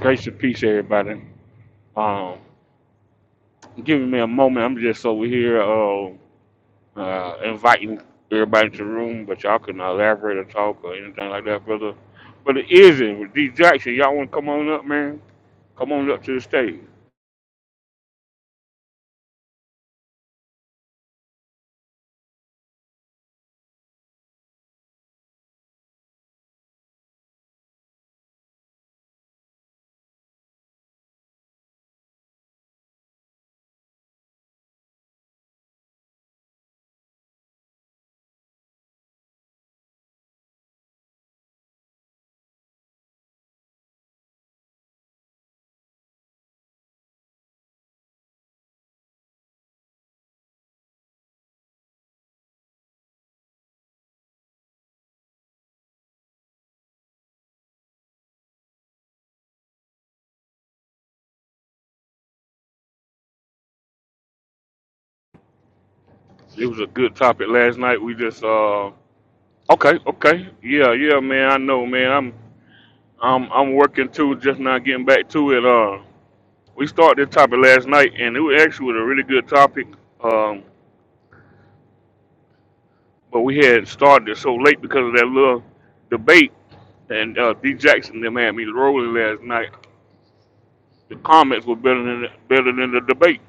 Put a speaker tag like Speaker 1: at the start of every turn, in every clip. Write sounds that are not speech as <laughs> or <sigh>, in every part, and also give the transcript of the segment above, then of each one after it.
Speaker 1: Grace and peace, everybody. Um, giving me a moment. I'm just over here uh, uh, inviting everybody to the room, but y'all can elaborate or talk or anything like that, brother. But it isn't. D Jackson, y'all want to come on up, man? Come on up to the stage. It was a good topic last night. We just uh, okay, okay, yeah, yeah, man. I know, man. I'm I'm I'm working too, just not getting back to it. Uh, we started this topic last night, and it was actually was a really good topic. Um, but we had started it so late because of that little debate, and uh, D Jackson them had me rolling last night. The comments were better than better than the debate.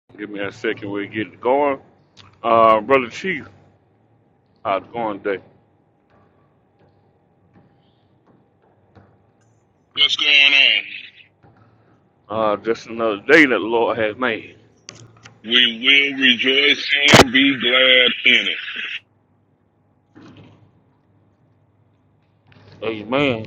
Speaker 1: <laughs> Give me a second, we'll get it going. Uh, Brother Chief, how's it going today?
Speaker 2: What's going on?
Speaker 1: Uh, just another day that the Lord has made.
Speaker 2: We will rejoice and be glad in it.
Speaker 1: Amen.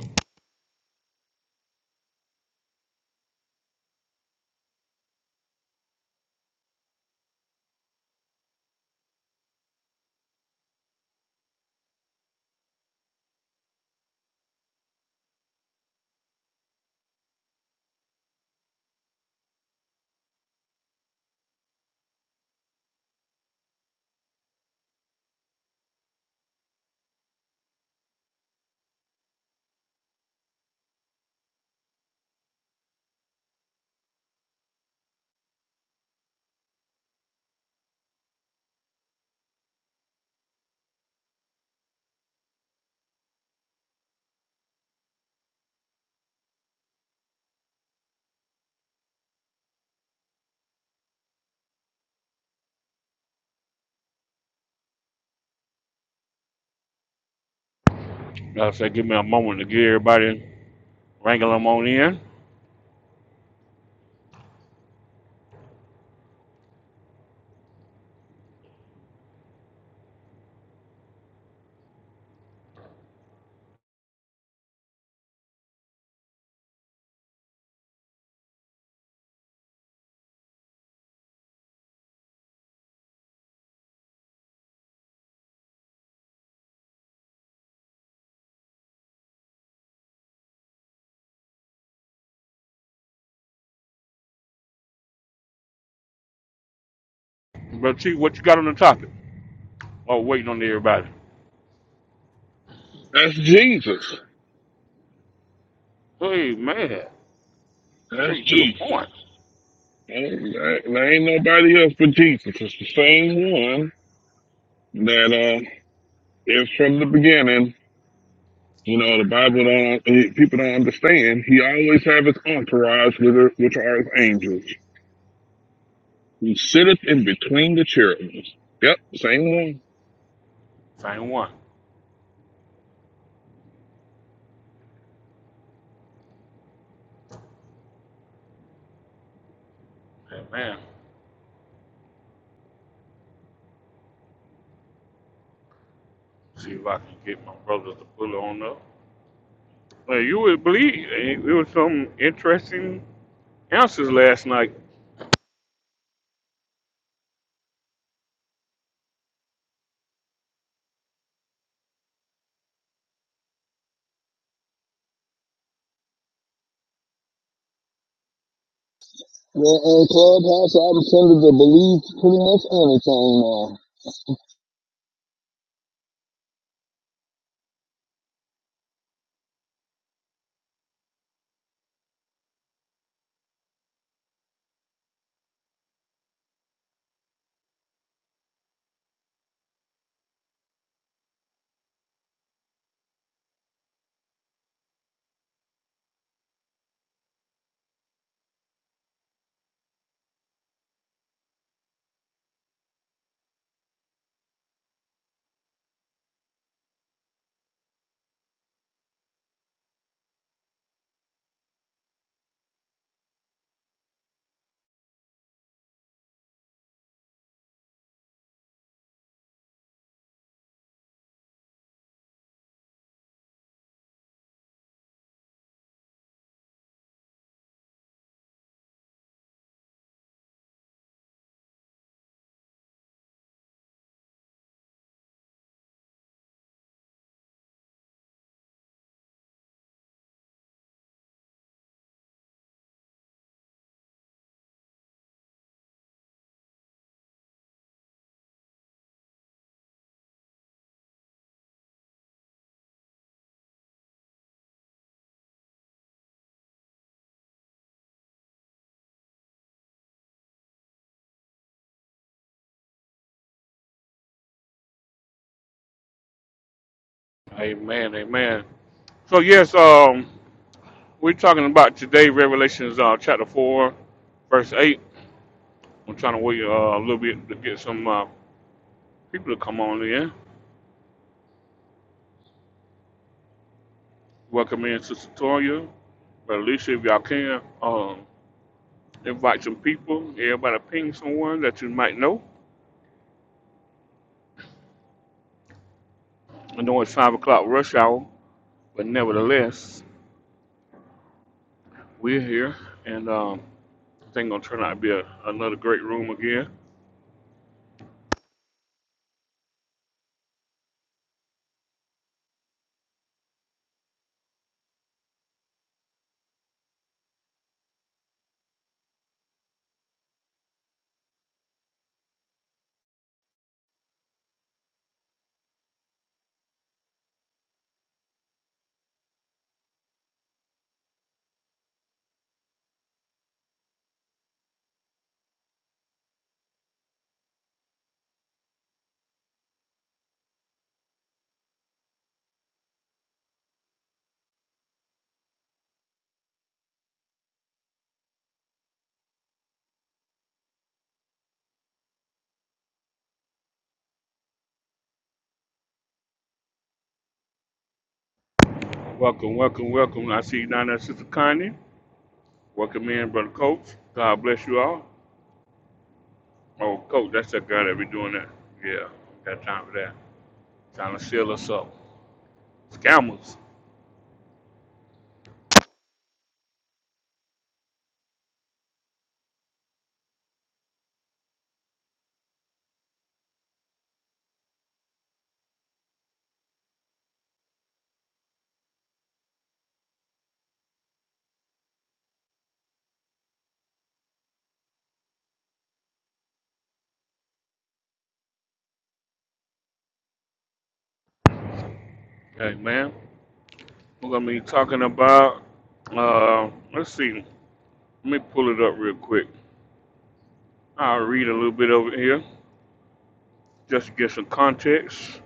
Speaker 1: I say, give me a moment to get everybody wrangle them on in. Brother Chief, what you got on the topic? Oh, waiting on everybody.
Speaker 2: That's Jesus.
Speaker 1: Hey, man.
Speaker 2: That's
Speaker 1: Straight to the
Speaker 2: Jesus.
Speaker 1: point.
Speaker 2: Ain't- There there ain't nobody else but Jesus. It's the same one that uh, is from the beginning. You know, the Bible don't eh, people don't understand. He always have his entourage with her, which are his angels. He sitteth in between the cherubims. Yep, same one.
Speaker 1: Same one. Amen. See if I can get my brother to pull on up. Well, you would believe eh, it was some interesting answers last night.
Speaker 2: Well, on Clubhouse, I'm tended to believe pretty much anything now.
Speaker 1: Amen, amen. So yes, um, we're talking about today Revelations uh, chapter four, verse eight. I'm trying to wait uh, a little bit to get some uh, people to come on in. Welcome in, Sister Toya, Brother Alicia, if y'all can. Um, invite some people. Everybody ping someone that you might know. I know it's five o'clock rush hour, but nevertheless. We're here, and um, I think gonna turn out to be a, another great room again. Welcome, welcome, welcome. I see you down there, Sister Connie. Welcome in, Brother Coach. God bless you all. Oh, Coach, that's that guy that be doing that. Yeah, got time for that. Trying to seal us up. Scammers. Hey, man. We're gonna be talking about. Uh, let's see. Let me pull it up real quick. I'll read a little bit over here just to get some context.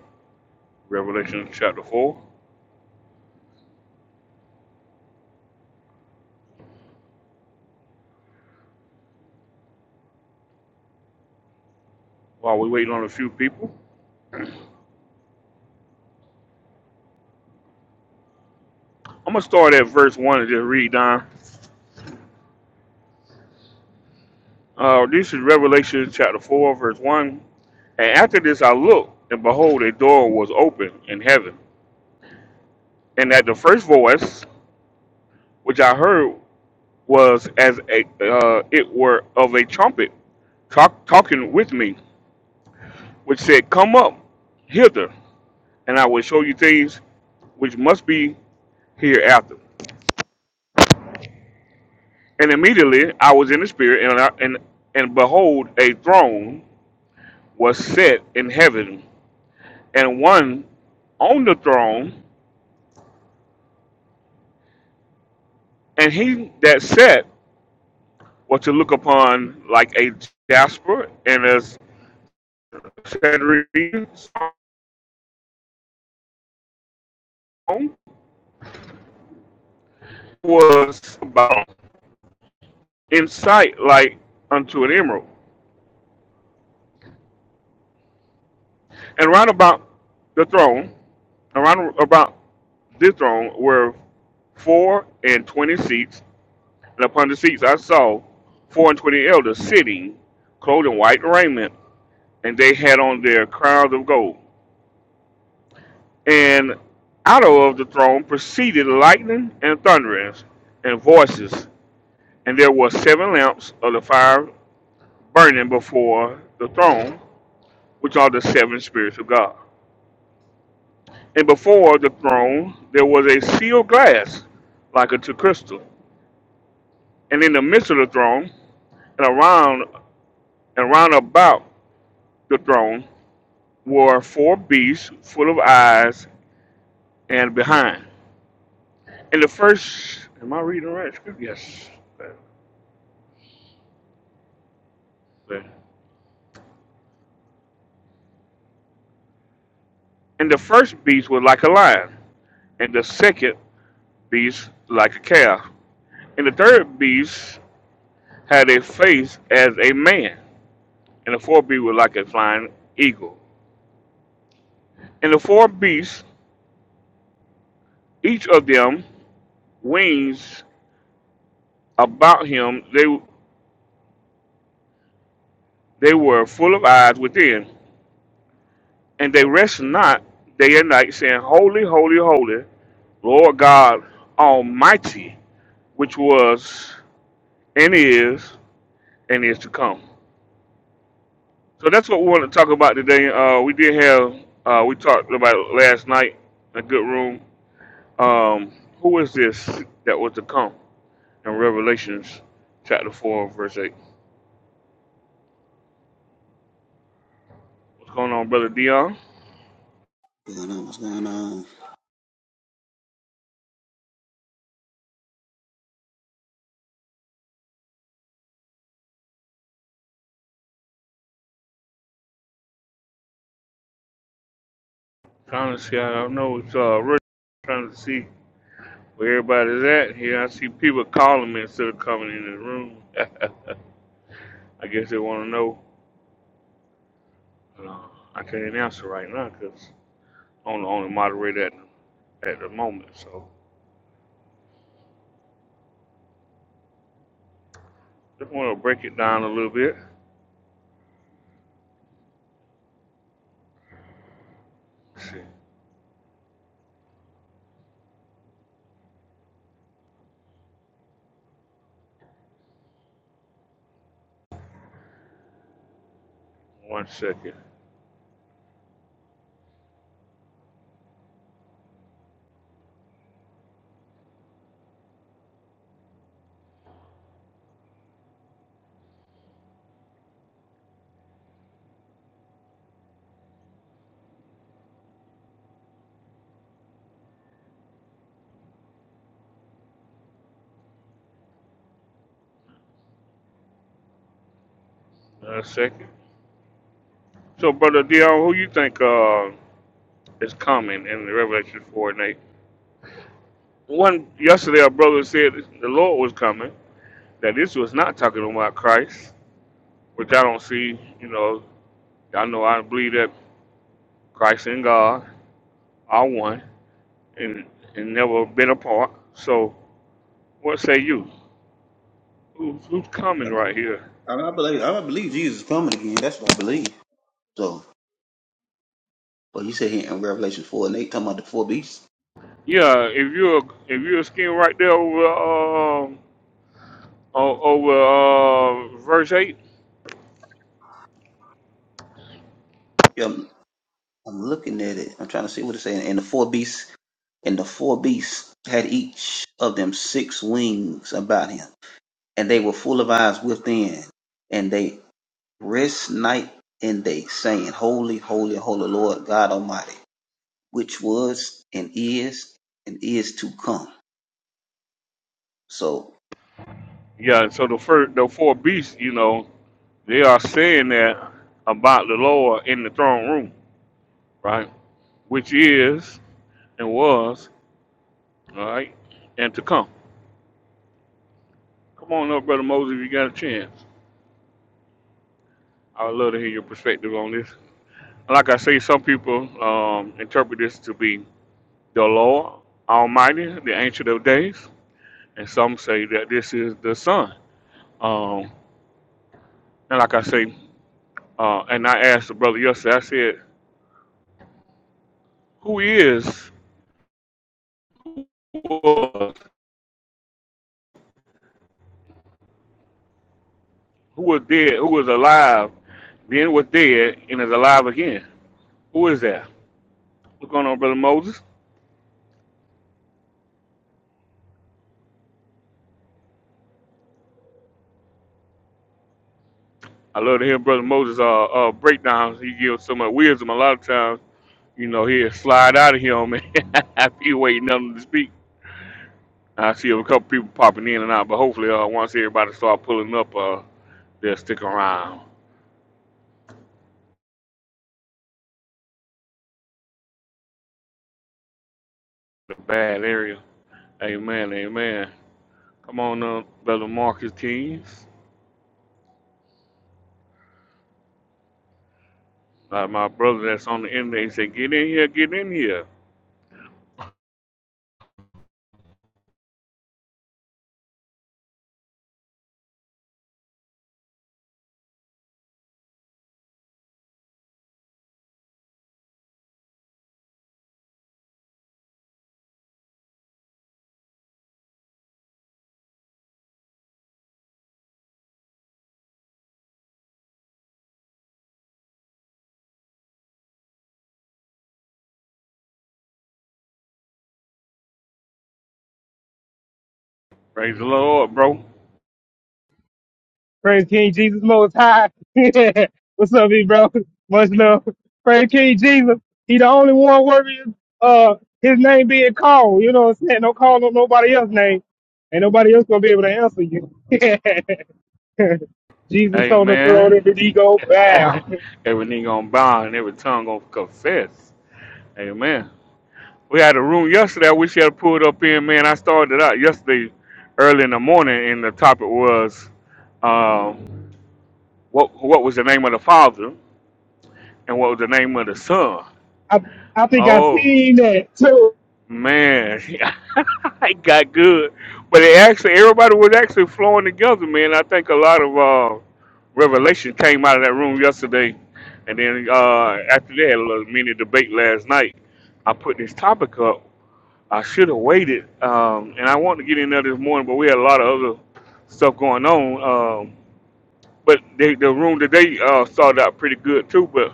Speaker 1: Revelation chapter four. While we're waiting on a few people. I'm gonna start at verse one and just read down. Uh, this is Revelation chapter four, verse one. And after this, I looked, and behold, a door was open in heaven. And that the first voice which I heard was as a uh, it were of a trumpet talk, talking with me, which said, "Come up hither, and I will show you things which must be hereafter." And immediately I was in the spirit, and I, and and behold, a throne was set in heaven and one on the throne, and he that sat was to look upon like a jasper and as cedrine stone was about in sight like unto an emerald. And round about the throne, around about this throne were four and twenty seats, and upon the seats I saw four and twenty elders sitting, clothed in white raiment, and they had on their crowns of gold and out of the throne proceeded lightning and thunderings and voices. And there were seven lamps of the fire burning before the throne, which are the seven spirits of God. And before the throne there was a sealed glass like unto crystal. And in the midst of the throne, and around and round about the throne were four beasts full of eyes and behind. And the first am I reading right Yes. Yes. And the first beast was like a lion, and the second beast like a calf. And the third beast had a face as a man, and the fourth beast was like a flying eagle. And the four beasts, each of them wings about him, they they were full of eyes within, and they rest not day and night, saying, Holy, holy, holy, Lord God Almighty, which was and is and is to come. So that's what we want to talk about today. Uh, we did have uh, we talked about it last night in a good room. Um, who is this that was to come in Revelations chapter four verse eight? What's going on, brother Dion?
Speaker 3: What's going on? What's going on?
Speaker 1: Trying to see. I don't know. It's uh, really trying to see where everybody's at here. I see people calling me instead of coming in the room. <laughs> I guess they want to know. Uh, I can't answer right now because I'm the only moderator at, at the moment. So just want to break it down a little bit. see. One second. A second. So, brother Dion, who you think uh, is coming in the Revelation four and eight? One yesterday, our brother said the Lord was coming. That this was not talking about Christ, which I don't see. You know, I know I believe that Christ and God are one and and never been apart. So, what say you? Who, who's
Speaker 3: I,
Speaker 1: coming right here?
Speaker 3: I believe I believe Jesus is coming again. That's what I believe. So, but you said here in Revelation four and eight, talking about the four beasts.
Speaker 1: Yeah, if you're if you're skin right there over um o- over uh, verse eight,
Speaker 3: Yeah, I'm, I'm looking at it. I'm trying to see what it's saying. And the four beasts, and the four beasts had each of them six wings about him, and they were full of eyes within, and they rest night and day, saying, Holy, holy, holy Lord God Almighty, which was and is and is to come. So
Speaker 1: Yeah, so the first, the four beasts, you know, they are saying that about the Lord in the throne room, right? Which is and was, all right, and to come. Come on up, brother Moses, if you got a chance. I would love to hear your perspective on this. Like I say, some people um, interpret this to be the Lord Almighty, the Ancient of Days, and some say that this is the Son. Um, and like I say, uh, and I asked the brother yesterday, I said, "Who is?" who was?" Who was dead? Who was alive? Then was dead and is alive again. Who is that? What's going on, brother Moses? I love to hear brother Moses uh, uh breakdowns. He gives so much wisdom. A lot of times, you know, he'll slide out of here, <laughs> man. After you wait <laughs> nothing to speak. I see a couple people popping in and out, but hopefully, uh, once everybody start pulling up, uh, they'll stick around the bad area. Amen, amen. Come on, uh, brother Marcus Kings. Like my brother that's on the end, they say, get in here, get in here. Praise the Lord, bro.
Speaker 4: Praise King Jesus Most High. <laughs> What's up, me bro? Much love. Praise King Jesus. He the only one worthy of uh, his name being called. You know what I'm saying? Don't call on nobody else's name. Ain't nobody else gonna be able to answer you. <laughs> Jesus on the throne and
Speaker 1: Amen.
Speaker 4: the ego
Speaker 1: <laughs>
Speaker 4: bow.
Speaker 1: every knee gonna bow and every tongue gonna confess. Amen. We had a room yesterday. I wish you had pulled up in, man. I started out yesterday early in the morning, and the topic was um, what what was the name of the Father and what was the name of the Son.
Speaker 4: <laughs> I, I think I
Speaker 1: Oh.
Speaker 4: seen that too.
Speaker 1: Man, <laughs> it got good. But it actually, everybody was actually flowing together, man. I think a lot of uh, revelation came out of that room yesterday. And then uh, after that, a little mini debate last night, I put this topic up. I should have waited. Um, and I wanted to get in there this morning, but we had a lot of other stuff going on. Um, but they, the room today uh, started out pretty good, too. But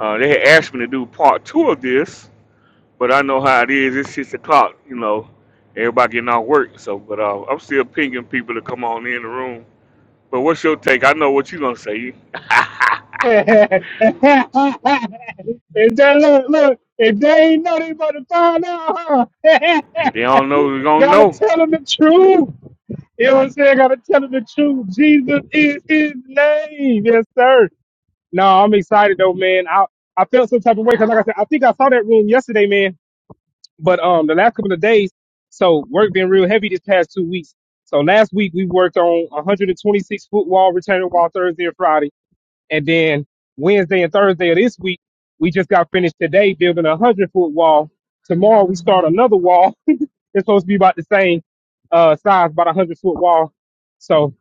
Speaker 1: uh, they had asked me to do part two of this but I know how it is. It's six o'clock, you know. Everybody getting out work, so but uh, I'm still pinging people to come on in the room. But what's your take? I know what you're gonna say.
Speaker 4: <laughs> if that look, look, if they ain't know they about to find out, huh? <laughs>
Speaker 1: If they don't know, they're gonna
Speaker 4: gotta
Speaker 1: know.
Speaker 4: tell them the truth. You know what I'm saying? I gotta tell them the truth. Jesus is his name. Yes, sir. No, I'm excited though, man. I I felt some type of way because, like I said, I think I saw that room yesterday, man. But um, the last couple of days, so work been real heavy this past two weeks. So last week we worked on 126 foot wall, retaining wall Thursday and Friday, and then Wednesday and Thursday of this week we just got finished today building a 100 foot wall. Tomorrow we start another wall it's supposed to be about the same uh, size, about a hundred foot wall. So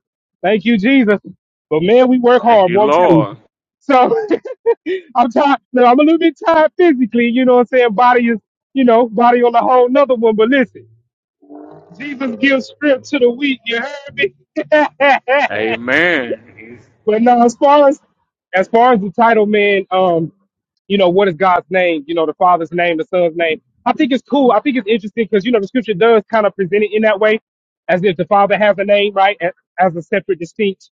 Speaker 4: thank you, Jesus. But man, we work
Speaker 1: Thank
Speaker 4: hard,
Speaker 1: you,
Speaker 4: boy. I'm telling you.
Speaker 1: Lord.
Speaker 4: So <laughs> I'm tired. No, I'm a little bit tired physically. You know what I'm saying? Body is, you know, body on a whole nother one. But listen, Jesus gives strength to the weak. You heard me? <laughs>
Speaker 1: Amen. He's-
Speaker 4: But no, as far as as far as the title, man, um, you know, what is God's name? You know, the Father's name, the Son's name. I think it's cool. I think it's interesting because you know the Scripture does kind of present it in that way, as if the Father has a name, right, a- as a separate, distinct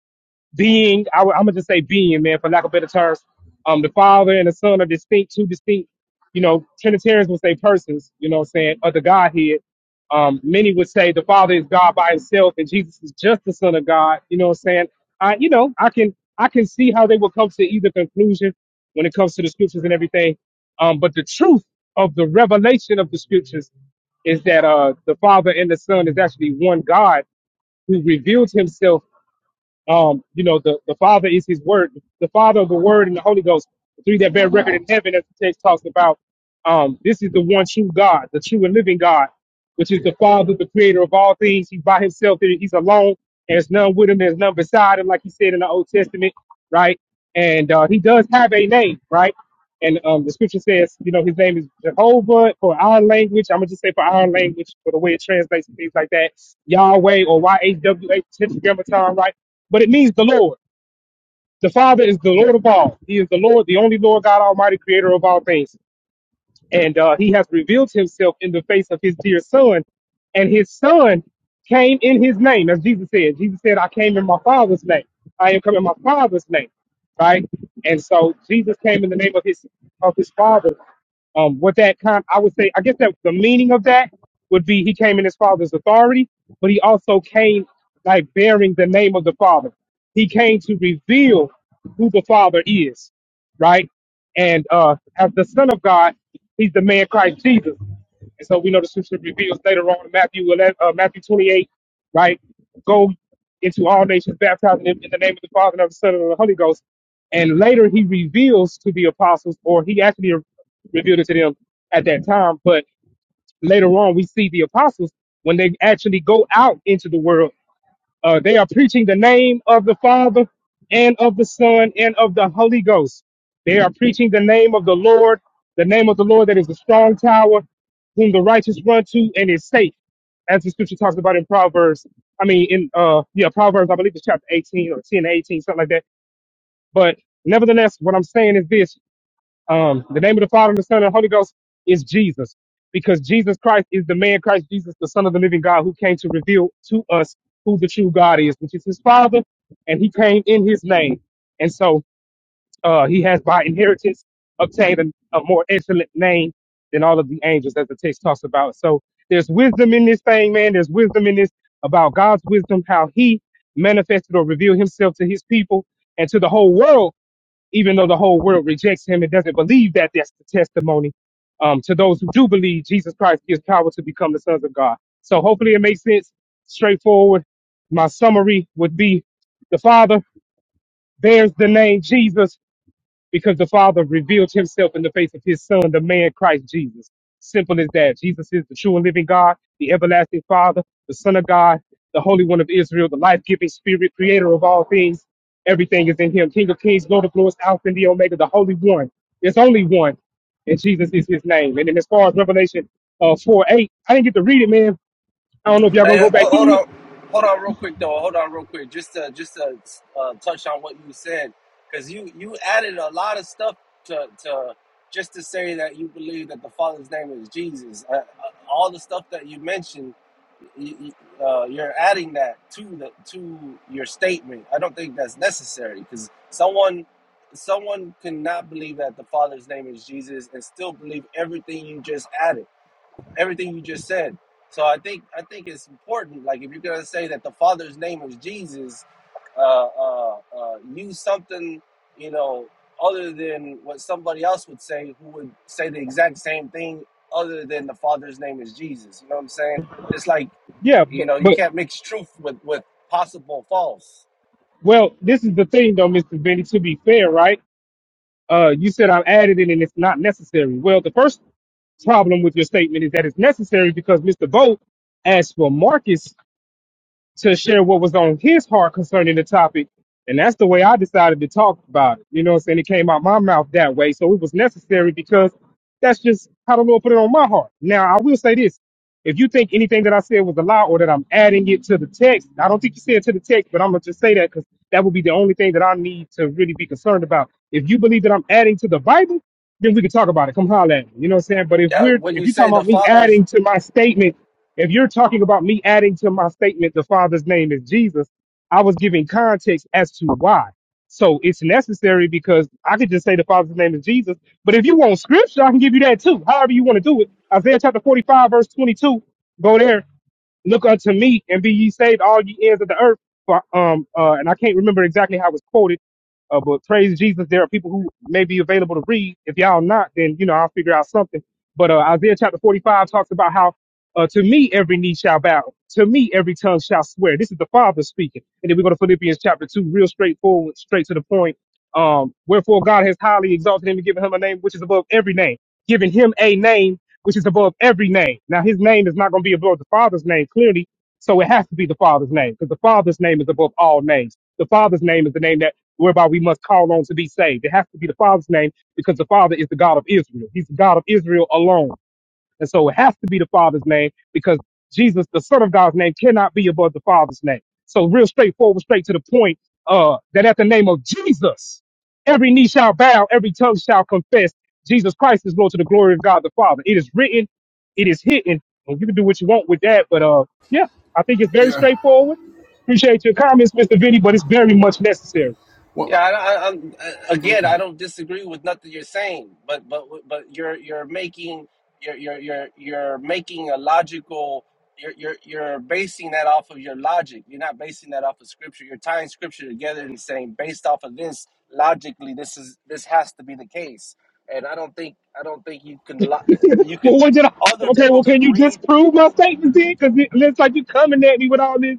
Speaker 4: being, I, am gonna just say being, man, for lack of better terms, um, the Father and the Son are distinct, two distinct, you know, Trinitarians would say persons, you know what I'm saying, of the Godhead. Um, many would say the Father is God by himself and Jesus is just the Son of God, you know what I'm saying? I, you know, I can, I can see how they would come to either conclusion when it comes to the scriptures and everything. Um, but the truth of the revelation of the scriptures is that, uh, the Father and the Son is actually one God who revealed himself um, you know, the, the Father is his word, the Father of the Word and the Holy Ghost, the three that bear record in heaven, as the text talks about. Um, this is the one true God, the true and living God, which is the Father, the creator of all things. He's by himself, he's alone. There's none with him, there's none beside him, like he said in the Old Testament, right? And uh, he does have a name, right? And um, the scripture says, you know, his name is Jehovah for our language. I'm going to just say for our language, for the way it translates and things like that. Yahweh or YHWH, tetragrammaton, right? but it means the Lord. The Father is the Lord of all. He is the Lord, the only Lord God Almighty, creator of all things. And uh, he has revealed himself in the face of his dear son. And his son came in his name, as Jesus said. Jesus said, I came in my father's name. I am coming in my father's name. Right? And so Jesus came in the name of his of his father. Um, what that con- I would say, I guess that the meaning of that would be he came in his father's authority, but he also came like bearing the name of the father. He came to reveal who the father is, right? And uh, as the Son of God, he's the man Christ Jesus. And so we know the scripture reveals later on in Matthew 11, uh, Matthew 28, right? Go into all nations, baptizing them in the name of the Father and of the Son and of the Holy Ghost. And later he reveals to the apostles, or he actually revealed it to them at that time. But later on, we see the apostles when they actually go out into the world. Uh, they are preaching the name of the Father and of the Son and of the Holy Ghost. They are preaching the name of the Lord, the name of the Lord that is a strong tower, whom the righteous run to and is safe, as the scripture talks about in Proverbs. I mean, in uh, yeah, Proverbs, I believe it's chapter 18 or 10, eighteen, something like that. But nevertheless, what I'm saying is this um, the name of the Father and the Son and the Holy Ghost is Jesus, because Jesus Christ is the man Christ Jesus, the Son of the Living God, who came to reveal to us who the true God is, which is His Father, and He came in His name, and so uh, He has by inheritance obtained a, a more excellent name than all of the angels, as the text talks about. So there's wisdom in this thing, man. There's wisdom in this about God's wisdom, how He manifested or revealed Himself to His people and to the whole world even though the whole world rejects him and doesn't believe that that's the testimony um, to those who do believe jesus christ gives power to become the sons of god so hopefully it makes sense straightforward my summary would be the father bears the name jesus because the Father revealed himself in the face of his Son, the man Christ Jesus. Simple as that. Jesus is the true and living God, the everlasting Father, the Son of God, the Holy One of Israel, the life giving Spirit, creator of all things. Everything is in him. King of kings, Lord of lords, Alpha and the Omega, the Holy One. There's only one, and Jesus is his name. And then as far as Revelation uh, 4 8, I didn't get to read it, man. I don't know if y'all gonna go
Speaker 5: Hey,
Speaker 4: back
Speaker 5: hold, hold
Speaker 4: through it.
Speaker 5: on, hold on, real quick though. Hold on, real quick. Just to just to uh, touch on what you said, because you you added a lot of stuff to to just to say that you believe that the Father's name is Jesus. Uh, uh, all the stuff that you mentioned, you, you- uh, you're adding that to the to your statement. I don't think that's necessary because someone someone cannot believe that the Father's name is Jesus and still believe everything you just added everything you just said. So I think I think it's important. Like if you're gonna say that the Father's name is Jesus, uh, uh, uh, use something you know other than what somebody else would say, who would say the exact same thing other than the Father's name is Jesus. You know what I'm saying? It's like
Speaker 4: Yeah,
Speaker 5: you
Speaker 4: but,
Speaker 5: know you
Speaker 4: but
Speaker 5: can't mix truth with with possible false.
Speaker 4: well, this is the thing though, Mr. Benny, to be fair, right? Uh, you said I've added it and it's not necessary. Well, the first problem with your statement is that it's necessary because Mr. Vogt asked for Marcus to share what was on his heart concerning the topic. And that's the way I decided to talk about it. You know what I'm saying? It came out my mouth that way. So it was necessary because that's just how the Lord put it on my heart. Now, I will say this. If you think anything that I said was a lie or that I'm adding it to the text, I don't think you said to the text, but I'm gonna just say that because that would be the only thing that I need to really be concerned about. If you believe that I'm adding to the Bible, then we can talk about it. Come holler at me. You know what I'm saying? But if
Speaker 5: Yeah,
Speaker 4: we're
Speaker 5: when
Speaker 4: if
Speaker 5: you
Speaker 4: you're
Speaker 5: say
Speaker 4: talking
Speaker 5: the
Speaker 4: about me
Speaker 5: Father's
Speaker 4: adding to my statement, if you're talking about me adding to my statement, the Father's name is Jesus, I was giving context as to why. So it's necessary because I could just say the Father's name is Jesus. But if you want scripture, I can give you that too. However you want to do it. Isaiah chapter 45, verse 22. Go there look unto me and be ye saved all ye ends of the earth for um uh and i can't remember exactly how it was quoted uh, but praise jesus there are people who may be available to read if y'all not then you know i'll figure out something but uh, isaiah chapter 45 talks about how uh, to me every knee shall bow to me every tongue shall swear this is the father speaking and then we go to philippians chapter 2 real straightforward straight to the point um wherefore god has highly exalted him and given him a name which is above every name giving him a name which is above every name. Now, his name is not going to be above the Father's name, clearly. So it has to be the Father's name because the Father's name is above all names. The Father's name is the name that whereby we must call on to be saved. It has to be the Father's name because the Father is the God of Israel. He's the God of Israel alone. And so it has to be the Father's name because Jesus, the Son of God's name, cannot be above the Father's name. So real straightforward, straight to the point, uh, that at the name of Jesus, every knee shall bow, every tongue shall confess Jesus Christ is Lord to the glory of God the Father. It is written, it is hidden, and you can do what you want with that. But uh, yeah, I think it's very straightforward. Appreciate your comments, Mr. Vinny, but it's very much necessary.
Speaker 5: Yeah, I, I, I'm, uh, again, I don't disagree with nothing you're saying, but but but you're you're making you're you're you're, you're making a logical. You're, you're you're basing that off of your logic. You're not basing that off of scripture. You're tying scripture together and saying, based off of this, logically, this is this has to be the case. And I don't think I don't think you can lo-
Speaker 4: <laughs>
Speaker 5: you could
Speaker 4: well, what did I?
Speaker 5: other
Speaker 4: Okay,
Speaker 5: people
Speaker 4: well,
Speaker 5: could
Speaker 4: can you
Speaker 5: read.
Speaker 4: disprove my statement then? Because it looks like you're coming at me with all this.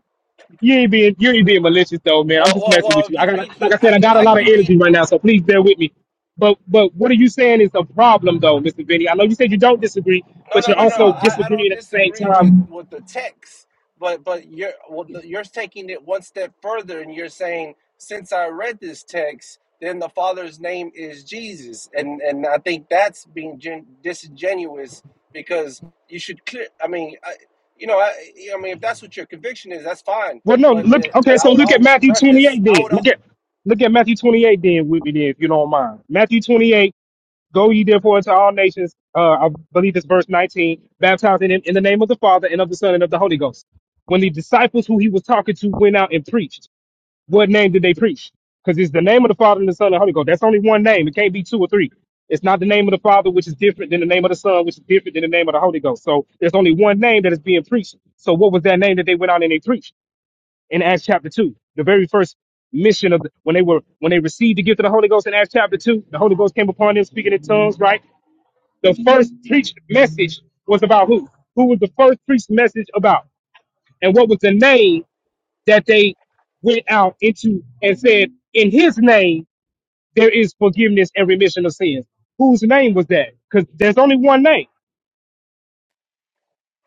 Speaker 4: You ain't being you ain't being malicious though, man. I'm
Speaker 5: Well,
Speaker 4: just
Speaker 5: well,
Speaker 4: messing
Speaker 5: well.
Speaker 4: with you.
Speaker 5: If
Speaker 4: I
Speaker 5: you
Speaker 4: got
Speaker 5: read
Speaker 4: like I
Speaker 5: he,
Speaker 4: said,
Speaker 5: I
Speaker 4: I
Speaker 5: can
Speaker 4: got a
Speaker 5: I
Speaker 4: lot of
Speaker 5: can read
Speaker 4: energy right now, so please bear with me. But but what are you saying is a problem though, Mr. Vinny? I know you said you don't disagree,
Speaker 5: No,
Speaker 4: but
Speaker 5: no,
Speaker 4: you're
Speaker 5: no, no.
Speaker 4: also
Speaker 5: I, I don't
Speaker 4: disagreeing at the same
Speaker 5: disagree with
Speaker 4: time.
Speaker 5: with the text, but but you're well, the, you're taking it one step further, and you're saying since I read this text, then the Father's name is Jesus, and and I think that's being gen- disingenuous because you should clear. I mean, I, you know, I I mean, if that's what your conviction is, that's fine.
Speaker 4: Well, no,
Speaker 5: But but
Speaker 4: look.
Speaker 5: but
Speaker 4: Okay,
Speaker 5: I
Speaker 4: so
Speaker 5: would
Speaker 4: look at
Speaker 5: always
Speaker 4: Matthew
Speaker 5: preface.
Speaker 4: 28
Speaker 5: I
Speaker 4: then.
Speaker 5: would.
Speaker 4: Look
Speaker 5: al-
Speaker 4: at look at Matthew 28 then with me then, if you don't mind. Matthew 28. Go ye therefore into all nations. Uh, I believe it's verse 19. Baptizing in, in the name of the Father and of the Son and of the Holy Ghost. When the disciples who he was talking to went out and preached. What name did they preach? Because it's the name of the Father and the Son and the Holy Ghost. That's only one name. It can't be two or three. It's not the name of the Father, which is different than the name of the Son, which is different than the name of the Holy Ghost. So there's only one name that is being preached. So what was that name that they went out and they preached in Acts chapter two? The very first mission of the, when they were when they received the gift of the Holy Ghost in Acts chapter two, the Holy Ghost came upon them speaking in tongues, right? The first preached message was about who? Who was the first preached message about? And what was the name that they went out into and said, In his name, there is forgiveness and remission of sins. Whose name was that? Because there's only one name,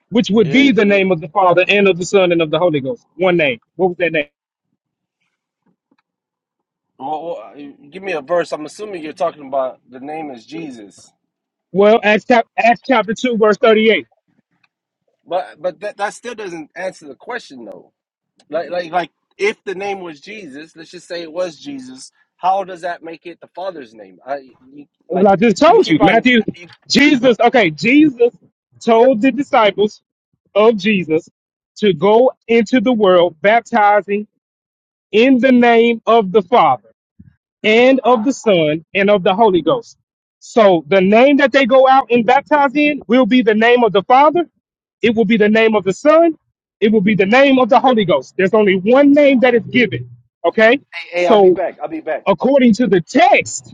Speaker 4: which would
Speaker 5: Yeah,
Speaker 4: be the
Speaker 5: yeah.
Speaker 4: name of the Father and of the Son and of the Holy Ghost. One name. What was that name?
Speaker 5: Well, well, uh, give me a verse. I'm assuming you're talking about the name is Jesus.
Speaker 4: Well, Acts, chap- Acts chapter 2, verse 38.
Speaker 5: But but that, that still doesn't answer the question though. Like like like if the name was Jesus, let's just say it was Jesus. How does that make it the Father's name? I you,
Speaker 4: Well,
Speaker 5: like
Speaker 4: I just
Speaker 5: you
Speaker 4: told you,
Speaker 5: keep on.
Speaker 4: Matthew,
Speaker 5: You,
Speaker 4: Jesus, okay, Jesus told the disciples of Jesus to go into the world baptizing in the name of the Father and of the Son and of the Holy Ghost. So the name that they go out and baptize in will be the name of the Father. It will be the name of the Son. It will be the name of the Holy Ghost. There's only one name that is given. Okay.
Speaker 5: Hey, I'll be
Speaker 4: So
Speaker 5: back. I'll be back.
Speaker 4: according to the text,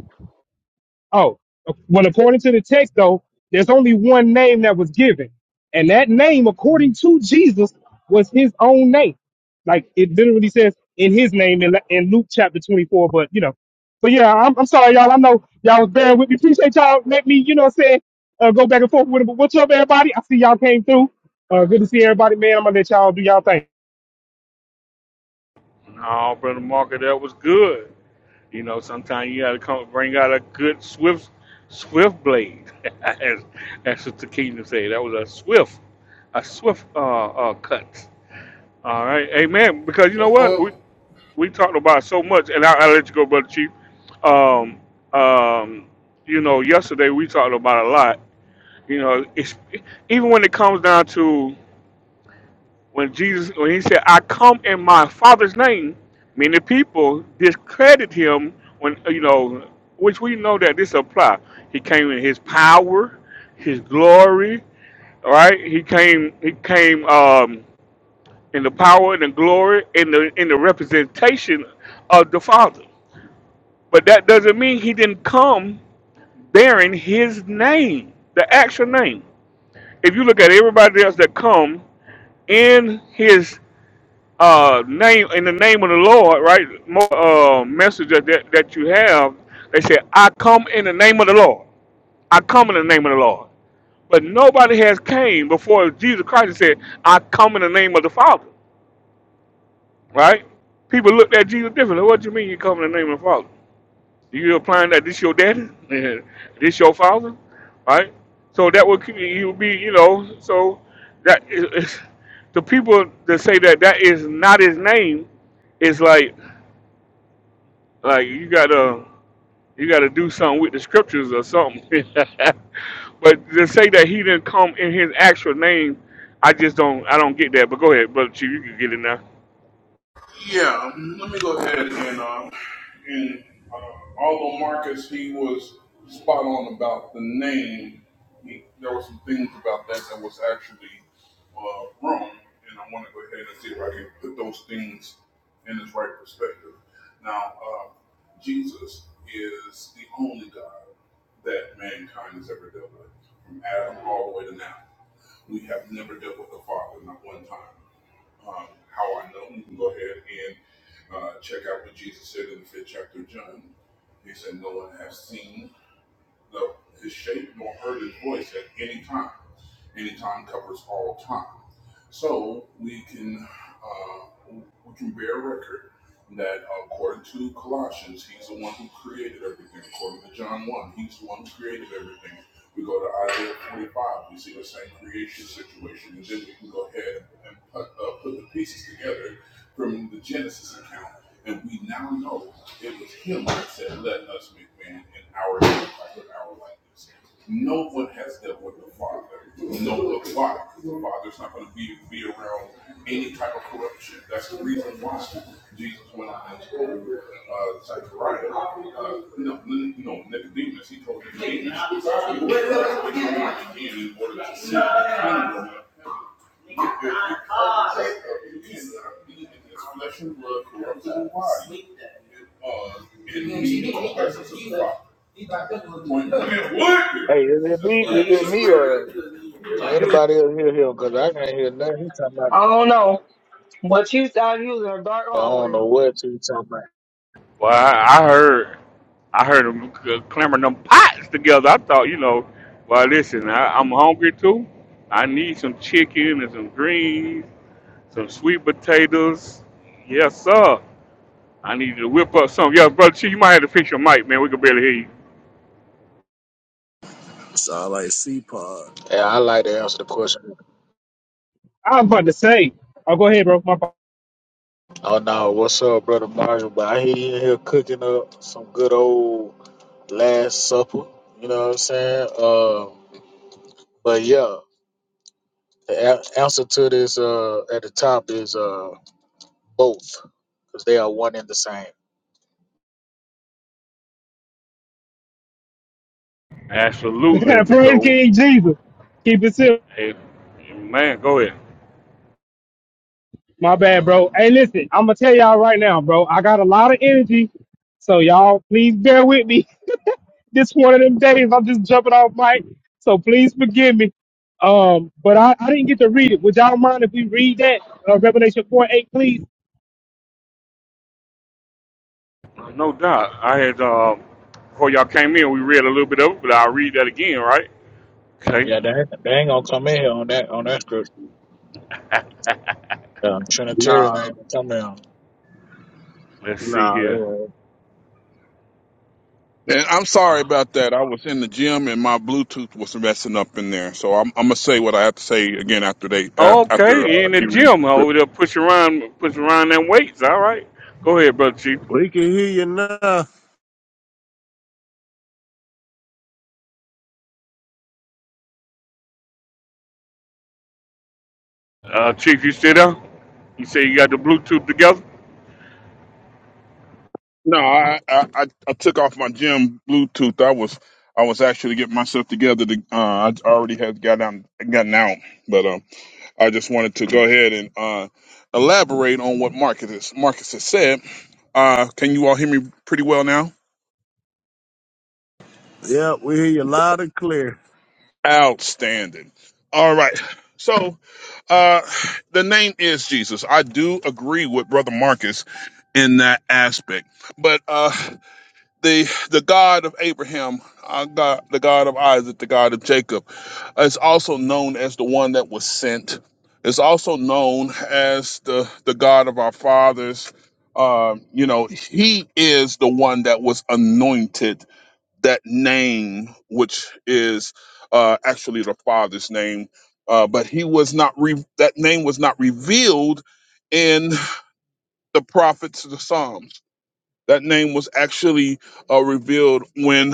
Speaker 4: Oh, well, according to the text, though, there's only one name that was given. And that name, according to Jesus, was his own name. Like it literally says in his name in, in Luke chapter 24. But, you know, but yeah, I'm, I'm sorry, y'all. I know y'all was bearing with me. Appreciate y'all. Let me, you know what I'm saying, uh, go back and forth with it. But what's up, everybody? I see y'all came through. Uh, good to see everybody, man. I'm going to let y'all do y'all thing.
Speaker 1: No, brother Marker, that was good. You know, sometimes you gotta come bring out a good swift swift blade. <laughs> As that's what the kingdom say. That was a swift, a swift uh, uh cut. All right, amen. Because you know what? we. we talked about so much, and i I'll let you go, brother Chief. Um, um, you know, yesterday we talked about a lot. You know, it's, even when it comes down to when Jesus, when he said, "I come in my Father's name," many people discredit him when you know, which we know that this apply. He came in his power, his glory. All right, he came. He came um, in the power and the glory and the in the representation of the Father But that doesn't mean he didn't come bearing his name, the actual name. If you look at everybody else that come in his uh, name, in the name of the Lord, right? More uh, message that, that that you have, they say, "I come in the name of the Lord. I come in the name of the Lord." But nobody has came before Jesus Christ and said, "I come in the name of the Father." Right? People looked at Jesus differently. What do you mean you come in the name of the Father? You applying that this your daddy? <laughs> this your father? Right? So that would you be, you know, so that is, is- the people that say that that is not his name is like like you gotta you gotta do something with the scriptures or something. <laughs> but to say that he didn't come in his actual name, I just don't I don't get that. But go ahead, brother Chief, you can get it now.
Speaker 6: Hey, is it me? Is it me or can anybody else hear him? Cause I can't hear nothing. He talking about.
Speaker 7: I don't know, but you thought you was a dark
Speaker 6: I don't
Speaker 7: hallway.
Speaker 6: know what he talking about.
Speaker 1: Well, I, I heard, I heard them c- clambering them pots together. I thought, you know, well, listen, I, I'm hungry too. I need some chicken and some greens, some sweet potatoes. Yes, sir. I need you to whip up something. Yeah, brother, Chief, you might have to fix your mic, man. We can barely hear you.
Speaker 8: Sound like C-Pod.
Speaker 6: Yeah, I like to answer the question.
Speaker 4: I'm about to say, oh, go ahead, bro. My fault.
Speaker 6: Oh no, what's up, brother Marshall? But I hear you in here cooking up some good old Last Supper. You know what I'm saying? Uh, but yeah, the a- answer to this uh at the top is uh both, cause they are one and the same.
Speaker 4: <laughs>
Speaker 1: Absolutely,
Speaker 4: Praise
Speaker 1: because
Speaker 4: King Jesus. Keep it simple.
Speaker 1: hey, man, go ahead.
Speaker 4: My bad, bro. Hey, listen, I'm gonna tell y'all right now, bro. I got a lot of energy, so y'all please bear with me. <laughs> This one of them days, I'm just jumping off mic, so please forgive me. Um, but I, I didn't get to read it. Would y'all mind if we read that uh, Revelation four eight, please?
Speaker 1: No doubt. I had uh, before y'all came in, we read a little bit of it, but I'll read that again, right? Okay.
Speaker 6: Yeah, they ain't, they ain't gonna come in here on that on that scripture. Um, Trinitarian
Speaker 8: Nah,
Speaker 6: ain't gonna come in.
Speaker 1: Let's see
Speaker 8: nah, they
Speaker 1: here.
Speaker 8: ain't.
Speaker 2: And I'm sorry
Speaker 1: Uh,
Speaker 2: about that. I was in the gym and my Bluetooth was messing up in there. So I'm, I'm gonna say what I have to say again after they uh,
Speaker 1: Oh,
Speaker 2: after
Speaker 1: Okay, you
Speaker 2: uh,
Speaker 1: in the
Speaker 2: he reads the
Speaker 1: gym over
Speaker 2: script.
Speaker 1: there pushing around, pushing around them weights. All right, go ahead, brother Chief.
Speaker 8: We can hear you now.
Speaker 1: Uh, Chief, you still there? You say you got the Bluetooth together?
Speaker 2: No, I, I I I took off my gym Bluetooth. I was I was actually getting myself together. To, uh, I already had got down, gotten out, but um, I just wanted to go ahead and uh, elaborate on what Marcus Marcus has said. Uh, can you all hear me pretty well now?
Speaker 8: Yeah, we hear you loud and clear.
Speaker 2: Outstanding. All right. So, uh, the name is Jesus. I do agree with Brother Marcus in that aspect, but uh, the the God of Abraham, uh, God, the God of Isaac, the God of Jacob, is also known as the one that was sent. It's also known as the the God of our fathers. Um, you know, He is the one that was anointed that name, which is uh, actually the Father's name, uh, but he was not re- that name was not revealed in the prophets, of the Psalms. That name was actually uh, revealed when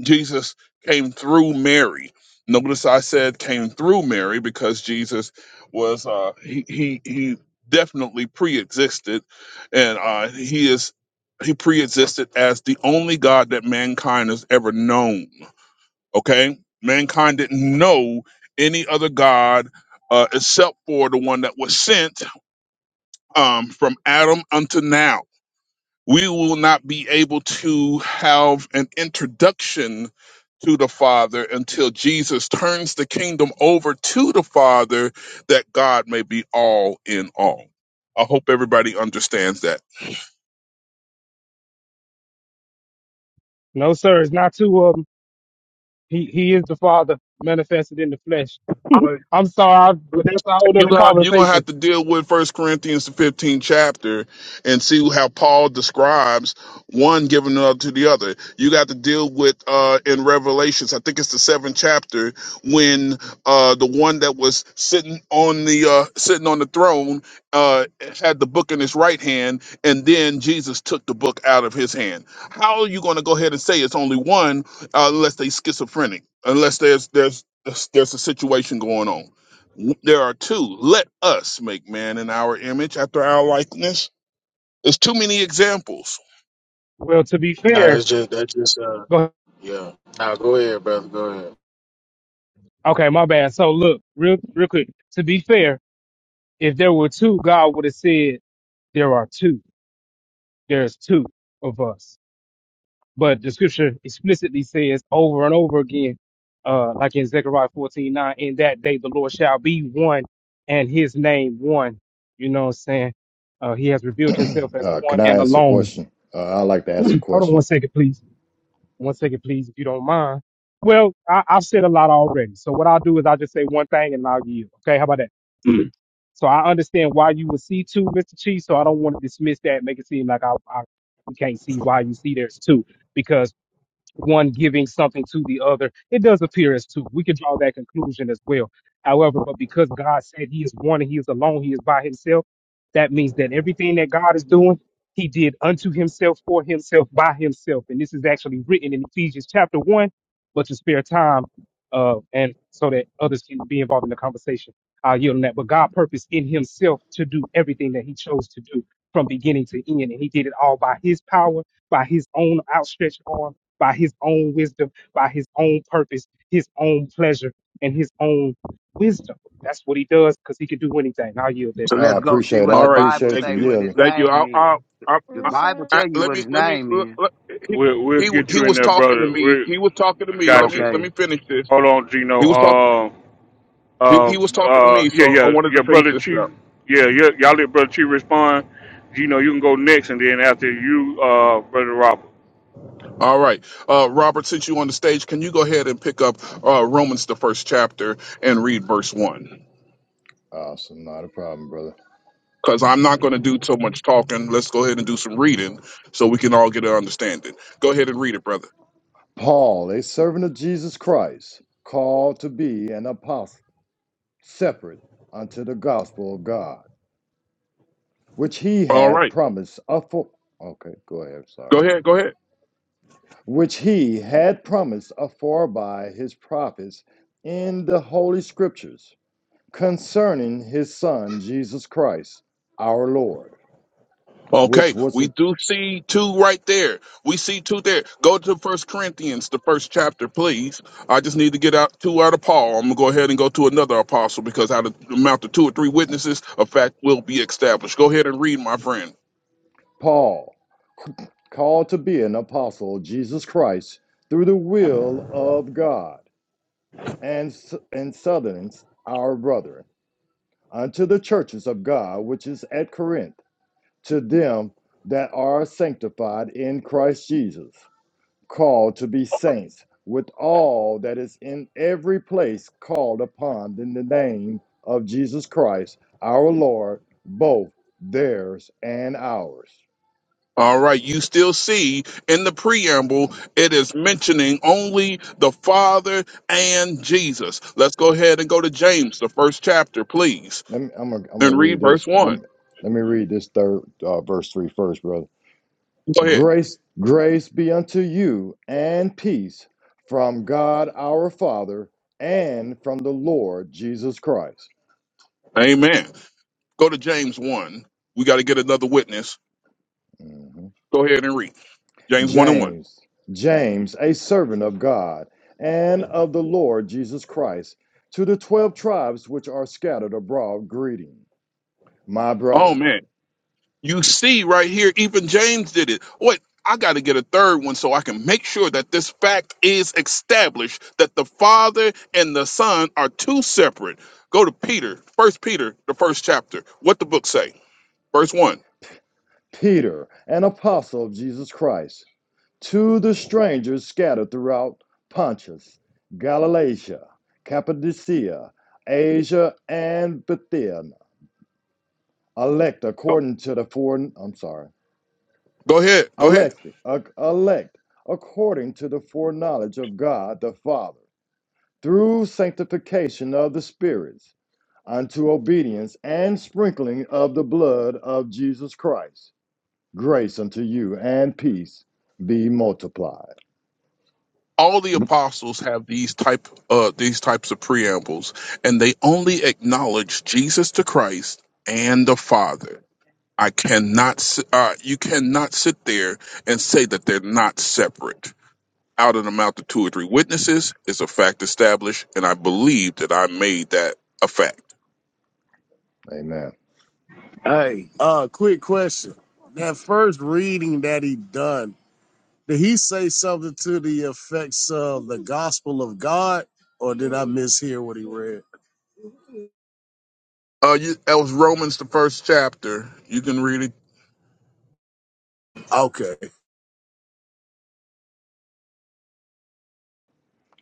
Speaker 2: Jesus came through Mary. Notice I said came through Mary because Jesus was uh, he he he definitely pre-existed, and uh, he is he pre-existed as the only God that mankind has ever known Okay, mankind didn't know any other god uh, except for the one that was sent um, from Adam unto now. We will not be able to have an introduction to the Father until Jesus turns the kingdom over to the Father, that God may be all in all. I hope everybody understands that.
Speaker 4: No, sir. It's not too um. He he is the Father manifested in the flesh.
Speaker 2: Well,
Speaker 4: I'm sorry, but that's a whole
Speaker 2: You're
Speaker 4: other
Speaker 2: gonna, you're gonna have
Speaker 4: conversation.
Speaker 2: to deal with First Corinthians the 15th chapter and see how Paul describes one giving up to the other. You got to deal with uh in Revelations, I think it's the seventh chapter, when uh the one that was sitting on the uh sitting on the throne uh had the book in his right hand, and then Jesus took the book out of his hand. How are you gonna go ahead and say it's only one uh, unless they schizophrenic, unless there's there's there's a situation going on? There are two. Let us make man in our image after our likeness. There's too many examples.
Speaker 4: Well, to be
Speaker 6: No,
Speaker 4: fair,
Speaker 6: that's just that's just uh
Speaker 4: go ahead.
Speaker 6: Yeah. Now go ahead, brother. Go ahead.
Speaker 4: okay, my bad. So look, real real quick. To be fair, if there were two, God would have said. There are two. There's two of us. But the scripture explicitly says over and over again, uh, like in Zechariah 14:9, in that day the Lord shall be one and his name one. You know what I'm saying? Uh, he has revealed himself as
Speaker 9: Uh, can
Speaker 4: one
Speaker 9: I
Speaker 4: and
Speaker 9: ask a
Speaker 4: alone.
Speaker 9: question? Uh, i like to ask a
Speaker 4: Hold on one
Speaker 9: question.
Speaker 4: second, please. One second, please, if you don't mind. Well, I, I've said a lot already. So what I'll do is I'll just say one thing and I'll yield. Okay, how about that? So I understand why you would see two, Mr. Chief. So I don't want to dismiss that, make it seem like I, I we can't see why you see there's two, because one giving something to the other. It does appear as two. We can draw that conclusion as well. However, but because God said He is one and He is alone, He is by Himself, that means that everything that God is doing, He did unto Himself, for Himself, by Himself. And this is actually written in Ephesians chapter 1, but to spare time uh, and so that others can be involved in the conversation. I'll yield on that. But God purposed in Himself to do everything that He chose to do from beginning to end. And He did it all by His power, by His own outstretched arm by his own wisdom, by his own purpose, his own pleasure, and his own wisdom. That's what he does because he can do anything. I'll yield there.
Speaker 10: So
Speaker 9: I
Speaker 10: let's go see
Speaker 9: appreciate it.
Speaker 10: what
Speaker 9: I
Speaker 10: the
Speaker 2: All right.
Speaker 10: Bible
Speaker 9: appreciate
Speaker 2: Thank
Speaker 9: you
Speaker 10: say
Speaker 2: you.
Speaker 10: what his
Speaker 9: yielding.
Speaker 2: Thank you.
Speaker 10: name
Speaker 2: I'll,
Speaker 10: is.
Speaker 2: I'll, i
Speaker 10: The
Speaker 2: i
Speaker 10: Bible
Speaker 2: I,
Speaker 10: tell you
Speaker 2: let
Speaker 10: what
Speaker 2: me,
Speaker 10: his
Speaker 2: let me,
Speaker 10: name
Speaker 2: let,
Speaker 10: is.
Speaker 2: let- he,
Speaker 1: We'll we'll
Speaker 2: he,
Speaker 1: get
Speaker 2: he
Speaker 1: you in
Speaker 2: was
Speaker 1: there,
Speaker 2: talking to
Speaker 1: brother.
Speaker 2: me.
Speaker 1: We
Speaker 2: He was talking to
Speaker 1: I
Speaker 2: me. Let
Speaker 1: got
Speaker 2: me,
Speaker 1: you.
Speaker 2: let
Speaker 10: Okay.
Speaker 2: me finish this.
Speaker 1: Hold on, Gino.
Speaker 2: He was talking,
Speaker 1: Uh,
Speaker 2: he,
Speaker 1: uh,
Speaker 2: he was talking to
Speaker 1: uh,
Speaker 2: me.
Speaker 1: yeah,
Speaker 2: So I
Speaker 1: yeah,
Speaker 2: wanted to
Speaker 1: yeah,
Speaker 2: finish
Speaker 1: brother
Speaker 2: this
Speaker 1: Chief.
Speaker 2: up.
Speaker 1: Yeah, yeah, y'all let brother Chief respond. Gino, you can go next, and then after you, uh, brother Robert.
Speaker 2: All right. Uh, Robert, since you on the stage, can you go ahead and pick up, uh, Romans, the first chapter and read verse one?
Speaker 9: Awesome. Not a problem, brother.
Speaker 2: because I'm not going to do so much talking. Let's go ahead and do some reading so we can all get an understanding. Go ahead and read it, brother.
Speaker 9: Paul, a servant of Jesus Christ, called to be an apostle, separate unto the gospel of God, which he
Speaker 2: All
Speaker 9: had
Speaker 2: right.
Speaker 9: promised afore. Okay, go ahead. Sorry.
Speaker 2: Go ahead. Go ahead.
Speaker 9: Which he had promised afore by his prophets in the holy scriptures concerning his son, Jesus Christ, our Lord which
Speaker 2: Okay.
Speaker 9: was.
Speaker 2: We do see two right there. We see two there. Go to First Corinthians, the first chapter, please. I just need to get out two out of Paul. I'm going to go ahead and go to another apostle because out of the mouth of two or three witnesses, a fact will be established. Go ahead and read, my friend.
Speaker 9: Paul, called to be an apostle of Jesus Christ through the will of God, and, and Southerns, our brethren, unto the churches of God which is at Corinth, to them that are sanctified in Christ Jesus, called to be saints, with all that is in every place called upon in the name of Jesus Christ, our Lord, both theirs and ours.
Speaker 2: All right, you still see in the preamble, it is mentioning only the Father and Jesus. Let's go ahead and go to James, the first chapter, please,
Speaker 9: Let me, I'm gonna I'm gonna
Speaker 2: and
Speaker 9: read
Speaker 2: read
Speaker 9: this.
Speaker 2: verse
Speaker 9: Let
Speaker 2: 1.
Speaker 9: me, let me read this third uh, verse three first, brother.
Speaker 2: Go ahead.
Speaker 9: Grace, grace be unto you and peace from God our Father and from the Lord Jesus Christ.
Speaker 2: Amen. Go to James 1. We got to get another witness.
Speaker 9: Mhm.
Speaker 2: Go ahead and read. James 1 and 1.
Speaker 9: James, James, a servant of God and of the Lord Jesus Christ, to the twelve tribes which are scattered abroad, greeting, my
Speaker 2: Oh,
Speaker 9: brethren,
Speaker 2: man. You see right here, even James did it. Wait, I got to get a third one so I can make sure that this fact is established that the Father and the Son are two separate. Go to Peter, First Peter, the first chapter. What the book say? Verse one.
Speaker 9: Peter, an apostle of Jesus Christ To the strangers scattered throughout Pontus, Galatia, Cappadocia, Asia, and Bithynia, elect according to the fore, I'm sorry,
Speaker 2: Go ahead. Go ahead.
Speaker 9: elect, elect according to the foreknowledge of God the Father, through sanctification of the spirits, unto obedience and sprinkling of the blood of Jesus Christ. Grace unto you and peace be multiplied.
Speaker 2: All the apostles have these type uh these types of preambles, and they only acknowledge Jesus the Christ and the Father. I cannot. s- Uh, you cannot sit there and say that they're not separate out of the mouth of two or three witnesses is a fact established, and I believe that I made that a fact.
Speaker 9: Amen.
Speaker 8: Hey, uh, quick question. That first reading that he done, did he say something to the effects of the gospel of God? Or did I mishear what he read?
Speaker 2: Uh, you, that was Romans, the first chapter. You can read it.
Speaker 8: Okay.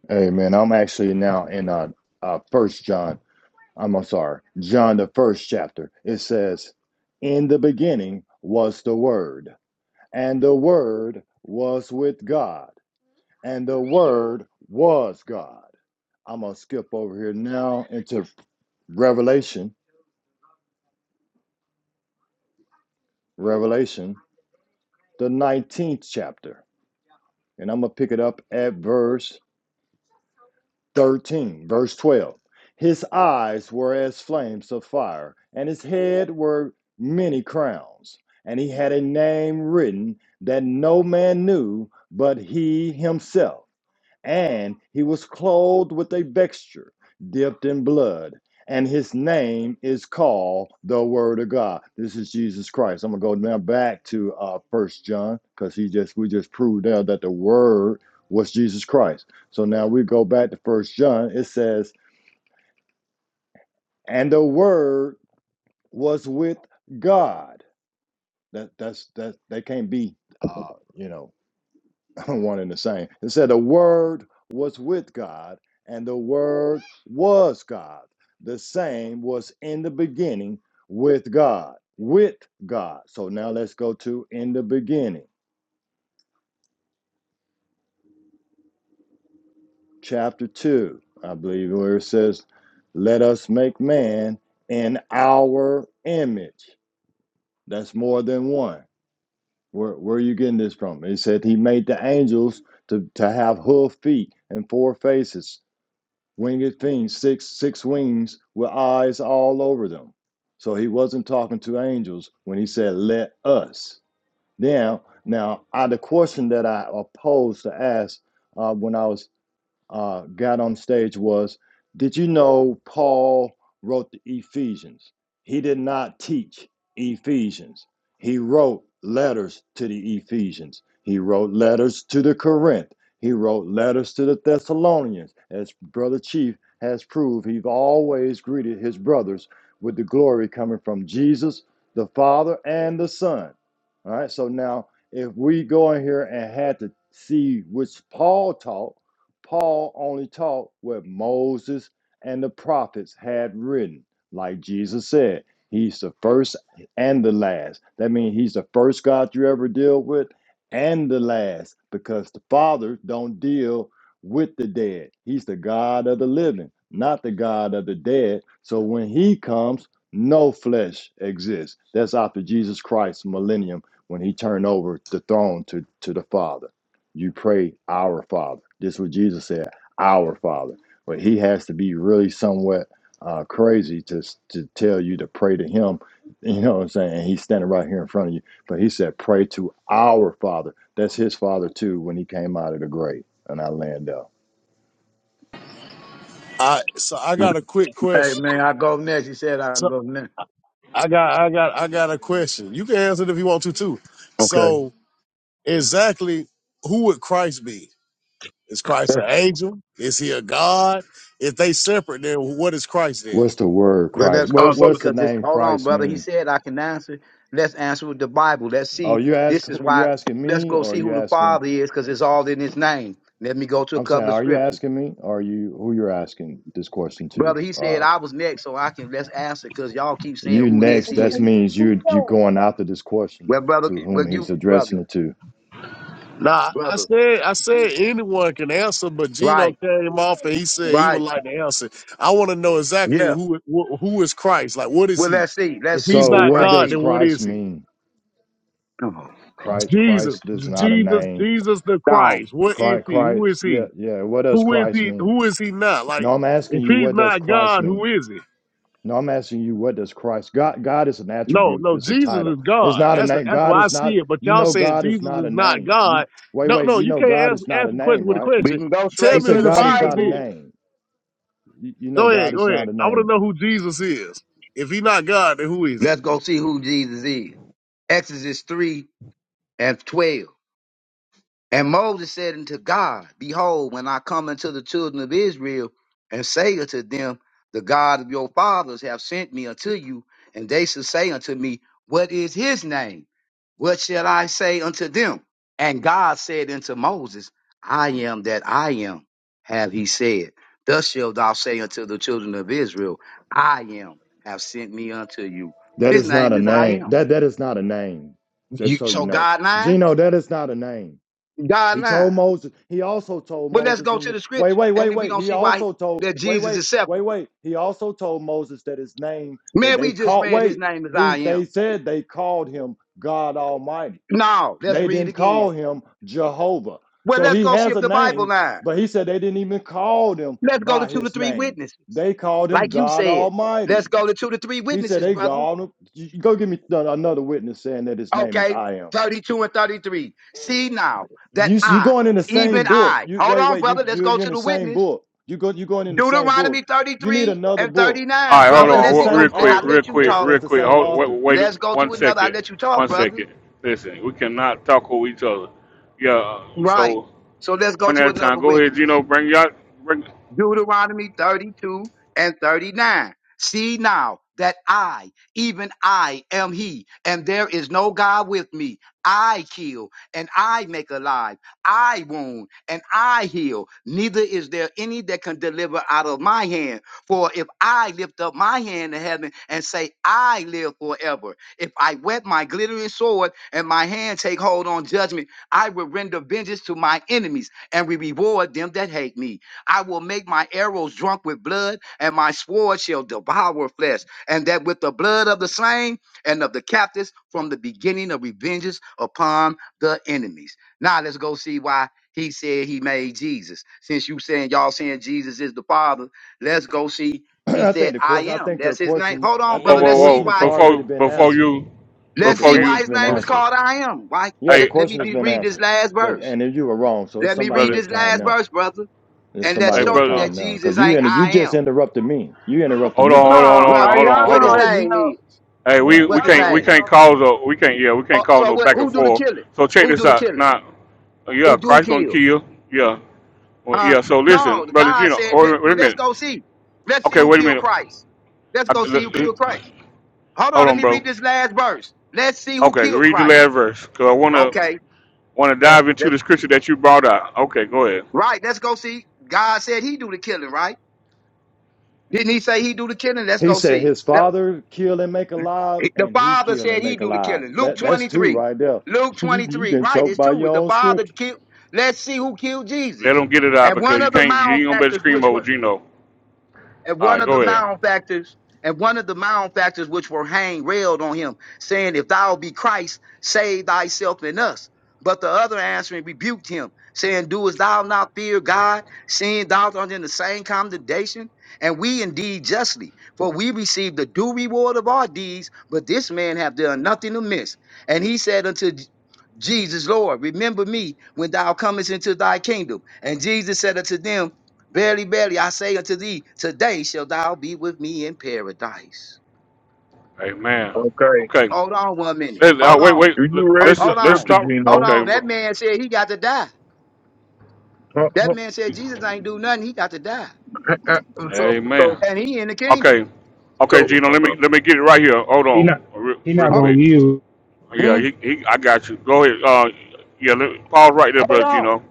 Speaker 9: Hey man, I'm actually now in uh uh first John. I'm, I'm sorry, John the first chapter. It says, In the beginning was the word, and the word was with God, and the word was God. I'm gonna skip over here now into Revelation, Revelation, the 19th chapter, and I'm gonna pick it up at verse 13, verse 12. His eyes were as flames of fire, and his head were many crowns. And he had a name written that no man knew but he himself. And he was clothed with a vesture dipped in blood, and his name is called the Word of God. This is Jesus Christ. I'm gonna go now back to uh First John because he just we just proved there that the Word was Jesus Christ. So now we go back to First John. It says, "And the Word was with God." That that's that they can't be, uh, you know. <laughs> one and the same. It said the word was with God, and the word was God. The same was in the beginning with God. With God. So now let's go to in the beginning, chapter two, I believe, where it says, Let us make man in our image. That's more than one. Where, where are you getting this from? It said he made the angels to, to have hoof feet and four faces winged things, six six wings with eyes all over them. So he wasn't talking to angels when he said, "Let us." Now, now, I, the question that I opposed to ask uh, when I was uh, got on stage was Did you know Paul wrote the Ephesians? He did not teach Ephesians. He wrote letters to the Ephesians, he wrote letters to the Corinth, he wrote letters to the Thessalonians. As Brother Chief has proved, he's always greeted his brothers with the glory coming from Jesus, the Father, and the Son. All right, so now if we go in here and had to see which Paul taught, Paul only taught what Moses and the prophets had written. Like Jesus said, he's the first and the last. That means he's the first God you ever deal with and the last because the Father don't deal with the dead. He's the God of the living, not the God of the dead. So when he comes, no flesh exists. That's after Jesus Christ's millennium when he turned over the throne to, to the Father. You pray, Our Father. This is what Jesus said, Our Father. But he has to be really somewhat uh, crazy to, to tell you to pray to him. <laughs> You know what I'm saying? And he's standing right here in front of you. But he said, Pray to our Father. That's his Father too when he came out of the grave. And I land up.
Speaker 8: I so I got a quick
Speaker 10: Hey
Speaker 8: question.
Speaker 10: man, I go next. He said I can
Speaker 8: So
Speaker 10: go next.
Speaker 8: I got I got I got a question. You can answer it if you want to too.
Speaker 10: Okay.
Speaker 8: So exactly who would Christ be? Is Christ an angel? Is he a God? If they separate, then what is Christ then?
Speaker 9: What's the word
Speaker 10: Well,
Speaker 9: Christ?
Speaker 10: let's go
Speaker 2: Uh,
Speaker 9: What,
Speaker 2: go
Speaker 10: see,
Speaker 2: to,
Speaker 9: what's the
Speaker 10: cause this.
Speaker 9: name
Speaker 10: Hold on,
Speaker 9: Christ
Speaker 10: brother. He
Speaker 9: mean?
Speaker 10: said I can answer. Let's answer with the Bible. Let's
Speaker 9: Oh,
Speaker 10: see.
Speaker 9: you ask
Speaker 10: This is
Speaker 9: you're
Speaker 10: why.
Speaker 9: asking
Speaker 10: Let's
Speaker 9: me
Speaker 10: go
Speaker 9: or
Speaker 10: see
Speaker 9: you
Speaker 10: who the
Speaker 9: asking
Speaker 10: Father is, cause it's all in His name. Let me go to a
Speaker 9: I'm saying,
Speaker 10: couple of
Speaker 9: are you
Speaker 10: scriptures,
Speaker 9: asking me? Or are you who you're asking this question to?
Speaker 10: brother. He
Speaker 9: uh,
Speaker 10: said I was next, so I can let's answer, cause y'all keep saying
Speaker 9: You
Speaker 10: who this
Speaker 9: next,
Speaker 10: is.
Speaker 9: that means you you
Speaker 8: No.
Speaker 9: going after this question
Speaker 10: Well, brother,
Speaker 9: to
Speaker 10: well
Speaker 9: whom he's
Speaker 10: you,
Speaker 9: addressing
Speaker 10: brother,
Speaker 9: it to.
Speaker 8: Nah, I
Speaker 10: brother.
Speaker 8: said I said anyone can answer, but Gino
Speaker 10: Right,
Speaker 8: came off and he said he would
Speaker 10: right.
Speaker 8: like to answer. I want to know exactly
Speaker 10: Yeah.
Speaker 8: who wh- who is Christ? Like, what is
Speaker 10: Well,
Speaker 8: he?
Speaker 10: let's see.
Speaker 8: If
Speaker 10: Let's see
Speaker 8: he's
Speaker 9: So
Speaker 10: who
Speaker 8: not
Speaker 9: what
Speaker 10: Christ
Speaker 8: God,
Speaker 9: does
Speaker 8: then
Speaker 10: is.
Speaker 8: what
Speaker 9: Christ
Speaker 8: is he?
Speaker 9: mean?
Speaker 10: Come on.
Speaker 9: Christ
Speaker 8: Jesus,
Speaker 9: Christ is not a
Speaker 8: Jesus,
Speaker 9: name.
Speaker 8: Jesus the
Speaker 10: Down.
Speaker 8: Christ. What is
Speaker 9: Christ
Speaker 8: he? Who
Speaker 9: Christ
Speaker 8: is
Speaker 9: yeah,
Speaker 8: he?
Speaker 9: yeah. What does
Speaker 8: Who is
Speaker 9: Christ
Speaker 8: he?
Speaker 9: mean?
Speaker 8: Who is he not? Like,
Speaker 9: No, I'm asking
Speaker 8: if
Speaker 9: you
Speaker 8: he's
Speaker 9: what does
Speaker 8: not
Speaker 9: Christ
Speaker 8: God, who
Speaker 9: mean?
Speaker 8: is he?
Speaker 9: No, I'm asking you what does Christ God God is an
Speaker 8: No,
Speaker 9: attribute,
Speaker 8: no,
Speaker 9: it's a
Speaker 8: Jesus
Speaker 9: title.
Speaker 8: is
Speaker 9: It's
Speaker 8: God.
Speaker 9: not a
Speaker 8: That's the,
Speaker 9: name.
Speaker 8: that's
Speaker 9: God
Speaker 8: why I
Speaker 9: is
Speaker 8: see
Speaker 9: not
Speaker 8: it. But
Speaker 9: you
Speaker 8: y'all
Speaker 9: know
Speaker 8: saying
Speaker 9: God is
Speaker 8: Jesus
Speaker 9: not a
Speaker 8: is not
Speaker 9: name. You
Speaker 8: God.
Speaker 9: wait,
Speaker 8: No,
Speaker 9: wait,
Speaker 8: no,
Speaker 9: you
Speaker 8: you
Speaker 9: know
Speaker 8: can't
Speaker 9: God
Speaker 8: ask
Speaker 9: is not
Speaker 8: ask
Speaker 9: a
Speaker 8: a question
Speaker 9: name,
Speaker 8: with a
Speaker 9: right?
Speaker 10: We
Speaker 8: question.
Speaker 10: can go
Speaker 8: Tell
Speaker 9: He
Speaker 10: straight
Speaker 8: me
Speaker 10: to
Speaker 9: said
Speaker 8: who
Speaker 10: the
Speaker 9: God is
Speaker 8: Jesus
Speaker 9: not a
Speaker 10: Bible.
Speaker 8: is.
Speaker 9: name. You, you know
Speaker 8: Go ahead,
Speaker 9: God is
Speaker 8: go ahead.
Speaker 9: not a
Speaker 8: I
Speaker 9: name.
Speaker 8: want to know who Jesus is. If he's not God, then who is it?
Speaker 10: Let's go see who Jesus is. Exodus 3 and 12. And Moses said unto God, Behold, when I come unto the children of Israel and say unto them, The God of your fathers have sent me unto you, and they shall say unto me, What is his name? What shall I say unto them? And God said unto Moses, I am that I am, have he said. Thus shalt thou say unto the children of Israel, I am, have sent me unto you.
Speaker 9: That
Speaker 10: His
Speaker 9: is not
Speaker 10: name
Speaker 9: a
Speaker 10: is I
Speaker 9: name.
Speaker 10: am.
Speaker 9: That that is not a name. Just
Speaker 10: You,
Speaker 9: so you
Speaker 10: so
Speaker 9: know,
Speaker 10: God lying?
Speaker 9: Gino, that is not a name.
Speaker 10: God
Speaker 9: He told
Speaker 10: lying.
Speaker 9: Moses. He also told
Speaker 10: But let's
Speaker 9: Moses.
Speaker 10: go
Speaker 9: In
Speaker 10: to
Speaker 9: the,
Speaker 10: the
Speaker 9: wait,
Speaker 10: scripture,
Speaker 9: wait, wait,
Speaker 10: and then we're
Speaker 9: wait.
Speaker 10: gonna
Speaker 9: He
Speaker 10: see why
Speaker 9: also told.
Speaker 10: that
Speaker 9: Wait,
Speaker 10: Jesus
Speaker 9: wait,
Speaker 10: is
Speaker 9: wait,
Speaker 10: separate.
Speaker 9: wait. He also told Moses that his name that
Speaker 10: Man, we
Speaker 9: they
Speaker 10: just
Speaker 9: called.
Speaker 10: read his
Speaker 9: Wait.
Speaker 10: name as
Speaker 9: He
Speaker 10: I am.
Speaker 9: they said they called him God Almighty.
Speaker 10: No, let's
Speaker 9: They
Speaker 10: read
Speaker 9: didn't
Speaker 10: again.
Speaker 9: call him Jehovah.
Speaker 10: Well,
Speaker 9: So
Speaker 10: let's
Speaker 9: he
Speaker 10: go see
Speaker 9: has
Speaker 10: if
Speaker 9: a
Speaker 10: the Bible
Speaker 9: name,
Speaker 10: line.
Speaker 9: but he said they didn't even call him
Speaker 10: Let's go to
Speaker 9: by
Speaker 10: two to
Speaker 9: his
Speaker 10: three
Speaker 9: name.
Speaker 10: witnesses.
Speaker 9: They called him
Speaker 10: Like you
Speaker 9: God
Speaker 10: said,
Speaker 9: Almighty.
Speaker 10: let's go to two to three
Speaker 9: He said
Speaker 10: witnesses,
Speaker 9: they
Speaker 10: brother.
Speaker 9: gone. You- Go give me another witness saying that his name is
Speaker 10: Okay,
Speaker 9: I am.
Speaker 10: 32 and 33. See now that
Speaker 9: You you
Speaker 10: I,
Speaker 9: going in the
Speaker 10: even
Speaker 9: same book.
Speaker 10: I,
Speaker 9: You
Speaker 10: hold
Speaker 9: wait
Speaker 10: on,
Speaker 9: wait you
Speaker 10: brother, let's
Speaker 9: you
Speaker 10: go
Speaker 9: you're
Speaker 10: to
Speaker 9: in the
Speaker 10: the
Speaker 9: same
Speaker 10: witness.
Speaker 9: book. You go you going in the same book.
Speaker 10: Deuteronomy
Speaker 9: You need
Speaker 10: 33
Speaker 9: another
Speaker 10: and
Speaker 9: book.
Speaker 1: All
Speaker 10: 39.
Speaker 1: right,
Speaker 9: Mu-
Speaker 1: hold
Speaker 10: Brother,
Speaker 9: That's
Speaker 1: on,
Speaker 9: the
Speaker 10: let me
Speaker 1: Well,
Speaker 10: go.
Speaker 1: real
Speaker 9: same
Speaker 1: quick,
Speaker 10: I
Speaker 9: author.
Speaker 1: real
Speaker 10: let you
Speaker 1: quick,
Speaker 9: That's
Speaker 10: talk.
Speaker 1: real
Speaker 9: that's the
Speaker 1: quick.
Speaker 9: same
Speaker 1: Hold,
Speaker 9: author.
Speaker 1: wait, wait
Speaker 10: Let's go
Speaker 1: one
Speaker 10: to another. I
Speaker 1: second,
Speaker 10: let you talk,
Speaker 1: one
Speaker 10: brother.
Speaker 1: second. Listen, we cannot talk with each other. Yeah,
Speaker 10: Right.
Speaker 1: so
Speaker 10: So let's go
Speaker 1: one at
Speaker 10: to
Speaker 1: a
Speaker 10: another
Speaker 1: time. Go ahead,
Speaker 10: witness.
Speaker 1: Gino. Bring y'all. Bring.
Speaker 10: Deuteronomy 32 and 39. See now that I, even I, am He, and there is no God with me. I kill, and I make alive. I wound, and I heal. Neither is there any that can deliver out of my hand. For if I lift up my hand to heaven and say, I live forever, if I wet my glittering sword and my hand take hold on judgment, I will render vengeance to my enemies and will reward them that hate me I will make my arrows drunk with blood, and my sword shall devour flesh. And that with the blood of the slain and of the captives from the beginning of revenges upon the enemies. Now let's go see why he said he made Jesus. Since you saying y'all saying Jesus is the Father, let's go see.
Speaker 9: <clears throat>
Speaker 10: He
Speaker 9: I think
Speaker 10: said,
Speaker 9: the
Speaker 10: I
Speaker 9: course. I
Speaker 10: am.
Speaker 9: think your
Speaker 10: That's his name.
Speaker 9: question.
Speaker 10: Hold
Speaker 9: I
Speaker 10: on,
Speaker 1: Whoa, whoa,
Speaker 9: think
Speaker 10: brother.
Speaker 9: the
Speaker 1: whoa,
Speaker 10: Let's see
Speaker 1: whoa.
Speaker 9: question has
Speaker 10: why.
Speaker 9: already
Speaker 1: Before,
Speaker 9: been
Speaker 1: before
Speaker 9: answered.
Speaker 1: you,
Speaker 9: Yeah,
Speaker 10: Let's
Speaker 9: the
Speaker 1: before
Speaker 10: see why
Speaker 1: you,
Speaker 9: question's
Speaker 10: his
Speaker 9: been
Speaker 10: name is
Speaker 1: before.
Speaker 9: answered.
Speaker 10: called I am. Why?
Speaker 9: Yeah, the
Speaker 10: Let,
Speaker 1: Hey,
Speaker 10: let me
Speaker 9: question has
Speaker 10: de-
Speaker 9: been
Speaker 10: read this
Speaker 9: answered.
Speaker 10: last
Speaker 9: That
Speaker 10: verse.
Speaker 9: and if you were wrong. So it's
Speaker 10: Let me
Speaker 9: somebody
Speaker 10: read
Speaker 1: brother.
Speaker 9: else's
Speaker 10: this
Speaker 9: time
Speaker 10: last
Speaker 9: now.
Speaker 10: verse, brother
Speaker 9: It's
Speaker 10: and let's
Speaker 1: Hey,
Speaker 9: somebody
Speaker 10: show
Speaker 9: else's
Speaker 10: you
Speaker 1: brother.
Speaker 10: that
Speaker 9: time now because
Speaker 10: Jesus
Speaker 9: you
Speaker 10: ain't
Speaker 9: inter- you
Speaker 10: I am.
Speaker 9: just interrupted me. You interrupted
Speaker 1: Hold on,
Speaker 9: me.
Speaker 1: hold on,
Speaker 7: Huh?
Speaker 1: hold on,
Speaker 7: Are
Speaker 10: brother,
Speaker 1: hold
Speaker 7: y'all
Speaker 1: on,
Speaker 10: what
Speaker 1: hold
Speaker 7: gonna
Speaker 10: his
Speaker 1: on.
Speaker 7: let
Speaker 10: name is.
Speaker 7: Gino?
Speaker 1: Hey,
Speaker 9: Yeah.
Speaker 1: we we
Speaker 10: What's
Speaker 7: Y'all
Speaker 10: his
Speaker 7: gonna
Speaker 1: can't we
Speaker 7: let
Speaker 10: name?
Speaker 1: can't
Speaker 7: Gino
Speaker 1: cause
Speaker 7: finish?
Speaker 1: a we can't yeah we
Speaker 10: Uh,
Speaker 1: can't call
Speaker 10: so
Speaker 1: no
Speaker 10: what?
Speaker 1: back and
Speaker 10: Who do the
Speaker 1: forth.
Speaker 10: killing?
Speaker 1: So check
Speaker 10: Who
Speaker 1: this
Speaker 10: do the
Speaker 1: out.
Speaker 10: killing?
Speaker 1: Now, yeah,
Speaker 10: Who do
Speaker 1: Christ gonna
Speaker 10: kill?
Speaker 1: kill. Yeah, Well,
Speaker 10: Huh?
Speaker 1: yeah. So listen,
Speaker 10: No,
Speaker 1: brother
Speaker 10: God
Speaker 1: Gino.
Speaker 10: said. That,
Speaker 1: Or, wait a
Speaker 10: well, let's
Speaker 1: minute.
Speaker 10: go see. Let's see
Speaker 1: Okay,
Speaker 10: who
Speaker 1: wait a
Speaker 10: killed
Speaker 1: minute.
Speaker 10: Christ. Let's
Speaker 1: I,
Speaker 10: go see who
Speaker 1: l-
Speaker 10: killed Christ. Hold on,
Speaker 1: hold
Speaker 10: let
Speaker 1: on,
Speaker 10: me
Speaker 1: bro.
Speaker 10: read this last verse. Let's see who
Speaker 1: Okay,
Speaker 10: killed
Speaker 1: read the
Speaker 10: Christ.
Speaker 1: last verse because I wanna
Speaker 10: Okay,
Speaker 1: wanna
Speaker 10: Uh,
Speaker 1: dive into
Speaker 10: that-
Speaker 1: the scripture that you brought out. Okay, go ahead.
Speaker 10: right. Let's go see. God said He do the killing, right? Didn't He say He do the killing? Let's
Speaker 9: He
Speaker 10: go
Speaker 9: said
Speaker 10: see.
Speaker 9: his father killed and make alive,
Speaker 10: The
Speaker 9: and he
Speaker 10: Father
Speaker 9: killed
Speaker 10: said
Speaker 9: and
Speaker 10: he
Speaker 9: make
Speaker 10: do the
Speaker 9: alive.
Speaker 10: killing. Luke
Speaker 9: That that's two
Speaker 10: 23.
Speaker 9: right there. <laughs>
Speaker 10: Luke
Speaker 9: You you
Speaker 10: 23.
Speaker 9: can
Speaker 10: Right,
Speaker 9: choke
Speaker 10: it's
Speaker 9: by
Speaker 10: true.
Speaker 9: your
Speaker 10: The
Speaker 9: own
Speaker 10: Father
Speaker 9: scripture.
Speaker 10: killed. Let's see who killed
Speaker 1: Let
Speaker 10: Jesus.
Speaker 1: them get it out
Speaker 10: And
Speaker 1: because
Speaker 10: one
Speaker 1: you
Speaker 10: of the
Speaker 1: can't. You ain't gonna better
Speaker 10: malefactors,
Speaker 1: scream
Speaker 10: which
Speaker 1: over
Speaker 10: were
Speaker 1: Gino.
Speaker 10: and
Speaker 1: All
Speaker 10: one
Speaker 1: right,
Speaker 10: of the
Speaker 1: go ahead.
Speaker 10: malefactors, and one of the malefactors which were hanged railed on him, saying, If thou be Christ, save thyself and us. But the other answering rebuked him, saying, Doest thou not fear God, seeing thou art in the same condemnation? And we indeed justly, for we receive the due reward of our deeds, but this man hath done nothing amiss. And he said unto J- Jesus, Lord, remember me when thou comest into thy kingdom. And Jesus said unto them, Verily, verily, I say unto thee, today shalt thou be with me in paradise.
Speaker 1: Amen.
Speaker 2: okay.
Speaker 1: Okay.
Speaker 10: Hold on one minute.
Speaker 1: Let, uh,
Speaker 10: Hold
Speaker 1: wait,
Speaker 10: on.
Speaker 1: wait.
Speaker 2: You
Speaker 1: Let,
Speaker 2: you
Speaker 10: Ho-
Speaker 2: read
Speaker 1: let's
Speaker 2: the
Speaker 10: Hold
Speaker 1: let's
Speaker 10: on.
Speaker 2: scripture,
Speaker 1: stop.
Speaker 10: Hold
Speaker 2: Gino.
Speaker 1: Okay,
Speaker 10: on. That
Speaker 1: bro.
Speaker 10: man said he got to die.
Speaker 2: Uh,
Speaker 10: That
Speaker 2: uh,
Speaker 10: man said Jesus ain't do nothing. He got to die.
Speaker 2: uh, uh, So,
Speaker 1: Amen.
Speaker 2: so,
Speaker 10: And he in the kingdom.
Speaker 1: Okay. Okay,
Speaker 2: so,
Speaker 1: Gino. Let me
Speaker 2: uh,
Speaker 1: let me get it right here. Hold
Speaker 4: He
Speaker 1: on,
Speaker 4: not
Speaker 1: real,
Speaker 4: he
Speaker 1: real
Speaker 4: not
Speaker 10: Huh?
Speaker 4: gonna
Speaker 1: quick.
Speaker 4: yield
Speaker 1: Yeah,
Speaker 10: Hmm?
Speaker 1: he, he I got you. Go ahead. Uh, yeah, let, Paul, right there,
Speaker 10: Hold
Speaker 1: brother
Speaker 10: on.
Speaker 1: Gino.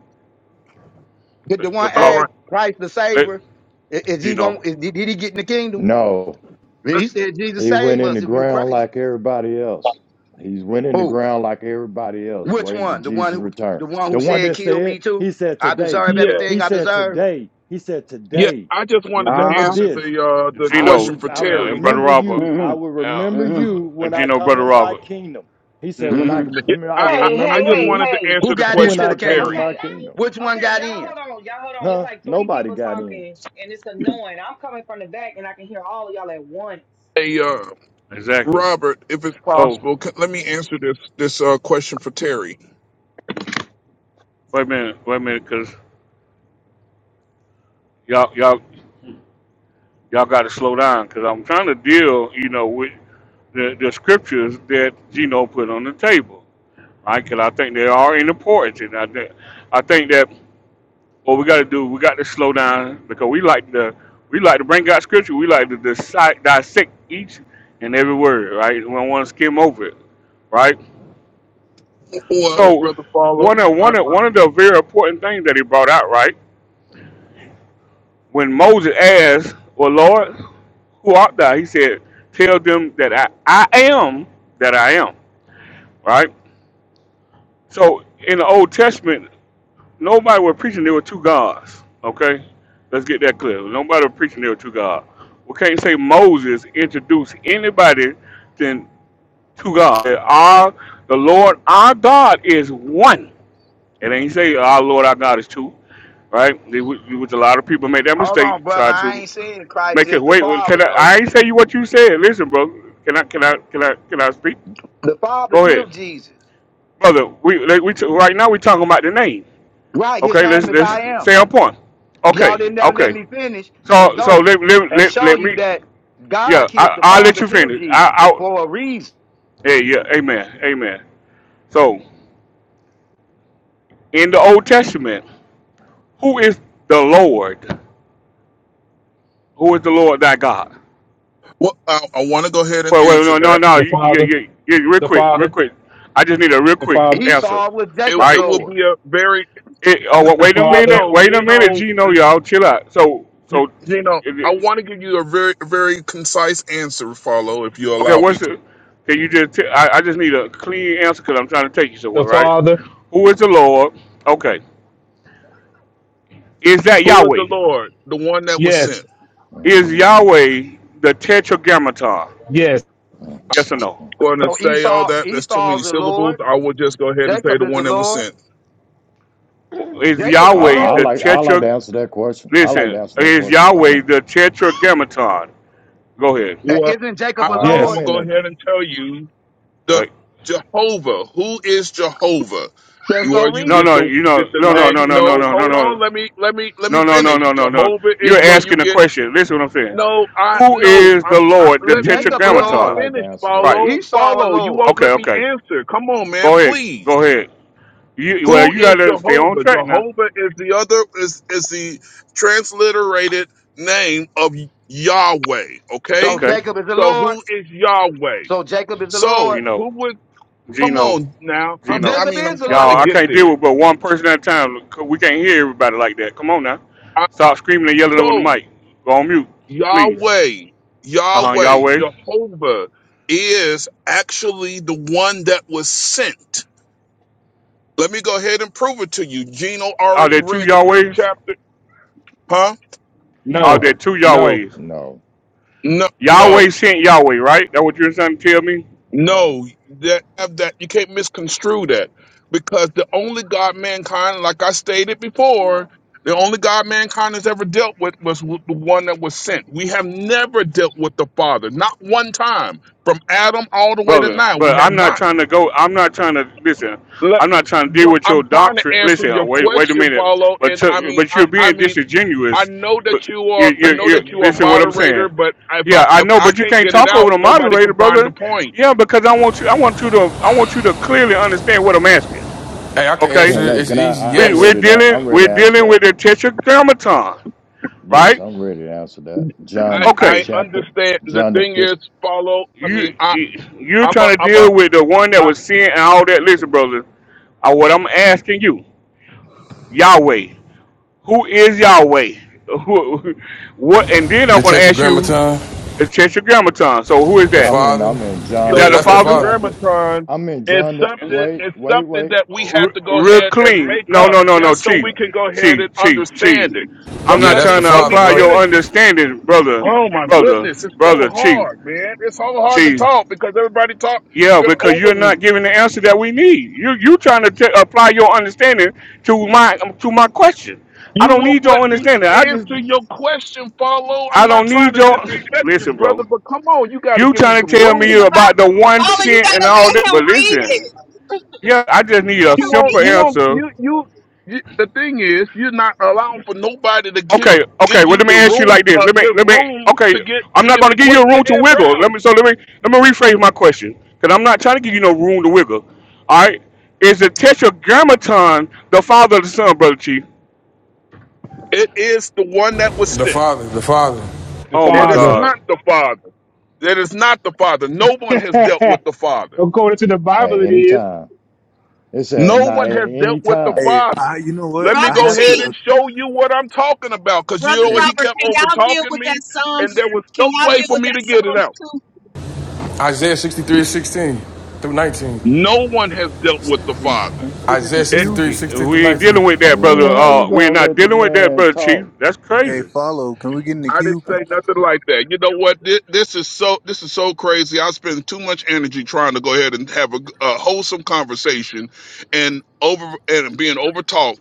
Speaker 10: Did
Speaker 1: Let,
Speaker 10: the one
Speaker 1: let
Speaker 2: all
Speaker 10: ask
Speaker 1: Paul,
Speaker 2: right.
Speaker 10: Christ the
Speaker 1: let
Speaker 10: Savior, i- is he
Speaker 1: Gino,
Speaker 10: going did did he get in the kingdom?
Speaker 9: No,
Speaker 10: And He said, Jesus
Speaker 9: he went
Speaker 10: save
Speaker 9: in the
Speaker 10: us if you
Speaker 9: ground
Speaker 10: Christ.
Speaker 9: like everybody else. He's went in the
Speaker 10: Who?
Speaker 9: ground like everybody else,
Speaker 10: Which
Speaker 9: waiting to
Speaker 10: one? The one
Speaker 9: Jesus'
Speaker 10: who
Speaker 9: return.
Speaker 10: the one who
Speaker 9: The one
Speaker 10: said,
Speaker 9: that
Speaker 10: Kill me
Speaker 9: said,
Speaker 10: too?
Speaker 9: he said
Speaker 10: I
Speaker 9: today,
Speaker 10: deserve
Speaker 2: Yeah,
Speaker 10: everything
Speaker 9: he
Speaker 10: I
Speaker 9: said
Speaker 10: deserve.
Speaker 9: today, he said
Speaker 2: yeah.
Speaker 9: today.
Speaker 2: I just wanted to
Speaker 9: Remember
Speaker 10: Uh-huh.
Speaker 2: answer the
Speaker 9: this.
Speaker 2: uh the
Speaker 9: I
Speaker 1: Gino,
Speaker 2: question
Speaker 9: will
Speaker 2: for
Speaker 9: I
Speaker 1: uh,
Speaker 9: will
Speaker 1: and
Speaker 2: Terry.
Speaker 1: brother
Speaker 9: remember
Speaker 1: Robert,
Speaker 9: you. I
Speaker 10: Mm-hmm.
Speaker 9: will
Speaker 1: uh,
Speaker 9: remember
Speaker 10: Mm-hmm.
Speaker 9: you
Speaker 1: and
Speaker 9: when I
Speaker 1: Gino,
Speaker 9: come
Speaker 1: brother
Speaker 9: in my
Speaker 1: Robert.
Speaker 9: kingdom. He said, when
Speaker 1: Mm-hmm.
Speaker 9: I
Speaker 10: hmm
Speaker 9: can
Speaker 2: Yeah,
Speaker 9: remember, I
Speaker 2: I, I,
Speaker 9: will
Speaker 7: Hey,
Speaker 2: I
Speaker 9: remember
Speaker 7: hey,
Speaker 2: just
Speaker 7: hey,
Speaker 9: you
Speaker 2: wanted to
Speaker 7: hey.
Speaker 10: Who
Speaker 2: answer the
Speaker 9: <laughs>
Speaker 10: got
Speaker 9: when
Speaker 2: question
Speaker 10: into
Speaker 2: for
Speaker 9: I
Speaker 10: the
Speaker 9: come in
Speaker 10: kingdom?
Speaker 2: Terry.
Speaker 9: my
Speaker 7: Okay,
Speaker 9: kingdom.
Speaker 10: Which one
Speaker 7: okay.
Speaker 10: got
Speaker 7: Y'all
Speaker 10: in?
Speaker 7: hold on. Y'all hold on. It's
Speaker 9: Huh?
Speaker 7: like three
Speaker 9: Nobody
Speaker 7: people
Speaker 9: got in.
Speaker 7: talking, and it's annoying. I'm coming from the back, and I can hear all of y'all at once.
Speaker 2: Hey, uh,
Speaker 1: Exactly.
Speaker 2: Robert, if it's
Speaker 1: So
Speaker 2: possible, c- let me answer this this uh question for Terry.
Speaker 1: wait a minute, wait a minute, cause y'all y'all y'all got to slow down, cause I'm trying to deal, you know, with the, the scriptures that Gino put on the table, right? Because I think they are important. And I think I think that what we got to do, we got to slow down because we like to we like to bring out scripture. We like to dissect, dissect each and every word, right? We don't want to skim over it, right?
Speaker 2: Well,
Speaker 1: So
Speaker 2: brother,
Speaker 1: one
Speaker 2: follow.
Speaker 1: of
Speaker 2: I,
Speaker 1: one of
Speaker 2: I,
Speaker 1: one of the very important things that he brought out, right? When Moses asked, "Well, Lord, who art thou?" He said, "Tell them that I, I am that I am." Right? So in the Old Testament, Nobody was preaching there were two gods. Okay? Let's get that clear. Nobody was preaching there were two gods. We can't say Moses introduced anybody to two gods. Our the Lord our God is one. It
Speaker 9: Oh
Speaker 1: ain't
Speaker 9: my
Speaker 1: say
Speaker 9: God.
Speaker 1: our Lord our God is two. Right? Which a lot of people make that
Speaker 10: Hold on,
Speaker 1: mistake,
Speaker 10: brother.
Speaker 1: try
Speaker 10: I
Speaker 1: to
Speaker 10: ain't saying Christ
Speaker 1: make it
Speaker 10: is the
Speaker 1: wait.
Speaker 10: Father,
Speaker 1: Can I
Speaker 10: though.
Speaker 1: I ain't say you what you said. Listen, bro. Can I can I can I can I speak?
Speaker 10: The Father
Speaker 1: Go ahead.
Speaker 10: killed Jesus.
Speaker 1: Brother, we like, we right now we talking about the name.
Speaker 10: Right. His
Speaker 1: Okay, let's
Speaker 10: name is
Speaker 1: let's
Speaker 10: I am.
Speaker 1: stay on point.
Speaker 10: Y'all
Speaker 1: Okay,
Speaker 10: didn't never let
Speaker 1: okay.
Speaker 10: me finish and
Speaker 1: So so
Speaker 10: go
Speaker 1: let let
Speaker 10: and
Speaker 1: let,
Speaker 10: show
Speaker 1: let
Speaker 10: you
Speaker 1: me
Speaker 10: that God
Speaker 1: yeah,
Speaker 10: killed,
Speaker 1: I
Speaker 10: the
Speaker 1: I'll let
Speaker 10: Father
Speaker 1: you
Speaker 10: killed
Speaker 1: finish. I
Speaker 10: Jesus
Speaker 1: I
Speaker 10: for a reason.
Speaker 1: hey yeah, amen. Amen. So in the Old Testament, who is the Lord? Who is the Lord thy God?
Speaker 2: well, I, I want to go ahead and
Speaker 1: Wait, wait,
Speaker 2: answer
Speaker 1: no, no,
Speaker 2: that.
Speaker 1: no.
Speaker 4: the
Speaker 1: You, you,
Speaker 4: father,
Speaker 1: you, you, real
Speaker 4: the
Speaker 1: quick, real
Speaker 4: father,
Speaker 1: quick. I just need a real
Speaker 4: the
Speaker 1: quick
Speaker 4: father,
Speaker 1: answer,
Speaker 10: Esau was
Speaker 2: It,
Speaker 10: Jacob's
Speaker 2: it
Speaker 1: right?
Speaker 2: will
Speaker 10: Lord.
Speaker 2: be a very
Speaker 1: It,
Speaker 2: n-
Speaker 1: oh,
Speaker 2: uh,
Speaker 4: the
Speaker 1: wait a
Speaker 4: father,
Speaker 1: minute,
Speaker 2: Gino,
Speaker 1: wait a minute,
Speaker 2: Gino,
Speaker 1: Gino,
Speaker 2: uh,
Speaker 1: y'all, chill out. So, so,
Speaker 2: Gino.
Speaker 1: it-
Speaker 2: I
Speaker 1: it-
Speaker 2: want to give you a very, very concise answer. Follow, if you
Speaker 1: Okay,
Speaker 2: allow me
Speaker 1: what's
Speaker 2: to.
Speaker 1: the? Can you just? T- I, I just need a clean answer because I'm trying to take you
Speaker 4: the
Speaker 1: somewhere, right?
Speaker 4: father.
Speaker 1: Who is the Lord? Okay, is that
Speaker 2: Who is the
Speaker 1: Yahweh?
Speaker 2: Lord? The one that was sent.
Speaker 4: Yes,
Speaker 1: Is
Speaker 9: Mhm.
Speaker 1: Yahweh the Tetragrammaton?
Speaker 4: yes,
Speaker 9: Mhm.
Speaker 1: Yes or no?
Speaker 2: Going to
Speaker 10: So
Speaker 2: say all
Speaker 10: Esau,
Speaker 2: that. That's too many
Speaker 10: Esau's the
Speaker 2: syllables.
Speaker 10: Lord.
Speaker 2: I will just go ahead and say
Speaker 10: Jacob
Speaker 2: the
Speaker 10: is the
Speaker 2: one that was
Speaker 10: Lord.
Speaker 2: sent.
Speaker 1: Is
Speaker 10: Jacob is
Speaker 9: I,
Speaker 10: the
Speaker 1: Yahweh
Speaker 9: I
Speaker 1: the
Speaker 10: Lord.
Speaker 9: like I like to
Speaker 1: Tetra?
Speaker 9: answer that question. I like to
Speaker 1: Listen,
Speaker 9: answer that
Speaker 1: is
Speaker 9: question,
Speaker 1: Yahweh
Speaker 9: follow.
Speaker 1: the Tetragrammaton? Go ahead.
Speaker 10: Uh,
Speaker 2: Well,
Speaker 10: Isn't
Speaker 2: I,
Speaker 10: Jacob a
Speaker 9: All right,
Speaker 2: I'm
Speaker 10: Lord?
Speaker 9: I'm
Speaker 2: gonna
Speaker 4: yes.
Speaker 9: in
Speaker 2: go
Speaker 9: the
Speaker 2: ahead and tell you
Speaker 1: All
Speaker 2: the
Speaker 1: right.
Speaker 2: Jehovah. Who is Jehovah?
Speaker 10: Let's
Speaker 2: You Or
Speaker 10: go
Speaker 2: you
Speaker 9: Mhm.
Speaker 10: read
Speaker 1: No,
Speaker 10: it.
Speaker 2: get
Speaker 1: no,
Speaker 2: the
Speaker 1: you know,
Speaker 2: get the
Speaker 1: no, no,
Speaker 10: Y'all,
Speaker 2: name.
Speaker 1: no, no, no,
Speaker 2: No,
Speaker 1: no, no,
Speaker 2: hold on.
Speaker 1: no,
Speaker 2: Let me let me let me
Speaker 1: no, no, no,
Speaker 2: finish.
Speaker 1: no, no, no.
Speaker 2: Jehovah is
Speaker 1: You're
Speaker 2: where you
Speaker 1: asking a
Speaker 2: get.
Speaker 1: question. Listen, what I'm saying.
Speaker 2: No, I
Speaker 1: Who
Speaker 2: no.
Speaker 1: is the
Speaker 2: I'm. I,
Speaker 1: Lord, the
Speaker 10: <laughs>
Speaker 2: let me
Speaker 10: Jacob a
Speaker 9: I,
Speaker 2: let
Speaker 9: I
Speaker 2: me
Speaker 10: Lord.
Speaker 1: Tetragrammaton?
Speaker 9: like to
Speaker 2: finish.
Speaker 9: answer that.
Speaker 1: Right.
Speaker 2: Follow,
Speaker 10: Esau a
Speaker 2: follow. You
Speaker 10: Lord.
Speaker 2: won't
Speaker 1: Okay,
Speaker 2: let me
Speaker 1: okay.
Speaker 2: answer. Come on, man.
Speaker 1: Go ahead.
Speaker 2: Please.
Speaker 1: Go ahead. You well,
Speaker 2: Who
Speaker 1: you
Speaker 2: is
Speaker 1: gotta stay on
Speaker 2: Jehovah?
Speaker 1: track now.
Speaker 2: Jehovah is the other is is the transliterated name of Yahweh.
Speaker 10: So
Speaker 2: Okay.
Speaker 1: Okay.
Speaker 10: Jacob is the
Speaker 2: So
Speaker 10: Lord.
Speaker 2: who is Yahweh?
Speaker 10: So Jacob is the
Speaker 2: So
Speaker 10: Lord.
Speaker 1: Gino.
Speaker 2: who was? Come
Speaker 1: Gino.
Speaker 2: on now. I'm,
Speaker 1: Gino.
Speaker 2: I
Speaker 10: Jacob
Speaker 2: mean, I'm
Speaker 10: is the
Speaker 2: trying to
Speaker 1: Y'all, I
Speaker 10: Lord.
Speaker 2: get
Speaker 1: can't deal
Speaker 2: there.
Speaker 1: with but one person at a time. 'cause We can't hear everybody like that. Come on now.
Speaker 2: I,
Speaker 1: Stop screaming and yelling over the
Speaker 2: so
Speaker 1: mic. Go on mute, please.
Speaker 2: Yahweh,
Speaker 1: Uh huh.
Speaker 2: Yahweh,
Speaker 1: Yahweh.
Speaker 2: Jehovah is actually the one that was sent. Let me go ahead and prove it to you. Gino
Speaker 1: Are
Speaker 2: already
Speaker 1: there two
Speaker 2: read the third
Speaker 1: Yahwehs?
Speaker 2: chapter. Huh?
Speaker 1: Are
Speaker 4: No,
Speaker 1: there
Speaker 9: No,
Speaker 1: two
Speaker 4: no,
Speaker 1: Yahwehs?
Speaker 9: no,
Speaker 2: No,
Speaker 1: Yahweh
Speaker 2: no.
Speaker 1: sent Yahweh, right? That what you're trying to tell me?
Speaker 9: no.
Speaker 2: No, that have that you can't misconstrue that because the only God mankind, like I stated before, the only God mankind has ever dealt with was w- the one that was sent. We have never dealt with the Father, not one time, from Adam all the way to
Speaker 1: brother.
Speaker 2: now. We
Speaker 1: But
Speaker 2: have
Speaker 1: I'm not
Speaker 2: not.
Speaker 1: trying to go. I'm not trying to listen.
Speaker 2: Let,
Speaker 1: I'm not trying to deal
Speaker 2: no,
Speaker 1: with your
Speaker 2: I'm trying to
Speaker 1: doctrine.
Speaker 2: answer
Speaker 1: Listen,
Speaker 2: your
Speaker 1: wait, wait a
Speaker 2: question,
Speaker 1: minute.
Speaker 2: Paulo,
Speaker 1: But
Speaker 2: and I
Speaker 1: to,
Speaker 2: mean,
Speaker 1: but
Speaker 2: I,
Speaker 1: you're
Speaker 2: I
Speaker 1: being
Speaker 2: mean, I
Speaker 1: disingenuous.
Speaker 2: know
Speaker 1: with-
Speaker 2: that you
Speaker 1: You
Speaker 2: are, I
Speaker 1: you
Speaker 10: Jacob
Speaker 2: know
Speaker 10: is the
Speaker 1: you
Speaker 2: that you are a
Speaker 10: Lord.
Speaker 1: listen what I'm
Speaker 2: moderator,
Speaker 1: saying.
Speaker 2: but if I
Speaker 1: Yeah, I
Speaker 2: if
Speaker 1: know,
Speaker 2: I
Speaker 1: but you
Speaker 2: can't
Speaker 1: can't
Speaker 2: get it
Speaker 1: talk
Speaker 2: out,
Speaker 1: over the
Speaker 2: nobody
Speaker 1: moderator,
Speaker 2: can find the
Speaker 1: brother.
Speaker 2: point.
Speaker 1: Yeah, because I want you. I want you to. I want you to clearly understand what I'm asking.
Speaker 11: Hey, I can
Speaker 1: Okay,
Speaker 11: answer
Speaker 9: Can
Speaker 11: it.
Speaker 9: look,
Speaker 11: It's
Speaker 9: can I,
Speaker 11: easy.
Speaker 9: I
Speaker 1: we
Speaker 9: I'm
Speaker 11: Yes,
Speaker 1: we're
Speaker 9: ready to
Speaker 1: dealing
Speaker 9: I'm ready
Speaker 1: we're
Speaker 9: to answer
Speaker 1: dealing
Speaker 9: that.
Speaker 1: with the tetragrammaton,
Speaker 9: Yes,
Speaker 1: right?
Speaker 9: I'm ready to answer that. John
Speaker 2: I
Speaker 9: the fifth
Speaker 2: I
Speaker 1: Okay,
Speaker 9: chapter.
Speaker 2: understand. The
Speaker 9: John the
Speaker 2: thing
Speaker 9: fifth
Speaker 2: is, follow. I mean,
Speaker 1: you
Speaker 2: I
Speaker 1: you- you're
Speaker 2: I'm a
Speaker 1: trying to
Speaker 2: I'm a
Speaker 1: deal with the one that
Speaker 2: I,
Speaker 1: was sin and all that. Listen, brother. Uh, what I'm asking you, Yahweh, who is Yahweh? <laughs> Who, what? And then I'm
Speaker 11: the
Speaker 1: going to ask you
Speaker 11: Tetragrammaton,
Speaker 1: the Tetragrammaton. So who is
Speaker 11: the
Speaker 1: that?
Speaker 9: I'm in
Speaker 11: Father.
Speaker 9: I'm in
Speaker 1: Is
Speaker 9: John
Speaker 2: so
Speaker 11: Yeah,
Speaker 1: that
Speaker 9: the
Speaker 2: the
Speaker 1: the
Speaker 11: that's the
Speaker 9: fifth
Speaker 1: Father?
Speaker 11: Father.
Speaker 9: chapter.
Speaker 2: tetragrammaton
Speaker 9: I'm in
Speaker 2: is
Speaker 9: John the
Speaker 2: something
Speaker 9: wait,
Speaker 2: is
Speaker 9: wait,
Speaker 2: something
Speaker 9: wait.
Speaker 2: that we have
Speaker 1: R-
Speaker 2: to go
Speaker 1: real
Speaker 2: ahead and
Speaker 1: clean.
Speaker 2: make
Speaker 1: No,
Speaker 2: up
Speaker 1: no, no,
Speaker 9: Oh
Speaker 1: no,
Speaker 9: my
Speaker 2: just so
Speaker 1: Chief,
Speaker 2: we
Speaker 9: God.
Speaker 2: can go ahead
Speaker 1: Chief,
Speaker 2: and
Speaker 1: Chief, Chief.
Speaker 2: understand it. But
Speaker 1: I'm
Speaker 11: Yeah,
Speaker 1: not
Speaker 2: let
Speaker 11: that's
Speaker 2: me
Speaker 11: the
Speaker 1: trying to
Speaker 2: let
Speaker 11: Father,
Speaker 2: me
Speaker 1: apply
Speaker 11: bro.
Speaker 1: your
Speaker 2: finish.
Speaker 1: understanding, brother,
Speaker 2: Oh my
Speaker 1: brother,
Speaker 2: goodness, it's so
Speaker 1: brother, Chief,
Speaker 2: hard, man. It's so hard to
Speaker 1: Chief.
Speaker 2: talk because everybody talking
Speaker 1: Yeah, because you're
Speaker 2: over
Speaker 1: not
Speaker 2: me.
Speaker 1: giving the answer that we need. You you trying to t- apply your understanding to my to my question. I
Speaker 2: You
Speaker 1: don't
Speaker 2: won't
Speaker 1: need your
Speaker 2: let me
Speaker 1: understanding. I just
Speaker 2: answer your question, follow.
Speaker 1: I
Speaker 2: I'm not
Speaker 1: don't
Speaker 2: trying
Speaker 1: need
Speaker 2: to
Speaker 1: your
Speaker 2: disrespect you,
Speaker 1: listen,
Speaker 2: brother,
Speaker 1: bro.
Speaker 2: but come on, you got to
Speaker 1: You
Speaker 2: give me
Speaker 1: trying to
Speaker 2: some
Speaker 1: tell me
Speaker 12: He's
Speaker 2: room.
Speaker 12: about
Speaker 1: about the one
Speaker 12: Father, you
Speaker 1: cent and
Speaker 12: gotta
Speaker 1: all that,
Speaker 12: let him
Speaker 1: but
Speaker 12: read it.
Speaker 1: listen, yeah, I just need
Speaker 12: Let
Speaker 1: a
Speaker 2: You
Speaker 12: him
Speaker 2: won't.
Speaker 1: simple
Speaker 12: read
Speaker 2: You
Speaker 12: it.
Speaker 2: won't.
Speaker 1: answer.
Speaker 2: You you. you the thing is, you're not allowing for nobody to give
Speaker 1: Okay, okay.
Speaker 2: give
Speaker 1: Well,
Speaker 2: you
Speaker 1: let me
Speaker 2: the
Speaker 1: ask you like
Speaker 2: room.
Speaker 1: this.
Speaker 2: Uh,
Speaker 1: Let me,
Speaker 2: give
Speaker 1: let me.
Speaker 2: room
Speaker 1: Okay,
Speaker 2: to get
Speaker 1: I'm
Speaker 2: to
Speaker 1: not
Speaker 2: get
Speaker 1: going to
Speaker 2: the
Speaker 1: give you a
Speaker 2: question
Speaker 1: room
Speaker 2: the
Speaker 1: to
Speaker 2: answer
Speaker 1: wiggle.
Speaker 2: out.
Speaker 1: Let me. So let me, let me rephrase my question because I'm not trying to give you no room to wiggle. All right. Is the tetragrammaton the father of the son, brother Chief?
Speaker 2: It is the one that was
Speaker 11: The
Speaker 2: sent.
Speaker 11: Father, the Father.
Speaker 4: the
Speaker 1: Oh my
Speaker 2: It is
Speaker 4: father.
Speaker 1: God.
Speaker 2: not the father. It is not the father. No one has dealt with
Speaker 4: <laughs>
Speaker 2: the father.
Speaker 4: According to the
Speaker 9: At
Speaker 4: Bible, it
Speaker 9: any
Speaker 4: is.
Speaker 9: time. It said,
Speaker 2: No
Speaker 9: not
Speaker 2: one
Speaker 9: at
Speaker 2: has
Speaker 9: any
Speaker 2: dealt with the
Speaker 9: time.
Speaker 13: Hey,
Speaker 2: father.
Speaker 13: I you know what?
Speaker 2: Let me
Speaker 13: I
Speaker 12: Brother
Speaker 2: go
Speaker 13: have to.
Speaker 2: ahead
Speaker 12: T,
Speaker 13: Uh,
Speaker 2: and show you what I'm talking about, because
Speaker 12: Brother
Speaker 2: you know what?
Speaker 13: hey,
Speaker 2: He
Speaker 12: Robert,
Speaker 2: kept
Speaker 12: can
Speaker 2: over
Speaker 12: y'all deal
Speaker 2: talking
Speaker 12: with that
Speaker 2: me, and there
Speaker 12: Psalms?
Speaker 2: was
Speaker 12: Can
Speaker 2: no
Speaker 12: y'all
Speaker 2: way
Speaker 12: deal
Speaker 2: for
Speaker 12: with
Speaker 2: me
Speaker 12: that
Speaker 2: to get it
Speaker 12: Psalms
Speaker 2: out.
Speaker 12: two?
Speaker 11: Isaiah 63:16 through 19.
Speaker 2: No one has dealt with the
Speaker 13: hey, can
Speaker 2: father.
Speaker 13: we get in
Speaker 11: Isaiah
Speaker 13: the queue?
Speaker 11: 63:16 through
Speaker 1: We ain't
Speaker 11: 19.
Speaker 1: dealing with
Speaker 9: I
Speaker 1: that,
Speaker 9: mean,
Speaker 1: brother.
Speaker 9: how you
Speaker 1: Uh, we're
Speaker 9: gonna
Speaker 1: not
Speaker 9: let the
Speaker 1: dealing with that,
Speaker 9: man
Speaker 1: brother Chief.
Speaker 9: talk?
Speaker 1: That's
Speaker 13: Hey,
Speaker 1: crazy.
Speaker 13: follow. Can we get in the
Speaker 2: I didn't
Speaker 13: queue?
Speaker 2: say nothing like that. You know what? This, this is so this is so crazy. I spend too much energy trying to go ahead and have a, a wholesome conversation, and over and being over talked.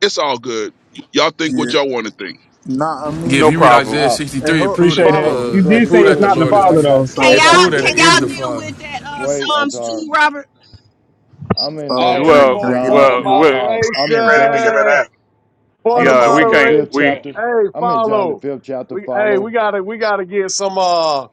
Speaker 2: It's all good. Y'all think what
Speaker 13: Yeah.
Speaker 2: y'all want to think.
Speaker 13: Nah, I
Speaker 11: Yeah, if
Speaker 1: No
Speaker 11: you
Speaker 13: mean,
Speaker 11: read
Speaker 1: problem.
Speaker 11: Isaiah
Speaker 9: Us,
Speaker 13: hey,
Speaker 11: 63, it
Speaker 13: ho,
Speaker 11: proved that
Speaker 4: Appreciate
Speaker 11: the
Speaker 4: that.
Speaker 13: follow.
Speaker 9: your
Speaker 4: You
Speaker 11: uh, it
Speaker 4: did
Speaker 9: brother,
Speaker 4: say
Speaker 11: proved
Speaker 4: it's
Speaker 11: that
Speaker 9: brother
Speaker 11: the
Speaker 4: not the
Speaker 11: Lord
Speaker 9: Chief,
Speaker 11: is the
Speaker 9: I
Speaker 4: father though,
Speaker 9: got you,
Speaker 12: Can
Speaker 9: I
Speaker 4: so
Speaker 11: it
Speaker 9: got
Speaker 12: y'all
Speaker 9: you,
Speaker 11: proved that
Speaker 12: can
Speaker 11: it
Speaker 9: brother
Speaker 11: is
Speaker 12: y'all
Speaker 11: the
Speaker 9: Chief.
Speaker 12: deal
Speaker 11: Father.
Speaker 12: with that uh
Speaker 9: Wait,
Speaker 12: Psalms
Speaker 9: Atar,
Speaker 12: two, Robert?
Speaker 9: I'm in
Speaker 13: Follow. Can
Speaker 8: Hey,
Speaker 13: I
Speaker 9: actually
Speaker 1: Well,
Speaker 13: can
Speaker 8: point,
Speaker 13: I get in
Speaker 8: point
Speaker 13: the
Speaker 9: John.
Speaker 8: of
Speaker 9: Uh,
Speaker 1: well,
Speaker 13: queue?
Speaker 1: well,
Speaker 9: uh, I'm
Speaker 14: Be
Speaker 9: in
Speaker 14: ready to
Speaker 9: John the,
Speaker 14: give an
Speaker 8: moderation.
Speaker 14: answer.
Speaker 9: I'm
Speaker 8: Point of
Speaker 9: in
Speaker 1: yeah, we
Speaker 9: John the
Speaker 1: can't.
Speaker 9: fifth
Speaker 1: We
Speaker 8: moderation.
Speaker 9: chapter.
Speaker 8: Hey,
Speaker 9: I'm in John the
Speaker 8: follow.
Speaker 9: fifth chapter.
Speaker 8: We hey, we
Speaker 9: Follow.
Speaker 8: gotta we gotta get some uh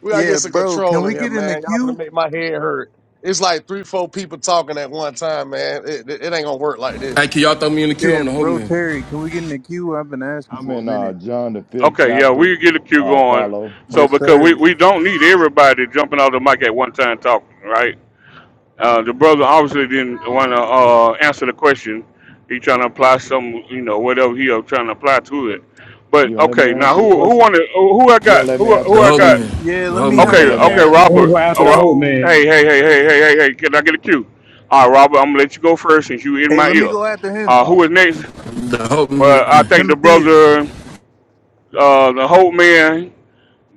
Speaker 8: we gotta
Speaker 13: Yeah,
Speaker 8: get some
Speaker 13: bro. Can
Speaker 8: control in
Speaker 13: we
Speaker 8: here,
Speaker 13: get in the
Speaker 8: man. Y'all gonna
Speaker 13: queue?
Speaker 8: make my head hurt. It's like three, four people talking at one time, man. It, it, it ain't gonna work like this.
Speaker 11: Hey, can y'all throw me in the queue?
Speaker 13: Yeah,
Speaker 11: I'm the hope
Speaker 13: bro,
Speaker 11: man.
Speaker 13: Terry. Can we get in the queue? I've been asking
Speaker 9: I'm
Speaker 13: for a
Speaker 9: in uh
Speaker 13: minute.
Speaker 9: John the fifth
Speaker 1: okay, yeah,
Speaker 9: chapter.
Speaker 1: we get a queue
Speaker 9: Uh,
Speaker 1: going.
Speaker 9: follow.
Speaker 1: So
Speaker 13: Yes,
Speaker 1: because we,
Speaker 13: sir.
Speaker 1: we don't need everybody jumping off the mic at one time talking, right? Uh, the brother obviously didn't want to uh, answer the question. He trying to apply some, you know, whatever he was trying to apply to it.
Speaker 9: You
Speaker 1: But
Speaker 9: gonna let me
Speaker 1: okay, now
Speaker 9: answer the Right.
Speaker 1: who who
Speaker 9: question?
Speaker 1: wanted who who I
Speaker 9: You
Speaker 1: got
Speaker 9: gonna let me
Speaker 1: who
Speaker 9: answer
Speaker 1: who
Speaker 11: The
Speaker 9: that
Speaker 1: I
Speaker 11: hope
Speaker 1: got?
Speaker 11: man.
Speaker 9: question?
Speaker 13: Yeah,
Speaker 11: The
Speaker 13: let
Speaker 11: hope
Speaker 13: me
Speaker 9: You
Speaker 11: man.
Speaker 13: hop
Speaker 1: Okay,
Speaker 9: gonna
Speaker 13: in
Speaker 9: let me
Speaker 1: okay,
Speaker 9: answer
Speaker 13: there.
Speaker 9: the
Speaker 4: I want to
Speaker 1: Robert.
Speaker 4: go
Speaker 9: question?
Speaker 1: Uh,
Speaker 4: after the whole
Speaker 1: Ro-
Speaker 4: man.
Speaker 13: Oh,
Speaker 1: hey, hey,
Speaker 13: it's
Speaker 1: hey, hey,
Speaker 13: crazy.
Speaker 1: hey, hey, hey! Can I get a cue? All right, Robert, I'm gonna let you go first since you in
Speaker 13: Hey,
Speaker 1: my
Speaker 13: let me
Speaker 1: ear.
Speaker 13: go after him,
Speaker 1: Uh, who is
Speaker 9: Awesome,
Speaker 1: next?
Speaker 11: The hope
Speaker 1: Well, I
Speaker 11: man.
Speaker 1: think the
Speaker 13: Timotheus.
Speaker 1: brother, uh, the Hope Man,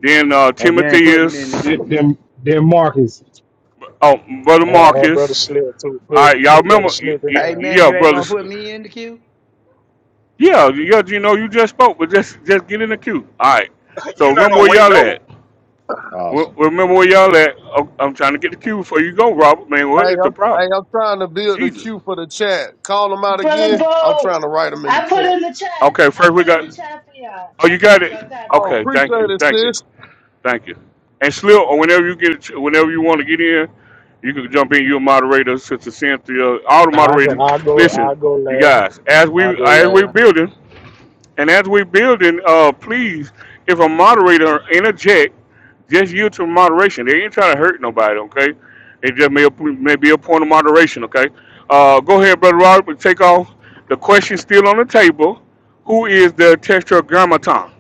Speaker 1: then uh,
Speaker 10: you ain't putting me in
Speaker 1: Timotheus,
Speaker 10: the
Speaker 4: Then,
Speaker 10: queue,
Speaker 4: then
Speaker 10: man.
Speaker 4: then Marcus.
Speaker 1: oh, brother
Speaker 6: And, and brother
Speaker 1: Marcus.
Speaker 6: Slip too.
Speaker 1: All
Speaker 6: Put,
Speaker 1: right, y'all
Speaker 6: put brother
Speaker 1: remember? y-
Speaker 6: Slip in
Speaker 1: y-
Speaker 10: Hey,
Speaker 6: there.
Speaker 10: man,
Speaker 1: Yeah,
Speaker 10: you ain't going to
Speaker 1: brothers.
Speaker 10: put me in the queue?
Speaker 1: Yeah, yeah. You know, you just spoke, but just just get in the queue. All right. So
Speaker 14: You're not
Speaker 1: remember
Speaker 14: gonna
Speaker 1: where
Speaker 14: wait
Speaker 1: y'all
Speaker 14: no
Speaker 1: at. Re-
Speaker 9: awesome.
Speaker 1: Remember where y'all at. I'm I'm trying to get the queue before you go, Robert. Man, what
Speaker 8: Hey,
Speaker 1: is
Speaker 8: I'm,
Speaker 1: the
Speaker 8: hey,
Speaker 1: problem?
Speaker 8: I'm trying to build the
Speaker 1: Jesus.
Speaker 8: queue for the chat. Call them out
Speaker 15: Brother
Speaker 8: again. I'm
Speaker 15: Bo,
Speaker 8: trying to write them in
Speaker 15: I
Speaker 8: the
Speaker 15: put
Speaker 8: chat.
Speaker 15: in the chat.
Speaker 1: Okay,
Speaker 15: I
Speaker 1: first we
Speaker 15: put in
Speaker 1: got.
Speaker 15: the chat for y'all.
Speaker 1: Oh,
Speaker 15: I
Speaker 1: you got
Speaker 15: got
Speaker 1: it.
Speaker 15: y'all. I got
Speaker 8: Oh,
Speaker 1: Okay,
Speaker 15: y'all.
Speaker 1: thank
Speaker 8: appreciate
Speaker 1: you,
Speaker 8: it,
Speaker 1: thank you.
Speaker 8: sis.
Speaker 1: Thank you. And Slip, or whenever you get, a ch- whenever you want to get in, you can jump in. You're a moderator, Sister Cynthia, all the
Speaker 6: Now I go,
Speaker 1: moderators.
Speaker 6: I go,
Speaker 1: Listen,
Speaker 6: I go
Speaker 1: you
Speaker 6: last.
Speaker 1: guys, as
Speaker 6: I
Speaker 1: we
Speaker 6: go
Speaker 1: as we
Speaker 6: last.
Speaker 1: building and as we building, uh, please, if a moderator interject, just yield to moderation. They ain't trying to hurt nobody, okay? It just may may be a point of moderation, okay? Uh, go ahead, brother Robert, take off. The question still on the table: Who is the tetragrammaton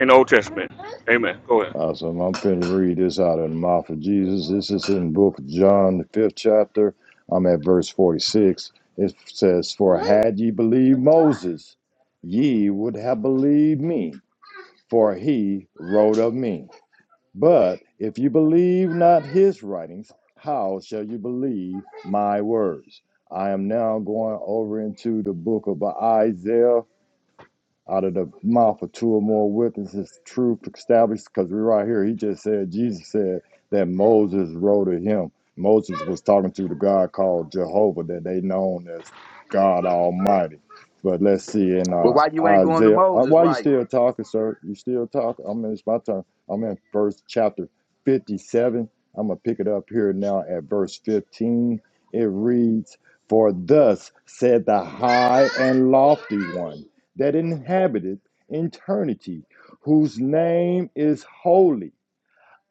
Speaker 1: in the Old Testament? Amen. Go ahead.
Speaker 9: Awesome. I'm finna read this out of the mouth of Jesus. This is in the book of John, the fifth chapter. I'm at verse 46. It says, For had ye believed Moses, ye would have believed me, for he wrote of me. But if you believe not his writings, how shall you believe my words? I am now going over into the book of Isaiah. Out of the mouth of two or more witnesses, truth established. Because we're right here. He just said, Jesus said that Moses wrote to him. Moses was talking to the God called Jehovah, that they known as God Almighty. But let's see in
Speaker 10: Well,
Speaker 9: uh,
Speaker 10: why you ain't going to
Speaker 9: Isaiah. Uh,
Speaker 10: Moses'
Speaker 9: why you
Speaker 10: writing?
Speaker 9: still talking, sir? You still talking? I mean, it's my turn. I'm in first chapter 57. I'm going to pick it up here now at verse 15. It reads, For thus said the high and lofty one that inhabiteth eternity, whose name is holy.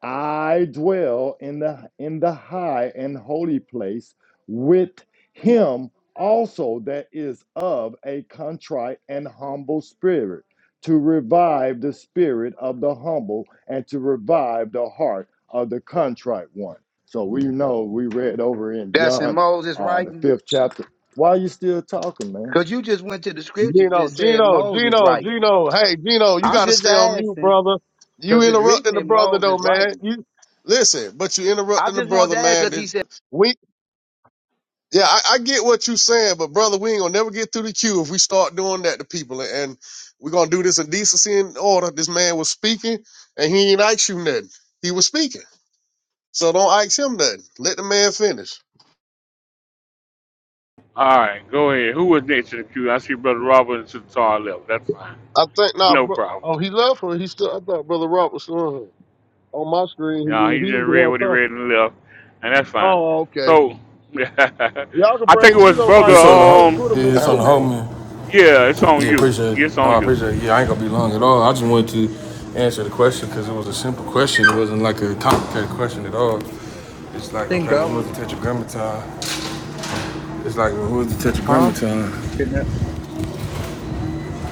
Speaker 9: I dwell in the in the high and holy place with him also that is of a contrite and humble spirit, to revive the spirit of the humble and to revive the heart of the contrite one. So we know we read over in
Speaker 10: That's in
Speaker 9: John
Speaker 10: Moses'
Speaker 9: uh, the
Speaker 10: writings.
Speaker 9: fifth chapter. Why are you still talking, man?
Speaker 10: Because you just went to the scriptures
Speaker 8: Gino,
Speaker 10: and said
Speaker 8: Gino,
Speaker 10: Moses'
Speaker 8: Gino,
Speaker 10: writing.
Speaker 8: Gino. Hey, Gino, you
Speaker 10: I'm
Speaker 8: got to
Speaker 10: just
Speaker 8: stay on mute,
Speaker 10: asking
Speaker 8: brother. You
Speaker 10: because it's
Speaker 8: interrupting
Speaker 10: written
Speaker 8: the
Speaker 10: in
Speaker 8: brother though,
Speaker 10: Moses'
Speaker 8: man.
Speaker 10: writing.
Speaker 8: You listen, but you
Speaker 10: I
Speaker 8: interrupting the
Speaker 10: just want
Speaker 8: brother,
Speaker 10: to ask cause
Speaker 8: man.
Speaker 10: he
Speaker 8: This-
Speaker 10: said.
Speaker 8: We, yeah, I, I get what you saying, but brother, we ain't gonna never get through the queue if we start doing that to people. And we're gonna do this in decency and order. This man was speaking, and he ain't asked you nothing. He was speaking. So don't ask him nothing. Let the man finish.
Speaker 1: All right, go ahead. Who was next in the queue? I see Brother Robert to the far left. That's fine. <laughs>
Speaker 8: I think now, nah,
Speaker 1: No
Speaker 8: bro.
Speaker 1: problem.
Speaker 8: Oh, he left or he still? I thought brother Rob was still on here. On my screen, he
Speaker 1: No,
Speaker 8: was,
Speaker 1: he
Speaker 8: he
Speaker 1: just
Speaker 8: was the
Speaker 1: read
Speaker 8: one
Speaker 1: what he read
Speaker 8: talking.
Speaker 1: and left, and that's fine.
Speaker 8: Oh, okay.
Speaker 1: So, <laughs>
Speaker 8: Y'all can
Speaker 1: I think it
Speaker 8: bring
Speaker 1: was
Speaker 8: Gino
Speaker 1: Brother,
Speaker 8: back
Speaker 11: It's
Speaker 8: up.
Speaker 11: on the
Speaker 8: I
Speaker 11: hope.
Speaker 8: ain't
Speaker 1: um,
Speaker 8: put him in
Speaker 11: Yeah,
Speaker 8: the
Speaker 11: it's
Speaker 13: I
Speaker 11: on
Speaker 13: was.
Speaker 11: the
Speaker 8: goo.
Speaker 11: hope man.
Speaker 1: yeah, it's on
Speaker 11: Yeah,
Speaker 1: you.
Speaker 11: appreciate it.
Speaker 1: Yeah, It's
Speaker 11: Oh,
Speaker 1: on
Speaker 11: I
Speaker 1: you.
Speaker 11: appreciate it. Yeah, I ain't gonna be long at all. I just wanted to answer the question because it was a simple question. It wasn't like a complicated question at all. It's like,
Speaker 13: think
Speaker 11: okay, well,
Speaker 13: I
Speaker 11: who is
Speaker 13: was,
Speaker 11: the tetragrammaton? It's like, well, who is the
Speaker 13: huh?
Speaker 11: tetragrammaton?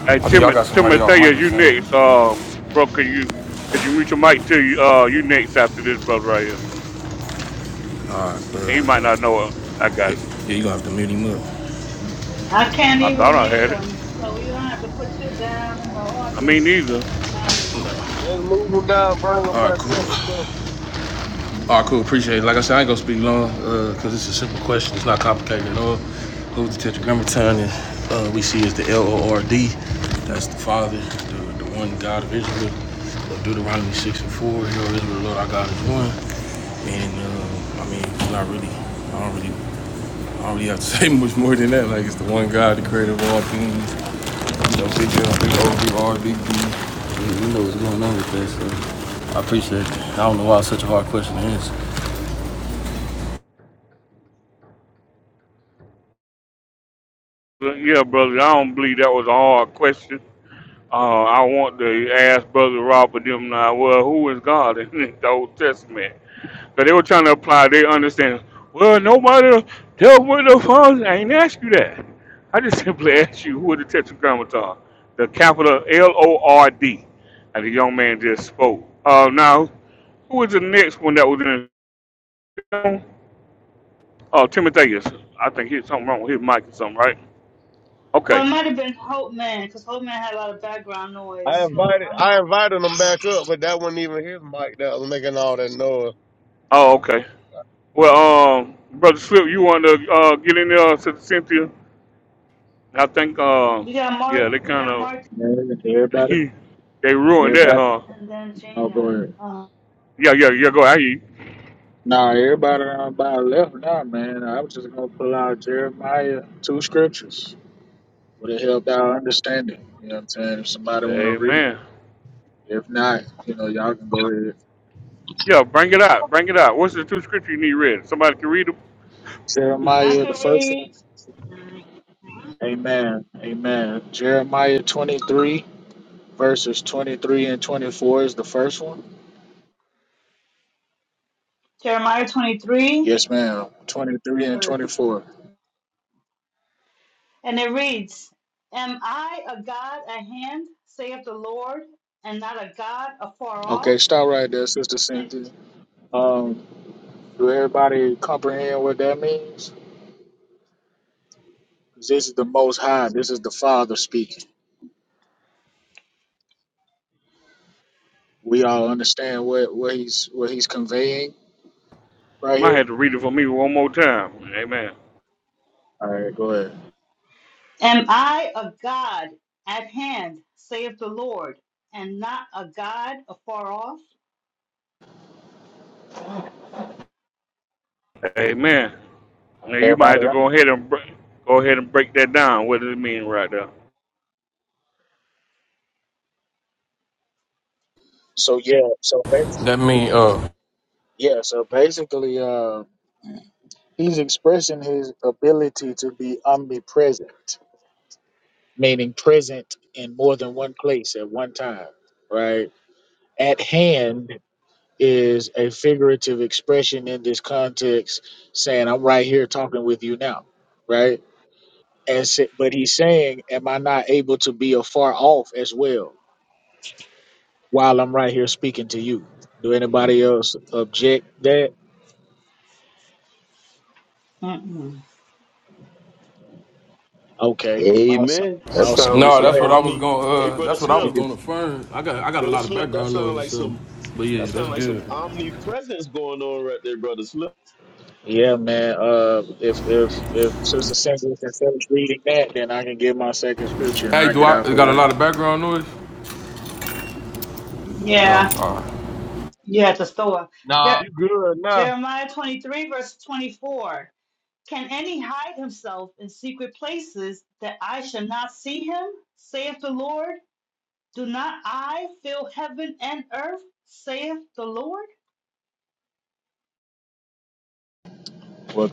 Speaker 1: Hey,
Speaker 11: I think
Speaker 1: Tim,
Speaker 11: y'all got somebody off mic
Speaker 1: Timotheus,
Speaker 11: or
Speaker 1: you
Speaker 11: something.
Speaker 1: next. Uh, bro, could you, could you mute your mic to you? Uh, you next after this brother right here.
Speaker 11: All right, bro.
Speaker 1: He might not know it. I got
Speaker 11: Yeah,
Speaker 1: it.
Speaker 11: yeah, you gonna have to mute him up.
Speaker 15: I can't
Speaker 1: I thought
Speaker 15: even
Speaker 1: I
Speaker 15: mute
Speaker 1: had it.
Speaker 15: him, so we gonna have to put you down in the
Speaker 1: I mean,
Speaker 15: audience.
Speaker 1: either.
Speaker 15: Sorry.
Speaker 8: Just move him down, bring him
Speaker 11: All right,
Speaker 8: back up
Speaker 11: cool.
Speaker 8: or something.
Speaker 11: All right, cool. Appreciate it. Like I said, I ain't gonna speak long because it's a simple question. It's not complicated at all. Goes to Tetragrammaton, and uh, we see is the L O R D. That's the Father, the, the one God of Israel. Uh, Deuteronomy six and four. You know, Israel, Lord our God is one. And uh, I mean, I'm not really. I don't really. I don't really have to <laughs> say much more than that. Like it's the one God, the Creator of all things. Yo, big L, big O, big R, big B. You know what's going on with that, so I appreciate that. I don't know why it's such a hard question to answer.
Speaker 1: But yeah, brother, I don't believe that was a hard question. Uh, I want to ask Brother Robert them now, well, who is God in <laughs> the Old Testament? Because they were trying to apply their understanding. Well, nobody dealt with the funds. I ain't ask you that. I just simply <laughs> asked you who is the Tetragrammaton, the capital L O R D. And the young man just spoke. Uh, now, who is the next one that was in Oh, Timotheus. I think he had something wrong with his mic or something, right?
Speaker 15: Well,
Speaker 1: Okay.
Speaker 15: it might have been Hope Man, because Hope Man had a lot of background noise.
Speaker 8: I
Speaker 15: So
Speaker 8: invited,
Speaker 15: um,
Speaker 8: I invited him back up, but that wasn't even his mic that was making all that noise.
Speaker 1: Oh, okay. Well, um, Brother Swift, you want to uh, get in there, uh, Sister Cynthia? I think, uh,
Speaker 15: we got
Speaker 1: yeah,
Speaker 15: Mark,
Speaker 1: they
Speaker 15: we
Speaker 1: kind
Speaker 15: got
Speaker 1: of
Speaker 15: Mark,
Speaker 6: Man,
Speaker 1: <laughs>
Speaker 6: Everybody,
Speaker 1: they ruined that,
Speaker 6: everybody.
Speaker 1: huh?
Speaker 15: and then
Speaker 6: I'll go
Speaker 15: Gina.
Speaker 6: ahead.
Speaker 15: Uh,
Speaker 1: Yeah, yeah, yeah. Go, I hear you.
Speaker 6: Nah, everybody around by left now, man. I was just gonna pull out Jeremiah two scriptures. Would it help our understanding? You know what I'm saying? If somebody wanna read,
Speaker 1: Amen.
Speaker 6: it. if not, you know, y'all can go ahead.
Speaker 1: Yeah, bring it out, bring it out. What's the two scripture you need read? Somebody can read it.
Speaker 15: I
Speaker 6: Jeremiah the
Speaker 15: could
Speaker 6: first one.
Speaker 15: read
Speaker 6: Amen. Amen. Jeremiah 23 Verses 23 and 24 is the first one?
Speaker 15: Jeremiah 23
Speaker 6: Yes, ma'am. 23 and
Speaker 15: verse,
Speaker 6: 24.
Speaker 15: and it reads, "Am I a God at hand, saith the Lord, and not a God afar
Speaker 6: Okay,
Speaker 15: off?
Speaker 6: stop right there, Sister
Speaker 15: Am
Speaker 6: Cynthia. Um,
Speaker 15: Mhm.
Speaker 6: do everybody comprehend what that means? 'Cause This is the Most High. This is the Father speaking. We all understand what, what he's what he's conveying right
Speaker 1: Might have
Speaker 6: here.
Speaker 1: to read it for me one more time. Amen.
Speaker 6: All right, go ahead.
Speaker 15: Am I a God at hand, saith the Lord, and not a God afar off?
Speaker 1: Amen. Now you might have
Speaker 6: Everybody.
Speaker 1: to go
Speaker 6: under-
Speaker 1: ahead and br- go ahead and break that down. What does it mean right there?
Speaker 6: So yeah, so bas
Speaker 11: That mean, uh,
Speaker 6: yeah, so basically, uh, he's expressing his ability to be omnipresent. meaning present in more than one place at one time, right? At hand is a figurative expression in this context saying, I'm right here talking with you now, right? And sa- but he's saying, Am I not able to be afar off as well while I'm right here speaking to you? Do anybody else object that?
Speaker 15: Mm-mm.
Speaker 6: Okay, awesome.
Speaker 16: Amen. That
Speaker 6: Awesome.
Speaker 16: sounds
Speaker 6: You
Speaker 16: like
Speaker 11: no,
Speaker 6: go
Speaker 16: some
Speaker 11: that's what I
Speaker 6: ahead.
Speaker 11: was
Speaker 16: omni.
Speaker 11: going.
Speaker 16: Hey,
Speaker 11: Uh,
Speaker 16: brother
Speaker 11: that's what I was
Speaker 16: Slip,
Speaker 11: going to affirm. I got, I got a
Speaker 16: brother
Speaker 11: lot of
Speaker 16: Slip. That
Speaker 11: background
Speaker 16: sounds
Speaker 11: noise or
Speaker 16: like some.
Speaker 11: something. But
Speaker 16: That
Speaker 11: yeah, that's
Speaker 16: sounds like some
Speaker 11: good.
Speaker 16: omnipresence going on right there, brother Slip.
Speaker 6: Yeah, man. Uh, if if if Sister Cynthia can finish reading that, then I can get my second scripture and
Speaker 11: Hey,
Speaker 6: I
Speaker 11: do
Speaker 6: get out
Speaker 11: I
Speaker 6: the
Speaker 11: got a
Speaker 6: way.
Speaker 11: lot of background noise? Oh,
Speaker 15: Yeah,
Speaker 11: all right.
Speaker 15: yeah, at the store.
Speaker 8: Nah,
Speaker 15: Jer-
Speaker 8: You good now?
Speaker 15: Jeremiah 23, verse 24. Can any hide himself in secret places that I shall not see him, saith the Lord? Do not I fill heaven and earth, saith the Lord?
Speaker 6: Well,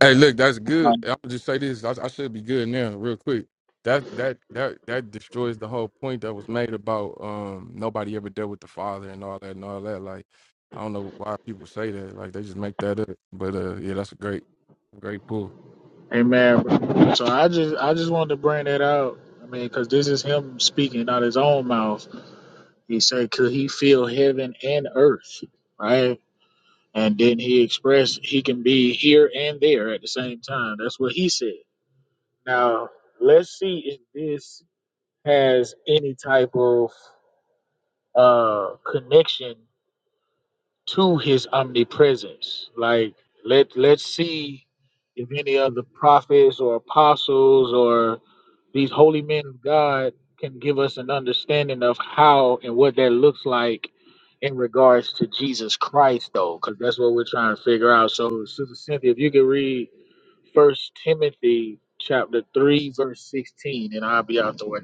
Speaker 11: Hey, look, that's good. I'm gonna just say this. I, I should be good now, real quick. That that that that destroys the whole point that was made about um nobody ever dealt with the father and all that and all that. Like, I don't know why people say that. Like, they just make that up. But uh, yeah, that's a great, great pull.
Speaker 6: amen. bro. So I just I just wanted to bring that out. I mean, because this is him speaking out his own mouth. He said, "Could he feel heaven and earth?" Right, and then he expressed he can be here and there at the same time. That's what he said. Now let's see if this has any type of uh connection to his omnipresence. Like let let's see if any of the prophets or apostles or these holy men of God can give us an understanding of how and what that looks like in regards to Jesus Christ though, because that's what we're trying to figure out. So Sister Cynthia, if you could read first Timothy chapter three, verse sixteen, and I'll be out the way.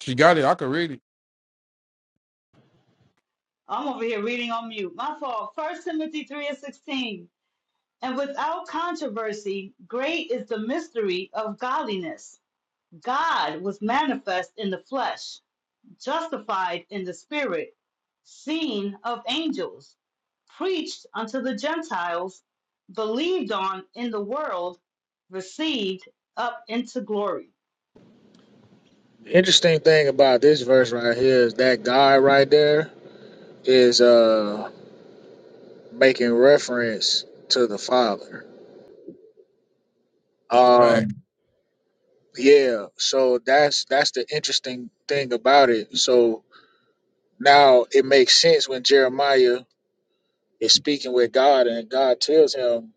Speaker 11: She got it. I can read it.
Speaker 15: I'm over here reading on mute. My fault. First Timothy 3 and 16. And without controversy, great is the mystery of godliness. God was manifest in the flesh, justified in the spirit, seen of angels, preached unto the Gentiles, believed on in the world, received up into glory.
Speaker 6: The interesting thing about this verse right here is that guy right there is uh. making reference to the father.
Speaker 11: Back.
Speaker 6: Um, yeah, so that's that's the interesting thing about it. So now it makes sense when Jeremiah is speaking with God and God tells him,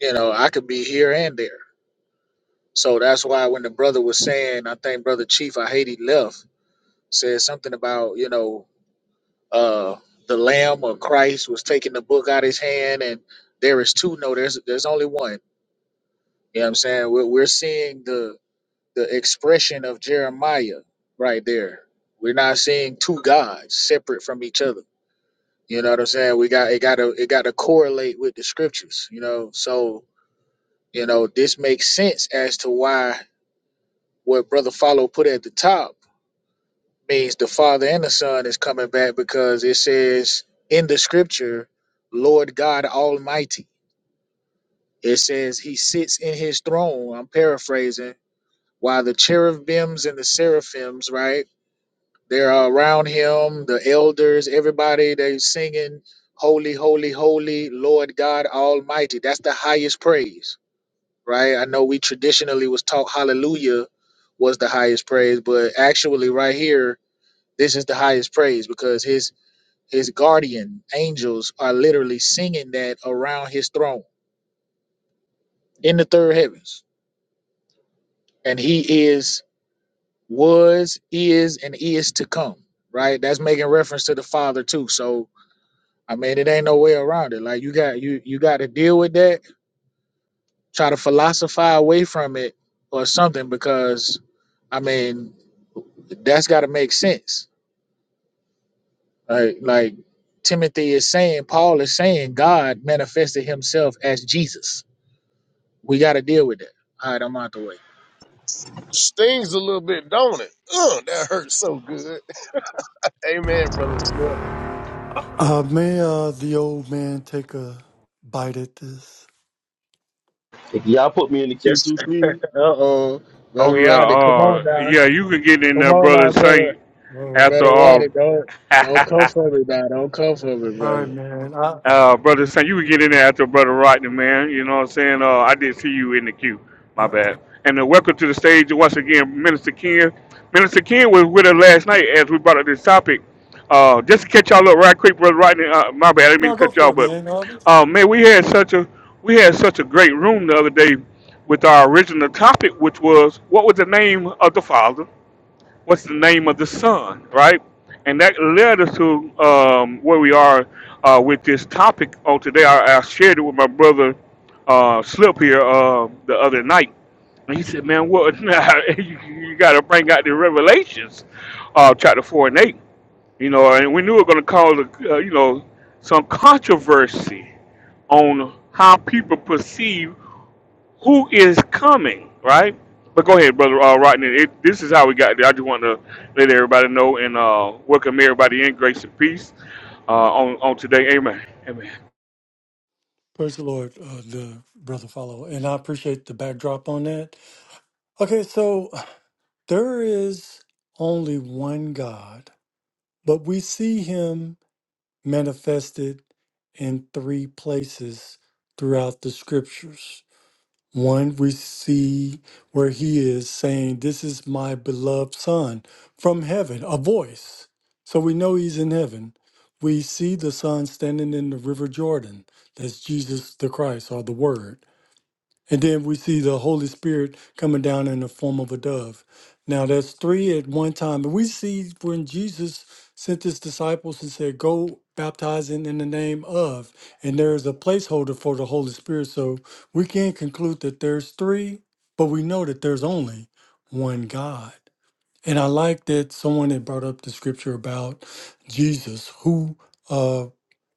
Speaker 6: you know, I could be here and there. So that's why when the brother was saying, I think brother Chief, I hate he left, said something about, you know, uh the Lamb or Christ was taking the book out of his hand and there is two. No, there's there's only one. You know what I'm saying? We're we're seeing the the expression of Jeremiah right there. We're not seeing two gods separate from each other. You know what I'm saying? We got it got to it got to correlate with the scriptures. You know, so you know this makes sense as to why what Brother Follow put at the top means the Father and the Son is coming back because it says in the scripture, Lord God Almighty. It says He sits in His throne. I'm paraphrasing. While the cherubims and the seraphims, right? They're around him, the elders, everybody, they singing, Holy, Holy, Holy, Lord God Almighty. That's the highest praise, right? I know we traditionally was taught hallelujah was the highest praise, but actually right here, this is the highest praise because his his guardian angels are literally singing that around his throne in the third heavens. And he is, was, is, and is to come, right? That's making reference to the Father too. So I mean, it ain't no way around it. Like you got you you got to deal with that. Try to philosophize away from it or something because, I mean, that's got to make sense. Like like Timothy is saying, Paul is saying, God manifested Himself as Jesus. We got to deal with that. All right, I'm out the way.
Speaker 8: Stings a little bit, don't it? Ugh, that hurts so good. <laughs> Amen, brother Smith.
Speaker 17: Uh, may uh, the old man take a bite at this?
Speaker 16: Hey, can y'all put me in the queue
Speaker 6: Yes.
Speaker 16: too,
Speaker 6: <laughs>
Speaker 16: please.
Speaker 6: uh oh,
Speaker 1: Oh
Speaker 6: brother
Speaker 1: yeah,
Speaker 6: Roddy, come on
Speaker 1: uh,
Speaker 6: now,
Speaker 1: yeah, you can get in
Speaker 6: come
Speaker 1: there,
Speaker 6: on
Speaker 1: brother
Speaker 6: now, brother,
Speaker 1: Saint.
Speaker 17: All right,
Speaker 1: After
Speaker 6: brother
Speaker 1: all,
Speaker 6: Roddy, don't don't
Speaker 1: <laughs>
Speaker 6: come for me now, don't come for me,
Speaker 17: all right,
Speaker 6: brother.
Speaker 17: man. I,
Speaker 1: Uh, brother Sam, you would get in there after brother Rodney, man. You know what I'm saying? Uh, I did see you in the queue. My
Speaker 17: I,
Speaker 1: bad. And uh, welcome to the stage once again, Minister Ken. Minister Ken was with us last night as we brought up this topic. Uh, just to catch y'all up right quick, brother Rodney. Uh, my bad, I didn't mean
Speaker 17: no,
Speaker 1: to
Speaker 17: go
Speaker 1: cut y'all,
Speaker 17: for it,
Speaker 1: but
Speaker 17: man. Uh,
Speaker 1: uh, man, we had such a we had such a great room the other day with our original topic, which was what was the name of the Father? what's the name of the son, right? And that led us to um, where we are uh, with this topic on today. I, I shared it with my brother uh, Slip here uh, the other night. And he said, man, what? <laughs> you, you got to bring out the revelations, uh, chapter 4 and 8. You know, and we knew it was going to cause, uh, you know, some controversy on how people perceive who is coming, right? But go ahead, brother uh, Rodney. It, this is how we got there. I just want to let everybody know and uh, welcome everybody in grace and peace uh, on on today. Amen. Amen.
Speaker 17: praise the Lord, uh, the brother follow, and I appreciate the backdrop on that. Okay, so there is only one God, but we see Him manifested in three places throughout the scriptures. One we see where he is saying, This is my beloved son from heaven, a voice. So we know he's in heaven. We see the son standing in the river Jordan. That's Jesus the Christ or the Word. And then we see the Holy Spirit coming down in the form of a dove. Now that's three at one time. And we see when Jesus sent his disciples and said, Go baptizing in the name of, and there is a placeholder for the Holy Spirit. So we can't conclude that there's three, but we know that there's only one God. And I like that someone had brought up the scripture about Jesus, who uh,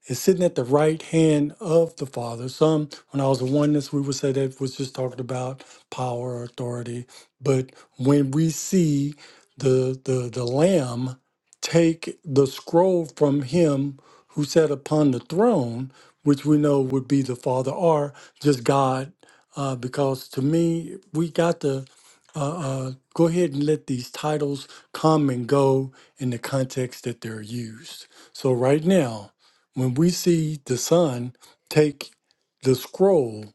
Speaker 17: is sitting at the right hand of the Father. Some, when I was a oneness, we would say that was just talking about power, authority. But when we see the the the Lamb take the scroll from him who sat upon the throne, which we know would be the Father, or just God, uh, because to me, we got to uh, uh, go ahead and let these titles come and go in the context that they're used. So, right now, when we see the Son take the scroll,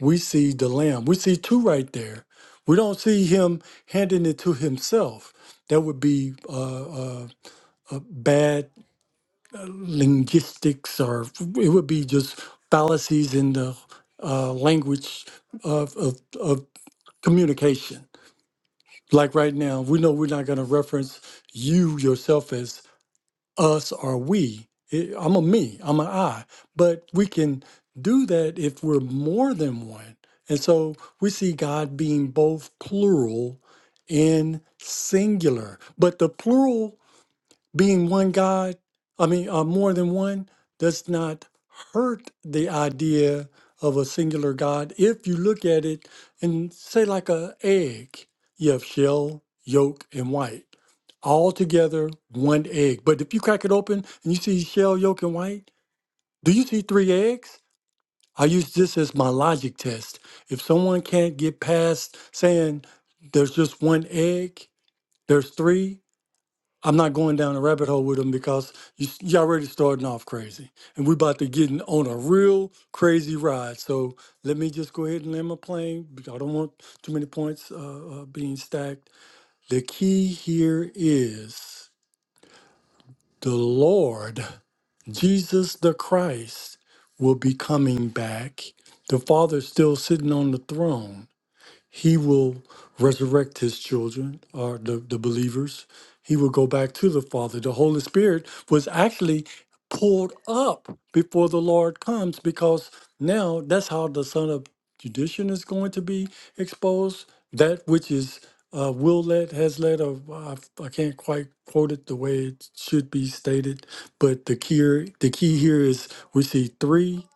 Speaker 17: we see the Lamb. We see two right there. We don't see him handing it to himself. That would be uh, uh, uh, bad linguistics, or it would be just fallacies in the uh, language of, of, of communication. Like right now, we know we're not going to reference you yourself as us or we. It- I'm a me, I'm an I. But we can do that if we're more than one. And so we see God being both plural and singular. But the plural being one God, I mean, uh, more than one, does not hurt the idea of a singular God. If you look at it and say, like a egg, you have shell, yolk, and white, all together, one egg. But if you crack it open and you see shell, yolk, and white, do you see three eggs? I use this as my logic test. If someone can't get past saying there's just one egg, there's three, I'm not going down a rabbit hole with them because you, you already starting off crazy, and we're about to get in- on a real crazy ride. So let me just go ahead and land my plane because I don't want too many points uh, uh, being stacked. The key here is the Lord Jesus the Christ will be coming back. The Father's still sitting on the throne he will resurrect his children or the, the believers. He will go back to the Father. The Holy Spirit was actually pulled up before the Lord comes because now that's how the Son of Tradition is going to be exposed. That which is uh, will led has led, or I, I can't quite quote it the way it should be stated, but the key, the key here is we see three,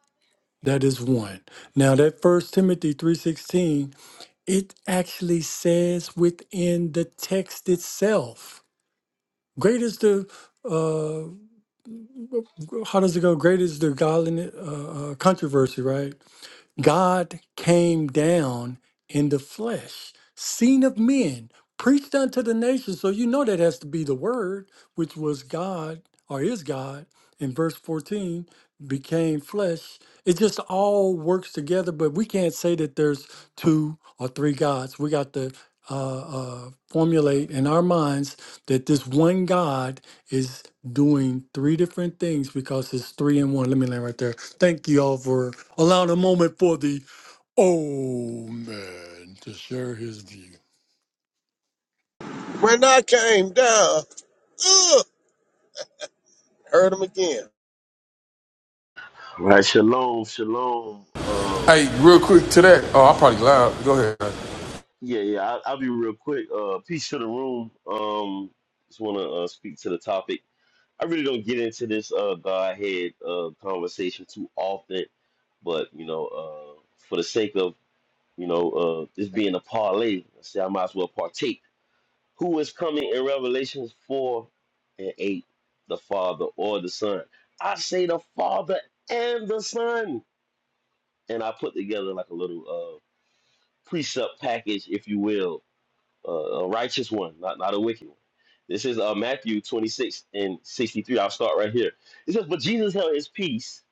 Speaker 17: that is one. Now that First Timothy 3.16 it actually says within the text itself. Great is the, uh, how does it go? Great is the godliness, uh, uh, controversy, right? God came down in the flesh, seen of men, preached unto the nations. So you know that has to be the word, which was God or is God in verse 14, became flesh. It just all works together, but we can't say that there's two or three gods. We got to uh, uh, formulate in our minds that this one God is doing three different things because it's three in one. Let me land right there. Thank you all for allowing a moment for the old man to share his views.
Speaker 8: When I came down. ugh. Heard him again.
Speaker 16: Right, Shalom. Shalom. Uh,
Speaker 11: Hey, real quick to that. Oh, I'm probably loud. Go ahead. That
Speaker 16: yeah, yeah. I, I'll be real quick. Uh, peace to the room. Um, just want to uh, speak to the topic. I really don't get into this uh Godhead uh conversation too often, but you know, uh, for the sake of you know uh this being a parlay, I say I might as well partake who is coming in Revelations 4 and 8, the Father or the Son. I say the Father and the Son. And I put together like a little uh, precept package, if you will, uh, a righteous one, not, not a wicked one. This is uh, Matthew 26 and 63. I'll start right here. It says, But Jesus held his peace.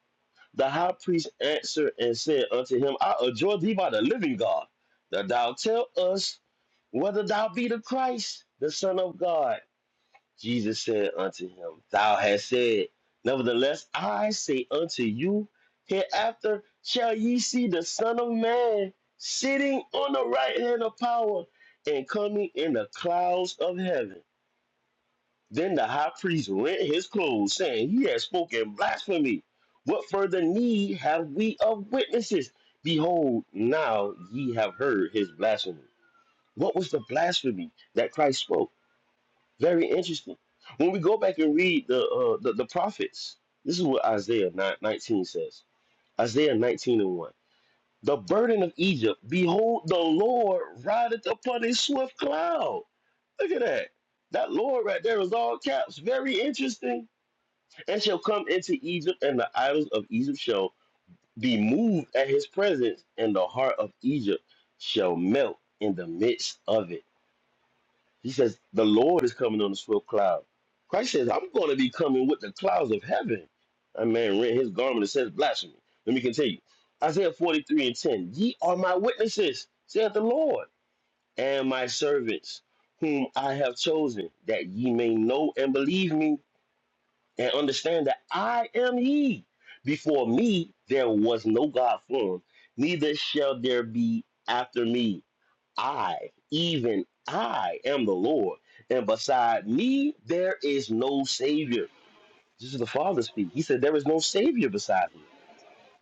Speaker 16: The high priest answered and said unto him, I adjure thee by the living God, that thou tell us whether thou be the Christ, the Son of God. Jesus said unto him, Thou hast said, Nevertheless, I say unto you, hereafter shall ye see the Son of Man sitting on the right hand of power and coming in the clouds of heaven. Then the high priest rent his clothes, saying, He has spoken blasphemy. What further need have we of witnesses? Behold, now ye have heard his blasphemy. What was the blasphemy that Christ spoke? Very interesting. When we go back and read the uh, the, the prophets, this is what Isaiah 9 19 says. Isaiah 19 and 1. The burden of Egypt, behold, the Lord rideth upon a swift cloud. Look at that. That Lord right there is all caps. Very interesting. And shall come into Egypt, and the idols of Egypt shall be moved at his presence, and the heart of Egypt shall melt in the midst of it. He says, The Lord is coming on a swift cloud. Christ says, I'm going to be coming with the clouds of heaven. That man rent his garment and says blasphemy. Let me continue. Isaiah 43 and 10. Ye are my witnesses, saith the Lord, and my servants, whom I have chosen, that ye may know and believe me, and understand that I am he. Before me there was no God formed, neither shall there be after me. I, even I, am the Lord, and beside me there is no Savior. This is the Father speak. He said, There is no Savior besides me.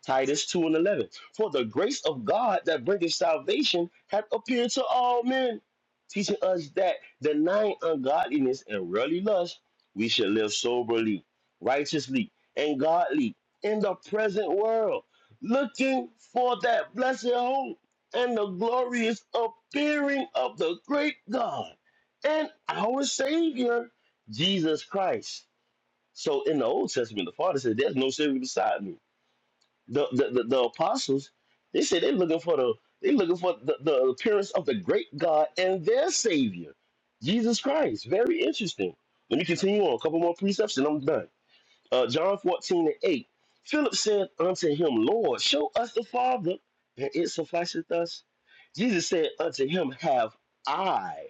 Speaker 16: Titus 2 and 11. For the grace of God that bringeth salvation hath appeared to all men, teaching us that denying ungodliness and worldly lust, we should live soberly, righteously, and godly in the present world, looking for that blessed hope and the glorious appearing of the great God and our Savior, Jesus Christ. So in the Old Testament, the Father said, There's no Savior beside me the the, the, the apostles, they said they're looking for the they looking for the, the appearance of the great God and their Savior, Jesus Christ. Very interesting. Let me continue on. A couple more precepts and I'm done. Uh, John 14 and 8. Philip said unto him, Lord, show us the Father, and it sufficeth us. Jesus said unto him, Have I,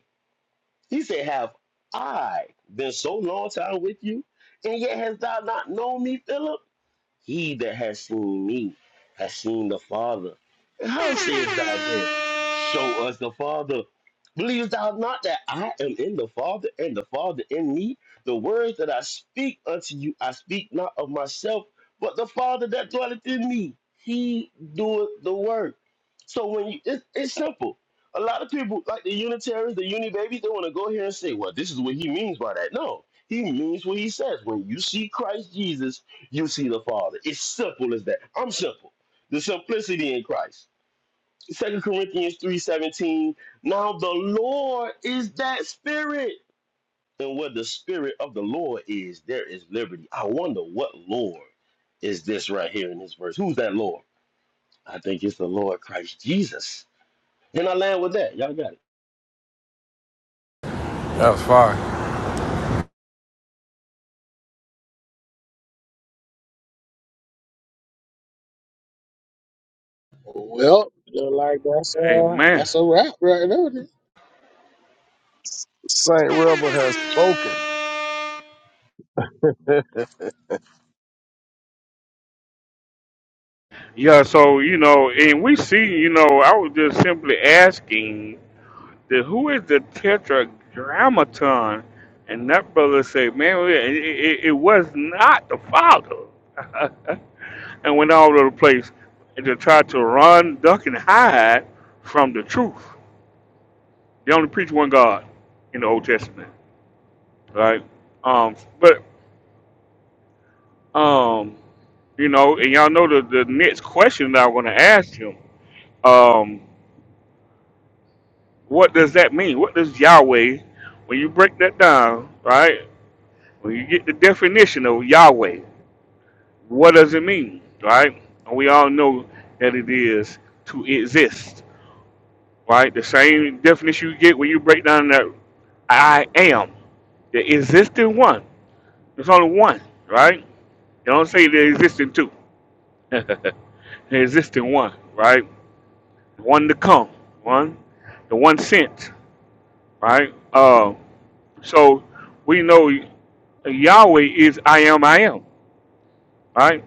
Speaker 16: he said, Have I been so long time with you, and yet hast thou not known me, Philip? He that has seen me has seen the Father. And how sayest thou then, Show us the Father? Believest thou not that I am in the Father and the Father in me? The words that I speak unto you, I speak not of myself, but the Father that dwelleth in me. He doeth the work. So when you, it, it's simple. A lot of people, like the Unitarians, the Uni babies, they want to go here and say, well, this is what he means by that. No, he means what he says. When you see Christ Jesus, you see the Father. It's simple as that. I'm simple. The simplicity in Christ. Second Corinthians 3:17. Now the Lord is that spirit. And where the spirit of the Lord is, there is liberty. I wonder what Lord is this right here in this verse. Who's that Lord? I think it's the Lord Christ Jesus. And I land with that. Y'all got it.
Speaker 11: was fire.
Speaker 6: Well, look like that's uh
Speaker 1: Amen.
Speaker 6: that's a wrap right there.
Speaker 8: Saint Rebel has spoken. <laughs> I
Speaker 1: Yeah. So you know, and we see, you know, I was just simply asking the who is the tetragrammaton, and that brother said, man, it, it, it was not the Father. <laughs> and went all over the place and to try to run, duck, and hide from the truth. They only preach one God in the Old Testament, right? Um, but um, you know, and y'all know the, the next question that I'm going to ask him. Um, what does that mean? What does Yahweh, when you break that down, right? When you get the definition of Yahweh, what does it mean, right? And we all know that it is to exist right? The same definition you get when you break down that I am, the existing one. There's only one, right? They don't say the existing two. <laughs> the existing one, right? The one to come, one, the one sent, right? Uh, so we know Yahweh is I am, I am, right?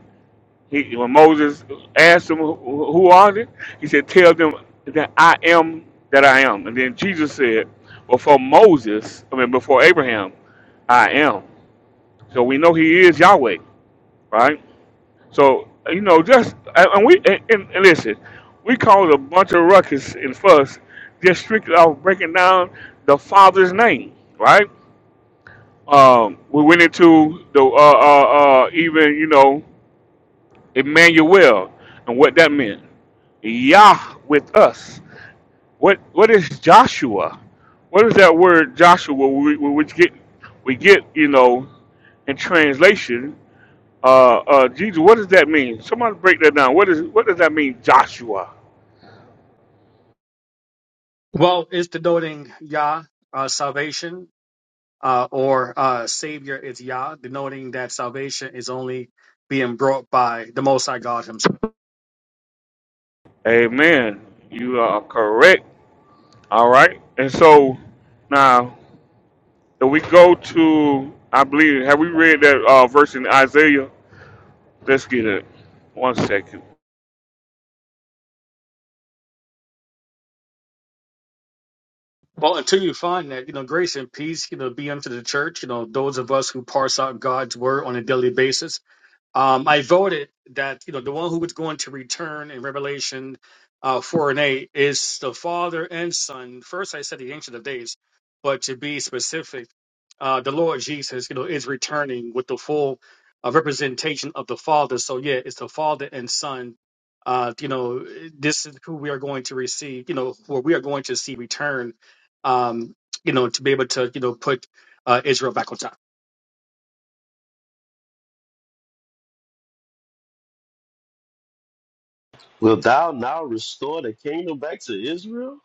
Speaker 1: He, when Moses asked him, "Who who are they?" He said, "Tell them that I am that I am." And then Jesus said, "Before Moses, I mean, before Abraham, I am." So we know He is Yahweh, right? So you know, just and and we and, and listen, we caused a bunch of ruckus and fuss just strictly off breaking down the Father's name, right? Um, we went into the uh, uh, uh, even you know Emmanuel, and what that meant. Yah with us. What what is Joshua? What is that word Joshua? We, we- which get we get you know in translation. Uh, uh, Jesus, what does that mean? Somebody break that down. What is what does that mean, Joshua?
Speaker 18: Well, it's denoting Yah, uh, salvation, uh, or uh, Savior is Yah, denoting that salvation is only being brought by the Most High God Himself.
Speaker 1: Amen. You are correct. All right. And so now if we go to I believe have we read that uh, verse in Isaiah? Let's get it. One second.
Speaker 18: Well, until you find that, you know, grace and peace, you know, be unto the church, you know, those of us who parse out God's word on a daily basis. um, I voted that you know the one who was going to return in Revelation uh, four and eight is the Father and Son. First, I said the Ancient of Days, but to be specific, uh, the Lord Jesus, you know, is returning with the full uh, representation of the Father. So yeah, it's the Father and Son. Uh, you know, this is who we are going to receive. You know, where we are going to see return. Um, you know, to be able to you know put uh, Israel back on top.
Speaker 16: Will thou now restore the kingdom back to Israel?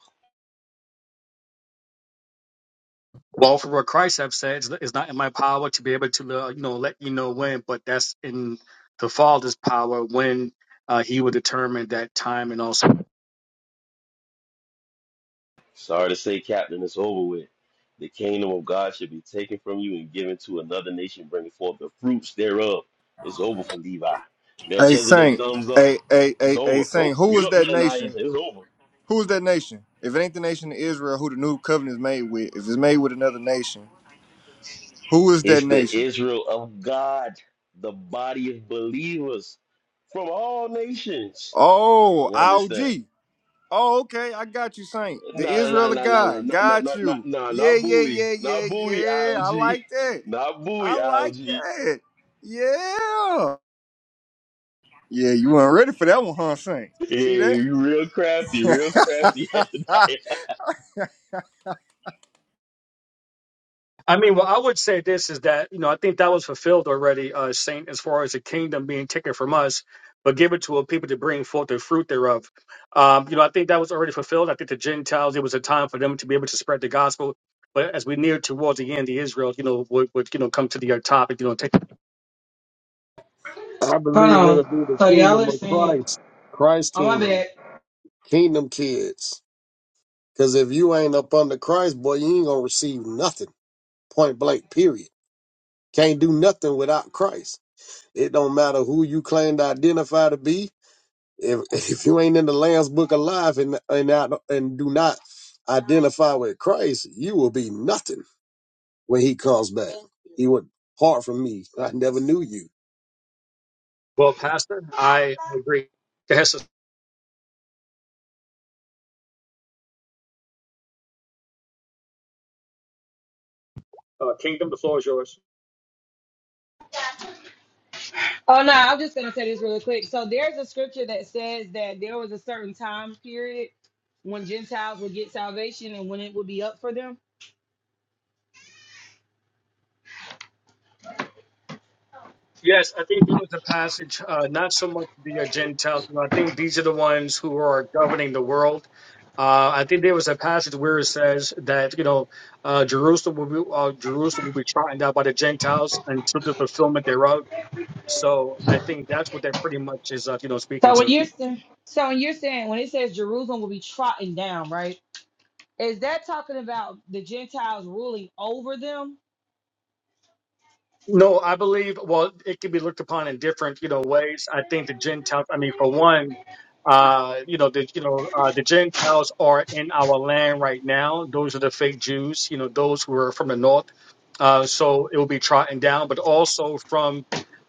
Speaker 18: Well, for what Christ have said, it's it's not in my power to be able to, uh, you know, let you know when, but that's in the Father's power when uh, He will determine that time and also.
Speaker 16: Sorry to say, Captain, it's over with. The kingdom of God should be taken from you and given to another nation, bringing forth the fruits thereof. It's over for Levi.
Speaker 19: Hey
Speaker 16: Melchizedek,
Speaker 19: Saint,
Speaker 16: thumbs up.
Speaker 19: hey, hey,
Speaker 16: It's
Speaker 19: hey, hey
Speaker 16: over.
Speaker 19: Saint,
Speaker 16: Nope,
Speaker 19: who
Speaker 16: mute
Speaker 19: is
Speaker 16: up,
Speaker 19: that
Speaker 16: Hananiah.
Speaker 19: nation?
Speaker 16: It's over.
Speaker 19: Who is that nation? If it ain't the nation of Israel, who the new covenant is made with, if it's made with another nation, who is that
Speaker 16: It's the
Speaker 19: nation?
Speaker 16: Israel of God, the body of believers from all nations.
Speaker 19: Oh,
Speaker 16: You understand?
Speaker 19: IOG. Oh, okay, I got you, Saint. The
Speaker 16: Nah, nah,
Speaker 19: Israel of
Speaker 16: nah, nah, nah,
Speaker 19: God,
Speaker 16: nah, nah,
Speaker 19: got
Speaker 16: nah, nah,
Speaker 19: you.
Speaker 16: nah,
Speaker 19: Yeah,
Speaker 16: not
Speaker 19: yeah,
Speaker 16: buoy,
Speaker 19: yeah, yeah,
Speaker 16: not buoy,
Speaker 19: yeah. I
Speaker 16: algae,
Speaker 19: like that.
Speaker 16: not
Speaker 19: I
Speaker 16: buoy,
Speaker 19: like
Speaker 16: algae.
Speaker 19: that. Yeah. Yeah, you weren't ready for that one, huh, Saint? See
Speaker 16: Hey,
Speaker 19: that?
Speaker 16: you real crafty, real crafty. <laughs>
Speaker 19: <laughs>
Speaker 16: Hananiah.
Speaker 18: I mean, well, I would say this is that, you know, I think that was fulfilled already, uh, Saint, as far as the kingdom being taken from us, but given to a people to bring forth the fruit thereof. Um, you know, I think that was already fulfilled. I think the Gentiles, it was a time for them to be able to spread the gospel. But as we near towards the end, the Israel, you know, would, would you know come to the uh, topic, you know, take.
Speaker 8: believe it'll
Speaker 7: Hold
Speaker 8: be
Speaker 7: on.
Speaker 8: the
Speaker 7: So y'all
Speaker 8: kingdom
Speaker 7: are
Speaker 8: of
Speaker 7: saying,
Speaker 8: Christ, Christ's
Speaker 7: "Oh my
Speaker 8: kingdom,
Speaker 7: bad."
Speaker 8: kingdom kids. Because if you ain't up under Christ, boy, you ain't gonna receive nothing. Point blank, period. Can't do nothing without Christ. It don't matter who you claim to identify to be. If <laughs> if you ain't in the Lamb's Book of Life and and not, and do not identify with Christ, you will be nothing when He comes back. He would part from me. I never knew you.
Speaker 18: Well, Pastor, I agree. Yes, Uh, Kingdom, the floor is yours.
Speaker 7: Oh no, I'm just gonna say this really quick. So there's a scripture that says that there was a certain time period when Gentiles would get salvation and when it would be up for them.
Speaker 18: yes, I think that was a passage, uh, not so much the uh, Gentiles. But I think these are the ones who are governing the world. Uh, I think there was a passage where it says that you know uh, Jerusalem will be uh, Jerusalem will be trodden down by the Gentiles until the fulfillment thereof. So I think that's what that pretty much is, uh, you know, speaking
Speaker 7: So when
Speaker 18: to.
Speaker 7: you're sa- so when you're saying when it says Jerusalem will be trodden down, right? Is that talking about the Gentiles ruling over them?
Speaker 18: No, I believe, well, it can be looked upon in different, you know, ways. I think the Gentiles, I mean, for one, uh, you know, the, you know, uh, the Gentiles are in our land right now. Those are the fake Jews, you know, those who are from the north. Uh, so it will be trodden down, but also from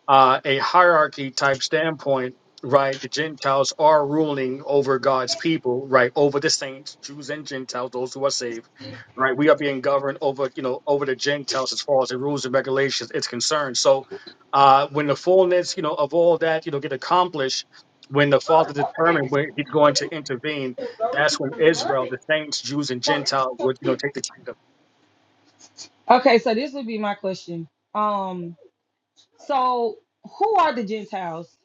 Speaker 18: uh, a hierarchy type standpoint, right, the Gentiles are ruling over God's people, right, over the saints, Jews and Gentiles, those who are saved, right. We are being governed over, you know, over the Gentiles as far as the rules and regulations is concerned. So, uh, when the fullness, you know, of all that, you know, get accomplished, when the Father determined when He's going to intervene, that's when Israel, the saints, Jews, and Gentiles would, you know, take the
Speaker 7: Okay, so this would be my question. Um, so who are the Gentiles?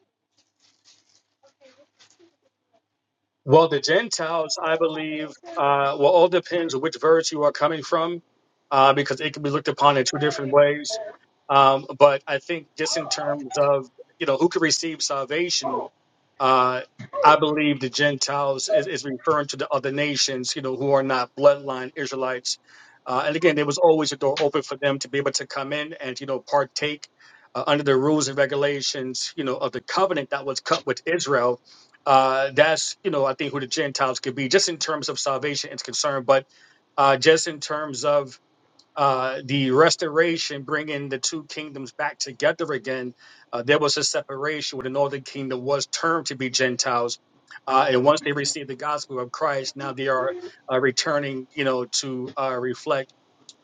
Speaker 18: Well, the Gentiles, I believe, uh, well, all depends on which verse you are coming from, uh, because it can be looked upon in two different ways. Um, but I think just in terms of, you know, who can receive salvation, uh, I believe the Gentiles is, is referring to the other nations, you know, who are not bloodline Israelites. Uh, and again, there was always a door open for them to be able to come in and, you know, partake uh, under the rules and regulations, you know, of the covenant that was cut with Israel. Uh, that's, you know, I think who the Gentiles could be, just in terms of salvation is concerned, but uh, just in terms of uh, the restoration, bringing the two kingdoms back together again, uh, there was a separation where the northern kingdom was termed to be Gentiles. Uh, and once they received the gospel of Christ, now they are uh, returning, you know, to uh, reflect,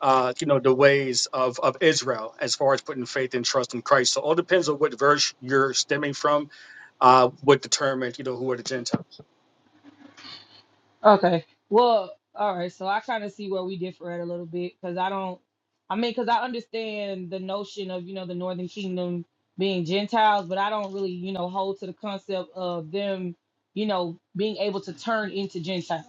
Speaker 18: uh, you know, the ways of, of Israel as far as putting faith and trust in Christ. So it all depends on what verse you're stemming from, uh, would determine, you know, who are the Gentiles.
Speaker 7: Okay. Well, all right. So I kind of see where we differ at a little bit because I don't, I mean, because I understand the notion of, you know, the Northern Kingdom being Gentiles, but I don't really, you know, hold to the concept of them, you know, being able to turn into Gentiles.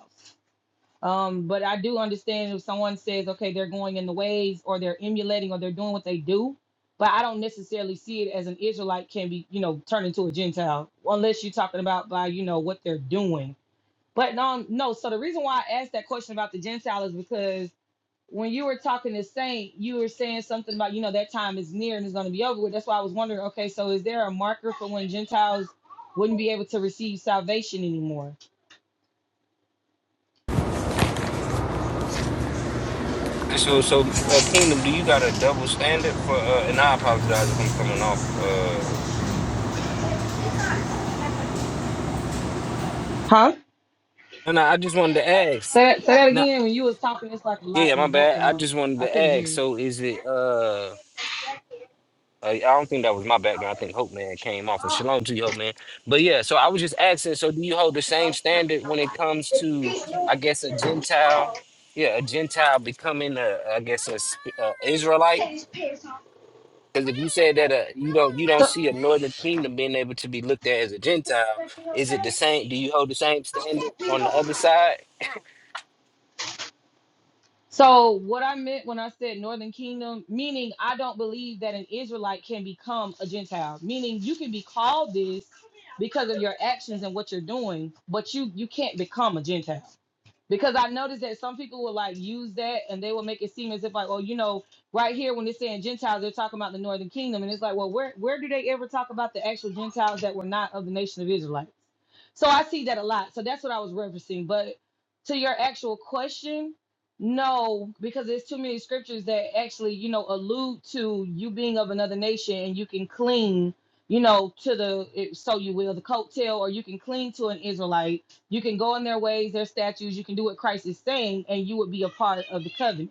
Speaker 7: Um, but I do understand if someone says, okay, they're going in the ways or they're emulating or they're doing what they do, but I don't necessarily see it as an Israelite can be, you know, turned into a Gentile unless you're talking about by, you know, what they're doing but no, um, no. So the reason why I asked that question about the Gentile is because when you were talking to Saint, you were saying something about you know that time is near and it's going to be over with. That's why I was wondering. Okay, so is there a marker for when Gentiles wouldn't be able to receive salvation anymore?
Speaker 20: So, so uh, Kingdom, do you got a double standard for? Uh, and I apologize if I'm coming off. Uh,
Speaker 7: Huh?
Speaker 20: no, no, I just wanted to ask.
Speaker 7: Say that, say that
Speaker 20: No,
Speaker 7: again. When you was talking, it's like a
Speaker 20: yeah,
Speaker 7: lot in
Speaker 20: my
Speaker 7: the
Speaker 20: bad. I
Speaker 7: background.
Speaker 20: just wanted
Speaker 7: I
Speaker 20: to
Speaker 7: couldn't
Speaker 20: ask.
Speaker 7: hear
Speaker 20: So, is it? Uh, I I don't think that was my background. I think Hope Man came off. And shalom to you, Hope Man. But yeah, so I was just asking. So, do you hold the same standard when it comes to, I guess, a Gentile? Yeah, a Gentile becoming a, I guess, a, sp- a Israelite.
Speaker 7: you.
Speaker 20: Because if you said that uh, you don't you don't
Speaker 7: So,
Speaker 20: see a northern kingdom being able to be looked at as a Gentile, is it the same? Do you hold the same standard on the other side?
Speaker 7: so what I meant when I said Northern Kingdom, meaning I don't believe that an Israelite can become a Gentile. Meaning you can be called this because of your actions and what you're doing, but you you can't become a Gentile. because I noticed that some people will like use that and they will make it seem as if like, oh, you know, right here when they're saying Gentiles, they're talking about the Northern Kingdom, and it's like, well, where where do they ever talk about the actual Gentiles that were not of the nation of Israelites? So I see that a lot. So that's what I was referencing. But to your actual question, no, because there's too many scriptures that actually, you know, allude to you being of another nation and you can cling, you know, to the it- so you will the coattail, or you can cling to an Israelite you can go in their ways, their statutes. You can do what Christ is saying, and you would be a part of the covenant.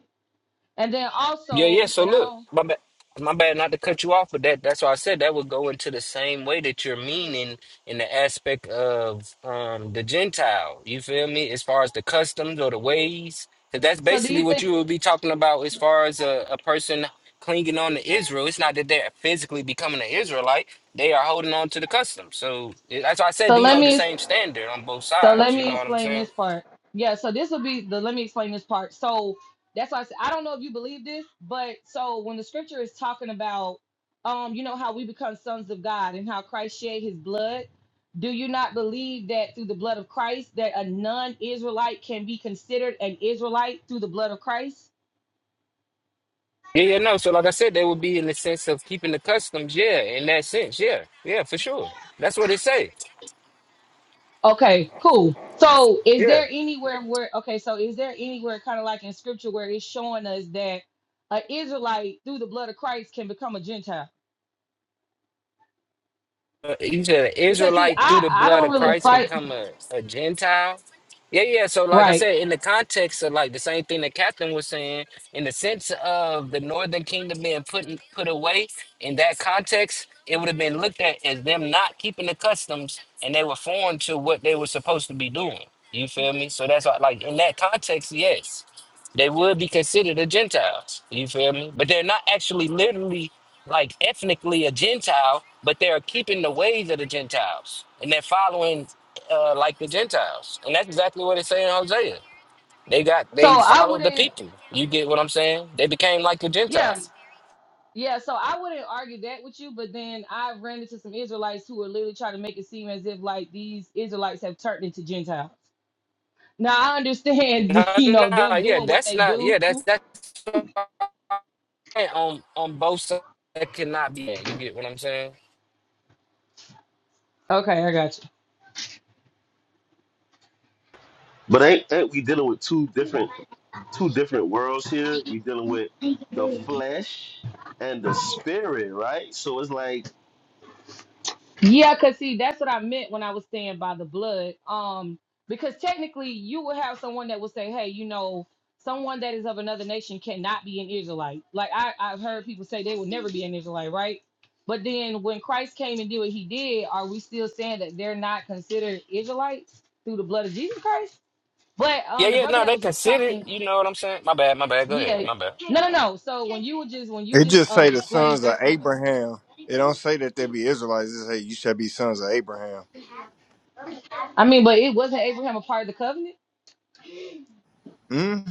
Speaker 7: And then
Speaker 20: Yeah, yeah.
Speaker 7: also,
Speaker 20: So
Speaker 7: and I
Speaker 20: look,
Speaker 7: don't.
Speaker 20: my bad, my bad, not to cut you off, but that that's why I said that would go into the same way that you're meaning in the aspect of um the Gentile. You feel me? As far as the customs or the ways, 'Cause that's
Speaker 7: So do
Speaker 20: basically
Speaker 7: you
Speaker 20: what
Speaker 7: think?
Speaker 20: you would be talking about as far as a, a person clinging on to Israel. It's not that they're physically becoming an Israelite; they are holding on to the customs. So it- that's why I said,
Speaker 7: So
Speaker 20: do you
Speaker 7: let
Speaker 20: hold the
Speaker 7: me.
Speaker 20: same standard on both
Speaker 7: So let
Speaker 20: sides? You
Speaker 7: me
Speaker 20: know what I'm
Speaker 7: explain
Speaker 20: saying?
Speaker 7: this part. Yeah. So this will be the. Let me explain this part. So that's why I said I don't know if you believe this, but so when the scripture is talking about, um, you know how we become sons of God and how Christ shed His blood. Do you not believe that through the blood of Christ that a non-Israelite can be considered an Israelite through the blood of Christ?
Speaker 20: Yeah, yeah, no. So, like I said, they would be in the sense of keeping the customs. Yeah, in that sense. Yeah, yeah, for sure. That's what it say.
Speaker 7: Okay, cool. So is
Speaker 20: Yeah.
Speaker 7: there anywhere where okay, so is there anywhere kind of like in scripture where it's showing us that an Israelite through the blood of Christ can become a Gentile?
Speaker 20: Uh, you said an
Speaker 7: Because see,
Speaker 20: Israelite through
Speaker 7: I
Speaker 20: the
Speaker 7: I
Speaker 20: blood
Speaker 7: don't
Speaker 20: of
Speaker 7: really
Speaker 20: Christ can
Speaker 7: fight
Speaker 20: come a, a Gentile. Yeah, yeah. So, like I
Speaker 7: right.
Speaker 20: said, in the context of like the same thing that Captain was saying, in the sense of the Northern Kingdom being put in- put away, in that context, it would have been looked at as them not keeping the customs, and they were foreign to what they were supposed to be doing. You feel me? So that's why, like in that context, yes. they would be considered a Gentile. You feel me? But they're not actually literally like ethnically a Gentile, but they're keeping the ways of the Gentiles and they're following uh, like the Gentiles. And that's exactly what it's saying in Hosea. They got
Speaker 7: So
Speaker 20: they
Speaker 7: I
Speaker 20: followed the
Speaker 7: wouldn't
Speaker 20: people. You get what I'm saying? They became like the
Speaker 7: yeah,
Speaker 20: Gentiles.
Speaker 7: yeah, so I wouldn't argue that with you, but then I ran into some Israelites who are literally trying to make it seem as if like these Israelites have turned into Gentiles. Now I understand, <laughs>
Speaker 20: No,
Speaker 7: you know,
Speaker 20: no,
Speaker 7: them
Speaker 20: yeah,
Speaker 7: doing what
Speaker 20: that's
Speaker 7: they
Speaker 20: not
Speaker 7: do.
Speaker 20: yeah, that's that's what I'm saying. on on both sides that cannot be. You get what I'm saying?
Speaker 7: Okay, I got
Speaker 16: But ain't ain't we dealing with two different two different worlds here? We dealing with the
Speaker 7: you.
Speaker 16: flesh and the spirit, right? So it's like,
Speaker 7: Yeah, cause see, that's what I meant when I was saying by the blood. Um, because technically, you would have someone that would say, "Hey, you know, someone that is of another nation cannot be an Israelite." Like I, I've heard people say they would never be an Israelite, right? But then when Christ came and did what He did, are we still saying that they're not considered Israelites through the blood of Jesus Christ? But
Speaker 20: Yeah,
Speaker 7: um, the
Speaker 20: yeah,
Speaker 7: brother
Speaker 20: no,
Speaker 7: that
Speaker 20: they
Speaker 7: was just
Speaker 20: considered,
Speaker 7: talking,
Speaker 20: you know what I'm saying? My bad, my bad, go ahead.
Speaker 7: yeah,
Speaker 20: My bad.
Speaker 7: no, no, no. So when you were just when you
Speaker 19: It
Speaker 7: just
Speaker 19: just
Speaker 7: uh
Speaker 19: say the
Speaker 7: explained
Speaker 19: sons of
Speaker 7: yourself.
Speaker 19: Abraham. It don't say that they be Israelites. It say you shall be sons of Abraham.
Speaker 7: I mean, but it wasn't Abraham a part of the covenant?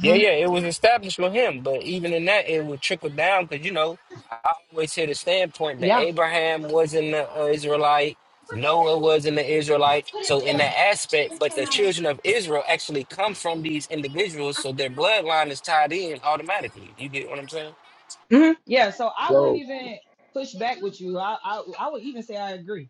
Speaker 20: Yeah, yeah, it was established with him, but even in that, it would trickle down because you know I always hear the standpoint that
Speaker 7: Yeah.
Speaker 20: Abraham wasn't an Israelite, Noah wasn't an Israelite. So in that aspect, but the children of Israel actually come from these individuals, so their bloodline is tied in automatically. You get what I'm saying?
Speaker 7: hmm Yeah. So I
Speaker 8: So.
Speaker 7: wouldn't even push back with you. I, I I would even say I agree.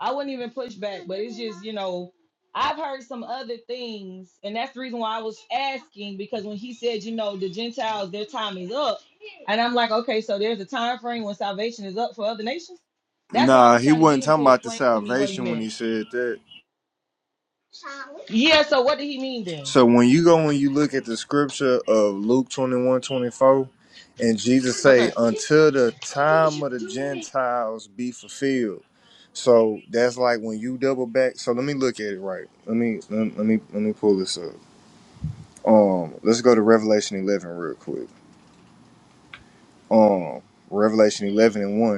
Speaker 7: I wouldn't even push back, but it's just you know I've heard some other things, and that's the reason why I was asking because when he said you know the Gentiles their time is up, and I'm like okay, so there's a time frame when salvation is up for other nations. That's why I
Speaker 19: Nah,
Speaker 7: was
Speaker 19: he
Speaker 7: trying to get
Speaker 19: wasn't
Speaker 7: him
Speaker 19: talking
Speaker 7: to
Speaker 19: about the
Speaker 7: explain to me what he
Speaker 19: salvation when
Speaker 7: meant.
Speaker 19: he said that.
Speaker 7: Yeah, so what did he mean then?
Speaker 19: So when you go and you look at the scripture of Luke 21 24, and Jesus say,
Speaker 7: Okay.
Speaker 19: until the time of the Gentiles be fulfilled. So that's like when you double back. So let me look at it right. Let me let let me let me pull this up. Um, let's go to Revelation 11 real quick. Um, Revelation 11 and 1.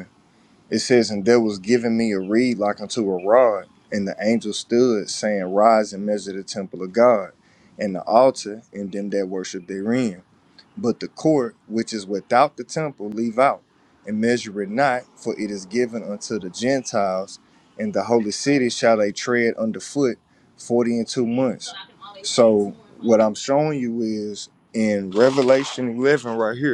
Speaker 19: It says, And there was given me a reed like unto a rod, and the angel stood, saying, Rise and measure the temple of God, and the altar, and them that worship therein. But the court which is without the temple leave out, and measure it not, for it is given unto the Gentiles, and the holy city shall they tread underfoot forty and two months. So what I'm showing you is in Revelation eleven right here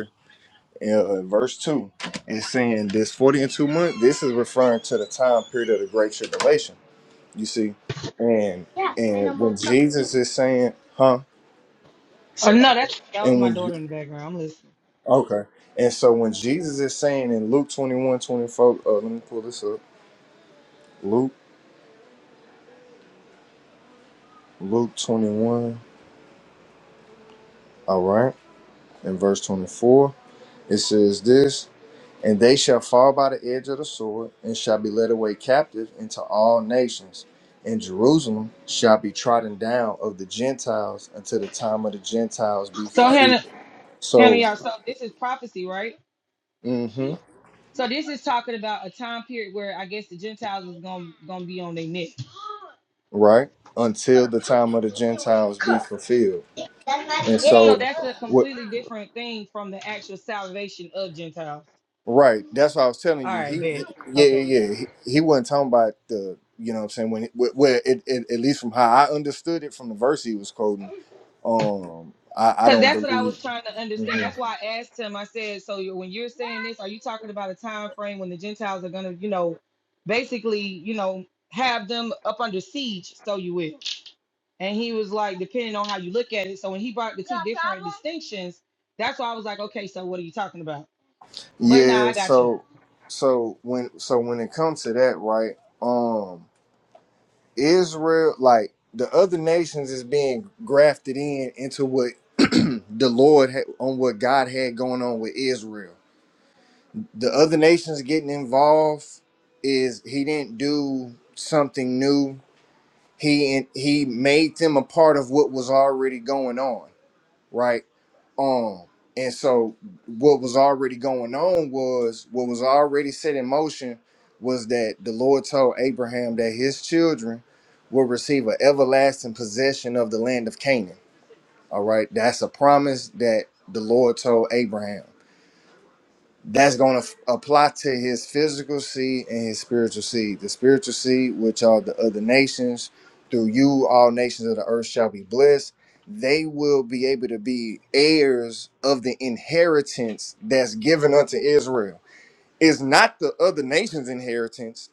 Speaker 19: yeah, uh, verse 2 it's saying this 40 and 2 months this is referring to the time period of the great tribulation you see and and when jesus is saying huh
Speaker 7: Oh no, that's that was
Speaker 19: and
Speaker 7: my
Speaker 19: when Je-
Speaker 7: daughter in the background. I'm listening.
Speaker 19: okay and so when jesus is saying in luke 21 24, uh, let me pull this up luke luke 21 all right in verse 24 it says this And they shall fall by the edge of the sword, and shall be led away captive into all nations. And Jerusalem shall be trodden down of the Gentiles until the time of the Gentiles be
Speaker 7: So
Speaker 19: fulfilled.
Speaker 7: Hannah, Hannah,
Speaker 19: So,
Speaker 7: y'all. So this is prophecy, right?
Speaker 19: hmm
Speaker 7: So this is talking about a time period where I guess the Gentiles was gonna gonna be on their neck.
Speaker 19: right? Until the time of the Gentiles be fulfilled. And
Speaker 7: So
Speaker 19: so,
Speaker 7: that's a
Speaker 19: what?
Speaker 7: completely different thing from the actual salvation of Gentiles.
Speaker 19: Right. That's what I was telling
Speaker 7: All
Speaker 19: you. He,
Speaker 7: right, bet.
Speaker 19: he- yeah,
Speaker 7: Okay.
Speaker 19: yeah, yeah. He, he wasn't talking about the, you know what I'm saying? When, it- wh- well, it, it, at least from how I understood it from the verse he was quoting, um, I, I
Speaker 7: Because
Speaker 19: don't
Speaker 7: that's what I
Speaker 19: believe.
Speaker 7: was trying to understand.
Speaker 19: hmm
Speaker 7: That's why I asked him. I said, so you when you're saying this, are you talking about a time frame when the Gentiles are going to, you know, basically, you know, have them up under siege, so you will. And he was like, depending on how you look at it. So when he brought the two different distinctions, that's why I was like, okay, so what are you talking about? But nah,
Speaker 19: Yeah,
Speaker 7: I got you.
Speaker 19: so so when so when it comes to that, right? Um, Israel, like the other nations, is being grafted in into what the Lord had on what God had going on with Israel. The other nations getting involved is He didn't do something new. He He made them a part of what was already going on. right? Um, and so what was already going on was what was already set in motion was that the Lord told Abraham that his children will receive an everlasting possession of the land of Canaan. All right, that's a promise that the Lord told Abraham that's going to apply to his physical seed and his spiritual seed. The spiritual seed, which are the other nations, through you, all nations of the earth shall be blessed. They will be able to be heirs of the inheritance that's given unto Israel. It's not the other nations' inheritance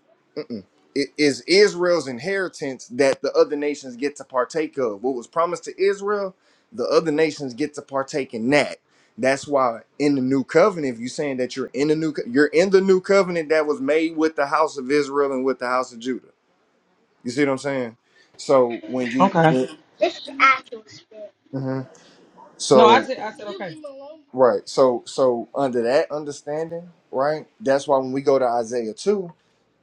Speaker 19: Mm. It is Israel's inheritance that the other nations get to partake of. What was promised to Israel, the other nations get to partake in that. That's why in the new covenant, if you're saying that you're in the new, co- you're in the new covenant that was made with the house of Israel and with the house of Judah. You see what I'm saying? So when you,
Speaker 7: Okay.
Speaker 19: when, Mhm.
Speaker 7: No, I
Speaker 19: so
Speaker 7: said, I said, okay.
Speaker 19: right, so so under that understanding, right? That's why when we go to Isaiah two,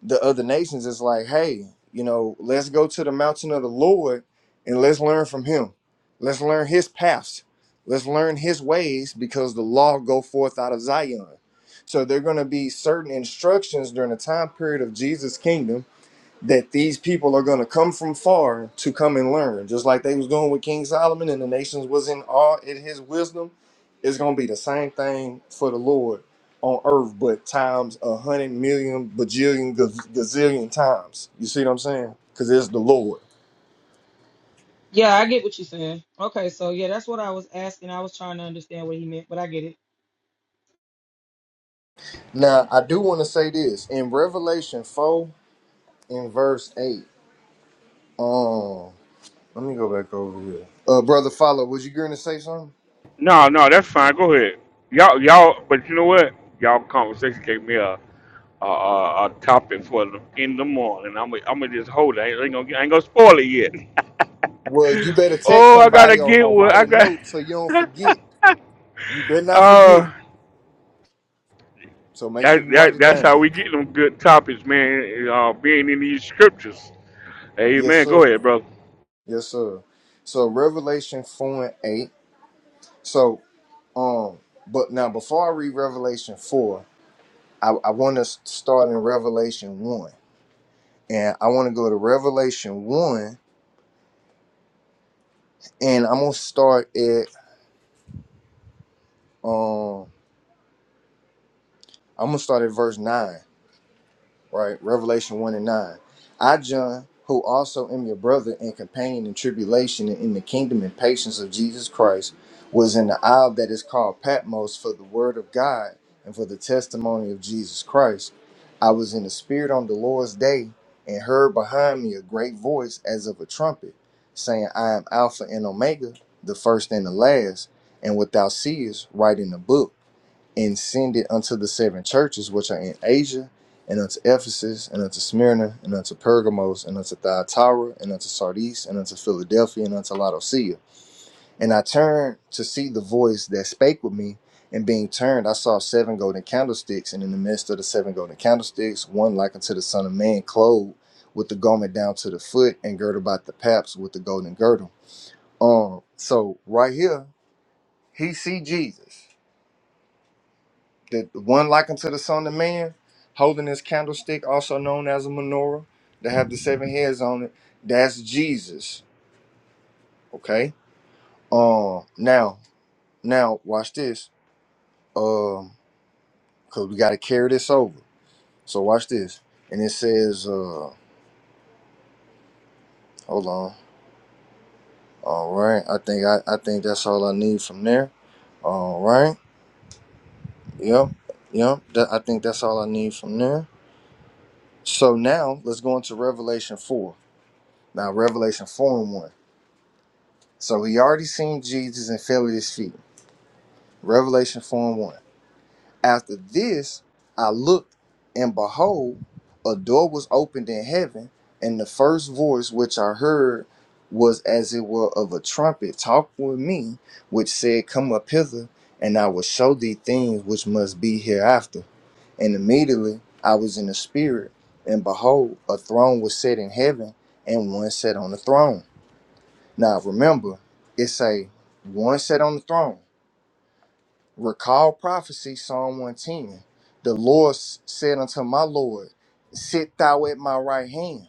Speaker 19: the other nations is like, hey, you know, let's go to the mountain of the Lord and let's learn from him. Let's learn his paths. Let's learn his ways because the law go forth out of Zion. So there are going to be certain instructions during the time period of Jesus' kingdom that these people are going to come from far to come and learn just like they was doing with king solomon and the nations was in awe at his wisdom it's going to be the same thing for the lord on earth but times a hundred million bajillion gaz- gazillion times you see what i'm saying because it's the lord
Speaker 7: Yeah, I get what you're saying. Okay, so yeah, that's what I was asking. I was trying to understand what he meant, but I get it.
Speaker 19: now i do want to say this in revelation 4 and verse 8 um let me go back over here uh brother follow was you going to say something
Speaker 1: No, no, that's fine. Go ahead. Y'all, y'all, but you know what? Y'all conversation gave me a a, a, a topic for the, in the morning. I'm gonna I'm gonna just hold it. I ain't gonna I ain't gonna spoil it yet.
Speaker 19: well, you better
Speaker 1: <laughs>
Speaker 19: text
Speaker 1: oh, I gotta
Speaker 19: somebody or,
Speaker 1: get
Speaker 19: or
Speaker 1: what
Speaker 19: write
Speaker 1: I
Speaker 19: a
Speaker 1: got.
Speaker 19: note so you don't
Speaker 1: <laughs>
Speaker 19: forget You better not forget.
Speaker 1: uh,
Speaker 19: So make sure
Speaker 1: that,
Speaker 19: you write
Speaker 1: that
Speaker 19: it
Speaker 1: that's
Speaker 19: down.
Speaker 1: how we get them good topics, man. Uh, being in these scriptures.
Speaker 19: Yes,
Speaker 1: Amen.
Speaker 19: sir.
Speaker 1: Go ahead, brother.
Speaker 19: Yes, sir. So Revelation four and eight. So um, but now before I read Revelation four, I, I want to start in Revelation one, and I want to go to Revelation one, and I'm gonna start at um, I'm gonna start at verse nine. right? Revelation 1 and 9. I, John, who also am your brother and companion in tribulation and in the kingdom and patience of Jesus Christ, was in the isle that is called Patmos for the word of God and for the testimony of Jesus Christ. I was in the Spirit on the Lord's day and heard behind me a great voice as of a trumpet, saying, I am Alpha and Omega, the first and the last, and without seest, write in the book and send it unto the seven churches which are in Asia, and unto Ephesus, and unto Smyrna, and unto Pergamos, and unto Thyatira, and unto Sardis, and unto Philadelphia, and unto Laodicea. And I turned to see the voice that spake with me, and being turned, I saw seven golden candlesticks, and in the midst of the seven golden candlesticks, one like unto the Son of Man, clothed with the garment down to the foot, and girded about the paps with the golden girdle. Um, so right here, he see Jesus. the one like unto the Son of Man, holding his candlestick, also known as a menorah, that have the seven heads on it. That's Jesus. Okay. Um. Now, now, watch this. Um. Cause we gotta carry this over. So watch this. And it says, uh, hold on. All right. I think I, I think that's all I need from there. All right. Yep. Yep. That, I think that's all I need from there. So now let's go into Revelation four. Now Revelation four and one. So he already seen Jesus and fell at his feet. Revelation 4 and 1. After this, I looked, and behold, a door was opened in heaven, and the first voice which I heard was as it were of a trumpet talk with me, which said, Come up hither, and I will show thee things which must be hereafter. And immediately I was in the spirit, and behold, a throne was set in heaven, and one sat on the throne now remember, it say one sat on the throne. Recall prophecy, Psalm 110. The Lord s- said unto my Lord, Sit thou at my right hand.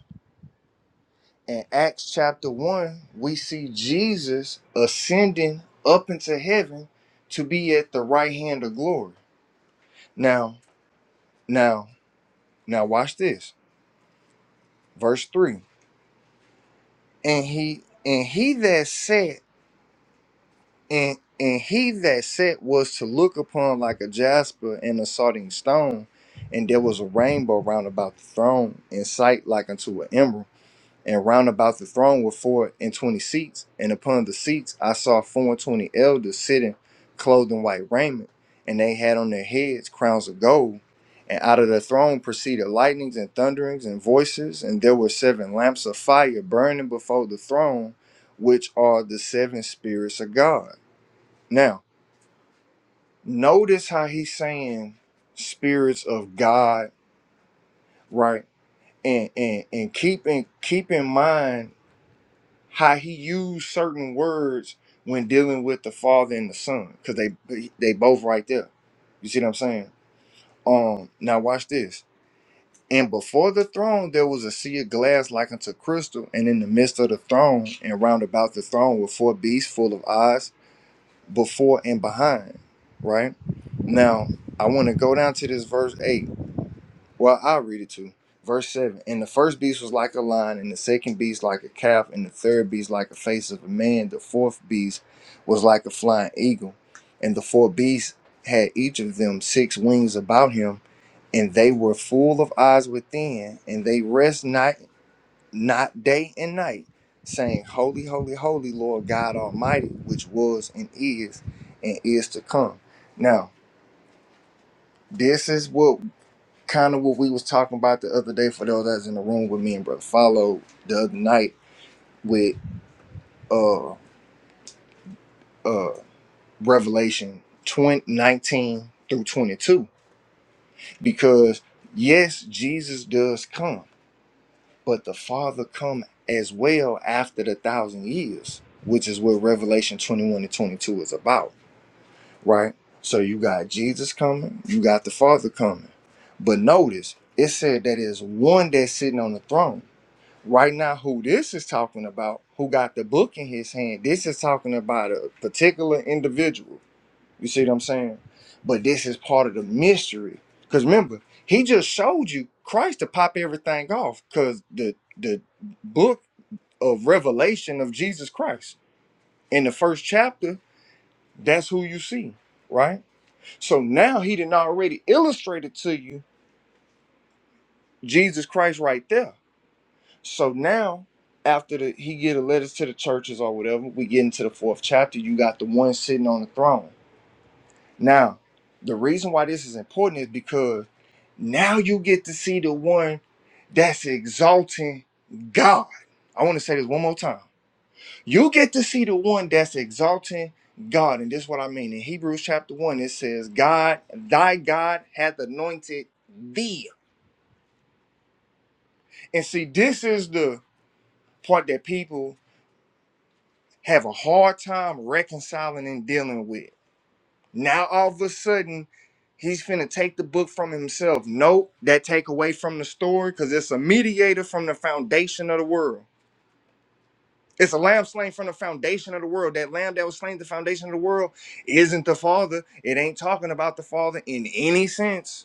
Speaker 19: In Acts chapter 1, we see Jesus ascending up into heaven to be at the right hand of glory. Now, now, now watch this. Verse 3. And he and he that sat and and he that sat was to look upon like a jasper and a sardine stone and there was a rainbow round about the throne in sight like unto an emerald and round about the throne were four and twenty seats and upon the seats i saw four and twenty elders sitting clothed in white raiment and they had on their heads crowns of gold and out of the throne proceeded lightnings and thunderings and voices and there were seven lamps of fire burning before the throne which are the seven spirits of god now, notice how he's saying spirits of God, right? And and and keep in keep in mind how he used certain words when dealing with the Father and the Son, because they they both right there. You see what I'm saying? Um, now watch this. And before the throne there was a sea of glass like unto crystal, and in the midst of the throne and round about the throne were four beasts full of eyes before and behind, right? Now, I want to go down to this verse 8. Well, I'll read it too. Verse 7 And the first beast was like a lion, and the second beast like a calf, and the third beast like a face of a man. The fourth beast was like a flying eagle. And the four beasts had each of them six wings about him, and they were full of eyes within, and they rest not not day and night, saying, Holy, holy, holy, Lord God Almighty, which was and is and is to come. Now, this is what kind of what we was talking about the other day for those that's in the room with me and Brother Follow the other night with uh uh Revelation 20 19 through 22. Because yes, Jesus does come, but the Father come as well after the thousand years, which is what Revelation 21 and 22 is about right? So you got Jesus coming, you got the Father coming. But notice it said that is one that's sitting on the throne. Right now, who this is talking about, who got the book in his hand, this is talking about a particular individual. You see what I'm saying? But this is part of the mystery. Because remember, he just showed you Christ to pop everything off. Because the the book of revelation of Jesus Christ in the first chapter, that's who you see, right? So now he didn't already illustrated to you Jesus Christ right there. So now after the he get a letters to the churches or whatever, we get into the fourth chapter. You got the one sitting on the throne. Now, the reason why this is important is because now you get to see the one that's exalting God. I want to say this one more time. You get to see the one that's exalting God. And this is what I mean. In Hebrews chapter 1, it says, God, thy God hath anointed thee. And see, this is the part that people have a hard time reconciling and dealing with. Now all of a sudden, he's finna take the book from himself. Nope, that take away from the story, because it's a mediator from the foundation of the world. It's a lamb slain from the foundation of the world. That lamb that was slain at the foundation of the world isn't the father. It ain't talking about the father in any sense.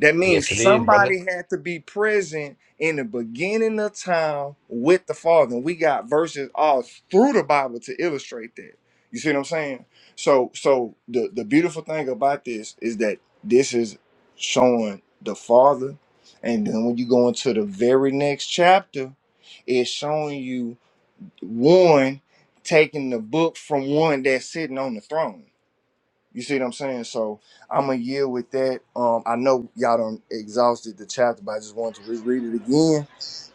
Speaker 19: That means
Speaker 20: Yes, it is, brother.
Speaker 19: somebody had to be present in the beginning of time with the Father. And we got verses all through the Bible to illustrate that. You see what I'm saying? So, so the, the beautiful thing about this is that this is showing the Father. And then when you go into the very next chapter, it's showing you one taking the book from one that's sitting on the throne. You see what I'm saying? So I'm gonna yield with that. Um, I know y'all done exhausted the chapter, but I just wanted to reread it again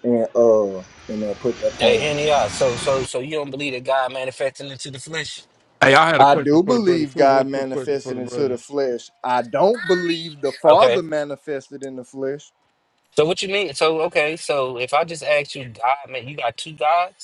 Speaker 19: and uh and uh, put that
Speaker 20: Hey,
Speaker 19: point out.
Speaker 20: here they are. So, so, so you don't believe that God manifested into the flesh?
Speaker 11: Hey, I had a
Speaker 19: I
Speaker 11: question
Speaker 19: do
Speaker 11: for the brother
Speaker 19: believe
Speaker 11: too. One
Speaker 19: God
Speaker 11: quick question for
Speaker 19: manifested
Speaker 11: the
Speaker 19: into the
Speaker 11: brother.
Speaker 19: flesh. I don't believe the Father
Speaker 20: Okay.
Speaker 19: manifested in the flesh.
Speaker 20: So what you mean? So okay. So if I just ask you, God, man, you got two gods?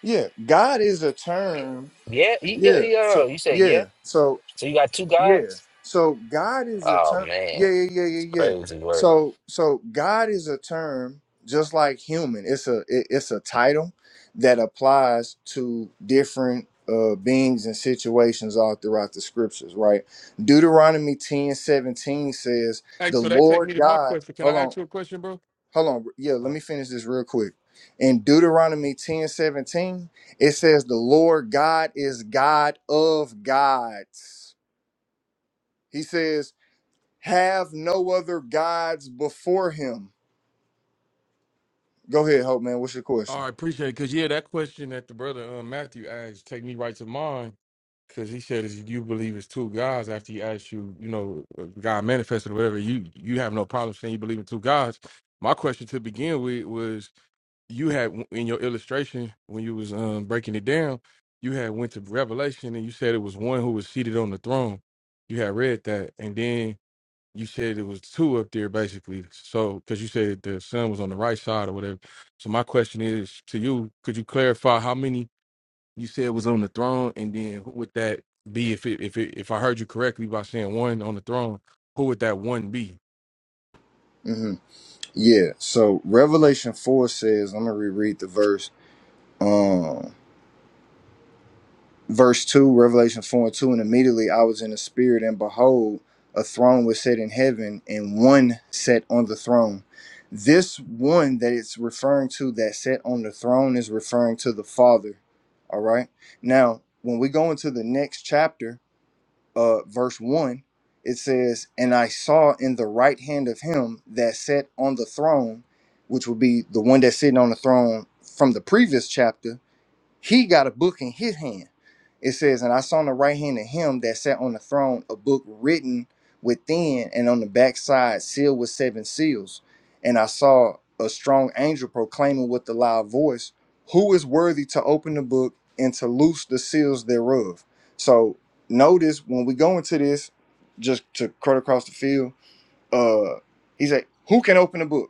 Speaker 19: Yeah, God is a term.
Speaker 20: Yeah, y- yeah,
Speaker 19: Yeah.
Speaker 20: yeah.
Speaker 19: So
Speaker 20: You said
Speaker 19: yeah.
Speaker 20: yeah.
Speaker 19: So
Speaker 20: So you got two
Speaker 19: Yeah.
Speaker 20: gods?
Speaker 19: So God is a
Speaker 20: Oh
Speaker 19: term.
Speaker 20: man,
Speaker 19: Yeah, yeah, yeah, yeah,
Speaker 20: it's
Speaker 19: yeah.
Speaker 20: crazy word.
Speaker 19: So so God is a term just like human. It's a it- it's a title that applies to different uh beings and situations all throughout the scriptures, right? Deuteronomy 10 17 says,
Speaker 11: Hey,
Speaker 19: The
Speaker 11: so that take
Speaker 19: Lord
Speaker 11: me to my
Speaker 19: God,
Speaker 11: question. Can
Speaker 19: hold
Speaker 11: I
Speaker 19: on,
Speaker 11: ask you a question, bro?
Speaker 19: hold on. Yeah,
Speaker 11: Uh,
Speaker 19: let me finish this real quick. In Deuteronomy 10 17, it says, The Lord God is God of gods. He says, have no other gods before him. Go ahead, Hope Man. What's your
Speaker 11: Oh,
Speaker 19: question?
Speaker 11: I appreciate it. Cause yeah, that question that the brother uh, Matthew asked take me right to mind. Cause he said, "Is you believe it's two gods?" After he asked you, you know, uh, God manifested or whatever, you you have no problem saying you believe in two gods. My question to begin with was, you had in your illustration when you was um, breaking it down, you had went to Revelation and you said it was one who was seated on the throne. You had read that, and then you said it was two up there basically. So because you said the sun was on the right side or whatever. So my question is to you: Could you clarify how many you said was on the throne, and then who would that be if it if it if I heard you correctly by saying one on the throne? Who would that one be?
Speaker 19: hmm Yeah. So Revelation four says, I'm gonna reread the verse. Um, verse two, Revelation four and two, and immediately I was in the spirit, and behold, a throne was set in heaven, and one sat on the throne. This one that it's referring to that sat on the throne is referring to the Father. All right. Now, when we go into the next chapter, uh, verse 1, it says, And I saw in the right hand of him that sat on the throne, which would be the one that's sitting on the throne from the previous chapter, he got a book in his hand. It says, And I saw on the right hand of him that sat on the throne a book written within and on the backside sealed with seven seals. And I saw a strong angel proclaiming with a loud voice, 'Who is worthy to open the book and to loose the seals thereof? So notice when we go into this, just to cut across the field, uh, he said, Who can open the book?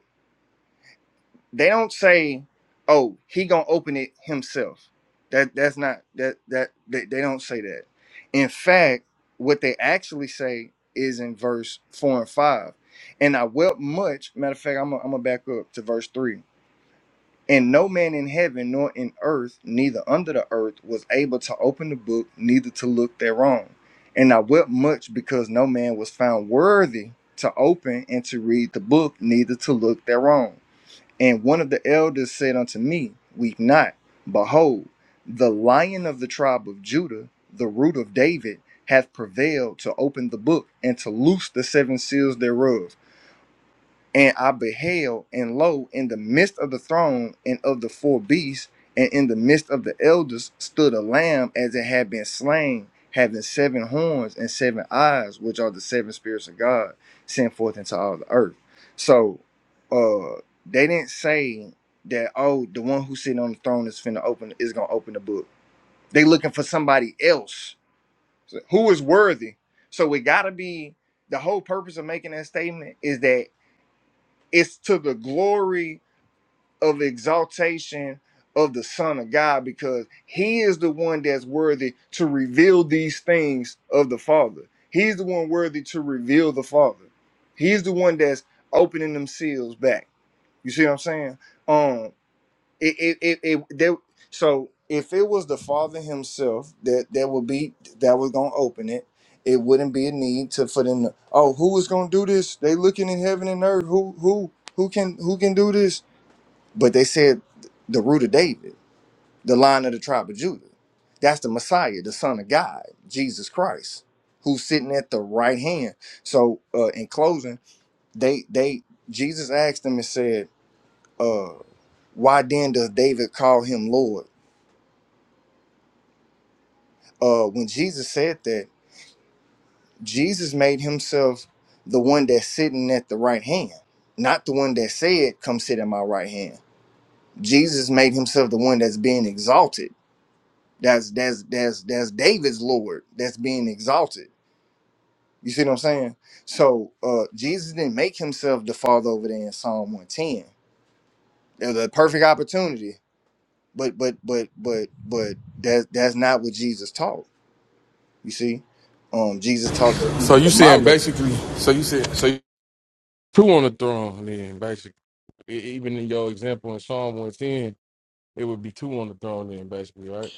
Speaker 19: they don't say, "Oh, he gonna open it himself." That that's not that that they, they don't say that. In fact, what they actually say is in verse four and five. And I wept much. Matter of fact, I'm gonna I'm gonna back up to verse three. And no man in heaven nor in earth, neither under the earth, was able to open the book, neither to look thereon. And I wept much because no man was found worthy to open and to read the book, neither to look thereon. And one of the elders said unto me, Weep not. Behold, the lion of the tribe of Judah, the root of David, hath prevailed to open the book and to loose the seven seals thereof. And I beheld, and lo, in the midst of the throne and of the four beasts, and in the midst of the elders, stood a lamb as it had been slain, having seven horns and seven eyes, which are the seven spirits of God sent forth into all the earth. So uh they didn't say that, oh, the one who's sitting on the throne is finna open is gonna open the book. They looking for somebody else. So who is worthy? So it gotta be the whole purpose of making that statement is that it's to the glory of exaltation of the son of god because he is the one that's worthy to reveal these things of the father he's the one worthy to reveal the father he's the one that's opening them seals back you see what i'm saying Um it it it, it there so if it was the father himself that that would be that was gonna open it it wouldn't be a need to for them to oh who is gonna do this they looking in heaven and earth who who who can who can do this but they said the root of david the line of the tribe of judah that's the messiah the son of god jesus christ who's sitting at the right hand so uh in closing they they jesus asked them and said uh why then does david call him lord uh, when Jesus said that, Jesus made himself the one that's sitting at the right hand, not the one that said, "Come sit at my right hand." Jesus made himself the one that's being exalted. That's that's that's that's David's Lord that's being exalted. You see what I'm saying? So uh, Jesus didn't make himself the Father over there in Psalm 110. There's a perfect opportunity, but but but but but that's that's not what Jesus taught. You see, um, Jesus taught that he
Speaker 11: So
Speaker 19: was
Speaker 11: you
Speaker 19: the my
Speaker 11: saying
Speaker 19: Lord.
Speaker 11: basically? So you said so you- two on the throne then basically. E- Even in your example in Psalm one ten, it would be two on the throne then basically, right?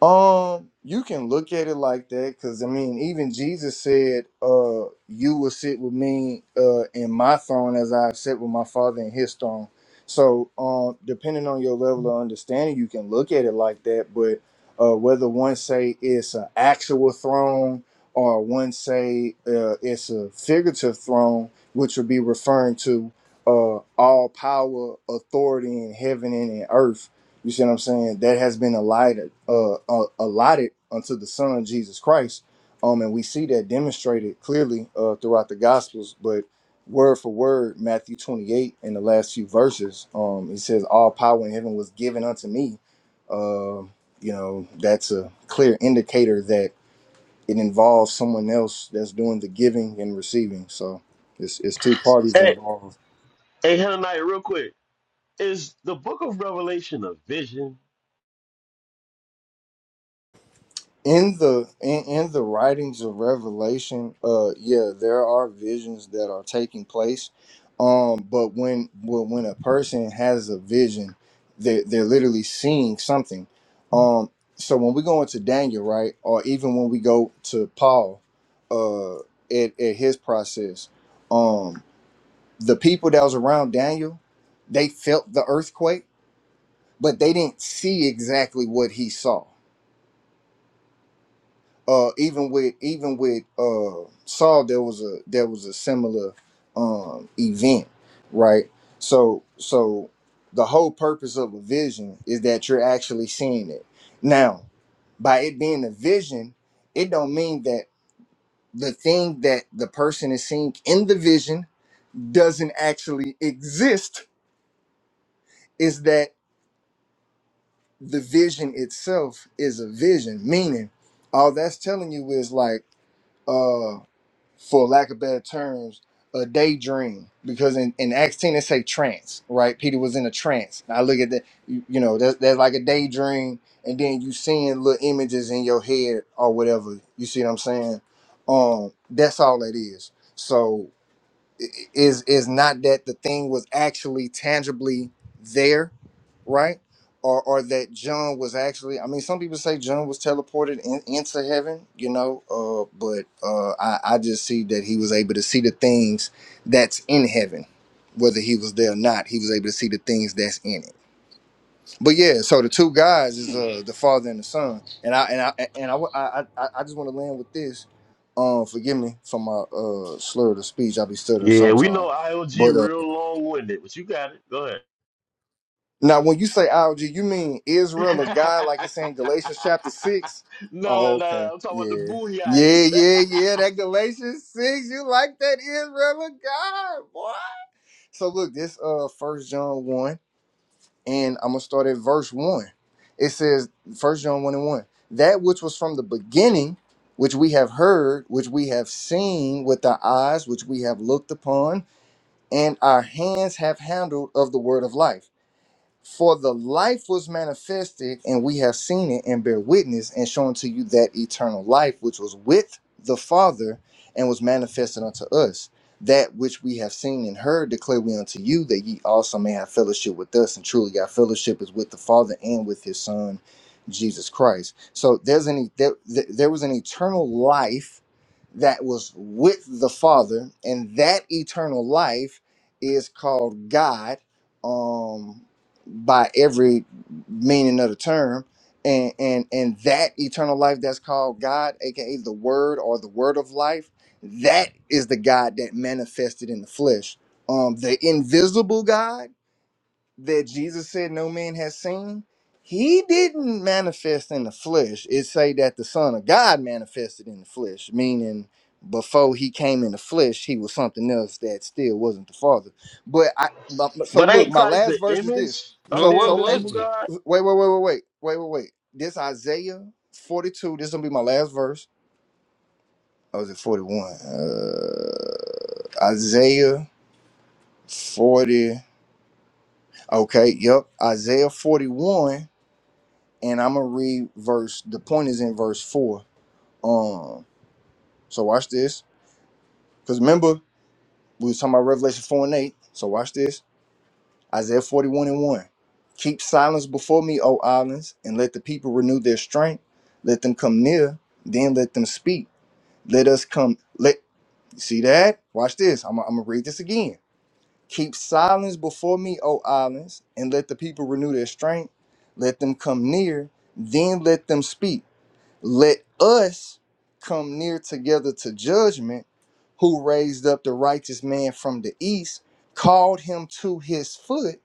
Speaker 19: Um, you can look at it like that because I mean, even Jesus said, "Uh, you will sit with me, uh, in my throne as I've sat with my Father in His throne." So, um, depending on your level of understanding, you can look at it like that. But uh, whether one say it's an actual throne or one say uh, it's a figurative throne, which would be referring to uh, all power, authority in heaven and in earth you see what I'm saying? That has been allotted, uh, uh, allotted unto the Son Jesus Christ, um, and we see that demonstrated clearly uh, throughout the Gospels. But word for word, Matthew 28 in the last few verses, um, it says, "All power in heaven was given unto me." Um, you know, that's a clear indicator that it involves someone else that's doing the giving and receiving. So it's it's two parties
Speaker 16: hey,
Speaker 19: involved.
Speaker 16: hey, Hananiah, real quick, is the Book of Revelation a vision?
Speaker 19: in the in, in the writings of revelation uh yeah there are visions that are taking place um but when when when a person has a vision they're, they're literally seeing something um so when we go into daniel right or even when we go to paul uh at, at his process um the people that was around daniel they felt the earthquake but they didn't see exactly what he saw uh even with even with uh Saul there was a there was a similar um event, right? So so the whole purpose of a vision is that you're actually seeing it. Now, by it being a vision, it don't mean that the thing that the person is seeing in the vision doesn't actually exist. Is that the vision itself is a vision, meaning all that's telling you is like uh, for lack of better terms, a daydream. Because in, in Acts 10, it say trance, right? Peter was in a trance. I look at that, you, you know, that, that's like a daydream. And then you seeing little images in your head or whatever. You see what I'm saying? Um, that's all that is. So is is not that the thing was actually tangibly there, right? Or or that John was actually. I mean, some people say John was teleported in, into heaven, you know. Uh, but uh, I I just see that he was able to see the things that's in heaven, whether he was there or not. He was able to see the things that's in it. But yeah, so the two guys is uh the father and the son, and I and I and I I, I, I just want to land with this. Um, forgive me for my uh slur of the speech. I be stuttering
Speaker 16: Yeah, we
Speaker 19: sometimes.
Speaker 16: know
Speaker 19: But
Speaker 16: IOG
Speaker 19: uh,
Speaker 16: real long winded, but you got it. Go ahead.
Speaker 19: now when you say algae, you mean
Speaker 16: <laughs>
Speaker 19: Israel or God, like it's in Galatians chapter six?
Speaker 16: no, no,
Speaker 19: Oh,
Speaker 16: no, no.
Speaker 19: okay,
Speaker 16: I'm talking about the
Speaker 19: yeah,
Speaker 16: booty
Speaker 19: yeah,
Speaker 16: eyes.
Speaker 19: yeah, yeah. That Galatians six, you like that Israel or God, boy? So look, this uh First John one. and I'm gonna start at verse one. It says, First John one and one, that which was from the beginning, which we have heard, which we have seen with our eyes, which we have looked upon, and our hands have handled of the word of life. For the life was manifested, and we have seen it and bear witness and shown to you that eternal life which was with the Father and was manifested unto us. That which we have seen and heard declare we unto you, that ye also may have fellowship with us. And truly, our fellowship is with the Father and with His Son, Jesus Christ. So there's any there, there was an eternal life that was with the Father, and that eternal life is called God. Um, by every meaning of the term and and and that eternal life that's called god aka the word or the word of life that is the god that manifested in the flesh um the invisible god that Jesus said no man has seen, he didn't manifest in the flesh. It say that the Son of God manifested in the flesh, meaning before he came in the flesh, he was something else that still wasn't the Father. But I but- but-
Speaker 16: <laughs>
Speaker 19: so
Speaker 16: but
Speaker 19: look,
Speaker 16: ain't
Speaker 19: my
Speaker 16: Christ the
Speaker 19: last verse is this.
Speaker 16: image of
Speaker 20: No,
Speaker 19: So
Speaker 16: the
Speaker 20: what
Speaker 19: so eh,
Speaker 20: was
Speaker 16: invisible
Speaker 20: it?
Speaker 16: God?
Speaker 19: wait, wait, wait, wait, wait, wait, wait, wait. This Isaiah 42, this is gonna be my last verse. Oh, is it 41? Uh Isaiah 40. Okay, yep. Isaiah 41 and I'm gonna read verse. The point is in verse four. Um, so watch this, because remember we was talking about Revelation four and eight. So watch this. Isaiah forty one and one. Keep silence before me, O islands, and let the people renew their strength. Let them come near, then let them speak. Let us come. Let see that. Watch this. I'm, I'm gonna read this again. Keep silence before me, O islands, and let the people renew their strength. Let them come near, then let them speak. let us come near together to judgment who raised up the righteous man from the east called him to his foot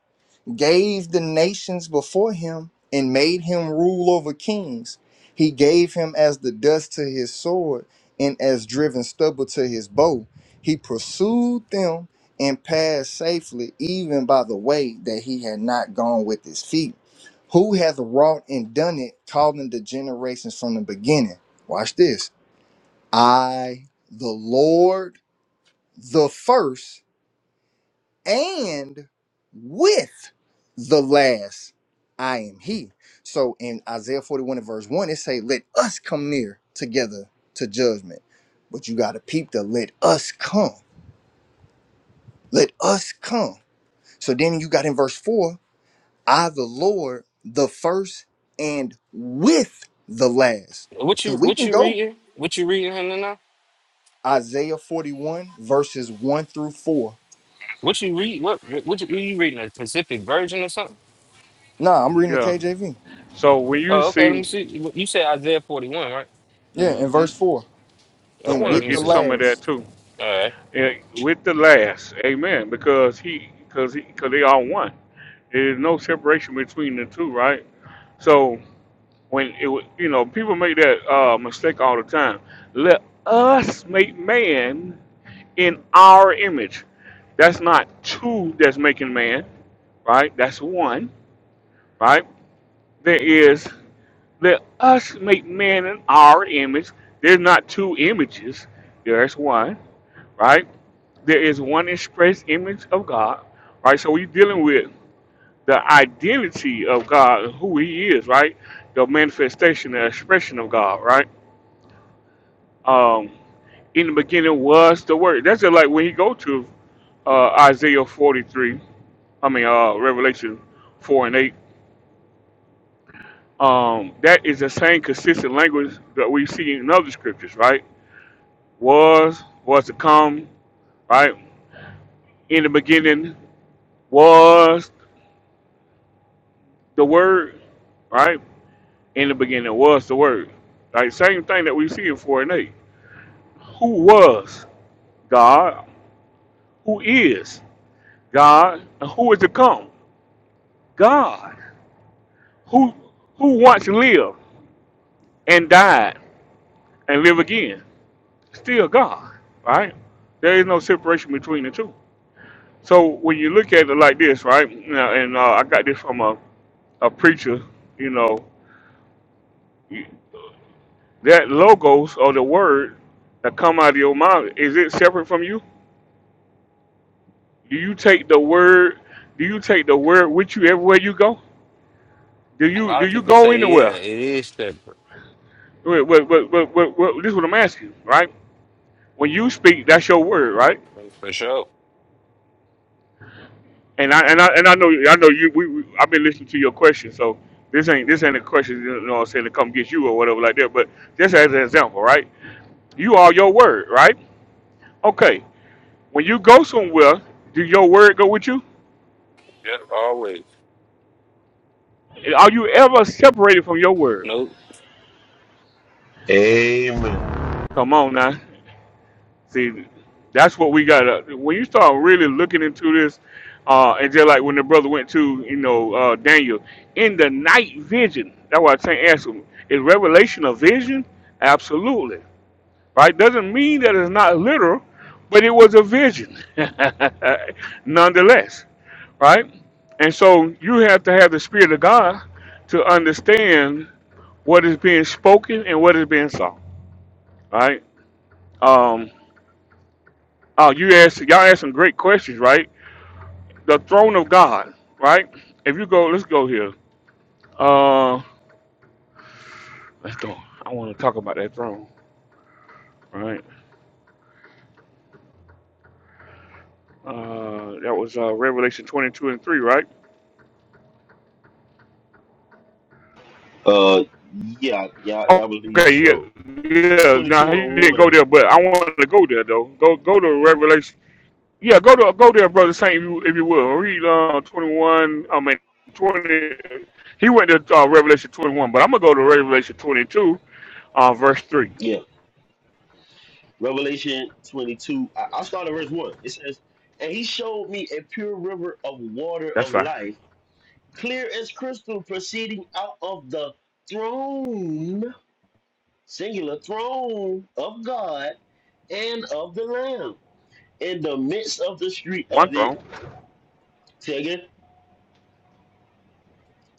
Speaker 19: gave the nations before him and made him rule over kings. He gave him as the dust to his sword and as driven stubble to his bow. He pursued them and passed safely, even by the way that he had not gone with his feet. Who hath wrought and done it, calling the generations from the beginning? Watch this. I, the Lord, the first and with the last I am he. So in Isaiah 41 and verse 1, it say, Let us come near together to judgment. But you gotta peep the let us come. Let us come. So then you got in verse 4, I the Lord, the first and with the last.
Speaker 20: What you
Speaker 19: Because we
Speaker 20: what
Speaker 19: can
Speaker 20: you
Speaker 19: go
Speaker 20: reading? What you reading Hannah, now?
Speaker 19: Isaiah 41, verses 1 through 4.
Speaker 20: What you read? What what you, you reading? A Pacific Virgin or something?
Speaker 19: Nah, I'm reading the
Speaker 1: Yeah.
Speaker 19: KJV.
Speaker 1: So when you
Speaker 20: Oh, okay. Let
Speaker 1: see,
Speaker 20: me see. You you said Isaiah forty one, right?
Speaker 19: Yeah, in
Speaker 1: hmm
Speaker 19: verse 4.
Speaker 1: I
Speaker 20: Okay,
Speaker 19: And
Speaker 1: want
Speaker 20: let
Speaker 1: to
Speaker 19: with
Speaker 20: me
Speaker 19: the
Speaker 1: get
Speaker 20: see.
Speaker 1: some of
Speaker 19: last.
Speaker 1: that too.
Speaker 20: All right.
Speaker 1: eh, with the last. Amen. Because he, because he, because they are one. There's no separation between the two, right? So when it, wa- you know, people make that uh, mistake all the time. Let us make man in our image. That's not two that's making man, right? That's one, right? There is let us make man in our image. There's not two images. There's one, right? There is one express image of God, right? So we're dealing with the identity of God, and who He is, right? The manifestation, the expression of God, right? Um, in the beginning was the Word. That's just like when you go to uh, Isaiah 43, I mean, uh, Revelation 4 and 8. Um, that is the same consistent language that we see in other scriptures, right? Was, was to come, right? In the beginning was the Word, right? in the beginning was the word. Like same thing that we see in four and eight. Who was God? Who is God? And who is to come? God. Who who once lived and died and live again? Still God. Right? There is no separation between the two. So when you look at it like this, right? you And uh, I got this from a, a preacher. You know, that logos or the word that come out of your mouth is it separate from you? Do you take the word? Do you take the word with you everywhere you go? Do
Speaker 20: A
Speaker 1: you
Speaker 20: lot
Speaker 1: do
Speaker 20: of
Speaker 1: you
Speaker 20: people
Speaker 1: go
Speaker 20: say, yeah,
Speaker 1: anywhere?
Speaker 20: it is separate
Speaker 1: Wait, wait, wait, wait, wait, wait, this is what I'm asking, right? When you speak, that's your word, right?
Speaker 20: for sure.
Speaker 1: And I and I and I know I know you. We, we I've been listening to your question, so this ain't this ain't a question. You know, what I'm saying to come get you or whatever like that. But just as an example, right? You are your word, right? Okay. When you go somewhere, do your word go with you?
Speaker 20: Yep, always.
Speaker 1: Are you ever separated from your word?
Speaker 20: Nope.
Speaker 16: Amen.
Speaker 1: Come on now. See, that's what we got. When you start really looking into this, uh, and just like when the brother went to, you know, uh, Daniel in the night vision. That's why I saying ask him: Is revelation a vision? Absolutely, right? Doesn't mean that it's not literal, but it was a vision, <laughs> nonetheless, right? And so you have to have the spirit of God to understand what is being spoken and what is being saw, right? Um, Oh, you asked y'all asked some great questions, right? the throne of God, right? If you go, let's go here. Uh, let's go. I want to talk about that throne, right? Uh, that was uh, Revelation 22 and 3, right?
Speaker 16: Uh, yeah, yeah,
Speaker 1: Oh,
Speaker 16: I believe
Speaker 1: Okay, yeah,
Speaker 16: so.
Speaker 1: yeah.
Speaker 16: Twenty-two
Speaker 1: Now he
Speaker 16: and
Speaker 1: didn't go
Speaker 16: one.
Speaker 1: there, but I wanted to go there though. Go, go to Revelation. Yeah, go to go there, brother Saint, if you, if you will. Read uh, 21. I mean 20. He went to uh, Revelation 21, but I'm gonna go to Revelation 22, uh, verse 3.
Speaker 16: Yeah, Revelation twenty-two. I, I'll start at verse one. It says, "And he showed me a pure river of water
Speaker 1: That's
Speaker 16: of
Speaker 1: fine.
Speaker 16: life, clear as crystal, proceeding out of the throne, singular throne of God, and of the Lamb. In the midst of the street
Speaker 1: One
Speaker 16: of it,
Speaker 1: throne.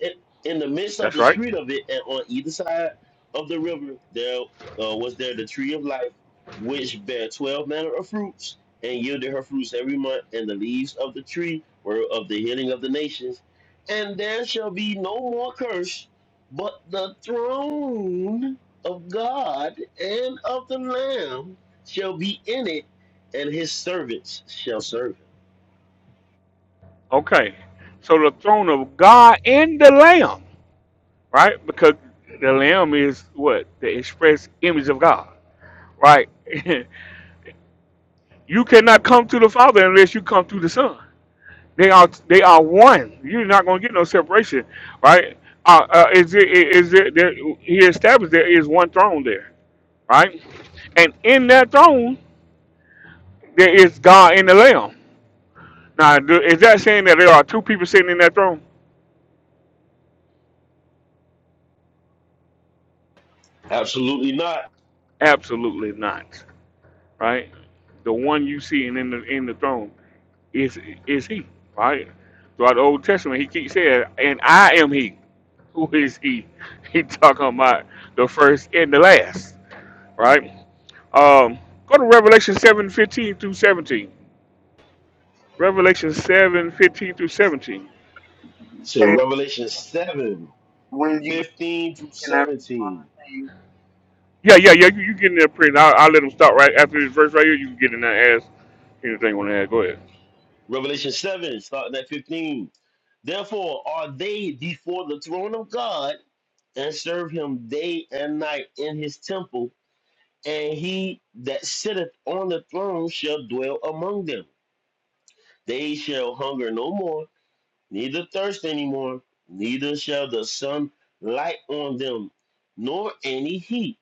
Speaker 16: in, in the midst of
Speaker 1: That's
Speaker 16: the
Speaker 1: right.
Speaker 16: street of it, and on either side of the river, there uh, was there the tree of life, which bare twelve manner of fruits, and yielded her fruits every month. And the leaves of the tree were of the healing of the nations. And there shall be no more curse, but the throne of God and of the Lamb shall be in it, and his servants shall serve him.
Speaker 1: Okay. So the throne of God and the Lamb, right? Because the Lamb is what? The express image of God, right? <laughs> you cannot come to the Father unless you come through the Son. They are they are one. You're not going to get no separation, right? Uh, uh, is it is it there, he established there is one throne there, right? And in that throne there is God and the Lamb. Now, do- is that saying that there are two people sitting in that throne?
Speaker 16: Absolutely not.
Speaker 1: Absolutely not. right? The one you see in the in the throne is is he, right? Throughout the Old Testament, he keeps saying, "And I am he." <laughs> Who is he? <laughs> He talking about the first and the last, right? Um, go to Revelation seven fifteen through seventeen. Revelation seven fifteen through seventeen.
Speaker 16: So
Speaker 21: Hey,
Speaker 16: Revelation 7
Speaker 21: when you get,
Speaker 16: 15 through
Speaker 21: can I
Speaker 16: 17.
Speaker 21: respond to you?
Speaker 1: Yeah, yeah, yeah. You, you get in there, print. I'll, I'll let him stop right after this verse right here. You can get in there, and ask anything on that. Go ahead.
Speaker 16: Revelation 7, starting at 15. Therefore are they before the throne of God and serve him day and night in his temple, and he that sitteth on the throne shall dwell among them. They shall hunger no more, neither thirst any more, neither shall the sun light on them, nor any heat.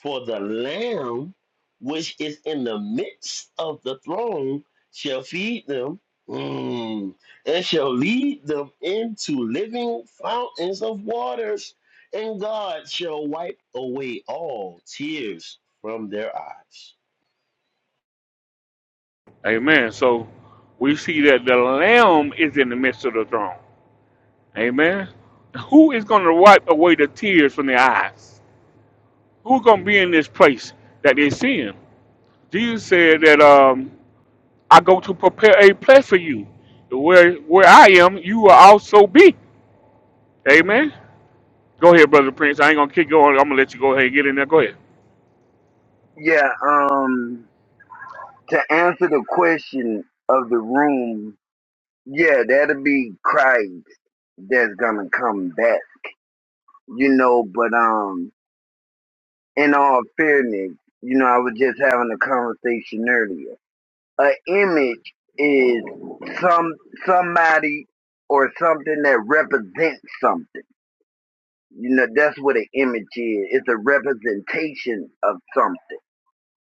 Speaker 16: For the Lamb which is in the midst of the throne shall feed them mm, and shall lead them into living fountains of waters, and God shall wipe away all tears from their eyes.
Speaker 1: Amen. So we see that the Lamb is in the midst of the throne Amen. Who is going to wipe away the tears from their eyes? Who's going to be in this place that they see him? Jesus said that um, I go to prepare a place for you. Where where I am, you will also be. Amen. Go ahead, brother Prince. I ain't gonna keep going. I'm gonna let you go ahead and get in there. Go ahead.
Speaker 21: Yeah, um, to answer the question of the room, yeah, that'll be Christ that's gonna come back, you know, but, um, in all fairness, you know, I was just having a conversation earlier. An image is some, somebody or something that represents something. You know, that's what an image is. It's a representation of something.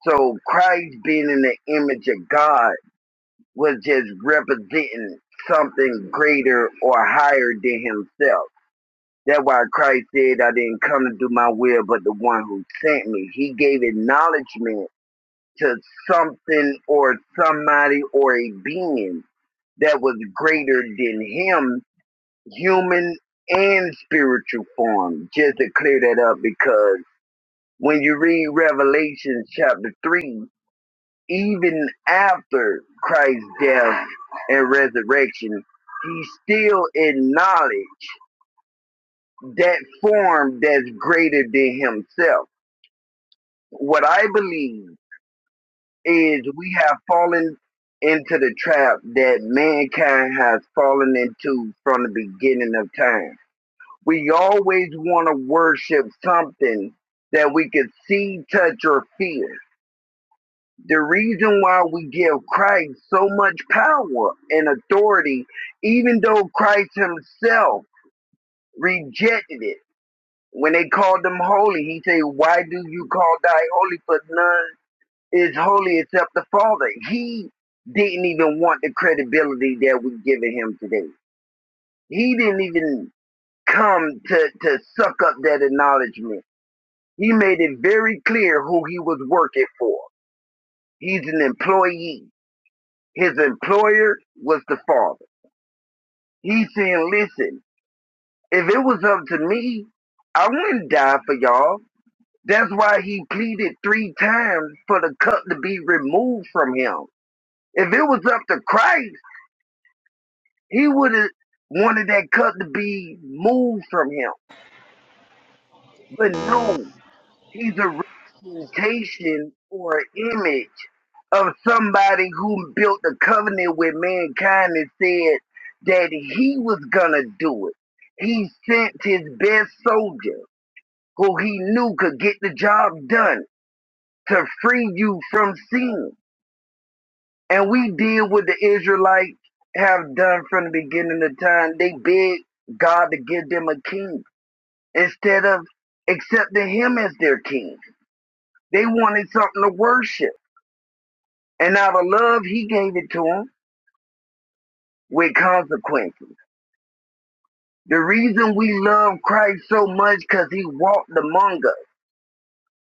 Speaker 21: So Christ being in the image of God was just representing something greater or higher than himself. That's why Christ said, I didn't come to do my will, but the one who sent me. He gave acknowledgement to something or somebody or a being that was greater than him, human and spiritual form. Just to clear that up because when you read Revelation chapter 3, even after Christ's death and resurrection, he still acknowledged that form that's greater than himself. What I believe is we have fallen into the trap that mankind has fallen into from the beginning of time. We always want to worship something that we can see, touch, or feel. the reason why we give Christ so much power and authority, even though Christ himself rejected it. When they called him holy, he said, Why do you call thy holy? For none is holy except the Father. He didn't even want the credibility that we're giving him today. He didn't even come to, to suck up that acknowledgement. He made it very clear who he was working for. He's an employee His employer was the father. He's saying, listen, if it was up to me, I wouldn't die for y'all. That's why he pleaded three times for the cup to be removed from him. If it was up to Christ, he would have wanted that cup to be moved from him. But no, He's a representation or image of somebody who built a covenant with mankind and said that he was gonna do it. He sent his best soldier, who he knew could get the job done, to free you from sin. And we did what the Israelites have done from the beginning of time. They begged God to give them a king instead of accepting him as their king. They wanted something to worship And out of love, he gave it to him with consequences. The reason we love Christ so much because he walked among us.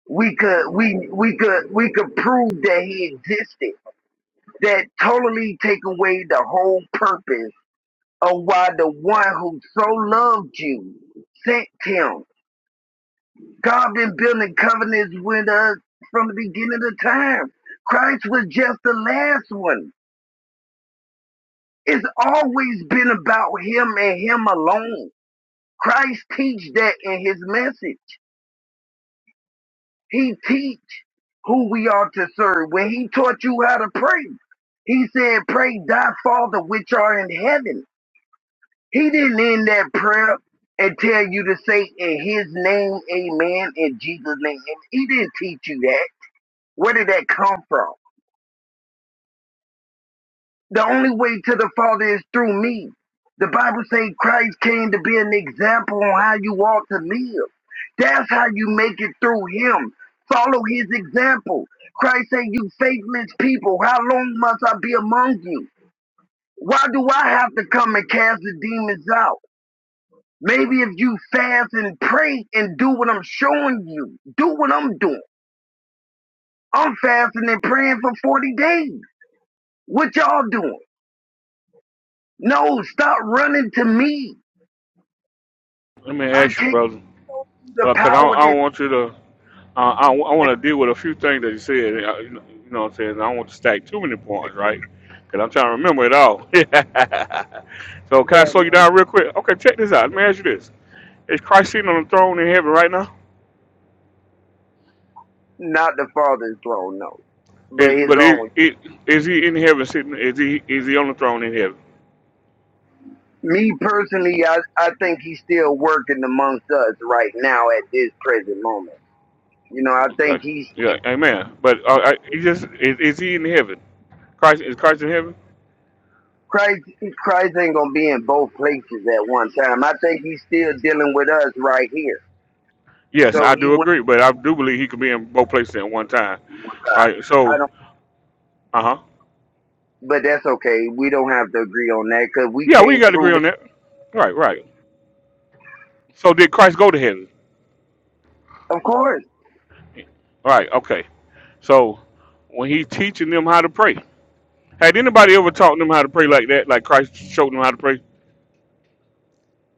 Speaker 21: We could we we could we could prove that he existed. That totally take away the whole purpose of why the one who so loved you sent him. God been building covenants with us from the beginning of time. Christ was just the last one. It's always been about him and him alone Christ teach that in his message. He teach who we are to serve. When he taught you how to pray, he said, pray thy father which are in heaven. He didn't end that prayer and tell you to say in his name, amen, in Jesus' name. He didn't teach you that. Where did that come from? The only way to the Father is through me. The Bible says Christ came to be an example on how you ought to live. That's how you make it through him. Follow his example. Christ said, you faithless people, how long must I be among you? Why do I have to come and cast the demons out? Maybe if you fast and pray and do what I'm showing you, do what I'm doing. I'm fasting and praying for 40 days. What y'all doing? No, stop running to me.
Speaker 1: Let me
Speaker 21: I
Speaker 1: ask you,
Speaker 21: can't
Speaker 1: brother,
Speaker 21: go through the
Speaker 1: because uh, I,
Speaker 21: power
Speaker 1: I
Speaker 21: that
Speaker 1: don't want you to. Uh, I, I want to deal with a few things that you said. uh, You know you know what I'm saying? I don't want to stack too many points, right? Because I'm trying to remember it all. <laughs> so can I
Speaker 21: yeah,
Speaker 1: slow you
Speaker 21: man,
Speaker 1: down real quick? Okay, check this out. Let me ask you this: Is Christ sitting on the throne in heaven right now?
Speaker 21: not the father's throne, no,
Speaker 1: Is,
Speaker 21: but his
Speaker 1: but is,
Speaker 21: own.
Speaker 1: is, is he in heaven sitting? Is he is he on the throne in heaven?
Speaker 21: Me personally, I I think he's still working amongst us right now at this present moment. You know, I think
Speaker 1: Okay.
Speaker 21: he's
Speaker 1: Yeah. Amen. But uh, I, he just is, is he in heaven? Christ is Christ in heaven?
Speaker 21: Christ. Christ ain't gonna be in both places at one time. I think he's still dealing with us right here.
Speaker 1: Yes,
Speaker 21: So
Speaker 1: I
Speaker 21: he
Speaker 1: do
Speaker 21: went
Speaker 1: agree. But I do believe he could be in both places at one time,
Speaker 21: with God.
Speaker 1: right?
Speaker 21: I
Speaker 1: So,
Speaker 21: don't,
Speaker 1: uh huh.
Speaker 21: but that's okay. We don't have to agree on that because we
Speaker 1: Yeah, we
Speaker 21: can't
Speaker 1: got to agree
Speaker 21: prove it.
Speaker 1: on that. Right, right. So did Christ go to heaven?
Speaker 21: Of course,
Speaker 1: Right, okay. So when he's teaching them how to pray, had anybody ever taught them how to pray like that? Like Christ showed them how to pray?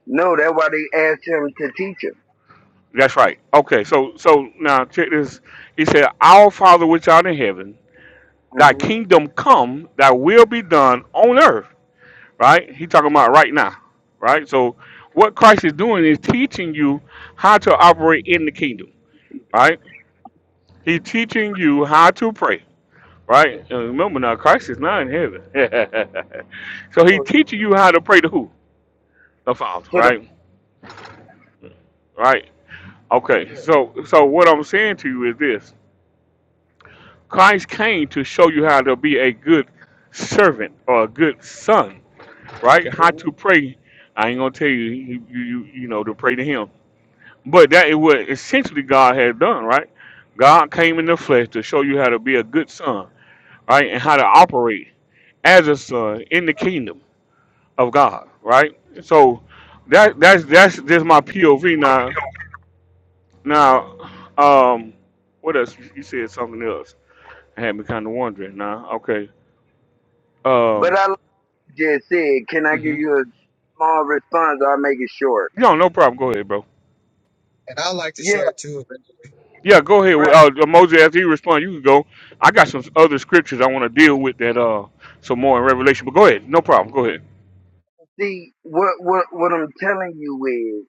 Speaker 21: no. That's why they asked him to teach him.
Speaker 1: That's right. Okay, so so now check this. He said, Our Father which art in heaven, thy kingdom come, thy will be done on earth. Right? He talking about right now. Right? So what Christ is doing is teaching you how to operate in the kingdom. Right? He's teaching you how to pray right? And remember now, Christ is not in heaven. <laughs> so he
Speaker 21: hmm
Speaker 1: teaches you how to pray to who? The Father,
Speaker 21: to the
Speaker 1: right? Right. Okay. So so what I'm saying to you is this Christ came to show you how to be a good servant or a good son, right? How to pray. I ain't gonna tell you you you, you you know to pray to him. But that is what essentially God has done, right? God came in the flesh to show you how to be a good son, right? And how to operate as a son in the kingdom of God, right? So that that's that's just my POV now. Now, um, what else? You said something else. I had me kind of wondering now. Okay.
Speaker 21: But
Speaker 1: Um.
Speaker 21: I like you just said, can I give
Speaker 1: hmm
Speaker 21: you a small response? I'll make it short.
Speaker 1: No, no problem. Go ahead, bro.
Speaker 22: And I like to
Speaker 21: Yeah,
Speaker 22: share too. if it-
Speaker 1: Yeah, go ahead. Well,
Speaker 21: right.
Speaker 1: Uh, uh, Moses, after you respond, you can go. I got some other scriptures I want to deal with that uh some more in Revelation, but go ahead. No problem. Go ahead.
Speaker 21: See, what what what I'm telling you is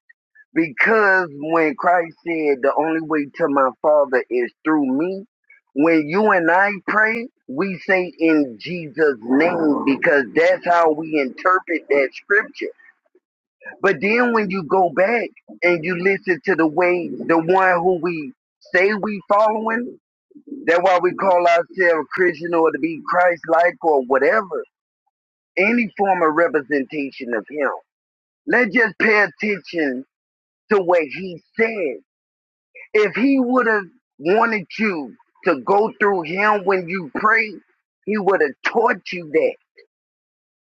Speaker 21: because when Christ said the only way to my Father is through me, when you and I pray, we say in Jesus' name because that's how we interpret that scripture. But then when you go back and you listen to the way the one who we say we following That's why we call ourselves Christian or to be Christ like or whatever, any form of representation of Him. Let's just pay attention to what He said. If He would have wanted you to go through Him when you pray, He would have taught you that.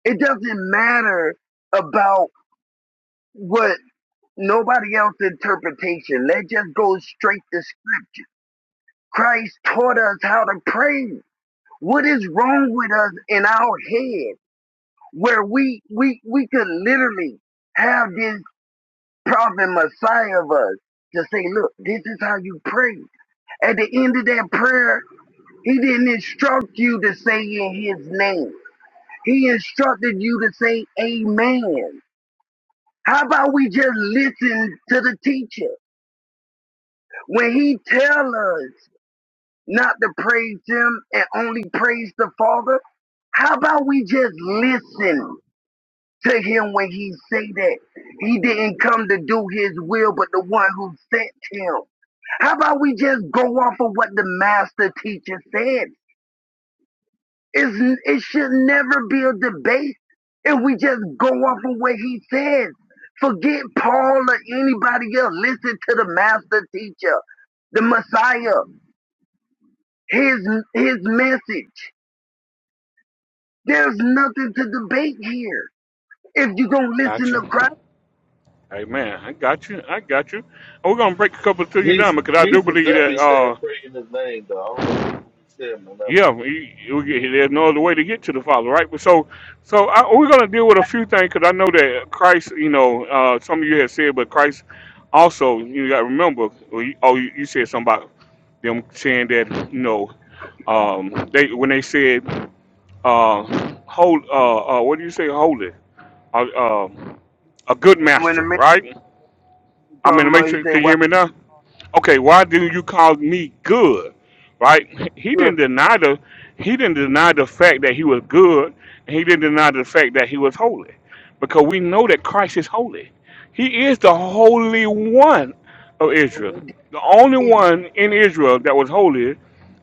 Speaker 21: It doesn't matter about what nobody else interpretation. Let's just go straight to Scripture. Christ taught us how to pray. What is wrong with us in our head? where we we we could literally have this prophet Messiah of us to say, look, this is how you pray. At the end of that prayer, he didn't instruct you to say in his name. He instructed you to say amen. How about we just listen to the teacher when he tell us not to praise him and only praise the Father? How about we just listen? to him when he say that. He didn't come to do his will, but the one who sent him. How about we just go off of what the master teacher said? It's, it should never be a debate if we just go off of what he says. Forget Paul or anybody else. Listen to the master teacher, the Messiah, his, his message. There's nothing to debate here. If you don't
Speaker 1: Got
Speaker 21: listen to
Speaker 1: you.
Speaker 21: Christ,
Speaker 1: Amen. I got you. I got you. And we're gonna break a couple of things down
Speaker 23: Jesus,
Speaker 1: because I do
Speaker 23: Jesus
Speaker 1: believe that.
Speaker 23: definitely
Speaker 1: Uh,
Speaker 23: said, "Pray in His name." Though I don't know, I don't know what he said in
Speaker 1: Yeah,
Speaker 23: another.
Speaker 1: we, we, get- there's no other way to get to the Father, right? But So, so I, we're going to deal with a few things because I know that Christ, you know, uh, some of you have said, but Christ also, you got to remember, or you, oh, you you said something about them saying that, you know, um, they when they said, uh, hold, uh, uh, what do you say, holy, uh, uh, a good
Speaker 21: when the
Speaker 1: master,
Speaker 21: man
Speaker 1: right? I'm
Speaker 21: called
Speaker 1: in the
Speaker 21: him, up, he
Speaker 1: matrix.
Speaker 21: said,
Speaker 1: Can you
Speaker 21: "Why
Speaker 1: hear me now? okay, why didn't you call me good? Right? He
Speaker 21: good?"
Speaker 1: didn't deny the he didn't deny the fact that he was good, and he didn't deny the fact that he was holy. Because we know that Christ is holy. He is the holy one of
Speaker 21: But
Speaker 1: Israel.
Speaker 21: what
Speaker 1: The only
Speaker 21: David.
Speaker 1: one in Israel that was holy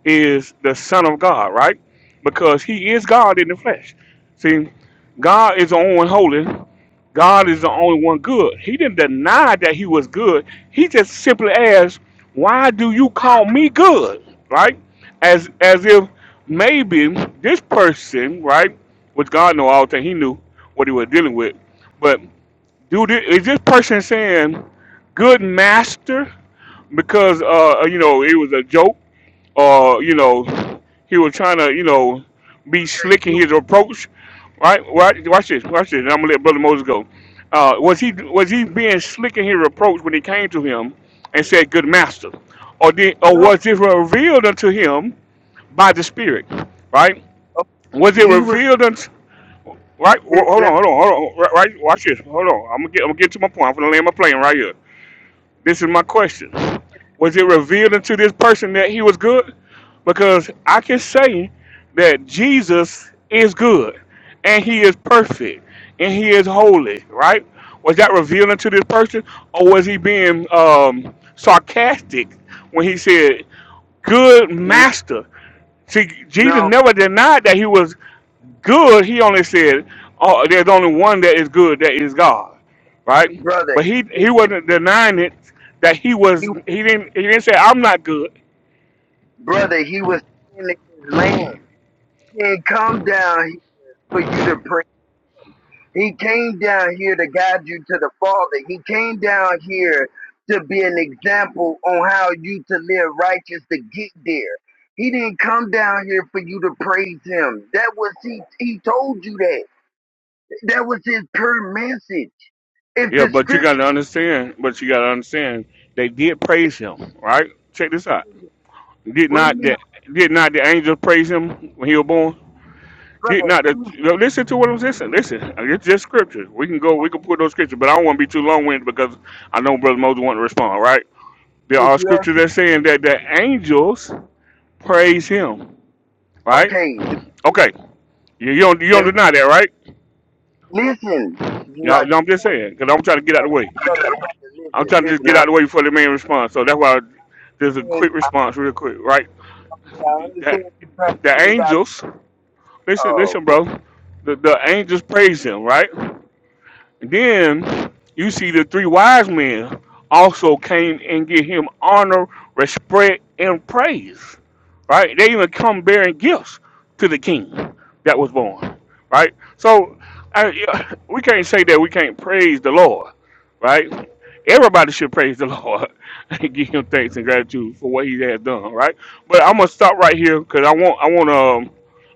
Speaker 1: is the Son of God, right? Because he is God in the flesh. See, God is the only one holy, God is the only one good. He didn't deny that he was good. He just simply asked, "Why do you call me good?" Right? As as if maybe this person, right, which God know all things, He knew what he was dealing with. But dude, is this person saying, "Good master," because uh, you know it was a joke? or you know, he was trying to you know be slick
Speaker 21: He,
Speaker 1: in his approach, right? Watch, watch this, watch this. And I'm gonna let Brother Moses go. Uh, was he was he being slick in his approach when he came to him and said, "Good master," or did or
Speaker 21: no,
Speaker 1: was it revealed unto him by the Spirit, right?
Speaker 21: oh,
Speaker 1: Was it
Speaker 21: he was
Speaker 1: revealed unto Right, hold on,
Speaker 21: let-
Speaker 1: hold on, hold on. Right, right, watch this. Hold on. I'm gonna get, I'm gonna get to my point. I'm gonna land my plane right here. This is my question. Was it revealed unto this person that he was good? Because I can say that Jesus is good and he is perfect and he is holy, right? Was that revealed unto this person or was he being um, sarcastic when he said, Good
Speaker 21: let-
Speaker 1: master? See, Jesus
Speaker 21: no
Speaker 1: never denied that he was Good, he only said, oh, there's only one that is good, that is God, right?
Speaker 21: brother.
Speaker 1: But he
Speaker 21: He
Speaker 1: he
Speaker 21: was
Speaker 1: wasn't denying it that he
Speaker 21: he,
Speaker 1: was. He didn't he didn't say I'm not good.
Speaker 21: brother. He was standing his land. He didn't come down here for you to pray. He came down here to guide you to the Father. He came down here to be an example on how you to live righteous to get there. He didn't come down here for you to praise him. That was he. He told you that. That was his per message. If
Speaker 1: Yeah,
Speaker 21: the
Speaker 1: but you got
Speaker 21: scripture,
Speaker 1: to understand. But you got to understand they did praise him, right? Check this out. Did
Speaker 21: wait a
Speaker 1: not
Speaker 21: minute,
Speaker 1: the did not the angels praise him when he was born? Did
Speaker 21: brother,
Speaker 1: not
Speaker 21: let
Speaker 1: the
Speaker 21: me,
Speaker 1: now listen to what I'm listening. Listen, it's just scripture. We can go. We can put those scriptures, but I don't want to be too long winded because I know Brother Moses want to respond, right? There
Speaker 21: did
Speaker 1: are
Speaker 21: you ask?
Speaker 1: scriptures that saying that the angels praise him, right?
Speaker 21: Okay,
Speaker 1: Okay, you, you don't you
Speaker 21: let
Speaker 1: don't
Speaker 21: me,
Speaker 1: deny that, right?
Speaker 21: listen.
Speaker 1: You know,
Speaker 21: Like,
Speaker 1: no, I'm just saying because I'm trying to get out of the way.
Speaker 21: brother,
Speaker 1: I'm
Speaker 21: listen,
Speaker 1: trying to
Speaker 21: listen.
Speaker 1: just get
Speaker 21: Now,
Speaker 1: out of the way before the man responds. So that's why there's a
Speaker 21: and
Speaker 1: quick
Speaker 21: I,
Speaker 1: response, real quick, right?
Speaker 21: I
Speaker 1: That
Speaker 21: understand you trying
Speaker 1: the
Speaker 21: to get it out.
Speaker 1: angels, listen,
Speaker 21: Uh,
Speaker 1: listen,
Speaker 21: well,
Speaker 1: bro. The, the angels praise him, right? Then you see the three wise men also came and give him honor, respect, and praise. Right? They even come bearing gifts to the king that was born. Right? So I, we can't say that we can't praise the Lord. Right? Everybody should praise the <laughs> Lord and give him thanks and gratitude for what he has done. Right? But I'm gonna stop right here because I want I want um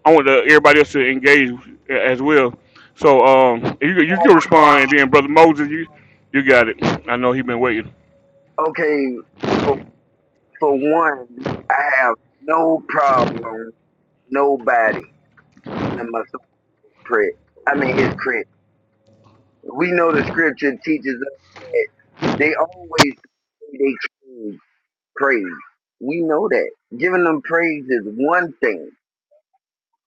Speaker 1: I want uh, everybody else to engage as well so um, you you can respond, and then brother Moses, you you got it. I know he been waiting.
Speaker 21: okay, for for one, I have no problem. Nobody in the Messiah's prayer. I mean, his prayer. We know the scripture teaches us that they always they choose praise. We know that giving them praise is one thing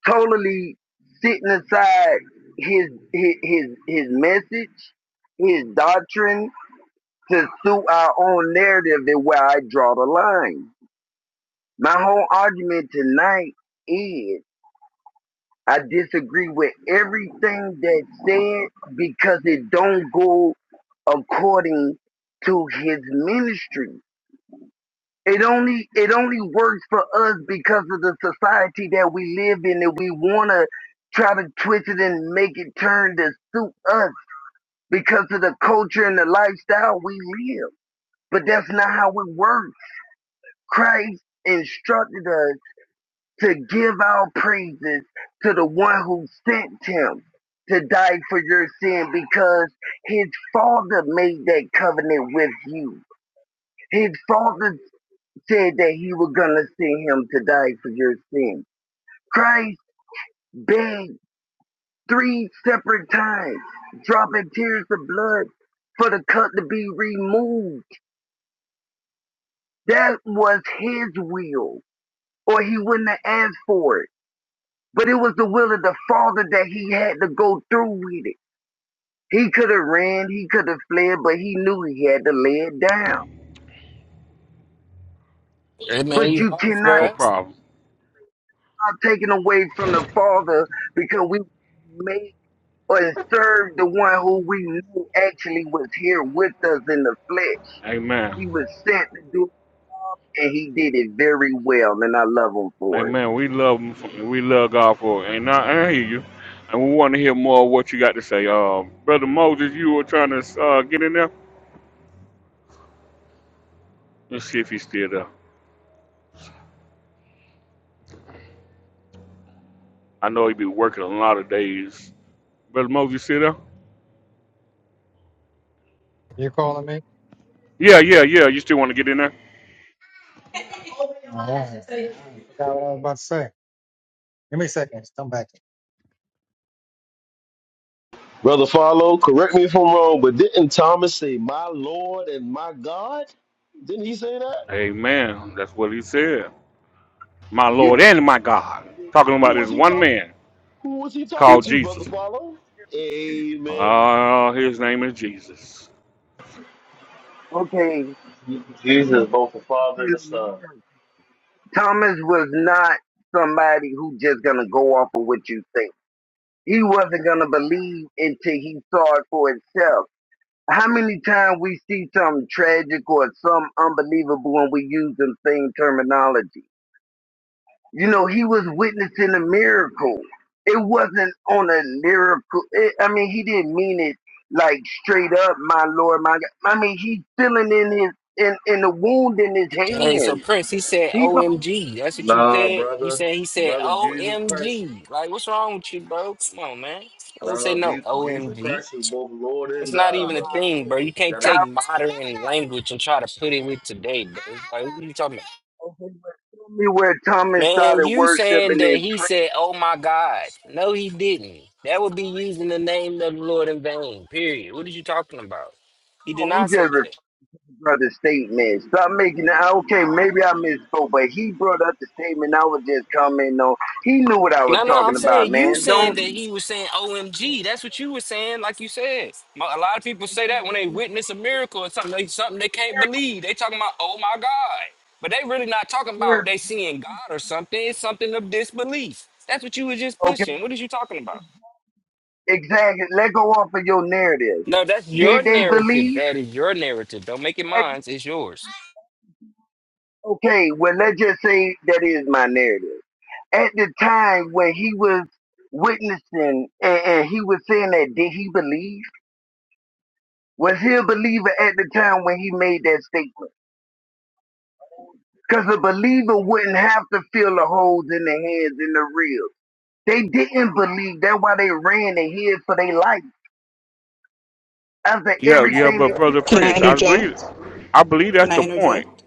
Speaker 21: totally sitting aside his his his, his message, his doctrine to suit our own narrative and where I draw the line. My whole argument tonight is I disagree with everything that's said because it don't go according to his ministry. It only it only works for us because of the society that we live in and we wanna try to twist it and make it turn to suit us because of the culture and the lifestyle we live. But that's not how it works. Christ instructed us to give our praises to the one who sent him to die for your sin because his father made that covenant with you. His father said that he was going to send him to die for your sins. Christ begged three separate times, dropping tears of blood for the cup to be removed. That was his will, or he wouldn't have asked for it. But it was the will of the Father that he had to go through with it. He could have ran, he could have fled, but he knew he had to lay it down.
Speaker 20: It made
Speaker 21: But
Speaker 20: you
Speaker 21: you
Speaker 20: off,
Speaker 21: cannot
Speaker 1: No
Speaker 20: bruh.
Speaker 1: problem.
Speaker 21: start taking away from the Father because we made or serve the one who we knew actually was here with us in the flesh.
Speaker 1: Amen.
Speaker 21: He was sent to do it, and he did it very well, and I love him for it.
Speaker 1: Amen. We love him. for- We love God for it. And I, I hear you. And we want to hear more of what you got to say. Um, brother Moses, you were trying to uh, get in there. Let's see if he's still there. I know he be working a lot of days. Brother Moses, still there?
Speaker 22: You calling me?
Speaker 1: Yeah, yeah, yeah. You still want to get in there?
Speaker 22: All right. I forgot what I was about to say. Give me a second. Come back.
Speaker 16: Brother Follow, correct me if I'm wrong, but didn't Thomas say, My Lord and my God? Didn't he say that?
Speaker 1: Amen. That's what he said. My
Speaker 21: Yeah,
Speaker 1: Lord
Speaker 16: Who,
Speaker 1: and my God. Talking
Speaker 16: who
Speaker 1: about this
Speaker 16: was he
Speaker 1: one
Speaker 16: talk?
Speaker 1: man
Speaker 16: Who was he
Speaker 21: it
Speaker 16: talking
Speaker 1: called
Speaker 16: to, Brother
Speaker 1: Jesus.
Speaker 16: Follow? Amen.
Speaker 1: Oh, his name is Jesus.
Speaker 21: okay.
Speaker 23: Jesus
Speaker 21: he was
Speaker 23: is both the
Speaker 21: sent
Speaker 23: Father
Speaker 21: to
Speaker 23: and the Son.
Speaker 21: Thomas was not somebody who just gonna go off of what you think. He wasn't gonna believe until he saw it for himself. How many times we see something tragic or some unbelievable and we use the same terminology? You know, he was witnessing a miracle. It wasn't on a lyrical. It, I mean, he didn't mean it like straight up, my Lord, my God. I mean, he's feeling in his in in the wound in his
Speaker 20: Hey, so
Speaker 21: hand.
Speaker 20: Prince, he said
Speaker 21: He's on God.
Speaker 20: OMG. That's what you
Speaker 23: Nah,
Speaker 20: said? You
Speaker 23: brother,
Speaker 20: said he said
Speaker 23: brother, Jesus Christ.
Speaker 20: OMG. Like, what's wrong with you, bro? Come on, man. I would say
Speaker 23: Nah,
Speaker 20: no,
Speaker 23: Je- Jesus
Speaker 20: OMG.
Speaker 23: Christ is both Lord
Speaker 20: It's
Speaker 23: and
Speaker 20: not
Speaker 23: God,
Speaker 20: even a
Speaker 23: brother.
Speaker 21: my
Speaker 20: thing, bro.
Speaker 21: Lord.
Speaker 20: You
Speaker 23: You
Speaker 20: can't
Speaker 23: got to
Speaker 21: I,
Speaker 20: take modern language and try to put it with today, bro. Like, what are you talking about?
Speaker 21: Tell me where Thomas
Speaker 20: Man,
Speaker 21: started
Speaker 20: you
Speaker 21: worshiping
Speaker 20: saying that
Speaker 21: and
Speaker 20: he
Speaker 21: praying.
Speaker 20: said, oh my God. No, he didn't. That would be using the name of the Lord in vain, period. What are you talking about? He did
Speaker 21: No, I'm
Speaker 20: not
Speaker 21: just
Speaker 20: say
Speaker 21: repeating
Speaker 20: that.
Speaker 21: brother's statement. Stop making it. Okay, maybe I misspoke, but he brought up the statement. I was just commenting on. He knew what I was
Speaker 20: No, no, I'm
Speaker 21: talking about,
Speaker 20: saying you
Speaker 21: man.
Speaker 20: saying that
Speaker 21: Don't.
Speaker 20: he was saying OMG. That's what you were saying, like you said. Mo- A lot of people say that when they witness a miracle or something, they, something they can't believe. They talking about, oh my God. But they really not talking about they seeing God or something. It's something of disbelief. That's what you was just
Speaker 21: Okay.
Speaker 20: pushing. What is you talking about?
Speaker 21: Exactly. Let go off of your narrative.
Speaker 20: No, that's your
Speaker 21: Did they
Speaker 20: narrative.
Speaker 21: believe?
Speaker 20: That is your narrative. Don't make it mine. It's yours.
Speaker 21: Okay, well, let's just say that is my narrative. At the time when he was witnessing and, and he was saying that, did he believe? Was he a believer at the time when he made that statement? Because a believer wouldn't have to feel the holes in the hands and the reels. They didn't believe. That's why they ran and hid for their life after
Speaker 1: Yeah, yeah,
Speaker 21: everything they.
Speaker 1: but
Speaker 21: did,
Speaker 1: brother
Speaker 24: Can I
Speaker 1: Prince, I believe
Speaker 24: interject?
Speaker 1: I believe
Speaker 24: Can
Speaker 1: that's
Speaker 24: I
Speaker 1: the point.
Speaker 24: interject?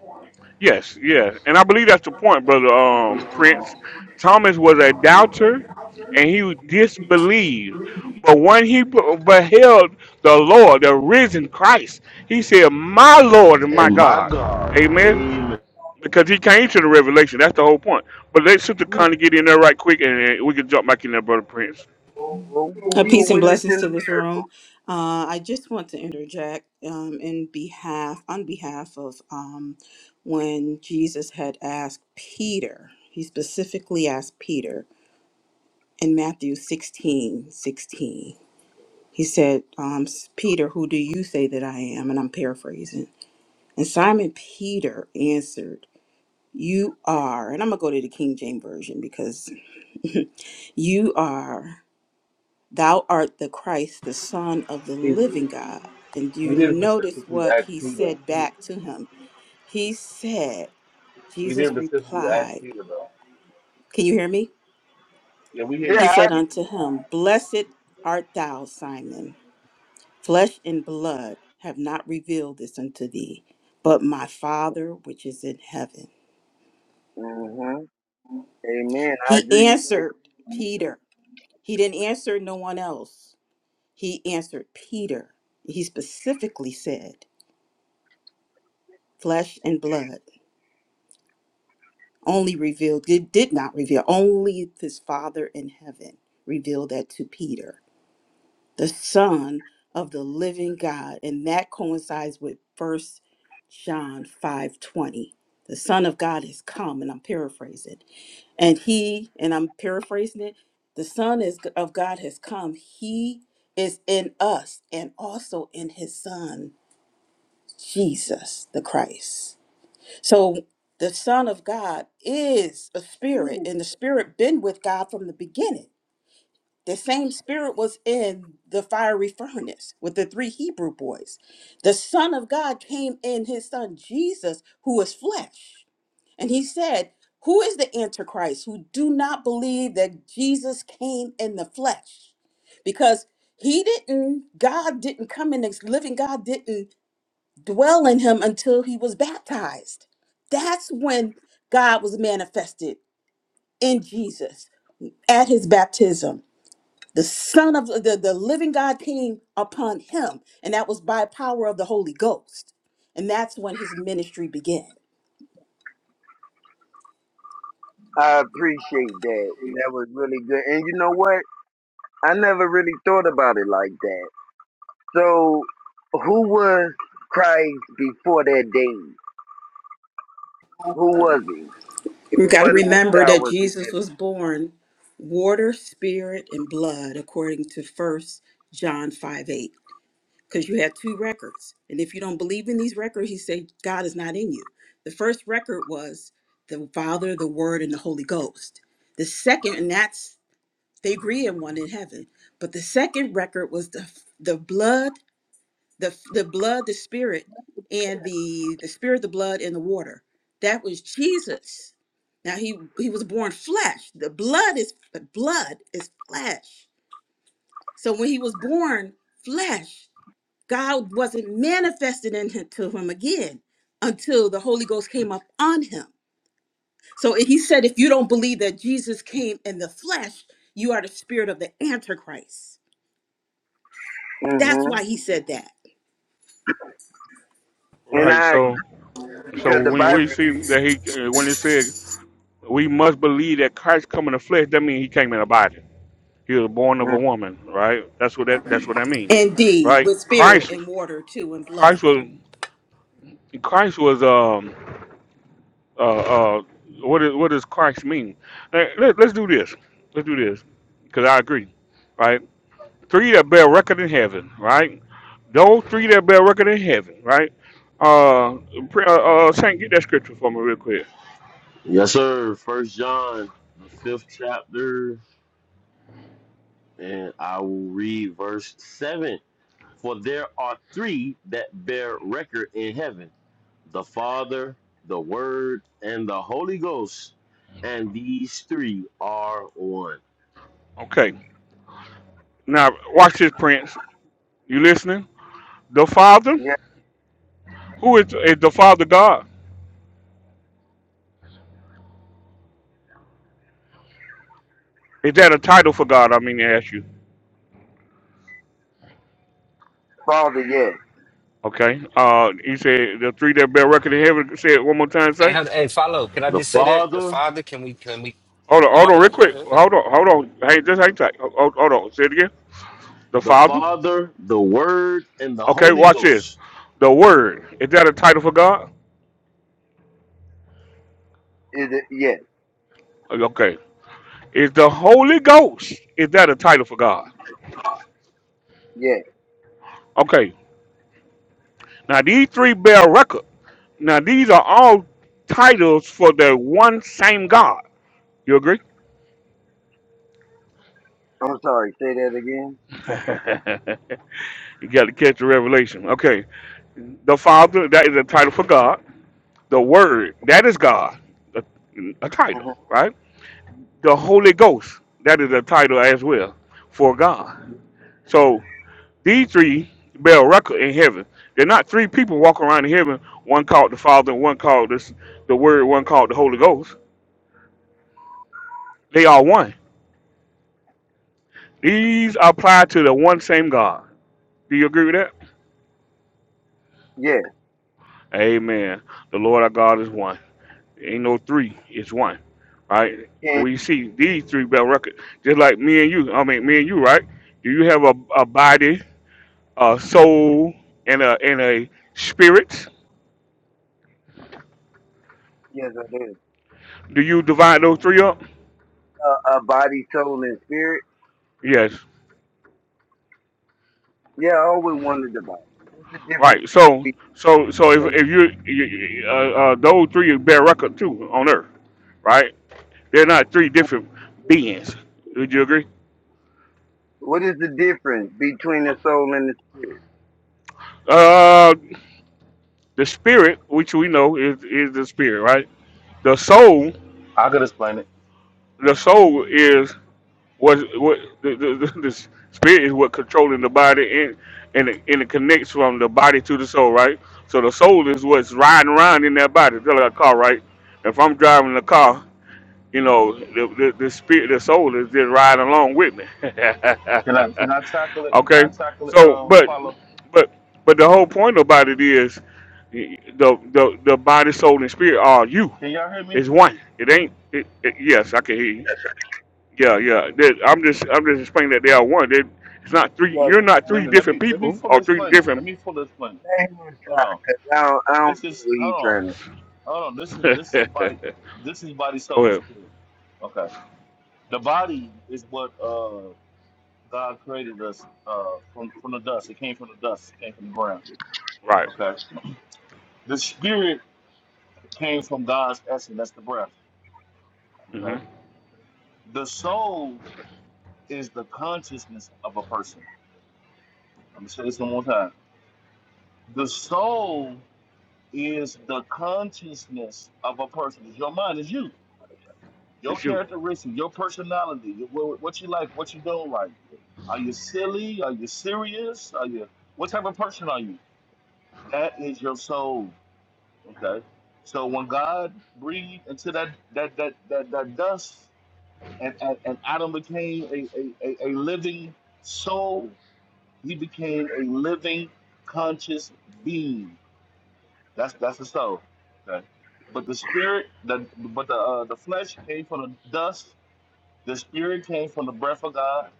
Speaker 1: Yes, yeah. And I believe that's the point, brother um Prince. Thomas was a doubter and he
Speaker 21: You,
Speaker 1: disbelieved. But when he be- beheld the Lord, the risen Christ, he said, My Lord and my
Speaker 16: And my
Speaker 1: God.
Speaker 16: God,
Speaker 1: Amen.
Speaker 21: you,
Speaker 16: amen.
Speaker 1: Because he came to the revelation. That's the whole point. But let Sister Connie get in there right quick and, and we can jump back in there, Brother Prince.
Speaker 21: you,
Speaker 24: Uh,
Speaker 21: you were
Speaker 24: peace and
Speaker 21: witnessing a
Speaker 24: blessings to this
Speaker 21: miracle.
Speaker 24: room. Uh, I just want to interject um, in behalf, on behalf of um, when Jesus had asked Peter, he specifically asked Peter in Matthew 16 16. He said, um, Peter, who do you say that I am? And I'm paraphrasing. And Simon Peter answered, You are, and I'm going to go to the King James Version because you are. Thou art the Christ, the Son of the
Speaker 23: He,
Speaker 24: living God. And
Speaker 23: he
Speaker 24: you
Speaker 23: didn't
Speaker 24: notice
Speaker 23: specifically
Speaker 24: what
Speaker 23: ask
Speaker 24: he
Speaker 23: Peter.
Speaker 24: said
Speaker 23: He,
Speaker 24: back to him. He said,
Speaker 23: he didn't
Speaker 24: Jesus
Speaker 23: specifically ask
Speaker 24: replied,
Speaker 23: Peter though.
Speaker 24: Can you hear me?
Speaker 23: Yeah, we hear
Speaker 24: He
Speaker 23: you.
Speaker 21: Yeah.
Speaker 24: said unto him, Blessed art thou, Simon. Flesh and blood have not revealed this unto thee, but my Father which is in heaven.
Speaker 21: Mm-hmm. Amen. I
Speaker 24: He
Speaker 21: agree with that.
Speaker 24: answered Peter. He didn't answer no one else. He answered Peter. He specifically said, Flesh and blood. only revealed, it did not reveal, only his Father in heaven revealed that to Peter, the Son of the living God. And that coincides with First John 5:20. The Son of God is come, and I'm paraphrasing. And he, and I'm paraphrasing it, the Son is of God has come. He is in us and also in his Son, Jesus the Christ. So the Son of God is a spirit, and the spirit been with God from the beginning. The same spirit was in the fiery furnace with the three Hebrew boys. The Son of God came in his son Jesus, who is flesh. And he said, Who is the Antichrist who do not believe that Jesus came in the flesh? Because he didn't, God didn't come in, this living God didn't dwell in him until he was baptized. That's when God was manifested in Jesus at his baptism. The Son of the, the living God came upon him, and that was by power of the Holy Ghost. And that's when his ministry began.
Speaker 21: I appreciate that. That was really good. And you know what? I never really thought about it like that. So, who was Christ before that day? Who was he?
Speaker 24: We've got to
Speaker 21: What
Speaker 24: remember
Speaker 21: lifestyle
Speaker 24: that
Speaker 21: was he
Speaker 24: Jesus was born water, spirit, and blood, according to First John 5 8. because you have two records. And if you don't believe in these records, you say God is not in you. The first record was the Father, the Word, and the Holy Ghost. The second, and that's they agree in one in heaven. But the second record was the the blood, the the blood, the Spirit, and the the Spirit, the blood, and the water. That was Jesus. Now he he was born flesh. The blood is the blood is flesh. So when he was born flesh, God wasn't manifested into him him again until the Holy Ghost came up on him. So he said, if you don't believe that Jesus came in the flesh, you are the spirit of the Antichrist.
Speaker 21: living?
Speaker 24: That's
Speaker 21: hmm
Speaker 24: why he said that.
Speaker 21: And
Speaker 1: Right,
Speaker 21: I,
Speaker 1: so. So
Speaker 21: because the
Speaker 1: when we
Speaker 21: Bible,
Speaker 1: see that he, uh, when it said we must believe that Christ come in the flesh, that means he came in a body. He was born of
Speaker 21: mm,
Speaker 1: a woman, right? That's what that that's what that means,
Speaker 24: Indeed,
Speaker 1: right?
Speaker 24: with spirit
Speaker 1: Christ,
Speaker 24: and water too, and blood.
Speaker 1: Christ was Christ was um uh uh what is what does Christ mean? Uh, Let, let's do this. Let's do this because I agree, right? Three that bear record in heaven, right? Those three that bear record in heaven, right? Uh, pre- uh, uh Saint, get that scripture for me real quick.
Speaker 16: Yes, sir. First John, the fifth chapter, and I will read verse seven. For there are three that bear record in heaven: the Father, the Word, and the Holy Ghost. And these three are one.
Speaker 1: Okay. Now, watch this, Prince. You listening? The Father?
Speaker 21: yeah,
Speaker 1: Who is, is the Father God? Is that a title for God? I mean to ask you.
Speaker 21: Father, yes,
Speaker 1: Okay. Uh, you said the three that bear record in heaven. Say it one more time.
Speaker 20: Hey,
Speaker 1: Say.
Speaker 20: hon- hey, follow. Can I
Speaker 16: The
Speaker 20: just say that the
Speaker 16: Father,
Speaker 20: Father? Can we? Can we?
Speaker 1: Hold on.
Speaker 20: Am I
Speaker 1: Hold on, real
Speaker 20: bad? Go
Speaker 1: quick.
Speaker 20: ahead. Go ahead.
Speaker 1: Hold on. Hold on. Hey, just hang tight. Hold, hold hold on. Say it again. The
Speaker 16: the
Speaker 1: Father.
Speaker 16: Father, the Word, and the
Speaker 1: Okay.
Speaker 16: Holy
Speaker 1: Watch this.
Speaker 16: Ghost.
Speaker 1: The Word. Is that a title for God?
Speaker 21: is it? Yes,
Speaker 1: Okay. Is the Holy Ghost? Is that a title for God?
Speaker 21: yes.
Speaker 1: Okay. Now these three bear record. Now these are all titles for the one same God. You agree?
Speaker 21: I'm sorry. Say that again.
Speaker 1: <laughs> you got to catch the revelation. Okay. The Father, that is a title for God. The Word, that is God, a, a title,
Speaker 21: hmm
Speaker 1: right? The Holy Ghost, that is a title as well for God. So these three bear record in heaven. They're not three people walking around in heaven, one called the Father, one called this, the Word, one called the Holy Ghost. They are one. These apply to the one same God. Do you agree with that?
Speaker 21: Yes,
Speaker 1: Amen. The Lord our God is one. Ain't no three, it's one, right?
Speaker 21: yes,
Speaker 1: We see these three belt records, just like me and you. I mean, me and you, right? Do you have a, a body, a soul, and a and a spirit?
Speaker 21: yes. I
Speaker 1: Do you divide those three up?
Speaker 21: Uh, a body, soul, and spirit.
Speaker 1: Yes,
Speaker 21: Yeah, I always wondered about it. what's the difference
Speaker 1: right. So so so if
Speaker 21: between
Speaker 1: if you, you uh, uh, those three bear record too on Earth, right? They're not three different beings. Would you agree?
Speaker 21: what is the difference between the soul and the spirit?
Speaker 1: Uh, the spirit, which we know is is the spirit, right? The soul,
Speaker 23: I could explain it.
Speaker 1: the soul is What what the, the, the, the spirit is what controlling the body and and it, and it connects from the body to the soul, right? So the soul is what's riding around in that body, just like a car, right? If I'm driving the car, you know, the, the, the spirit, the soul is just riding along with me.
Speaker 23: Can I? Can I
Speaker 1: <laughs>
Speaker 23: tackle it? Can
Speaker 1: okay,
Speaker 23: I tackle it?
Speaker 1: so
Speaker 23: Um,
Speaker 1: but
Speaker 23: follow.
Speaker 1: but but the whole point about it is the the the body, soul, and spirit are you.
Speaker 23: Can y'all hear me?
Speaker 1: It's one. It ain't. It, it, yes, I can hear you. Yeah, yeah. That, I'm just I'm just explaining that they are one. They, it's not three.
Speaker 21: Yeah,
Speaker 1: You're
Speaker 21: 'cause
Speaker 1: not
Speaker 23: Let
Speaker 1: three
Speaker 23: me. Let
Speaker 1: different
Speaker 23: me. Let me
Speaker 1: people or
Speaker 23: fully
Speaker 1: three
Speaker 23: explain it. Let
Speaker 1: different.
Speaker 23: me fully explain it.
Speaker 21: that he was-
Speaker 23: Hold on.
Speaker 21: 'cause I don't, I don't
Speaker 23: This
Speaker 21: know
Speaker 23: is
Speaker 21: what he
Speaker 23: hold on.
Speaker 21: trying to.
Speaker 23: Hold on. This
Speaker 1: <laughs>
Speaker 23: is
Speaker 1: Go
Speaker 23: this is body. This is body, soul, and
Speaker 1: ahead.
Speaker 23: spirit. Okay. The body is what uh God created us uh from from the dust. It came from the dust. It came from the ground.
Speaker 1: Right.
Speaker 23: Okay. The spirit came from God's essence. That's the breath.
Speaker 1: hmm
Speaker 23: Okay. The soul is the consciousness of a person. Let me say this one more time. The soul is the consciousness of a person. It's your mind. It's you. Your
Speaker 1: It's you.
Speaker 23: characteristics, your personality, your- what what you like, what you don't like. Are you silly? Are you serious? Are you what type of person are you? That is your soul. Okay. So when God breathed into that that that that, that dust and, and, and Adam became a, a, a, a living soul, he became a living conscious being. That's that's the soul. Okay. But the spirit, the but the uh, the flesh came from the dust The spirit came from the breath of God,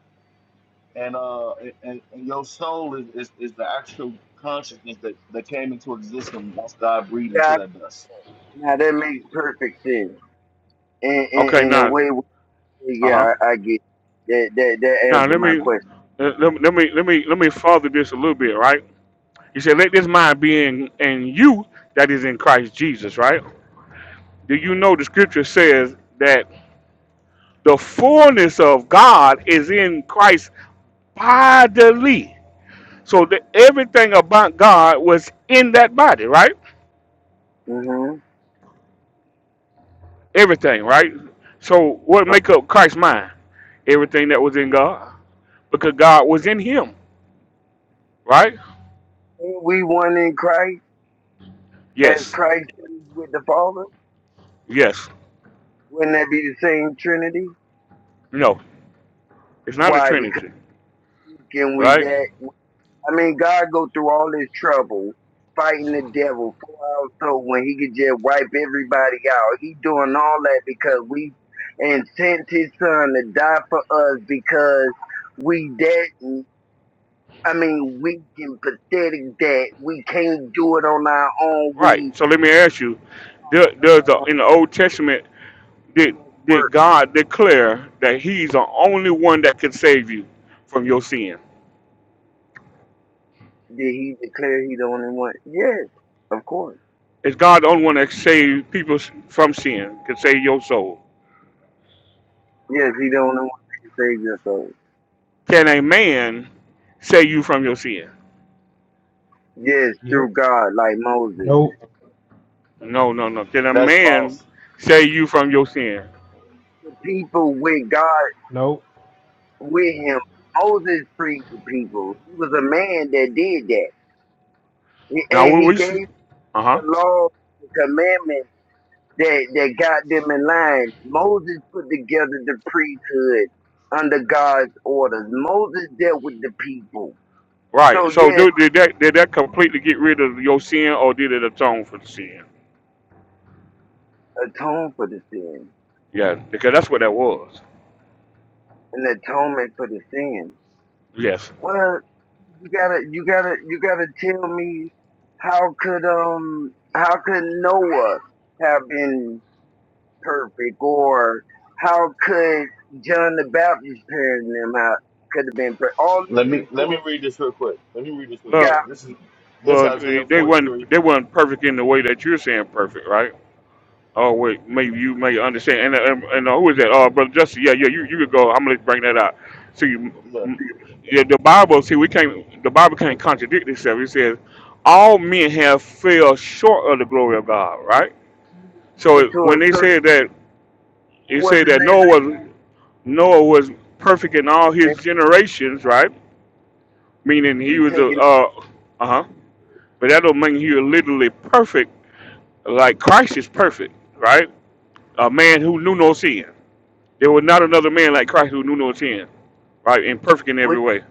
Speaker 23: and uh, and, and your soul is, is, is the actual consciousness that, that came into existence once God breathed
Speaker 21: Yeah,
Speaker 23: into
Speaker 21: I-
Speaker 23: that dust.
Speaker 21: now that makes perfect sense. In in,
Speaker 1: Okay.
Speaker 21: in a
Speaker 1: Now.
Speaker 21: way, where-
Speaker 1: Uh huh.
Speaker 21: yeah, I, I get that that that
Speaker 1: Now
Speaker 21: answered
Speaker 1: let
Speaker 21: my
Speaker 1: me
Speaker 21: question.
Speaker 1: let, let me let me let me let me father this a little bit. Right. You said, "Let this mind be in in you that is in Christ Jesus." Right. Do you
Speaker 21: right?
Speaker 1: know the scripture says that the fullness of God is in Christ bodily? So the, everything about God was in that body, right?
Speaker 21: Mm-hmm.
Speaker 1: Everything, right? So what
Speaker 21: Right.
Speaker 1: make up Christ's mind? Everything that was in God, because God was in Him, right?
Speaker 21: Ain't we one in Christ as
Speaker 1: Yes,
Speaker 21: Christ is with the Father?
Speaker 1: yes.
Speaker 21: Wouldn't that be the same Trinity?
Speaker 1: No, it's not a
Speaker 21: Why? Because
Speaker 1: Trinity,
Speaker 21: can we
Speaker 1: right?
Speaker 21: that? I mean, God go through all this trouble fighting the devil four hours so when he could just wipe everybody out. He doing all that because we and sent his son to die for us because we that I mean weak and pathetic that we can't do it on our own.
Speaker 1: Right.
Speaker 21: We
Speaker 1: So let me ask you: do-
Speaker 21: know
Speaker 1: Does
Speaker 21: I
Speaker 1: the,
Speaker 21: don't
Speaker 1: in the Old Testament
Speaker 21: do
Speaker 1: did
Speaker 21: much
Speaker 1: did
Speaker 21: work.
Speaker 1: God declare that He's the only one that can save you from your sin?
Speaker 21: Did he declare he the only one? Yes, of course.
Speaker 1: Is God the only one that can save people from sin, can save your soul?
Speaker 21: Yes, he the only one that can save your soul.
Speaker 1: Can a man save you from your sin?
Speaker 21: Yes,
Speaker 4: Yep.
Speaker 21: through God, like Moses
Speaker 4: Nope.
Speaker 1: No, no, no. Can a
Speaker 23: That's
Speaker 1: man
Speaker 23: false.
Speaker 1: save you from your sin?
Speaker 21: people with God
Speaker 4: Nope.
Speaker 21: with him. Moses freed the people. He was a man that did that. He-
Speaker 1: Now
Speaker 21: And
Speaker 1: we,
Speaker 21: he
Speaker 1: we
Speaker 21: gave
Speaker 1: Uh huh.
Speaker 21: the law, the commandments that, that got them in line. Moses put together the priesthood under God's orders. Moses dealt with the people.
Speaker 1: Right.
Speaker 21: So
Speaker 1: So
Speaker 21: yes,
Speaker 1: did, did that did that completely get rid of your sin, or did it atone for the sin?
Speaker 21: atone for the sin.
Speaker 1: Yeah, because that's what that was.
Speaker 21: An atonement for the sin.
Speaker 1: Yes.
Speaker 21: Well, you gotta, you gotta, you gotta tell me how could, um, how could Noah have been perfect or how could John the Baptist parents them out could have been perfect. All this
Speaker 23: Let me let me
Speaker 21: before
Speaker 23: read this real quick. Let me read this real
Speaker 21: we
Speaker 23: quick.
Speaker 21: got
Speaker 1: Well,
Speaker 23: This is this
Speaker 1: well,
Speaker 23: Isaiah
Speaker 1: they
Speaker 23: forty three.
Speaker 1: weren't they weren't perfect in the way that you're saying perfect, right? Oh wait, maybe you may understand. And uh, and, and who is that? Oh, brother Justin. Yeah, yeah. You you could go. I'm gonna bring that out. See, m-
Speaker 23: Yeah.
Speaker 1: m- yeah, the Bible. See, we can't. The Bible can't contradict itself. It says all men have fell short of the glory of God. Right. So
Speaker 21: talking
Speaker 1: it,
Speaker 21: to a
Speaker 1: when they
Speaker 21: certain
Speaker 1: said that,
Speaker 21: it
Speaker 1: it said
Speaker 21: wasn't
Speaker 1: that Noah
Speaker 21: everybody
Speaker 1: was Noah was perfect in all his generations. Right. Meaning he
Speaker 21: you
Speaker 1: was a
Speaker 21: taking
Speaker 1: uh uh huh. But that don't mean he was literally perfect. Like Christ is perfect. Right. A man who knew no sin. There was not another man like Christ who knew no sin, right? And perfect in every
Speaker 21: with
Speaker 1: way.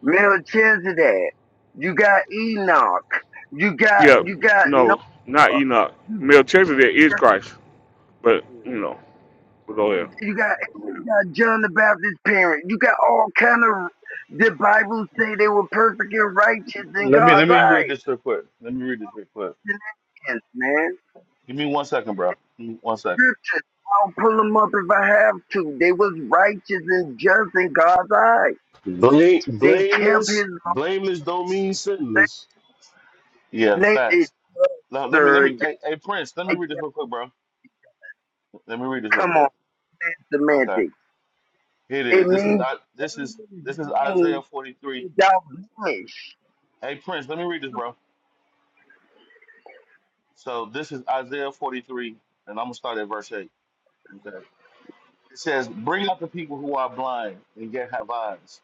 Speaker 21: Melchizedek. You got Enoch. You got
Speaker 1: Yeah,
Speaker 21: you got
Speaker 1: no, not
Speaker 21: Noah.
Speaker 1: Enoch.
Speaker 21: You
Speaker 1: Melchizedek
Speaker 21: you
Speaker 1: is
Speaker 21: got
Speaker 1: Christ, but you know, we go there.
Speaker 21: you got you got John the Baptist parent. You got all kind of the Bible say they were perfect and righteous in
Speaker 23: let me let
Speaker 21: God's
Speaker 23: me read
Speaker 21: eyes.
Speaker 23: this real quick. Let me read this real quick.
Speaker 21: Yes, man.
Speaker 23: Give me one second, bro. Give me One second.
Speaker 21: scriptures. I'll pull them up if I have to. They was righteous and just in God's eyes.
Speaker 16: Blame,
Speaker 21: They kept his
Speaker 16: blameless,
Speaker 21: law
Speaker 16: blameless don't mean
Speaker 21: and statutes.
Speaker 16: sinless.
Speaker 23: Yeah,
Speaker 21: They- it-
Speaker 23: facts. No, let me let
Speaker 21: Sir,
Speaker 23: me.
Speaker 21: I
Speaker 23: Hey, hey, Prince, let me read this
Speaker 21: guess-
Speaker 23: real quick, bro. Let me read this real
Speaker 21: come on,
Speaker 23: quick.
Speaker 21: that's
Speaker 23: Okay,
Speaker 21: semantics.
Speaker 23: here it
Speaker 21: It
Speaker 23: is. This is
Speaker 21: means
Speaker 23: I. This is
Speaker 21: blameless
Speaker 23: this is Isaiah 43.
Speaker 21: without blemish.
Speaker 23: Hey Prince, let me read this, bro. So this is Isaiah 43, and I'm gonna start at verse 8. Okay. It says, Bring out the people who are blind and yet have eyes,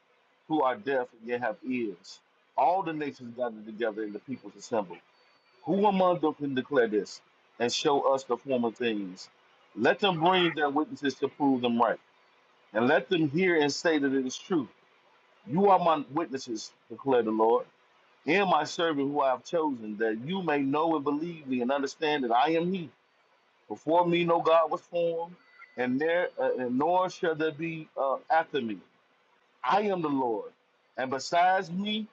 Speaker 23: who are deaf and yet have ears. All the nations gathered together and the peoples assembled. Who among them can declare this and show us the former things? Let them bring their witnesses to prove them right, and let them hear and say that it is true. You are my witnesses, declare the Lord and my servant who I have chosen, that you may know and believe me and understand that I am He. Before me, no God was formed, and there uh, and nor shall there be uh, after me. I am the Lord, and besides me,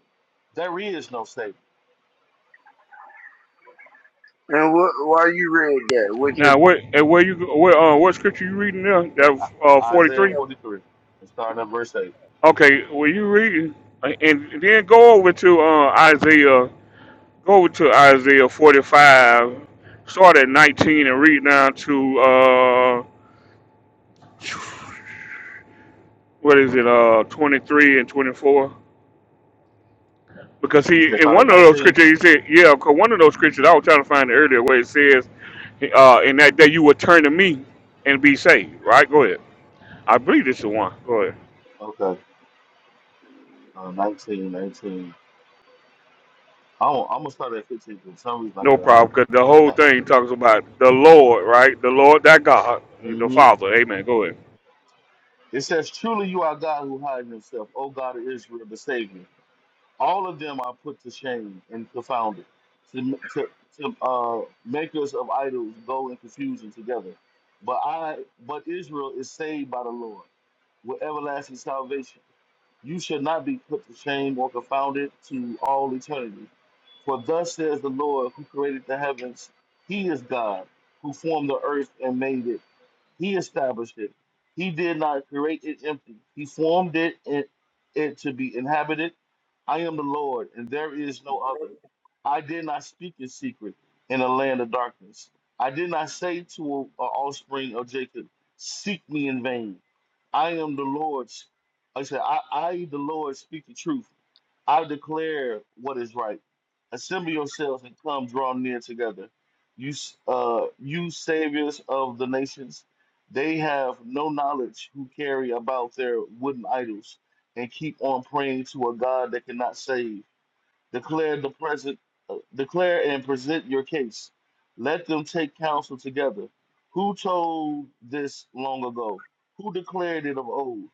Speaker 23: there is no Savior.
Speaker 21: And what, why you read that? What's your
Speaker 1: Now, what and where you where uh what scripture you reading there?
Speaker 23: That-
Speaker 1: That
Speaker 23: I-
Speaker 1: uh forty
Speaker 23: Isaiah
Speaker 1: three.
Speaker 21: point?
Speaker 23: 43, and starting at verse 8.
Speaker 1: Okay, where you reading? uh, And then go over to uh Isaiah. Go over to Isaiah forty five. Start at nineteen and read down to uh what is it uh twenty three and twenty four. Because
Speaker 23: You
Speaker 1: he
Speaker 23: said
Speaker 1: in
Speaker 23: start
Speaker 1: one
Speaker 23: at
Speaker 1: of those
Speaker 23: 19?
Speaker 1: scriptures he said, yeah, 'cause one of those scriptures I was trying to find earlier where it says, uh, in that day you will turn to me and be saved. Right? Go ahead. I believe this is one. Go ahead.
Speaker 23: Okay, uh, 19, 19. I'm, I'm going to start at 15 because for some reason I
Speaker 1: No
Speaker 23: got to
Speaker 1: problem,
Speaker 23: highlight.
Speaker 1: because the whole thing talks about the Lord, right? The Lord, that God, the
Speaker 23: hmm
Speaker 1: Father. Amen. Go ahead.
Speaker 23: It says, Truly you are God who hides himself, O God of Israel, the Savior. all of them are put to shame and confounded to, to, to uh, makers of idols go in confusion together but i but israel is saved by the lord with everlasting salvation you should not be put to shame or confounded to all eternity for thus says the lord who created the heavens he is god who formed the earth and made it he established it. He did not create it empty. He formed it and it to be inhabited. I am the Lord, and there is no other. I did not speak in secret in a land of darkness. I did not say to a a offspring of Jacob, Seek me in vain. I am the Lord's. like I said, I, I the Lord, speak the truth. I declare what is right. Assemble yourselves and come draw near together. You, s- uh, you saviors of the nations, they have no knowledge who carry about their wooden idols and keep on praying to a God that cannot save. Declare the present, uh, declare and present your case. Let them take counsel together. Who told this long ago? Who declared it of old?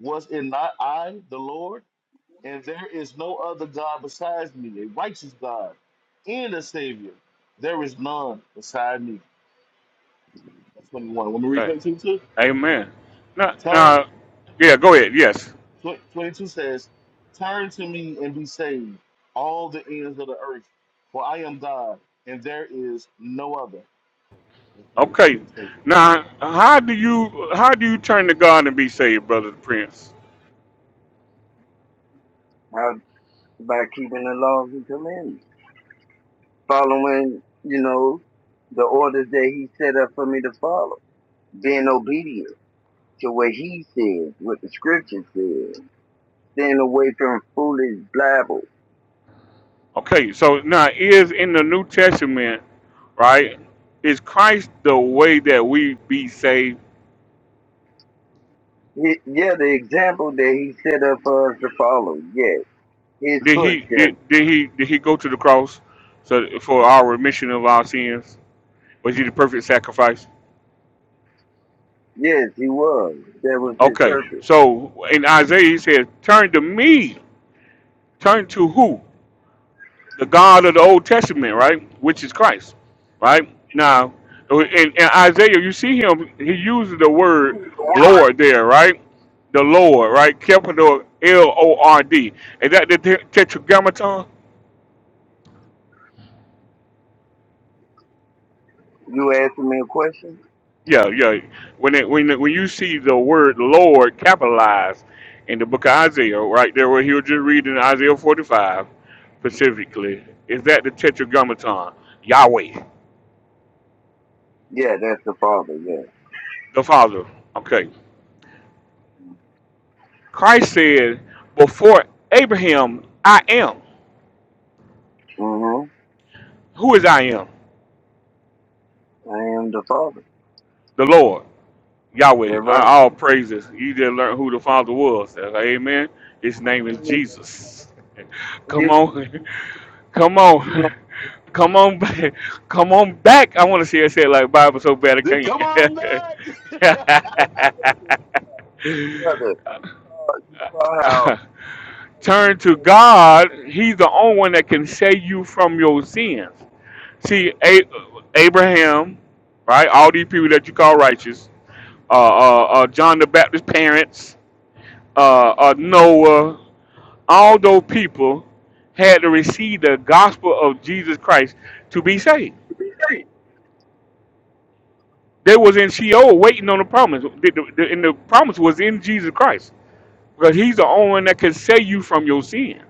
Speaker 23: Was it not I, the Lord? and there is no other God besides me, a righteous God and a Savior. There is none beside me. That's 21. When we read
Speaker 1: Okay.
Speaker 23: 22, too?
Speaker 1: Amen. Now,
Speaker 23: turn
Speaker 1: now, yeah. Go ahead. Yes.
Speaker 23: tw- 22 says, "Turn to me and be saved, all the ends of the earth, for I am God, and there is no other." That's
Speaker 1: Okay.
Speaker 23: 22.
Speaker 1: Now, how do you how do you turn to God and be saved, brother Prince?
Speaker 21: By, by keeping the laws and commandments, following, you know, the orders that he set up for me to follow, being obedient. to what he said, what the scripture said, staying away from foolish blabble.
Speaker 1: Okay, so now is in the New Testament, right? Is Christ the way that we be saved?
Speaker 21: He- yeah, the example that he set up for us to follow. Yes, his
Speaker 1: Did he did,
Speaker 21: footsteps.
Speaker 1: did he did he go to the cross so for our remission of our sins? Was he the perfect sacrifice?
Speaker 21: Yes, he was. That was his
Speaker 1: Okay,
Speaker 21: purpose.
Speaker 1: so in Isaiah he says, "Turn to me." Turn to who? the God of the Old Testament, right? Which is Christ, right? Now, in, in Isaiah, you see him, he uses the word Lord there, right? The Lord, right? Capital L O R D. Is that the te- tetragrammaton?
Speaker 21: You asking me a question?
Speaker 1: Yeah, yeah. When it, when it, when you see the word Lord capitalized in the book of Isaiah, right there, where he was just reading Isaiah 45 specifically, is that the tetragrammaton? Yahweh,
Speaker 21: Yeah, that's the father. Yeah.
Speaker 1: the Father. Okay. Christ said, Before Abraham, I am.
Speaker 21: hmm
Speaker 1: Who is I am?
Speaker 21: I am the father.
Speaker 1: The Lord, Yahweh.
Speaker 21: That
Speaker 1: Uh,
Speaker 21: right.
Speaker 1: All praises. You just learned who the Father was. Uh, Amen. His name is Jesus. <laughs> Come
Speaker 21: You,
Speaker 1: on. <laughs> Come
Speaker 21: you
Speaker 1: on. <laughs> Come on back. <laughs> Come on back. I want to see it said like Bible so bad I
Speaker 16: Then come on back. <laughs>
Speaker 1: can't.
Speaker 21: know, brother, saw how
Speaker 1: <laughs> Turn to God. He's the only one that can save you from your sins. See, A- Abraham, right? All these people that you call righteous, uh, uh, uh, John the Baptist's parents, uh, uh, Noah, all those people had to receive the gospel of Jesus Christ to be saved. They was in Sheol waiting on the promise, The- the- the- and the promise was in Jesus Christ because He's the only one that can save you from your sins.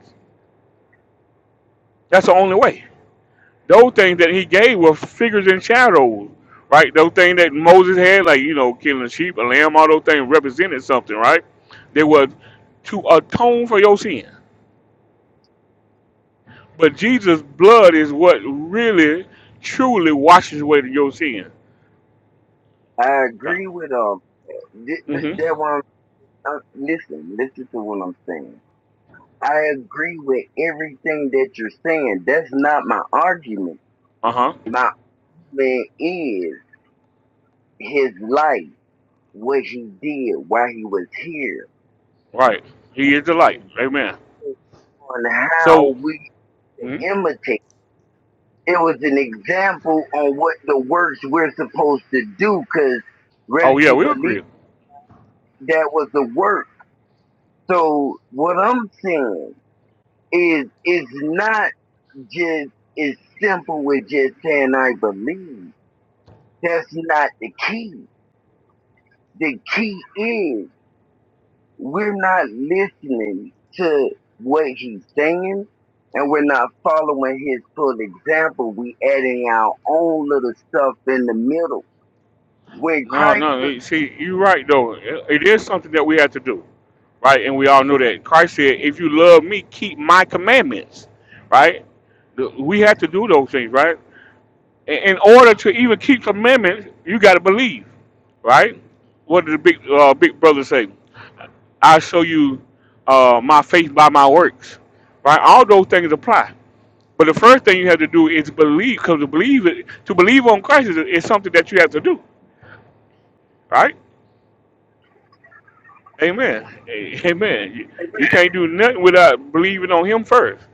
Speaker 1: That's the only way. Those things that he gave were figures and shadows, right? Those things that Moses had, like you know, killing a sheep, a lamb, all those things represented something, right? They were to atone for your sin. But Jesus' blood is what really, truly washes away your sin.
Speaker 21: I agree with um that th-
Speaker 1: Mm-hmm.
Speaker 21: That's uh, listen, listen to what I'm saying. I agree with everything that you're saying. That's not my argument.
Speaker 1: Uh huh.
Speaker 21: My argument is his life, what he did while he was here,
Speaker 1: Right. He is the light. Amen.
Speaker 21: on how
Speaker 1: So,
Speaker 21: we
Speaker 1: mhm.
Speaker 21: imitate. It was an example on what the works we're supposed to do, because whether
Speaker 1: oh yeah,
Speaker 21: you
Speaker 1: we
Speaker 21: believe
Speaker 1: agree.
Speaker 21: that was the work. So what I'm saying is, it's not Just it's simple with just saying I believe. That's not the key. The key is we're not listening to what he's saying and we're not following his full example. We adding our own little stuff in the middle. When
Speaker 1: No,
Speaker 21: Christ
Speaker 1: no.
Speaker 21: was
Speaker 1: you See, you're right though. It it is something that we have to do, right? And we all know that Christ said, "If you love me, keep my commandments." Right? The- We have to do those things, right? In in order to even keep commandments, you got to believe, right? What did the big uh, big brother say? I show you uh, my faith by my works, right? All those things apply. But the first thing you have to do is believe, because to believe it, to believe on Christ is, is something that you have to do, right? Amen. A- Amen. You, you can't do nothing without believing on Him first,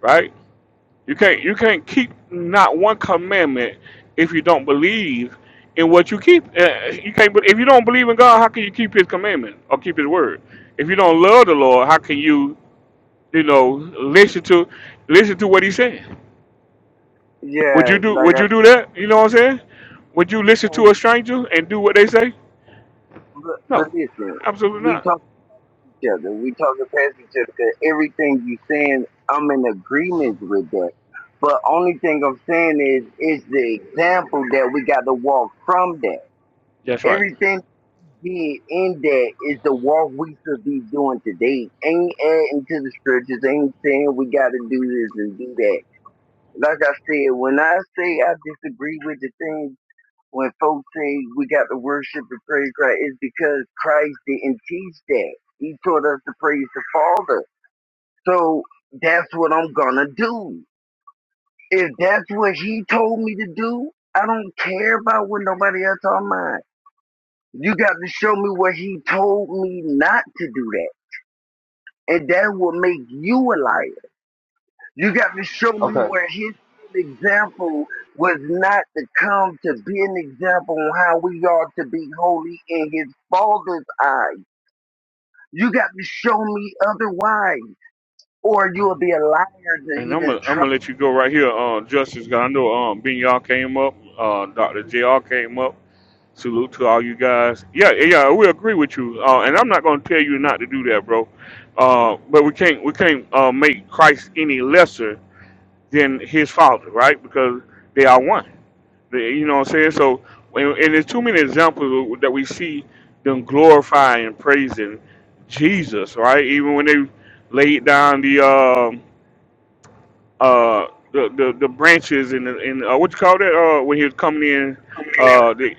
Speaker 1: right? You can't you can't keep not one commandment if you don't believe in what you keep. Uh, you can't be- if you don't believe in God, how can you keep His commandment or keep His word? If you don't love the Lord, how can you you know listen to listen to what He's saying? Would
Speaker 21: yeah,
Speaker 1: you do
Speaker 21: like
Speaker 1: Would
Speaker 21: I
Speaker 1: you do that? You know what I'm saying? Would you
Speaker 21: we
Speaker 1: listen
Speaker 21: don't
Speaker 1: to a stranger and do what they say?
Speaker 21: but, but
Speaker 1: No,
Speaker 21: listen,
Speaker 1: absolutely
Speaker 21: we
Speaker 1: not.
Speaker 21: talk. each other. We talking past each other 'cause everything you saying, I'm in agreement with that. But only thing I'm saying is, is the example that we got to walk from that.
Speaker 1: That's right.
Speaker 21: Everything being in that is the walk we should be doing today. Ain't adding to the scriptures. Ain't saying we got to do this and do that. Like I said, when I say I disagree with the things when folks say we got to worship and praise Christ, it's because Christ didn't teach that. He taught us to praise the Father. So that's what I'm gonna do. If that's what he told me to do, I don't care about what nobody else on mine. You got to show me what he told me not to do that. And that will make you a liar. You got to show me where his example was not to come to be an example on how we are to be holy in his father's eyes. You got to show me otherwise, or you will be a liar to
Speaker 1: And I'm
Speaker 21: even
Speaker 1: gonna I'm
Speaker 21: try.
Speaker 1: gonna let you go right here, uh, Justice. 'cause I know um, Ben y'all came up, uh, Doctor Jr. came up. Salute to all you guys. Yeah, yeah, yeah, we agree with you. Uh, and I'm not gonna tell you not to do that, bro. Uh, but we can't we can't uh, make Christ any lesser than His Father, right? Because they are one. They, you know what I'm saying? So, and, and there's too many examples that we see them glorifying and praising Jesus, right? Even when they laid down the um uh the the, the branches and the, and uh, what you call that uh when he was coming in uh the,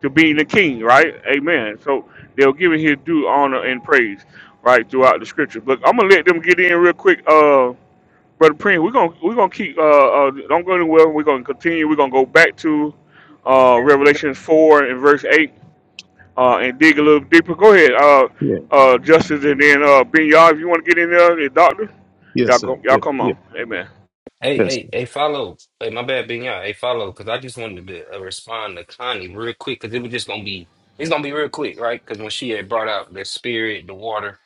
Speaker 1: to being the king right amen so they were giving his due honor and praise right throughout the scriptures but I'm gonna let them get in real quick uh brother Prince we're gonna we're gonna keep uh, uh don't go anywhere we're gonna continue we're gonna go back to uh Revelations four and verse eight uh and dig a little deeper go ahead uh
Speaker 25: Yeah.
Speaker 1: uh justice and then uh Ben Yah if you want to get in there the doctor y'all
Speaker 25: Yes, sir.
Speaker 1: go, y'all
Speaker 25: Yeah.
Speaker 1: come
Speaker 25: Yeah.
Speaker 1: on amen
Speaker 20: Hey,
Speaker 25: Yes.
Speaker 20: hey,
Speaker 25: Sir.
Speaker 20: hey, follow. Hey, my bad, being y'all. Hey, follow, because I just wanted to uh, respond to Connie real quick, because it was just gonna be, it's gonna be real quick, right? Because when she had brought out the spirit, the water,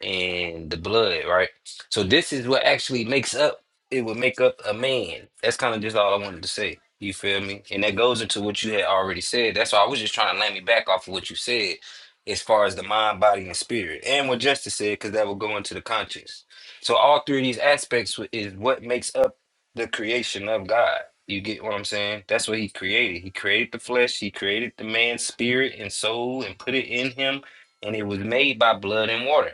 Speaker 20: and the blood, right? So this is what actually makes up it would make up a man. That's kind of just all I wanted to say. You feel me? And that goes into what you had already said. That's why I was just trying to land me back off of what you said as far as the mind, body, and spirit. And what Justice said, because that will go into the conscience. So all three of these aspects w- is what makes up the creation of God. You get what I'm saying? That's what he created. He created the flesh, he created the man's spirit and soul and put it in him, and it was made by blood and water.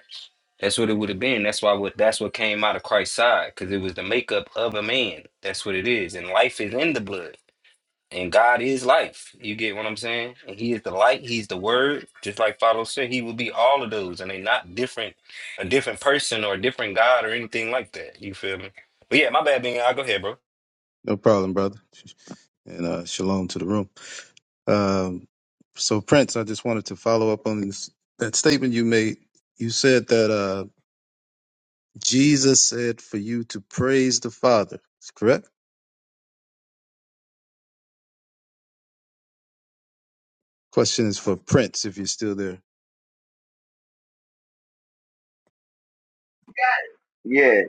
Speaker 20: That's what it would have been. That's why what that's what came out of Christ's side, because it was the makeup of a man. That's what it is. And life is in the blood. And God is life. You get what I'm saying? And He is the light. He's the word. Just like Father said, He will be all of those. And they're not different, a different person or a different God or anything like that. You feel me? But yeah, my bad being i go ahead, bro.
Speaker 25: No problem, brother. And uh, shalom to the room. Um, so, Prince, I just wanted to follow up on this, that statement you made. You said that uh, Jesus said for you to praise the Father. Is correct? Question is for Prince, if you're still there.
Speaker 21: Yeah.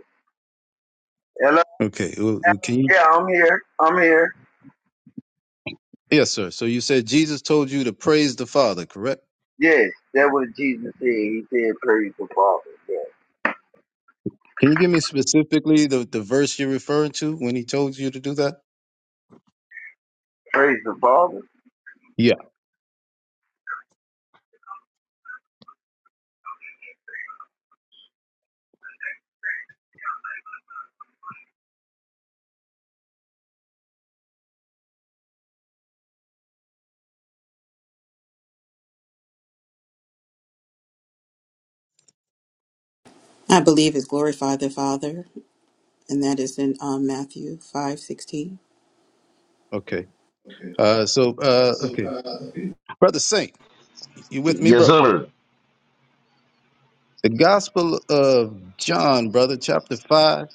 Speaker 21: Hello?
Speaker 25: Okay. Well, well, can you?
Speaker 21: Yeah, I'm here. I'm here.
Speaker 25: Yes, sir. So you said Jesus told you to praise the Father, correct?
Speaker 21: Yes, that what Jesus said. He said, praise the Father. Yeah.
Speaker 25: Can you give me specifically the, the verse you're referring to when he told you to do that?
Speaker 21: Praise the Father.
Speaker 25: Yeah.
Speaker 24: I believe is glorify the Father, and that is in um, Matthew five sixteen.
Speaker 25: Okay. Uh, so, uh, okay. Brother Saint. You with me,
Speaker 16: Yes,
Speaker 25: bro?
Speaker 16: sir.
Speaker 25: The Gospel of John, brother, chapter 5.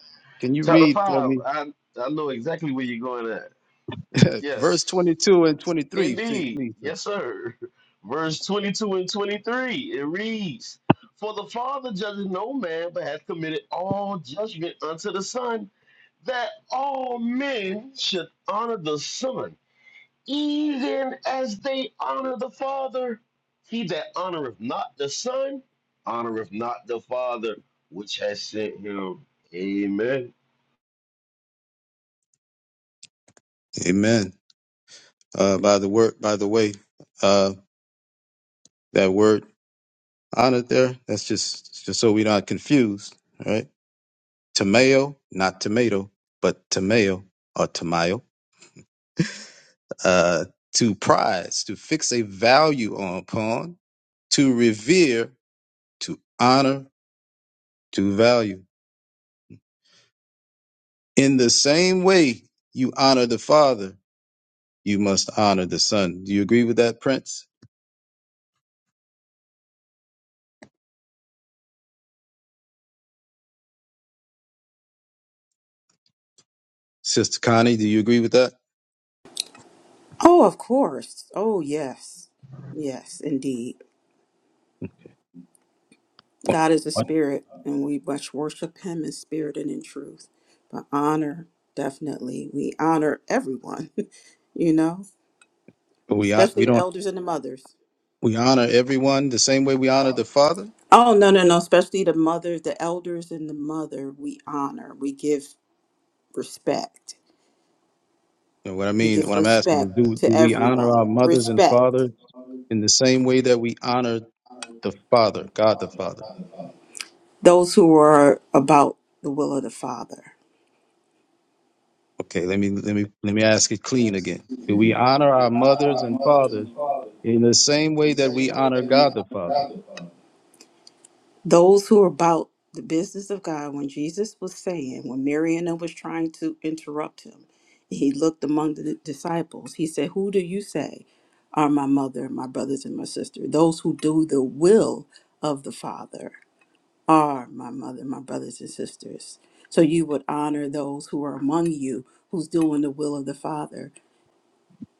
Speaker 25: Can you
Speaker 16: Chapter
Speaker 25: read for
Speaker 16: five.
Speaker 25: me?
Speaker 16: I I know exactly where you're going at.
Speaker 25: <laughs> Verse
Speaker 16: Yes.
Speaker 25: 22 and 23, see,
Speaker 16: Indeed.
Speaker 25: please. sir.
Speaker 16: Yes, sir. Verse 22 and 23. It reads, For the Father judges no man, but hath committed all judgment unto the Son, that all men should honor the Son, even as they honor the Father. He that honoreth not the Son, honoreth not the Father which has sent him. Amen.
Speaker 25: Amen. Uh, by the word, by the way, uh, that word honored there, that's just, just so we're not confused, all right? Tamayo, not tomato, but tamayo or tamayo, uh, to prize, to fix a value on upon, to revere, to honor, to value. In the same way you honor the Father, you must honor the Son. Do you agree with that, Prince? Sister Connie, do you agree with that?
Speaker 24: Oh, of course. Oh, yes, yes, indeed. God is a
Speaker 25: What?
Speaker 24: spirit, and we must worship Him in spirit and in truth. But honor, definitely, we honor everyone, <laughs> you know,
Speaker 25: We, hon-
Speaker 24: especially
Speaker 25: we
Speaker 24: the
Speaker 25: don't,
Speaker 24: elders and the mothers.
Speaker 25: we honor everyone the same way we honor the Father?
Speaker 24: Oh, no, no, no, especially the mother, the elders and the mother, we honor, we give respect.
Speaker 25: And what I
Speaker 24: We
Speaker 25: mean,
Speaker 24: give
Speaker 25: what I'm asking is,
Speaker 24: respect
Speaker 25: do,
Speaker 24: to
Speaker 25: do we honor
Speaker 24: everyone,
Speaker 25: our mothers and
Speaker 24: respect
Speaker 25: fathers in the same way that we honor the Father, God the Father?
Speaker 24: those who are about the will of the Father.
Speaker 25: Okay, let me let me let me ask it clean again. Do we
Speaker 24: We
Speaker 25: honor our
Speaker 24: honor
Speaker 25: mothers
Speaker 24: our
Speaker 25: and
Speaker 24: mothers
Speaker 25: fathers
Speaker 24: and fathers
Speaker 25: in the same way
Speaker 24: the
Speaker 25: that we
Speaker 24: same way
Speaker 25: honor
Speaker 24: that we
Speaker 25: God
Speaker 24: honor
Speaker 25: the Father?
Speaker 24: God the Father. Those who are about the business of God, when Jesus was saying, when Marianna was trying to interrupt him, he looked among the disciples. He said, Who do you say are my mother, my brothers, and my sister? Those who do the will of the Father are my mother, my brothers, and sisters. So you would honor those who are among you who's doing the will of the Father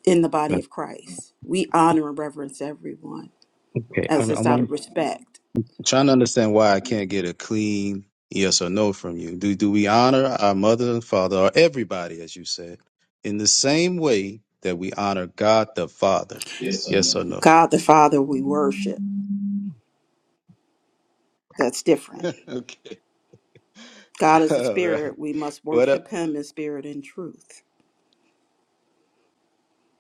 Speaker 24: in the body of Christ. We honor and reverence everyone
Speaker 25: Okay,
Speaker 24: as
Speaker 25: I'm,
Speaker 24: just
Speaker 25: I'm
Speaker 24: out
Speaker 25: I'm
Speaker 24: of respect.
Speaker 25: trying to understand why I can't get a clean yes or no from you. Do do we honor our mother and father, or everybody, as you said, in the same way that we honor God the Father?
Speaker 24: Yes,
Speaker 25: Yes
Speaker 24: sir.
Speaker 25: or no?
Speaker 24: God the Father we worship. That's different.
Speaker 25: <laughs> okay.
Speaker 24: God
Speaker 25: <laughs>
Speaker 24: is a
Speaker 25: All right.
Speaker 24: spirit. We must
Speaker 25: What up?
Speaker 24: worship him in spirit and truth.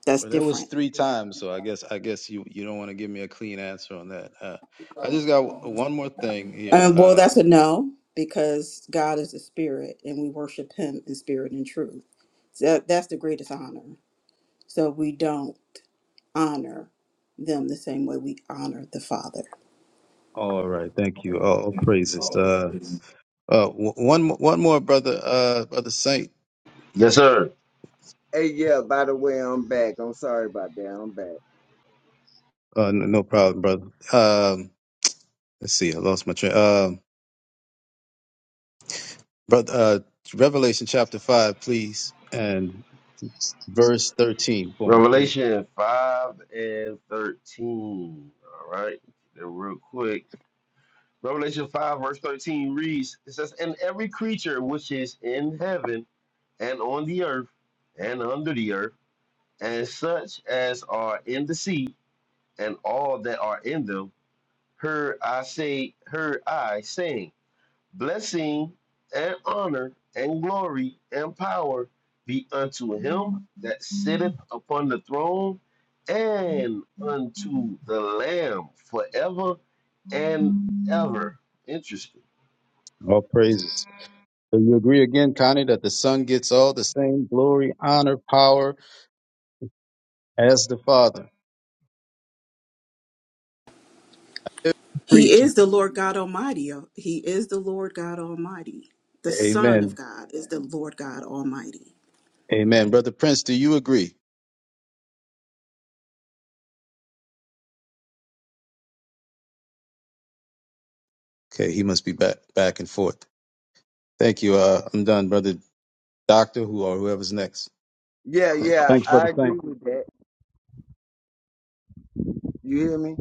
Speaker 24: That's
Speaker 25: Well, that was
Speaker 24: different.
Speaker 25: three times, so I guess I guess you you don't want to give me a clean answer on that. Uh, I
Speaker 24: Um,
Speaker 25: just got w- one more thing here.
Speaker 24: well,
Speaker 25: Uh,
Speaker 24: that's a no because God is a spirit and we worship him in spirit and truth. So that- that's the greatest honor. So we don't honor them the same way we honor the Father.
Speaker 25: all right, thank you. All all praises. Uh, uh, w- one mo- one more, brother. Uh, brother Saint.
Speaker 16: Yes, sir.
Speaker 21: Hey, yeah, by the way, I'm back. I'm sorry about that. I'm back.
Speaker 25: Uh, n- no problem, brother. Um, let's see. I lost my train. Um, brother. Uh, Revelation chapter five, please, and verse thirteen for me, please.
Speaker 16: Revelation 5 and 13. All right. Then real quick. Revelation 5, verse 13 reads, it says, And every creature which is in heaven and on the earth and under the earth, and such as are in the sea, and all that are in them, heard I say, heard I saying. blessing and honor and glory and power be unto him that sitteth upon the throne and unto the Lamb forever and ever. Interesting.
Speaker 25: All praises. Do you agree again, Connie, that the Son gets all the same glory, honor, power as the Father?
Speaker 24: He
Speaker 25: Preach.
Speaker 24: is the Lord God Almighty. He is the Lord God Almighty. The Son of
Speaker 25: Amen.
Speaker 24: God is the Lord God Almighty.
Speaker 25: Amen. Brother Prince, do you agree? Okay, he must be back back and forth. Thank you. Uh, I'm done, brother Doctor, who or whoever's next.
Speaker 21: Yeah,
Speaker 25: Thank-
Speaker 21: yeah,
Speaker 25: Thanks, brother
Speaker 21: I agree
Speaker 25: Saint.
Speaker 21: with that. You hear me?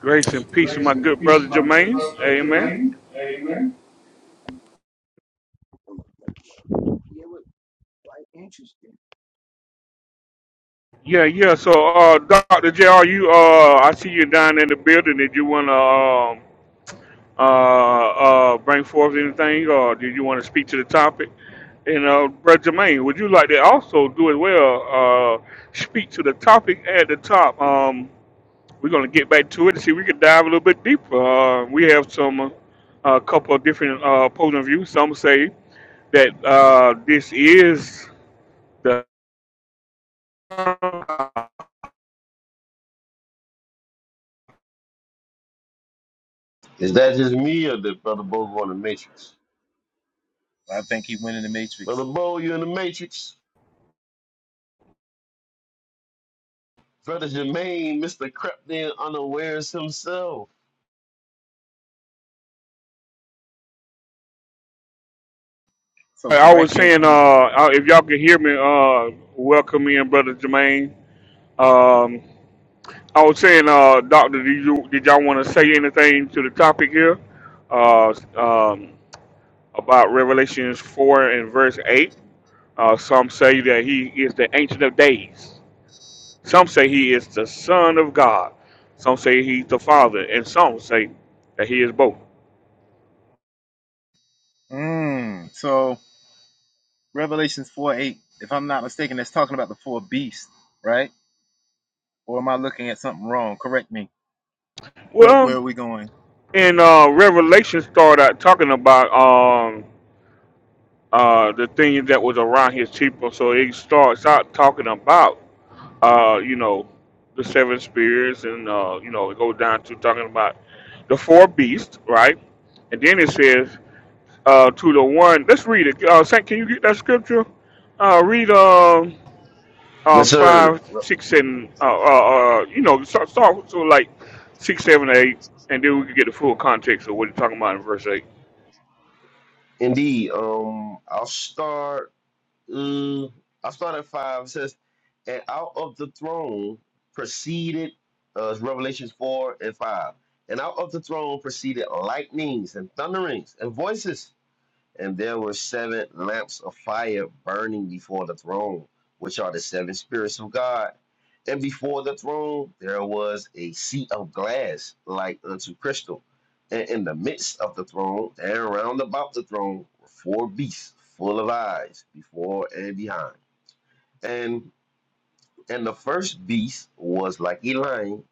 Speaker 1: Grace and peace with
Speaker 24: Grace
Speaker 1: my
Speaker 24: and
Speaker 1: good
Speaker 24: peace,
Speaker 1: brother
Speaker 24: my good
Speaker 1: Jermaine.
Speaker 24: brother
Speaker 1: Amen.
Speaker 24: Jermaine. Amen.
Speaker 21: Yeah, it was quite interesting.
Speaker 1: Yeah, yeah. So, uh, Doctor J, are you? Uh, I see you down in the building. Did you want to um, uh, uh, bring forth anything, or did you want to speak to the topic? And uh, brother Jermaine, would you like to also do as well? Uh, speak to the topic at the top. Um, we're gonna get back to it and see if we can dive a little bit deeper. Uh, we have some uh, a couple of different uh, opposing views. Some say that uh, this is the I
Speaker 16: Is that just me or did Brother Bo go in the Matrix?
Speaker 26: I think he went in the Matrix.
Speaker 16: Brother Bo, you in the Matrix? Brother Jermaine, Mr. Crept in unawares himself.
Speaker 26: So
Speaker 1: was
Speaker 26: correct me if
Speaker 1: saying, uh,
Speaker 26: I'm.
Speaker 1: uh, if y'all can hear me, uh, welcome in, brother Jermaine. Um, I was saying, uh, doctor, did you did y'all want to say anything to the topic here, uh, um, about Revelations four and verse eight? Uh, some say that he is the Ancient of Days. Some say he is the Son of God. Some say he's the Father, and some say that he is both.
Speaker 26: Mm, so Revelations 4 8, if I'm not mistaken, that's talking about the four beasts, right? Or am I looking at something wrong? Correct me. Where, where
Speaker 1: Well,
Speaker 26: are we going?
Speaker 1: in uh, Revelation, start out talking about. um, uh, the things that was around his people. So he starts out talking about, uh, you know, the seven spirits, and uh, you know, it goes down to talking about the four beasts, right? And then it says uh, to the one. Let's read it. Uh, Saint, can you get that scripture? Uh, read um, uh,
Speaker 16: Yes, sir.
Speaker 1: five,
Speaker 16: Well,
Speaker 1: six, and uh, uh, uh, you know, start, start so like six, seven, eight, and then we can get the full context of what he's talking about in verse eight.
Speaker 16: Indeed. Um, I'll start. Mm, I start at five. It says, and out of the throne proceeded uh, Revelations four and five. And out of the throne proceeded lightnings and thunderings and voices. And there were seven lamps of fire burning before the throne, which are the seven spirits of God. And before the throne there was a sea of glass like unto crystal. And in the midst of the throne and round about the throne were four beasts full of eyes before and behind. And and the first beast was like a lion,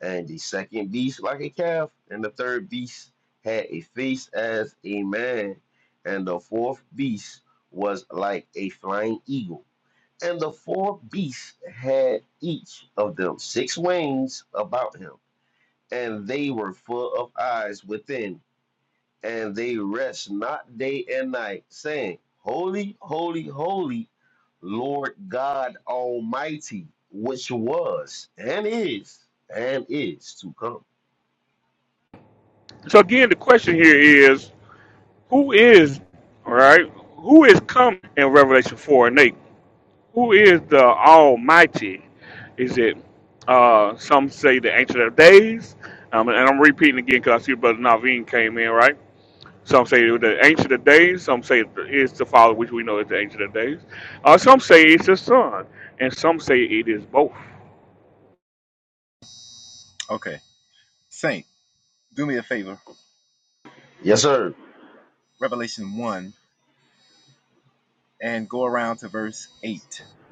Speaker 16: and the second beast like a calf, and the third beast had a face as a man, and the fourth beast was like a flying eagle. And the four beasts had each of them six wings about him, and they were full of eyes within and they rest not day and night, saying, Holy, holy, holy, Lord God Almighty, which was and is and is to come.
Speaker 1: So again, the question here is Who is all right? Who is coming in Revelation four and eight? Who is the Almighty? Is it uh, some say the Ancient of Days? Um, and I'm repeating again because I see Brother Naveen came in, right? Some say it was the Ancient of Days. Some say it's the Father, which we know is the Ancient of Days. Uh, some say it's the Son, and some say it is both.
Speaker 26: Okay. Saint, do me a favor.
Speaker 16: Yes, sir.
Speaker 26: Revelation 1 and go around to verse 8.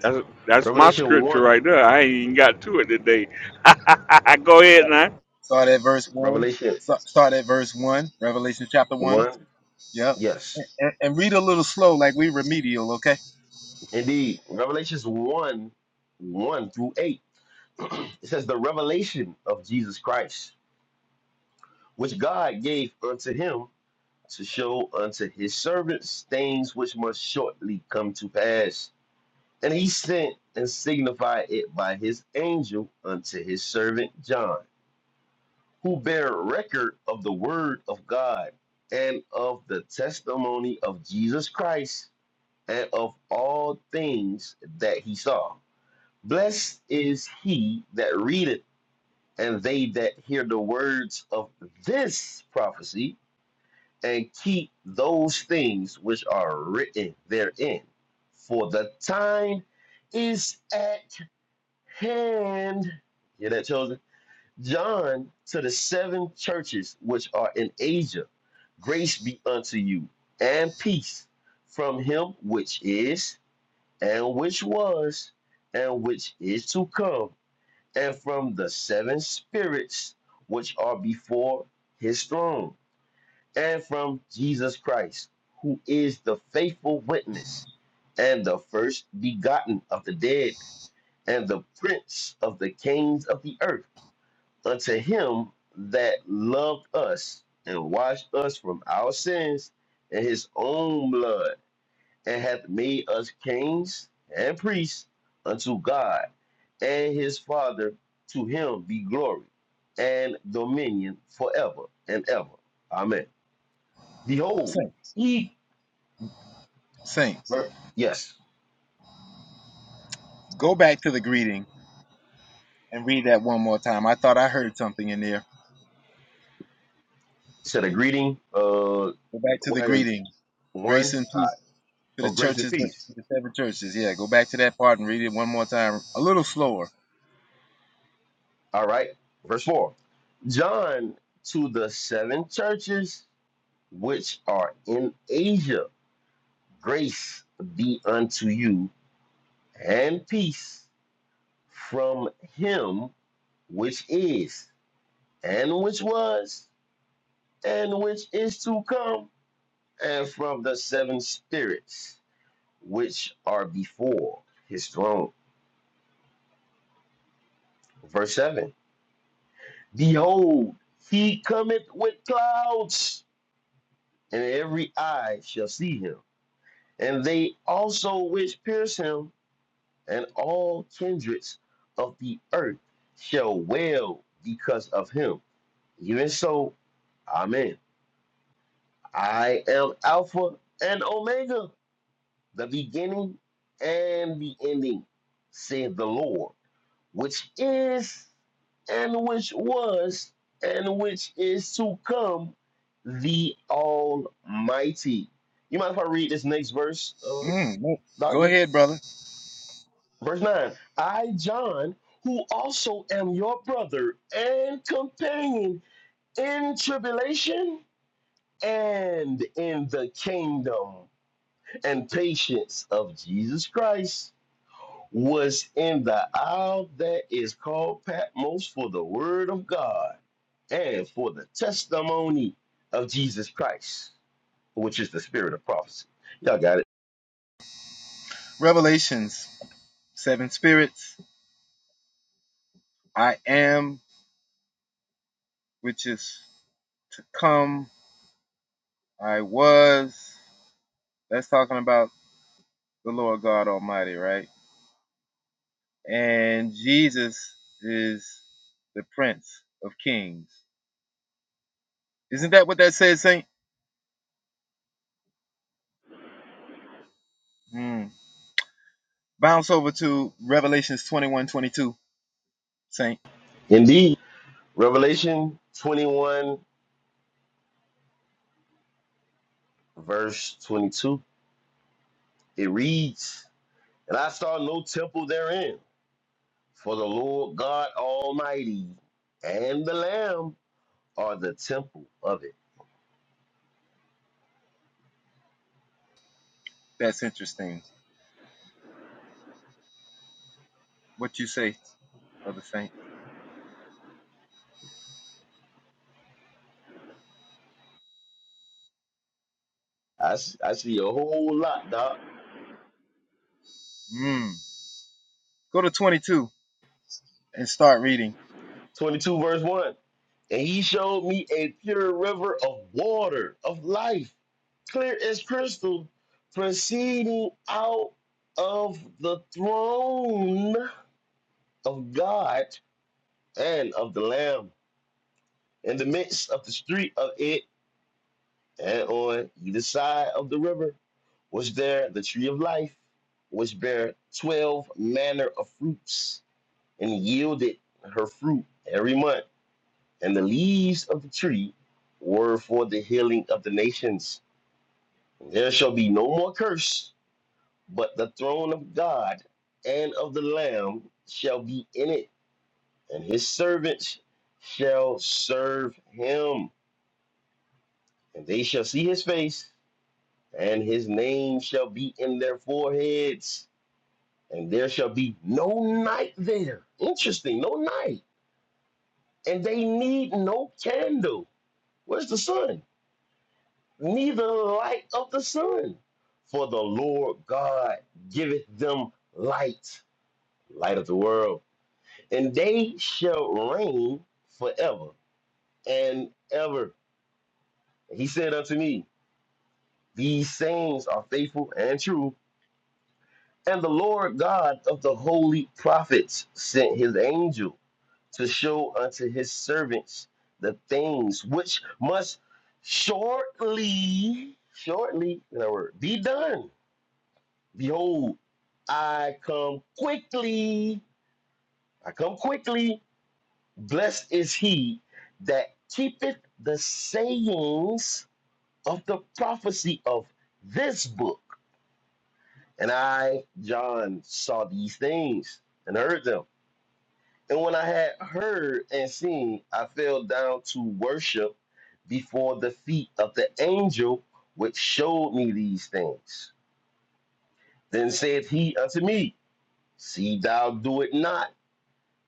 Speaker 1: That's that's my
Speaker 16: Revelation
Speaker 1: scripture
Speaker 16: 1,
Speaker 1: right there. I ain't even got to it today. <laughs> Go ahead now.
Speaker 26: Start at verse 1.
Speaker 16: Revelation
Speaker 26: Start at verse 1, Revelation chapter 1.
Speaker 16: 1,
Speaker 26: Yep.
Speaker 16: yes.
Speaker 26: And, and read a little slow like we remedial, okay?
Speaker 16: Indeed, Revelations 1, 1 through 8. <clears throat> It says, The revelation of Jesus Christ, which God gave unto him to show unto his servants things which must shortly come to pass And he sent and signified it by his angel unto his servant John, who bare record of the word of God and of the testimony of Jesus Christ and of all things that he saw. Blessed is he that readeth, and they that hear the words of this prophecy, and keep those things which are written therein. For the time is at hand, hear that, chosen? John to the seven churches which are in Asia, grace be unto you, and peace from him which is, and which was, and which is to come, and from the seven spirits which are before his throne, and from Jesus Christ, who is the faithful witness and the first begotten of the dead and the prince of the kings of the earth, unto him that loved us and washed us from our sins in his own blood, and hath made us kings and priests unto God and his Father. To him be glory and dominion forever and ever. Amen. Behold,
Speaker 26: Saint,
Speaker 16: he.
Speaker 26: Saint,
Speaker 16: Yes.
Speaker 26: go back to the greeting and read that one more time. I thought I heard something in there.
Speaker 16: Said a greeting. Uh,
Speaker 26: Go back to the
Speaker 16: one,
Speaker 26: greeting. Grace
Speaker 16: one.
Speaker 26: and
Speaker 16: Uh,
Speaker 26: peace to the
Speaker 16: of grace and
Speaker 26: churches, to
Speaker 16: peace.
Speaker 26: the seven churches. Yeah, go back to that part and read it one more time, a little slower.
Speaker 16: All right, verse 4. John to the seven churches which are in Asia, grace be unto you and peace from him which is, and which was, and which is to come, and from the seven spirits which are before his throne. Verse 7. Behold, he cometh with clouds, and every eye shall see him And they also which pierced him, and all kindreds of the earth shall wail because of him. Even so, Amen. I am Alpha and Omega, the beginning and the ending, saith the Lord, which is and which was and which is to come, the Almighty. You mind if I read this next verse, uh,
Speaker 26: Mm, no. Go
Speaker 16: Doctor?
Speaker 26: ahead, brother.
Speaker 16: Verse 9 I, John, who also am your brother and companion in tribulation and in the kingdom and patience of Jesus Christ, was in the isle that is called Patmos for the word of God and for the testimony of Jesus Christ, which is the spirit of prophecy. Y'all got it.
Speaker 26: Revelations, seven spirits. I am, which is to come. I was. That's talking about the Lord God Almighty, right? And Jesus is the Prince of Kings. Isn't that what that says, Saint? Hmm. Bounce over to Revelations 21, 22, Saint.
Speaker 16: Indeed, Revelation 21, verse 22. It reads, And I saw no temple therein, for the Lord God Almighty and the Lamb are the temple of it.
Speaker 26: That's interesting. What you say, Brother Saint?
Speaker 16: I, s- I see a whole lot, Doc.
Speaker 26: Mm. Go to 22 and start reading.
Speaker 16: 22 verse 1. And he showed me a pure river of water, of life, clear as crystal, proceeding out of the throne of God and of the Lamb. In the midst of the street of it, And on either side of the river was there the tree of life, which bare twelve manner of fruits, and yielded her fruit every month. And the leaves of the tree were for the healing of the nations. there shall be no more curse, but the throne of God and of the Lamb shall be in it, and his servants shall serve him, and they shall see his face and his name shall be in their foreheads, and there shall be no night there. Interesting, no night. And they need no candle. Where's the sun? Neither the light of the sun. For the Lord God giveth them light, light of the world. And they shall reign forever and ever. And he said unto me, These sayings are faithful and true. And the Lord God of the holy prophets sent his angel to show unto his servants the things which must shortly, shortly, in other words, be done. Behold, I come quickly. I come quickly. Blessed is he that keepeth the sayings of the prophecy of this book. And I, John, saw these things and heard them. And when I had heard and seen, I fell down to worship before the feet of the angel which showed me these things. Then said he unto me, See thou do it not,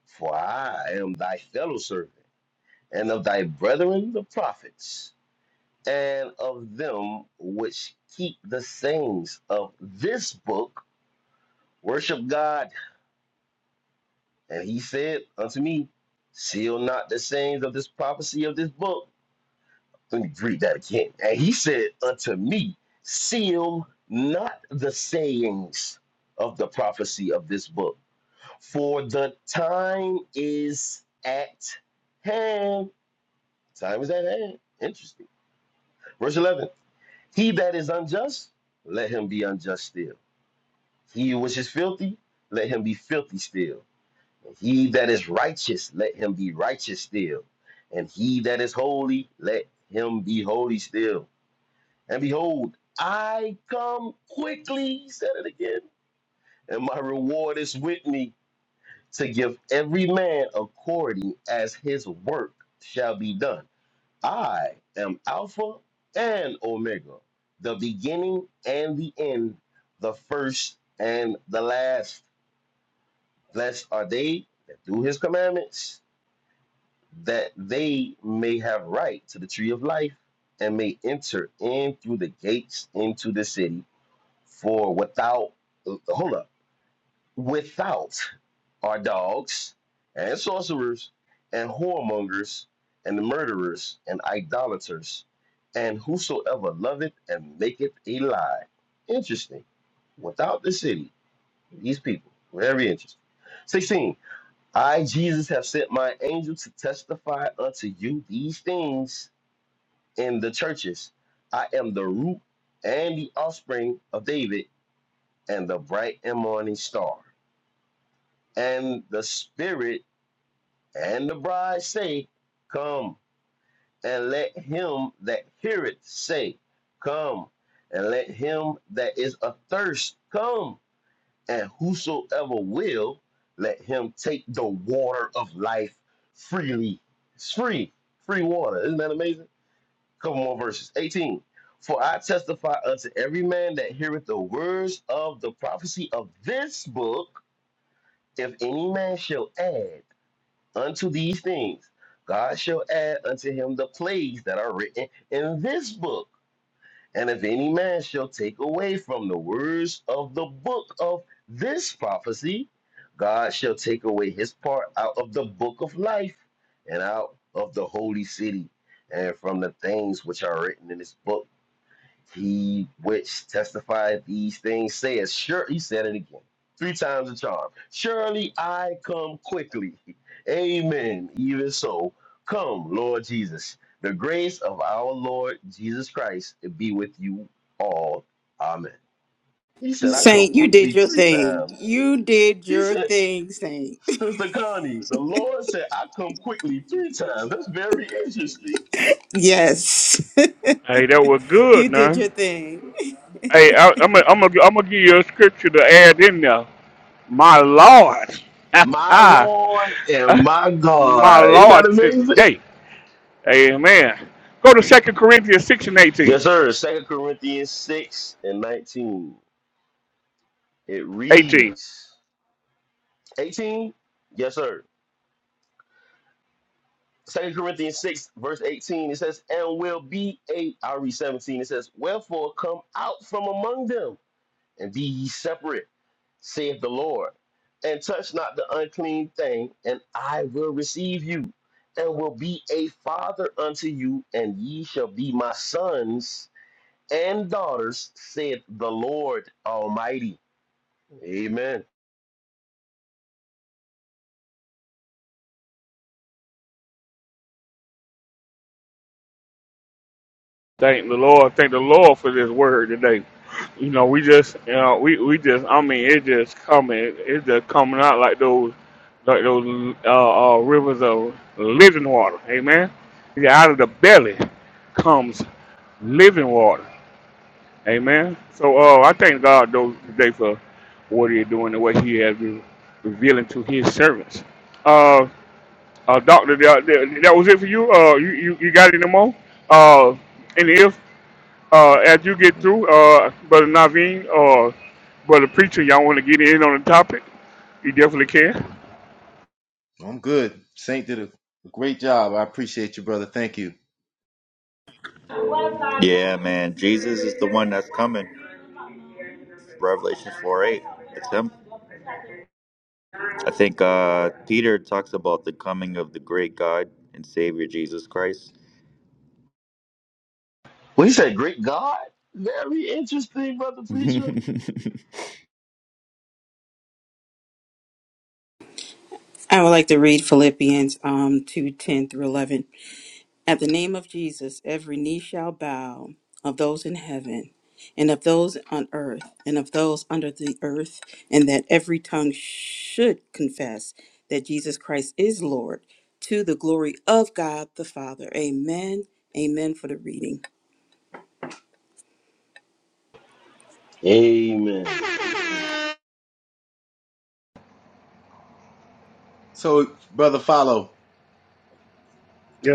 Speaker 16: for I am thy fellow servant, and of thy brethren the prophets, and of them which keep the sayings of this book, worship God. And he said unto me, Seal not the sayings of this prophecy of this book Let me read that again. And he said unto me, Seal not the sayings of the prophecy of this book, for the time is at hand. Time is at hand. Interesting. Verse 11 He that is unjust, let him be unjust still. He which is filthy, let him be filthy still. And he that is righteous, let him be righteous still. And he that is holy, let him be holy still And behold, I come quickly, he said it again, and my reward is with me to give every man according as his work shall be done. I am Alpha and Omega, the beginning and the end, the first and the last. Blessed are they that do his commandments, that they may have right to the tree of life and may enter in through the gates into the city. For without, hold up, without are dogs and sorcerers and whoremongers and the murderers and idolaters and whosoever loveth and maketh a lie. Interesting. Without the city, these people, very interesting. 16. I, Jesus, have sent my angel to testify unto you these things in the churches. I am the root and the offspring of David and the bright and morning star. And the Spirit and the bride say, Come, and let him that heareth say, Come, and let him that is athirst come, and whosoever will, let him take the water of life freely. It's free, free water. Isn't that amazing? Couple more verses. 18. For I testify unto every man that heareth the words of the prophecy of this book If any man shall add unto these things, God shall add unto him the plagues that are written in this book. And if any man shall take away from the words of the book of this prophecy, God shall take away his part out of the book of life and out of the holy city and from the things which are written in this book he which testified these things says, sure, he said it again, three times the charm. Surely I come quickly. <laughs> Amen. Even so, come, Lord Jesus. The grace of our Lord Jesus Christ be with you all. Amen. He said, I come
Speaker 24: Saint, you did
Speaker 16: quickly
Speaker 24: your
Speaker 16: three
Speaker 24: thing.
Speaker 16: times.
Speaker 24: You did
Speaker 16: He
Speaker 24: your
Speaker 16: said,
Speaker 24: thing, Saint.
Speaker 16: Sister Connie, the Lord said, I come quickly three times. That's very interesting.
Speaker 24: Yes.
Speaker 1: Hey, that was
Speaker 24: <laughs>
Speaker 1: good
Speaker 24: you did
Speaker 1: now.
Speaker 24: your thing.
Speaker 1: Hey, I, I'm gonna I'm gonna I'm gonna give you a scripture to add in there. My Lord,
Speaker 16: My Lord and
Speaker 1: <laughs>
Speaker 16: my
Speaker 1: my
Speaker 16: God. Isn't that
Speaker 1: Lord,
Speaker 16: amazing?
Speaker 1: today, Amen. Go to Second Corinthians six and eighteen.
Speaker 16: Yes, sir. Second Corinthians 6 and 19. It
Speaker 1: Eighteen.
Speaker 16: reads 18. Yes, sir. Second Corinthians 6, verse 18. It says, and will be eight. I read 17. It says, Wherefore come out from among them and be ye separate, saith the Lord, and touch not the unclean thing, and I will receive you, and will be a father unto you, and ye shall be my sons and daughters, saith the Lord Almighty. Amen.
Speaker 1: Thank the Lord. Thank the Lord for this word today. You know, we just, you know, we, we just. I mean, it just coming. It's just coming out like those, like those uh, uh, rivers of living water. Amen. Yeah, out of the belly comes living water. Amen. So uh, I thank God though today for what He is doing and what He has been revealing to His servants. Uh, uh Doctor, that, that that was it for you. Uh, you, you, you got any more? Uh, and if uh, as you get through, uh, Brother Naveen or Brother Preacher, y'all want to get in on the topic, you definitely can.
Speaker 26: I'm good. Saint did a, a great job. I appreciate you, brother. Thank you.
Speaker 27: Yeah, man. Jesus is the one that's coming. Revelation 4 8. It's him. I think uh, Peter talks about the coming of the great God and Savior Jesus Christ.
Speaker 16: Well, he said, Great God. Very interesting, brother
Speaker 27: <laughs>
Speaker 16: preacher.
Speaker 24: I would like to read Philippians um two ten through 11. At the name of Jesus, every knee shall bow of those in heaven and of those on earth and of those under the earth, and that every tongue should confess that Jesus Christ is Lord to the glory of God the Father. Amen. Amen for the reading.
Speaker 16: Amen.
Speaker 26: So, brother, follow.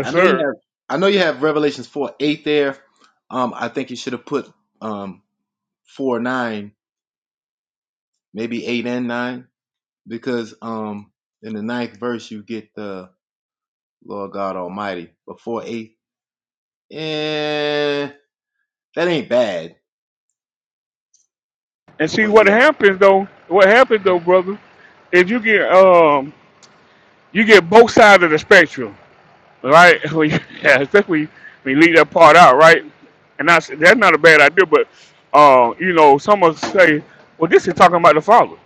Speaker 26: I know you
Speaker 1: sir.
Speaker 26: have. I know you have Revelations four eight there. Um, I think you should have put um four nine, maybe eight and nine, because um in the ninth verse you get the Lord God Almighty. But four eight Eh, that ain't bad,
Speaker 1: And see
Speaker 26: but
Speaker 1: what
Speaker 26: yeah.
Speaker 1: happens though. What happens though, brother, is you get um you get both sides of the spectrum right? <laughs> We, yeah, I think we we leave that part out, right? And that's that's not a bad idea, but uh, you know, some will say, well, this is talking about the Father.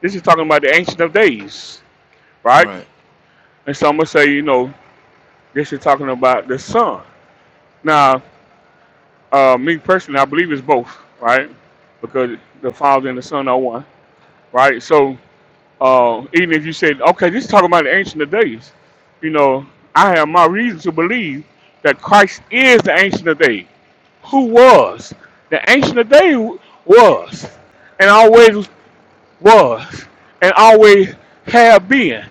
Speaker 1: This is talking about the Ancient of Days, right?
Speaker 26: Right.
Speaker 1: And some will say, you know, this is talking about the Son. Now, uh, me personally, I believe it's both, right? Because the Father and the Son are one, right? So uh, even if you said, okay, this is talking about the Ancient of Days, you know, I have my reason to believe that Christ is the Ancient of Days who was. The ancient of days was, and always was, and always have been,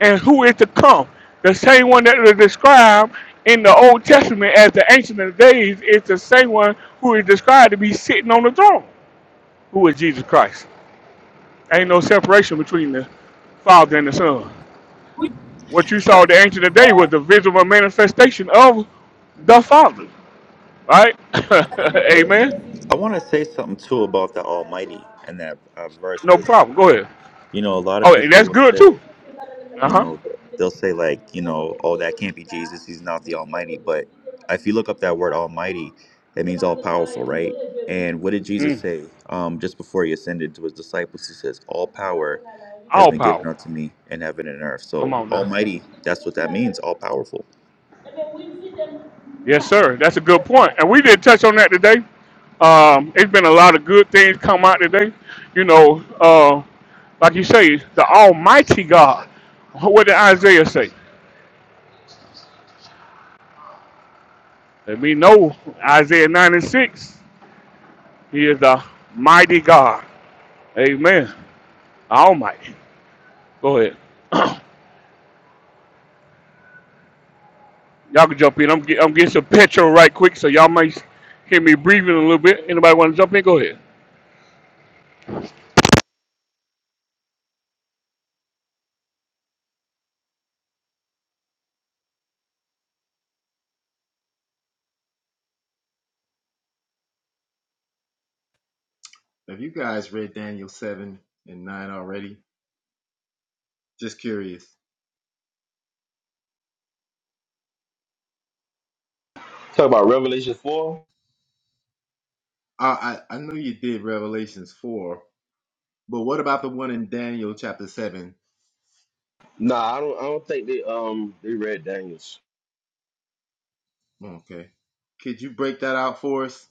Speaker 1: and who is to come. The same one that is described in the Old Testament as the ancient of days is the same one who is described to be sitting on the throne, who is Jesus Christ. Ain't no separation between the Father and the Son. What you
Speaker 27: I,
Speaker 1: saw the ancient of days was the visible manifestation of the Father. Right? <laughs> Amen.
Speaker 27: I want to say something too about the Almighty in that uh, verse
Speaker 1: No
Speaker 27: because
Speaker 1: problem. Go ahead.
Speaker 27: You know, a lot of
Speaker 1: Oh,
Speaker 27: people
Speaker 1: that's
Speaker 27: will
Speaker 1: good too.
Speaker 27: say,
Speaker 1: Uh
Speaker 27: you
Speaker 1: huh.
Speaker 27: know, they'll say like, you know, oh, that can't be Jesus. He's not the Almighty. But if you look up that word Almighty, it means all powerful, right? And what did Jesus
Speaker 1: Mm.
Speaker 27: say um, just before he ascended to his disciples? He says, "All power has
Speaker 1: All
Speaker 27: been given
Speaker 1: power.
Speaker 27: unto me in heaven and earth."
Speaker 1: Come
Speaker 27: So,
Speaker 1: on now.
Speaker 27: Almighty, that's what that means, all powerful.
Speaker 1: Yes, sir. That's a good point. And we did touch on that today. Um, it's been a lot of good things come out today. You know, uh, like you say, the Almighty God. What did Isaiah say? Let me know. Isaiah 96. He is the mighty God. Amen. Almighty. Go ahead. <clears throat> y'all can jump in. I'm, get, I'm getting some petrol right quick, so y'all might hear me breathing a little bit. Anybody want to jump in? Go ahead.
Speaker 26: Have you guys read Daniel 7 and 9 already? Just curious.
Speaker 16: Talk about Revelation 4.
Speaker 26: I, I, I know you did Revelations 4, but what about the one in Daniel chapter 7?
Speaker 16: Nah, I don't I don't think they um they read Daniel's.
Speaker 26: Okay. Could you break that out for us?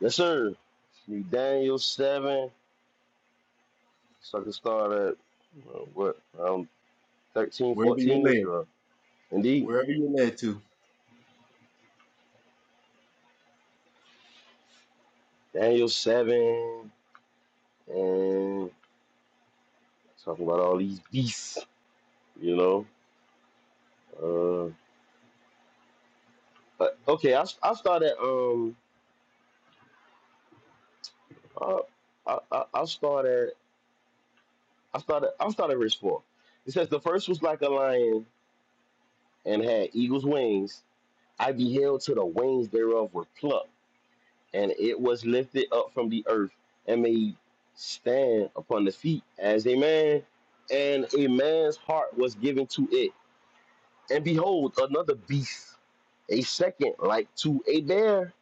Speaker 16: Yes, sir. Read Daniel 7. So I can start at uh, what around 13,
Speaker 26: Wherever you're
Speaker 16: 14, ish
Speaker 26: led.
Speaker 16: or indeed.
Speaker 26: Wherever you're led to.
Speaker 16: Daniel 7 and talking about all these beasts, you know. Uh but okay, I'll, I'll start at um uh, I, I, I'll start at i started. i started at verse 4. It says, The first was like a lion and had eagle's wings. I beheld till the wings thereof were plucked, and it was lifted up from the earth and made stand upon the feet as a man, and a man's heart was given to it. And behold, another beast, a second like to a bear,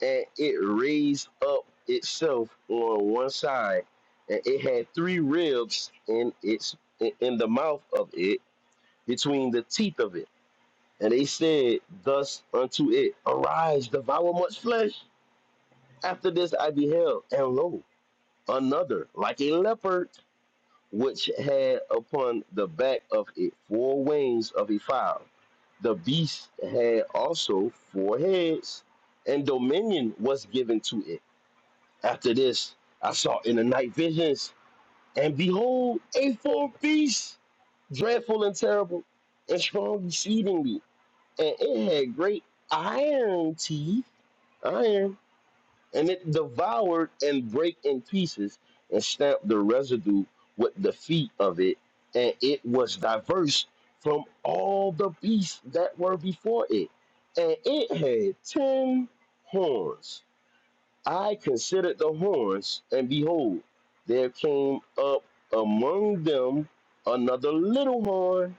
Speaker 16: and it raised up itself on one side, and it had three ribs in its in in the mouth of it between the teeth of it. And they said thus unto it, Arise, devour much flesh. After this I beheld, and lo, another, like a leopard, which had upon the back of it four wings of a fowl. The beast had also four heads, and dominion was given to it. After this I saw in the night visions, and behold, a fourth beast, dreadful and terrible, and strong exceedingly and it had great iron teeth, iron, and it devoured and brake in pieces and stamped the residue with the feet of it, and it was diverse from all the beasts that were before it, and it had ten horns. I considered the horns, and behold, there came up among them another little horn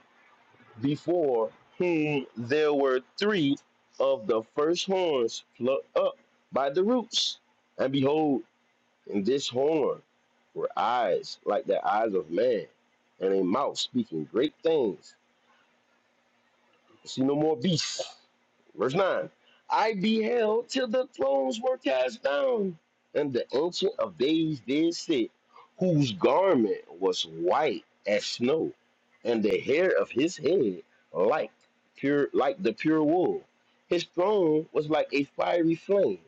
Speaker 16: before whom there were three of the first horns plucked up by the roots. And behold, in this horn were eyes like the eyes of man, and a mouth speaking great things. See no more beasts. Verse 9 I beheld till the thrones were cast down, and the Ancient of Days did sit, whose garment was white as snow, and the hair of his head like pure like the pure wool. His throne was like a fiery flame,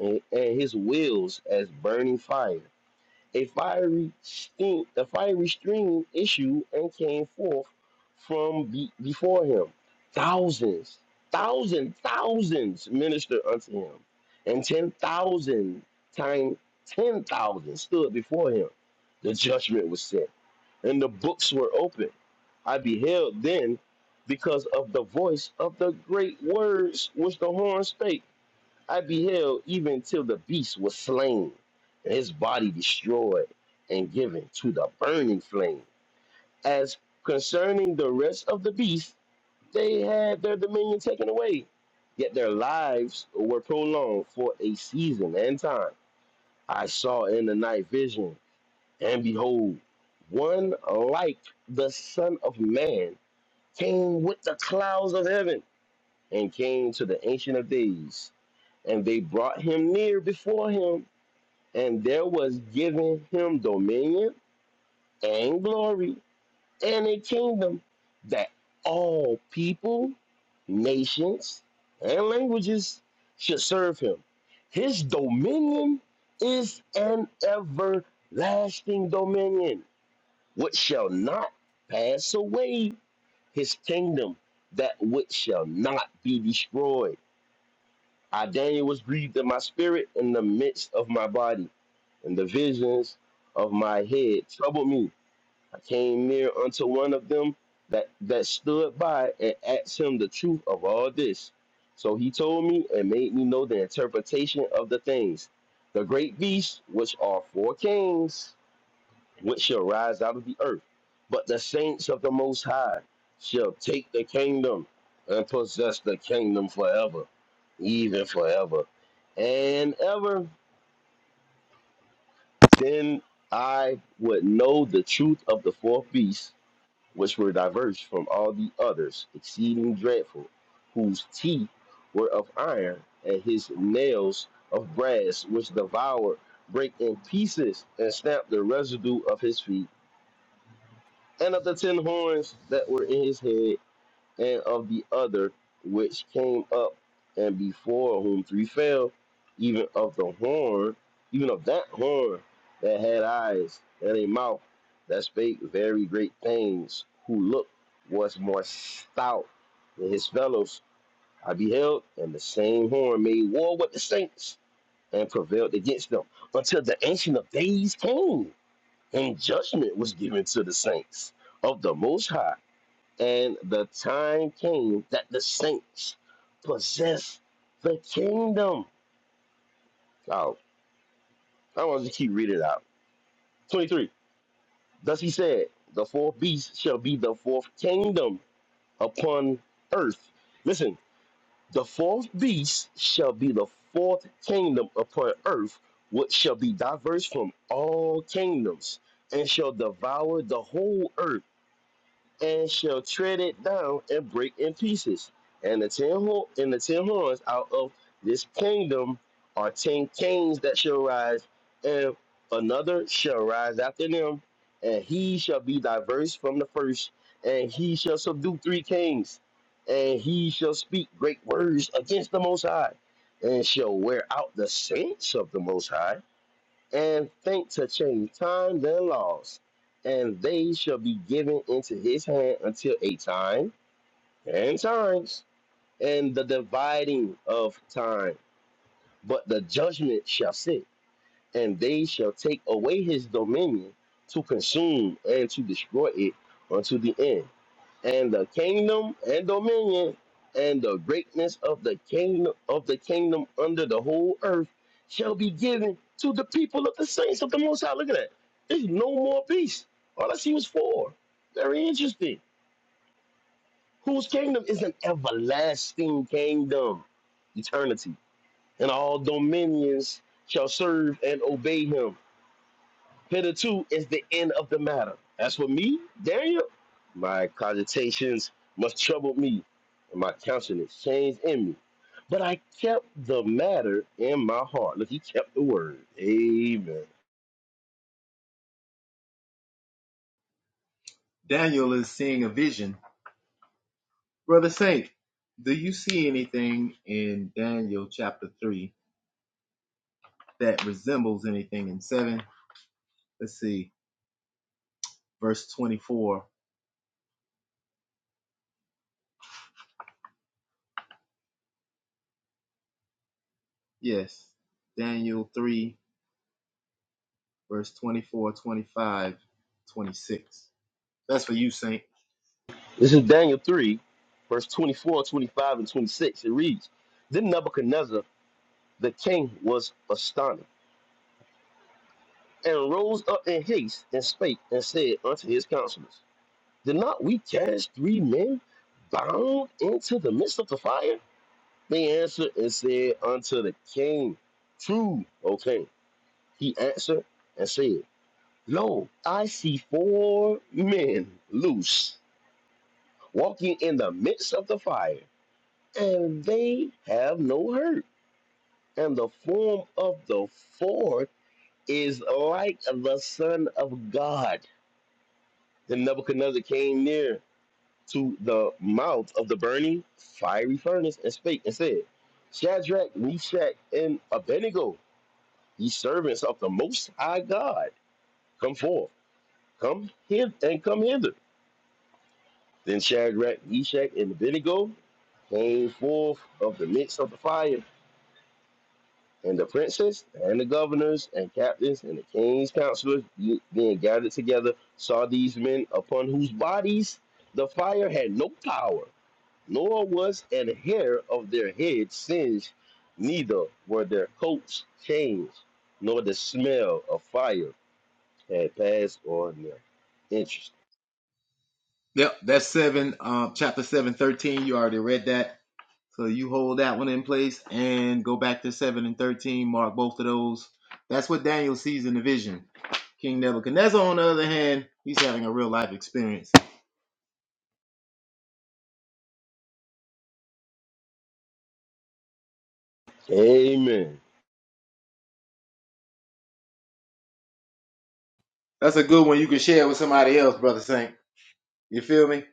Speaker 16: and, and his wheels as burning fire a fiery sting, a fiery stream issued and came forth from be, before him. Thousands, thousand, thousands ministered unto him, and ten thousand times ten thousand stood before him. The judgment was set, and the books were opened. I beheld then because of the voice of the great words which the horn spake. I beheld even till the beast was slain, and his body destroyed and given to the burning flame. As concerning the rest of the beasts, they had their dominion taken away, yet their lives were prolonged for a season and time. I saw in the night vision, and behold, one like the Son of Man came with the clouds of heaven and came to the Ancient of Days, and they brought him near before him and there was given him dominion and glory and a kingdom that all people, nations, and languages should serve him. His dominion is an everlasting dominion which shall not pass away, his kingdom that which shall not be destroyed. I, Daniel, was grieved in my spirit in the midst of my body and the visions of my head troubled me. I came near unto one of them that, that stood by and asked him the truth of all this. So he told me and made me know the interpretation of the things. The great beasts, which are four kings, which shall rise out of the earth, but the saints of the Most High shall take the kingdom and possess the kingdom forever, even forever and ever. Then I would know the truth of the fourth beast, which were diverse from all the others, exceeding dreadful, whose teeth were of iron, and his nails of brass, which devoured, break in pieces, and snapped the residue of his feet, and of the ten horns that were in his head and of the other which came up and before whom three fell, even of the horn, even of that horn that had eyes and a mouth that spake very great things, who looked was more stout than his fellows. I beheld, and the same horn made war with the saints and prevailed against them until the ancient of days came, and judgment was given to the saints of the Most High and the time came that the saints possessed the kingdom. Oh, I want to keep reading it out. 23. Thus he said, The fourth beast shall be the fourth kingdom upon earth. Listen, the fourth beast shall be the fourth kingdom upon earth, which shall be diverse from all kingdoms, and shall devour the whole earth and shall tread it down and break in pieces. And the ten ho- and the ten horns out of this kingdom are ten kings that shall rise, and another shall rise after them, and he shall be diverse from the first, and he shall subdue three kings, and he shall speak great words against the Most High, and shall wear out the saints of the Most High and think to change times and laws, and they shall be given into his hand until a time and times and the dividing of time. But the judgment shall sit and they shall take away his dominion to consume and to destroy it unto the end. And the kingdom and dominion and the greatness of the kingdom of the kingdom under the whole earth shall be given to the people of the saints of the Most High. Look at that. There's no more peace. All I see was four. Very interesting. Whose kingdom is an everlasting kingdom, eternity, and all dominions shall serve and obey him Hitherto is the end of the matter. As for me, Daniel, my cogitations must trouble me, and my countenance changed in me. But I kept the matter in my heart. Look, he kept the word. Amen.
Speaker 26: Daniel is seeing a vision. Brother Saint, do you see anything in Daniel chapter 3 that resembles anything in 7? Let's see. Verse 24. Yes, Daniel 3, verse 24, 25, 26. That's for you, Saint.
Speaker 16: This is Daniel 3, verse 24, 25, and 26. It reads Then Nebuchadnezzar the king was astonished, and rose up in haste and spake and said unto his counselors, Did not we cast three men bound into the midst of the fire? They answered and said unto the king, True, O king. He answered and said, Lo, I see four men loose, walking in the midst of the fire, and they have no hurt. And the form of the fourth is like the Son of God. Then Nebuchadnezzar came near to the mouth of the burning fiery furnace and spake and said, Shadrach, Meshach, and Abednego, Ye servants of the Most High God, come forth, come hither, and come hither. Then Shadrach, Meshach, and Abednego came forth of the midst of the fire, and the princes, and the governors, and captains, and the king's counselors, being gathered together, saw these men upon whose bodies the fire had no power, nor was an hair of their head singed, neither were their coats changed, nor the smell of fire had passed or no. Interesting.
Speaker 26: Yep, that's 7, uh, chapter seven, thirteen. You already read that. So you hold that one in place and go back to 7 and 13, mark both of those. That's what Daniel sees in the vision. King Nebuchadnezzar, on the other hand, he's having a real life experience.
Speaker 16: Amen.
Speaker 26: That's a good one you can share with somebody else, Brother Saint. You feel me?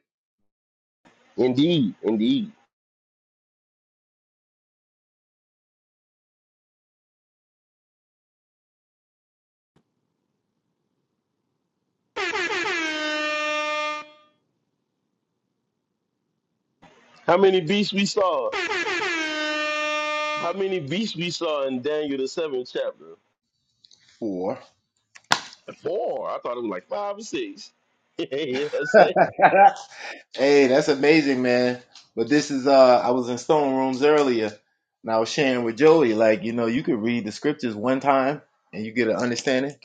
Speaker 16: Indeed, indeed. How many beasts we saw? How many beasts we saw in Daniel the seventh chapter?
Speaker 26: Four.
Speaker 16: Four. I thought it was like five or six. <laughs> you know what I'm saying?
Speaker 26: <laughs> Hey, that's amazing, man. But this is uh I was in Stone Rooms earlier and I was sharing with Joey, like, you know, you could read the scriptures one time and you get an understanding.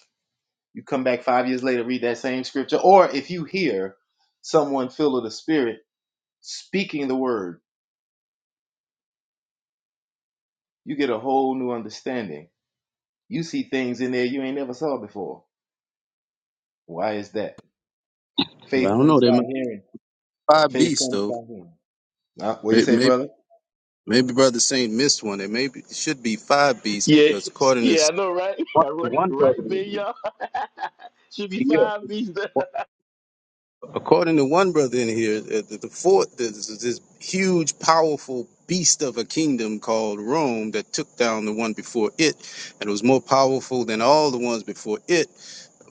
Speaker 26: You come back five years later, read that same scripture. Or if you hear someone filled with the spirit speaking the word, you get a whole new understanding. You see things in there you ain't never saw before. Why is that?
Speaker 25: I
Speaker 26: Faith
Speaker 25: don't know.
Speaker 26: comes
Speaker 25: There
Speaker 26: by
Speaker 25: must
Speaker 26: hearing.
Speaker 25: be five
Speaker 26: Faith
Speaker 25: beasts
Speaker 26: comes by
Speaker 25: though.
Speaker 26: hearing. Uh, what you
Speaker 25: Maybe,
Speaker 26: say,
Speaker 25: maybe
Speaker 26: brother?
Speaker 25: maybe brother Saint missed one. There maybe it should be five beasts
Speaker 16: Yeah,
Speaker 25: because according to
Speaker 16: yeah, I know, right? <laughs>
Speaker 25: one, to
Speaker 16: right,
Speaker 25: one brother,
Speaker 16: right, man,
Speaker 25: in
Speaker 16: y'all. <laughs> Should be
Speaker 25: Here, yeah,
Speaker 16: five beasts.
Speaker 25: According to one brother in here, uh, the, the fourth is is this huge, powerful beast of a kingdom called Rome that took down the one before it, and it was more powerful than all the ones before it.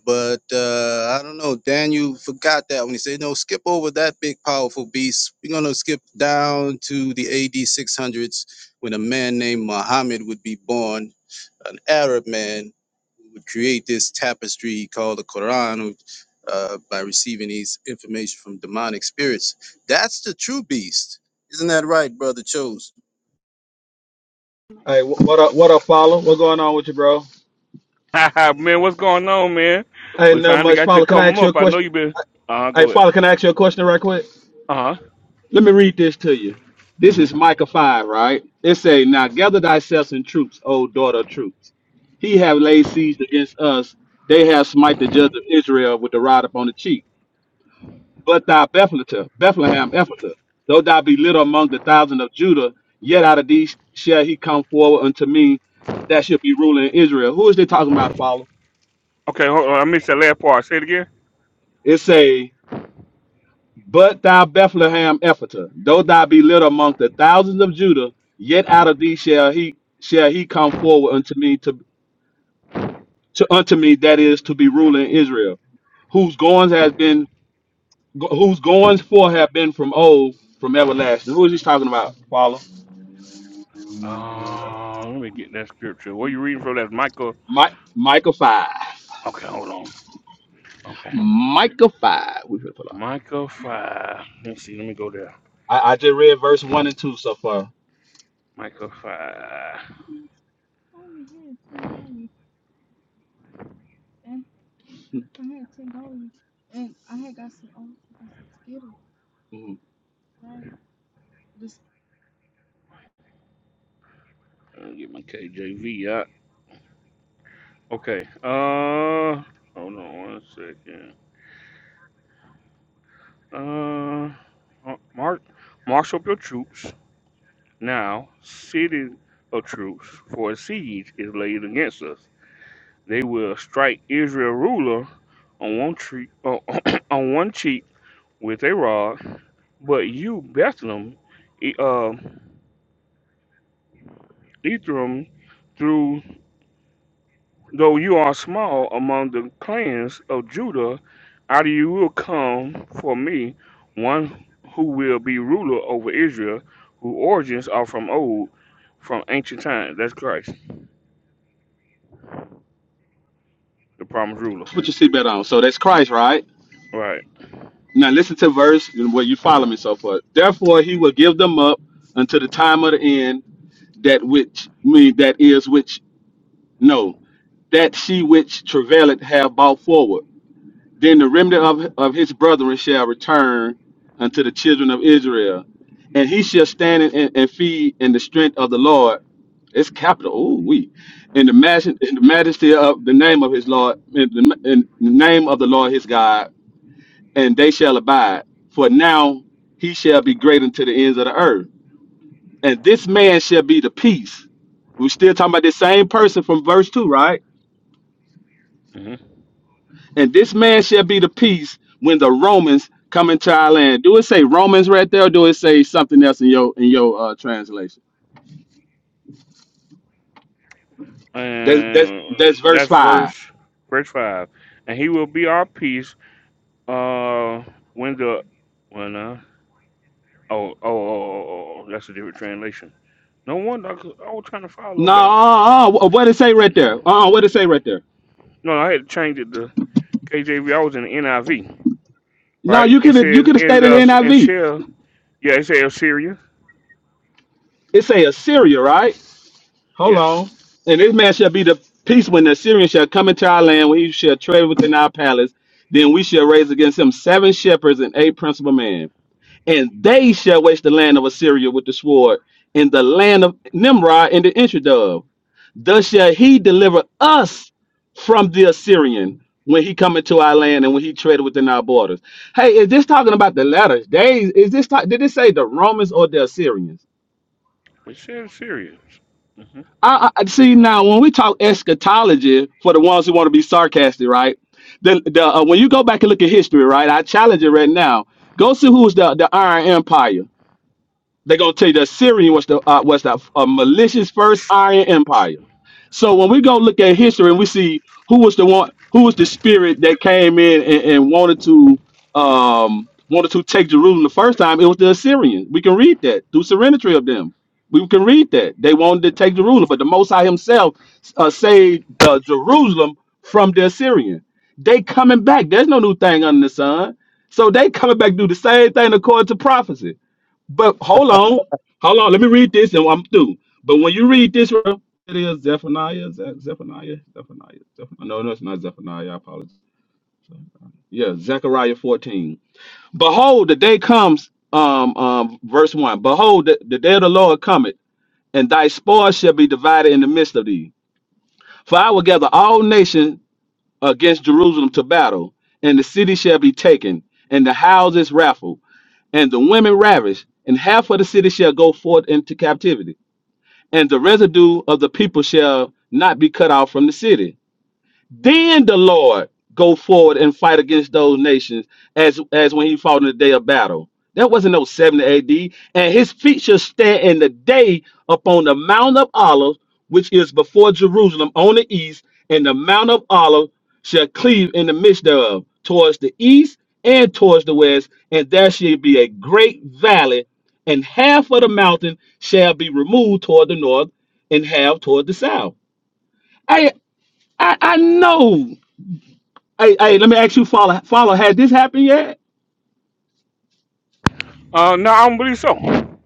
Speaker 25: But uh, I don't know, Daniel forgot that when he said, "No, skip over that big, powerful beast. We're gonna skip down to the A.D. 600s when a man named Muhammad would be born." an Arab man who would create this tapestry called the Quran uh, by receiving these information from demonic spirits. That's the true beast. Isn't that right, Brother Chose?
Speaker 28: Hey, wh- what up? What up, follow? What's going on with you, bro?
Speaker 1: <laughs> man, what's going on, man?
Speaker 28: Hey,
Speaker 1: We
Speaker 28: not
Speaker 1: finally
Speaker 28: much,
Speaker 1: got you to
Speaker 28: follow. Can I
Speaker 1: come
Speaker 28: ask you a
Speaker 1: up. I know
Speaker 28: question?
Speaker 1: you been. Uh huh.
Speaker 28: Hey,
Speaker 1: Go ahead.
Speaker 28: follow. Can I ask you a question right quick?
Speaker 1: Uh huh.
Speaker 28: Let me read this to you. This
Speaker 1: hmm
Speaker 28: is Micah five, right? It say, "Now gather thyself in troops, O daughter of troops. He have laid siege against us; they have smite the judge of Israel with the rod upon the cheek. But thou Bethlehem, Bethlehem, Ephrathah, though thou be little among the thousand of Judah, yet out of these shall he come forward unto me, that shall be ruler in Israel." Who is they talking about, follow?
Speaker 1: Okay, hold on. I missed that last part. Say it again.
Speaker 28: It say. But thou Bethlehem Ephratah, though thou be little among the thousands of Judah, yet out of thee shall he shall he come forward unto me to, to unto me that is to be ruler in Israel, whose goings has been whose goings forth have been from old, from everlasting. Who is he talking about? Follow
Speaker 1: Uh, let me get that scripture. What you reading from? That's Michael.
Speaker 28: Mike Micah five.
Speaker 1: Okay, hold on. Okay,
Speaker 28: Micah five. We should pull up.
Speaker 1: Michael five. Let me see. Let me go there.
Speaker 28: I, I just read verse one and two so far.
Speaker 1: Michael five.
Speaker 28: Mhm.
Speaker 1: Let me get my KJV out. Okay. Uh, hold on one second. Uh, Mark, marshal up your troops. Now cities of troops for a siege is laid against us. They will strike Israel ruler on one cheek, <clears throat> on one cheek with a rod, but you Bethlehem, E- uh, Ephraim, through though you are small among the clans of Judah, out of you will come for me one who will be ruler over Israel, whose origins are from old, from ancient times. That's Christ, the promised ruler.
Speaker 28: Put your seatbelt on. So that's Christ, right?
Speaker 1: Right.
Speaker 28: Now listen to verse and what you follow me so far. Therefore he will give them up until the time of the end that which me that is which no that she which travaileth have brought forward. Then the remnant of, of his brethren shall return unto the children of Israel, and he shall stand and, and and feed in the strength of the Lord. It's capital. Oh, we in the majesty, in the majesty of the name of his Lord, in the, in the name of the Lord his God and they shall abide. For now he shall be great unto the ends of the earth. And this man shall be the peace. We're still talking about the same person from verse 2, right?
Speaker 1: Mm-hmm.
Speaker 28: And this man shall be the peace when the Romans come into our land. Do it say Romans right there, or do it say something else in your in your uh, translation? That's, that's that's
Speaker 1: And
Speaker 28: verse
Speaker 1: that's
Speaker 28: five.
Speaker 1: verse verse five. And he will be our peace. Uh, when the when uh oh oh oh oh, oh, oh that's a different translation. No wonder 'cause I was trying to follow.
Speaker 28: No,
Speaker 1: Okay.
Speaker 28: uh, uh, uh, what it say right there? Uh, uh what it say right there?
Speaker 1: No, I had to change it to KJV. I was in the NIV.
Speaker 28: No,
Speaker 1: Right.
Speaker 28: you
Speaker 1: It
Speaker 28: could you
Speaker 1: says
Speaker 28: could have
Speaker 1: in
Speaker 28: stayed in the
Speaker 1: the in
Speaker 28: NIV.
Speaker 1: shall yeah. It says Syria.
Speaker 28: It say Assyria, right? Hold
Speaker 1: Yeah.
Speaker 28: on. And this man shall be the peace when the Assyrian shall come into our land, when he shall tread within our palace. Then we shall raise against him seven shepherds and eight principal men. And they shall waste the land of Assyria with the sword, and the land of Nimrod and the entry thereof. Thus shall he deliver us from the Assyrian when he come into our land and when he tread within our borders. Hey, is this talking about the latter days? Is this ta- did it say the Romans or the Assyrians?
Speaker 1: It says Syria. Mm-hmm.
Speaker 28: I, I see now when we talk eschatology for the ones who want to be sarcastic, right? The the uh, when you go back and look at history, right? I challenge it right now. Go see who's the the Iron Empire. They're gonna tell you that Syrian was the uh, was the uh, malicious first Iron Empire. So when we go look at history and we see who was the one, who was the spirit that came in and, and wanted to um wanted to take Jerusalem the first time, it was the Assyrians. We can read that through serenity of them. We can read that they wanted to take Jerusalem, but the Most High Himself uh, saved uh, Jerusalem from the Assyrian. They coming back. There's no new thing under the sun. So they coming back do the same thing according to prophecy. But hold on, hold on. Let me read this, and I'm through. But when you read this, bro, it is Zephaniah, Ze- Zephaniah, Zephaniah, Zephaniah. No, no, it's not Zephaniah. I apologize. Yeah, Zechariah 14. Behold, the day comes. Um, um, verse one. Behold, the, the day of the Lord cometh, and thy spoil shall be divided in the midst of thee. For I will gather all nations against Jerusalem to battle, and the city shall be taken, and the houses raffled and the women ravished, and half of the city shall go forth into captivity, and the residue of the people shall not be cut off from the city. Then the Lord go forward and fight against those nations as as when he fought in the day of battle. That wasn't no 70 AD. And his feet shall stand in the day upon the Mount of Olives, which is before Jerusalem on the east, and the Mount of Olives shall cleave in the midst thereof, towards the east and towards the west, and there shall be a great valley, and half of the mountain shall be removed toward the north, and half toward the south. I I, I know Hey, hey, let me ask you, follow, follow. Had this happened yet?
Speaker 1: Uh, no, I don't believe so. All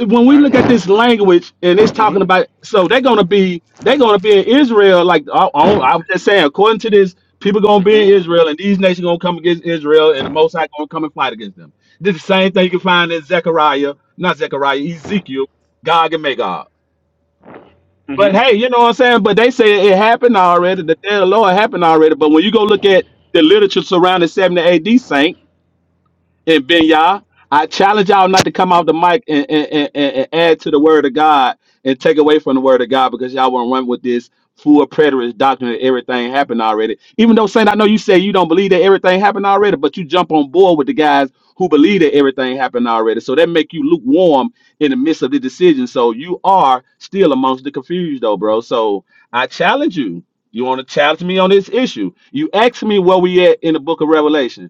Speaker 28: When we
Speaker 1: right.
Speaker 28: look at this language and it's talking
Speaker 1: Mhm.
Speaker 28: about, so they're gonna be, they're gonna be in Israel. Like I, I, I was just saying, according to this, people gonna be in
Speaker 1: Mhm.
Speaker 28: Israel, and these nations gonna come against Israel, and the Most High gonna come and fight against them. This is the same thing you can find in Zechariah, not Zechariah, Ezekiel, Gog and Magog. But
Speaker 1: Mhm.
Speaker 28: hey, you know what I'm saying? But they say it happened already. The day of the Lord happened already. But when you go look at the literature surrounding 70 AD, saint And Ben Yah, I challenge y'all not to come off the mic and, and, and, and and add to the word of God and take away from the word of God because y'all want to run with this full preterist doctrine that everything happened already. Even though Saint, I know you say you don't believe that everything happened already, but you jump on board with the guys who believe that everything happened already. So that make you lukewarm in the midst of the decision. So you are still amongst the confused though, bro. So I challenge you. You want to challenge me on this issue. You asked me where we at in the book of Revelation.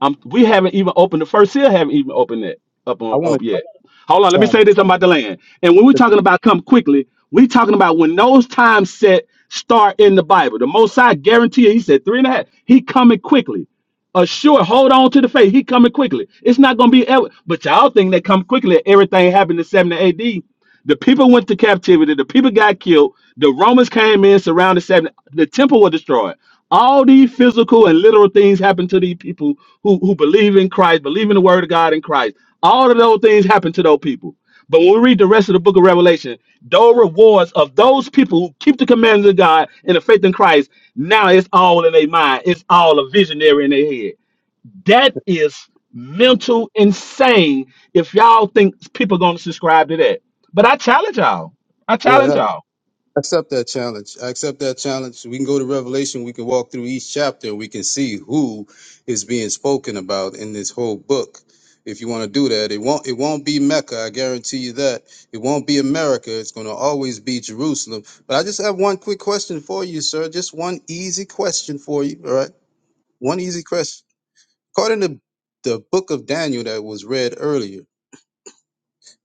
Speaker 28: Um, we haven't even opened the first seal. Haven't even opened it up
Speaker 25: I
Speaker 28: on,
Speaker 25: want to
Speaker 28: up yet. Hold on. Let me
Speaker 25: challenge.
Speaker 28: say this about the land. And when we're talking about come quickly, we talking about when those times set start in the Bible. The Most High guarantee. it. He said three and a half. He coming quickly. Assure. Hold on to the faith. He coming quickly. It's not gonna be ever. But y'all think that come quickly. Everything happened in seventy A.D. The people went to captivity. The people got killed. The Romans came in, surrounded seven. The temple was destroyed. All these physical and literal things happened to these people who, who believe in Christ, believe in the word of God in Christ. All of those things happened to those people. But when we read the rest of the book of Revelation, those rewards of those people who keep the commandments of God and the faith in Christ, now it's all in their mind. It's all a visionary in their head. That is mental insane if y'all think people going to subscribe to that. But I challenge y'all. I
Speaker 25: Yeah,
Speaker 28: challenge y'all.
Speaker 25: Accept that challenge. I accept that challenge. We can go to Revelation. We can walk through each chapter we can see who is being spoken about in this whole book. If you want to do that, it won't it won't be Mecca. I guarantee you that. It won't be America. It's going to always be Jerusalem. But I just have one quick question for you, sir. Just one easy question for you. All right. One easy question. According to the book of Daniel that was read earlier,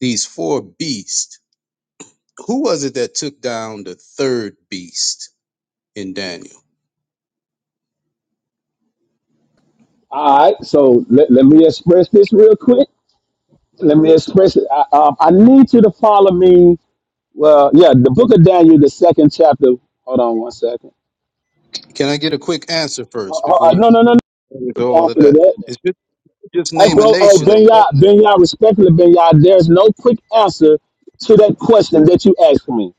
Speaker 25: these four beasts, who was it that took down the third beast in Daniel?
Speaker 28: All right, so let, let me express this real quick. Let me express it. I, um, I need you to follow me. Well, yeah, the book of Daniel, the second chapter. Hold on one second.
Speaker 25: Can I get a quick answer
Speaker 28: Uh,
Speaker 25: first before
Speaker 28: uh,
Speaker 25: you
Speaker 28: no, no, no,
Speaker 25: go into
Speaker 28: no.
Speaker 25: all of
Speaker 28: Answer to
Speaker 25: that?
Speaker 28: that.
Speaker 25: It's just, just
Speaker 28: Hey,
Speaker 25: name a
Speaker 28: bro, hey,
Speaker 25: nation. That's
Speaker 28: Benya,
Speaker 25: that.
Speaker 28: Yah, respectfully, Benya, there's no quick answer to that question that you asked me.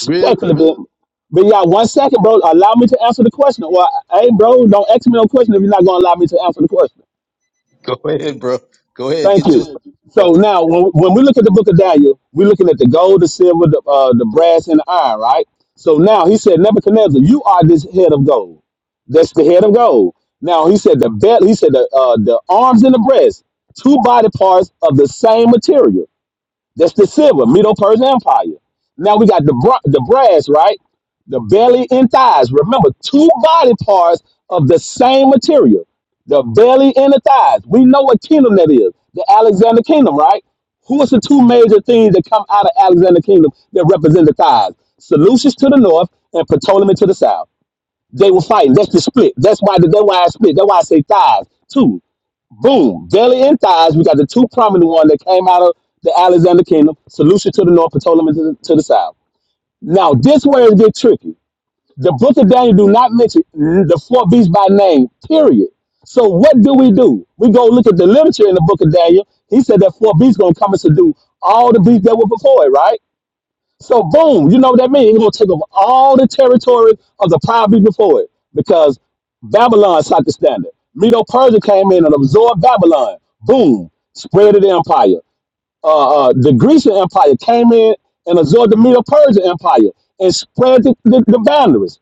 Speaker 25: Really?
Speaker 28: Ben, ben one second, bro, allow me to answer the question. Well, hey, bro, don't ask me no question if you're not going to allow me to answer the question.
Speaker 25: <laughs> Go ahead, bro. Go ahead. Get
Speaker 28: Thank
Speaker 25: yourself
Speaker 28: you. So
Speaker 25: together.
Speaker 28: now, when, when we look at the book of Daniel, we're looking at the gold, the silver, the, uh, the brass, and the iron, right? So now he said, Nebuchadnezzar, you are this head of gold. That's the head of gold. Now he said the belt, he said the, uh, the arms and the breast, two body parts of the same material. That's the silver, Middle Persian Empire. Now we got the bra- the brass, right? The belly and thighs. Remember, two body parts of the same material. The belly and the thighs. We know what kingdom that is. The Alexander Kingdom, right? Who is the two major things that come out of Alexander Kingdom that represent the thighs? Seleucus to the north and Ptolemy to the south. They were fighting. That's the split. That's why. That's why I split. That's why I say thighs Two. Boom. Daily insights. We got the two prominent one that came out of the Alexander Kingdom, solution to the north, Ptolemy to the, to the south. Now, this where it gets tricky. The book of Daniel do not mention the four beasts by name, period. So what do we do? We go look at the literature in the book of Daniel. He said that four beasts gonna come and subdue all the beasts that were before it, right? So boom, you know what that means? It's gonna take over all the territory of the power before it because Babylon set the standard. Medo Persia came in and absorbed Babylon. Boom, spread of the empire. Uh, uh, the Grecian Empire came in and absorbed the Medo Persian Empire and spread the, the, the boundaries.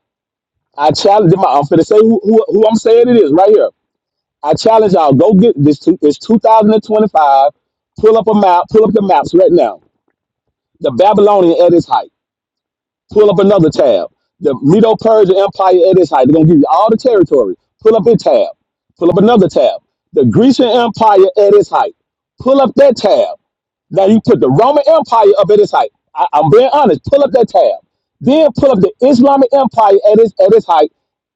Speaker 28: I challenge my I'm finna say who, who, who I'm saying it is right here. I challenge y'all, go get this two, it's 2025. Pull up a map, pull up the maps right now. The Babylonian at its height. Pull up another tab. The Medo Persian Empire at its height. They're gonna give you all the territory. Pull up a tab. Pull up another tab. The Grecian Empire at its height. Pull up that tab. Now you put the Roman Empire up at its height. I, I'm being honest. Pull up that tab. Then pull up the Islamic Empire at its at its height.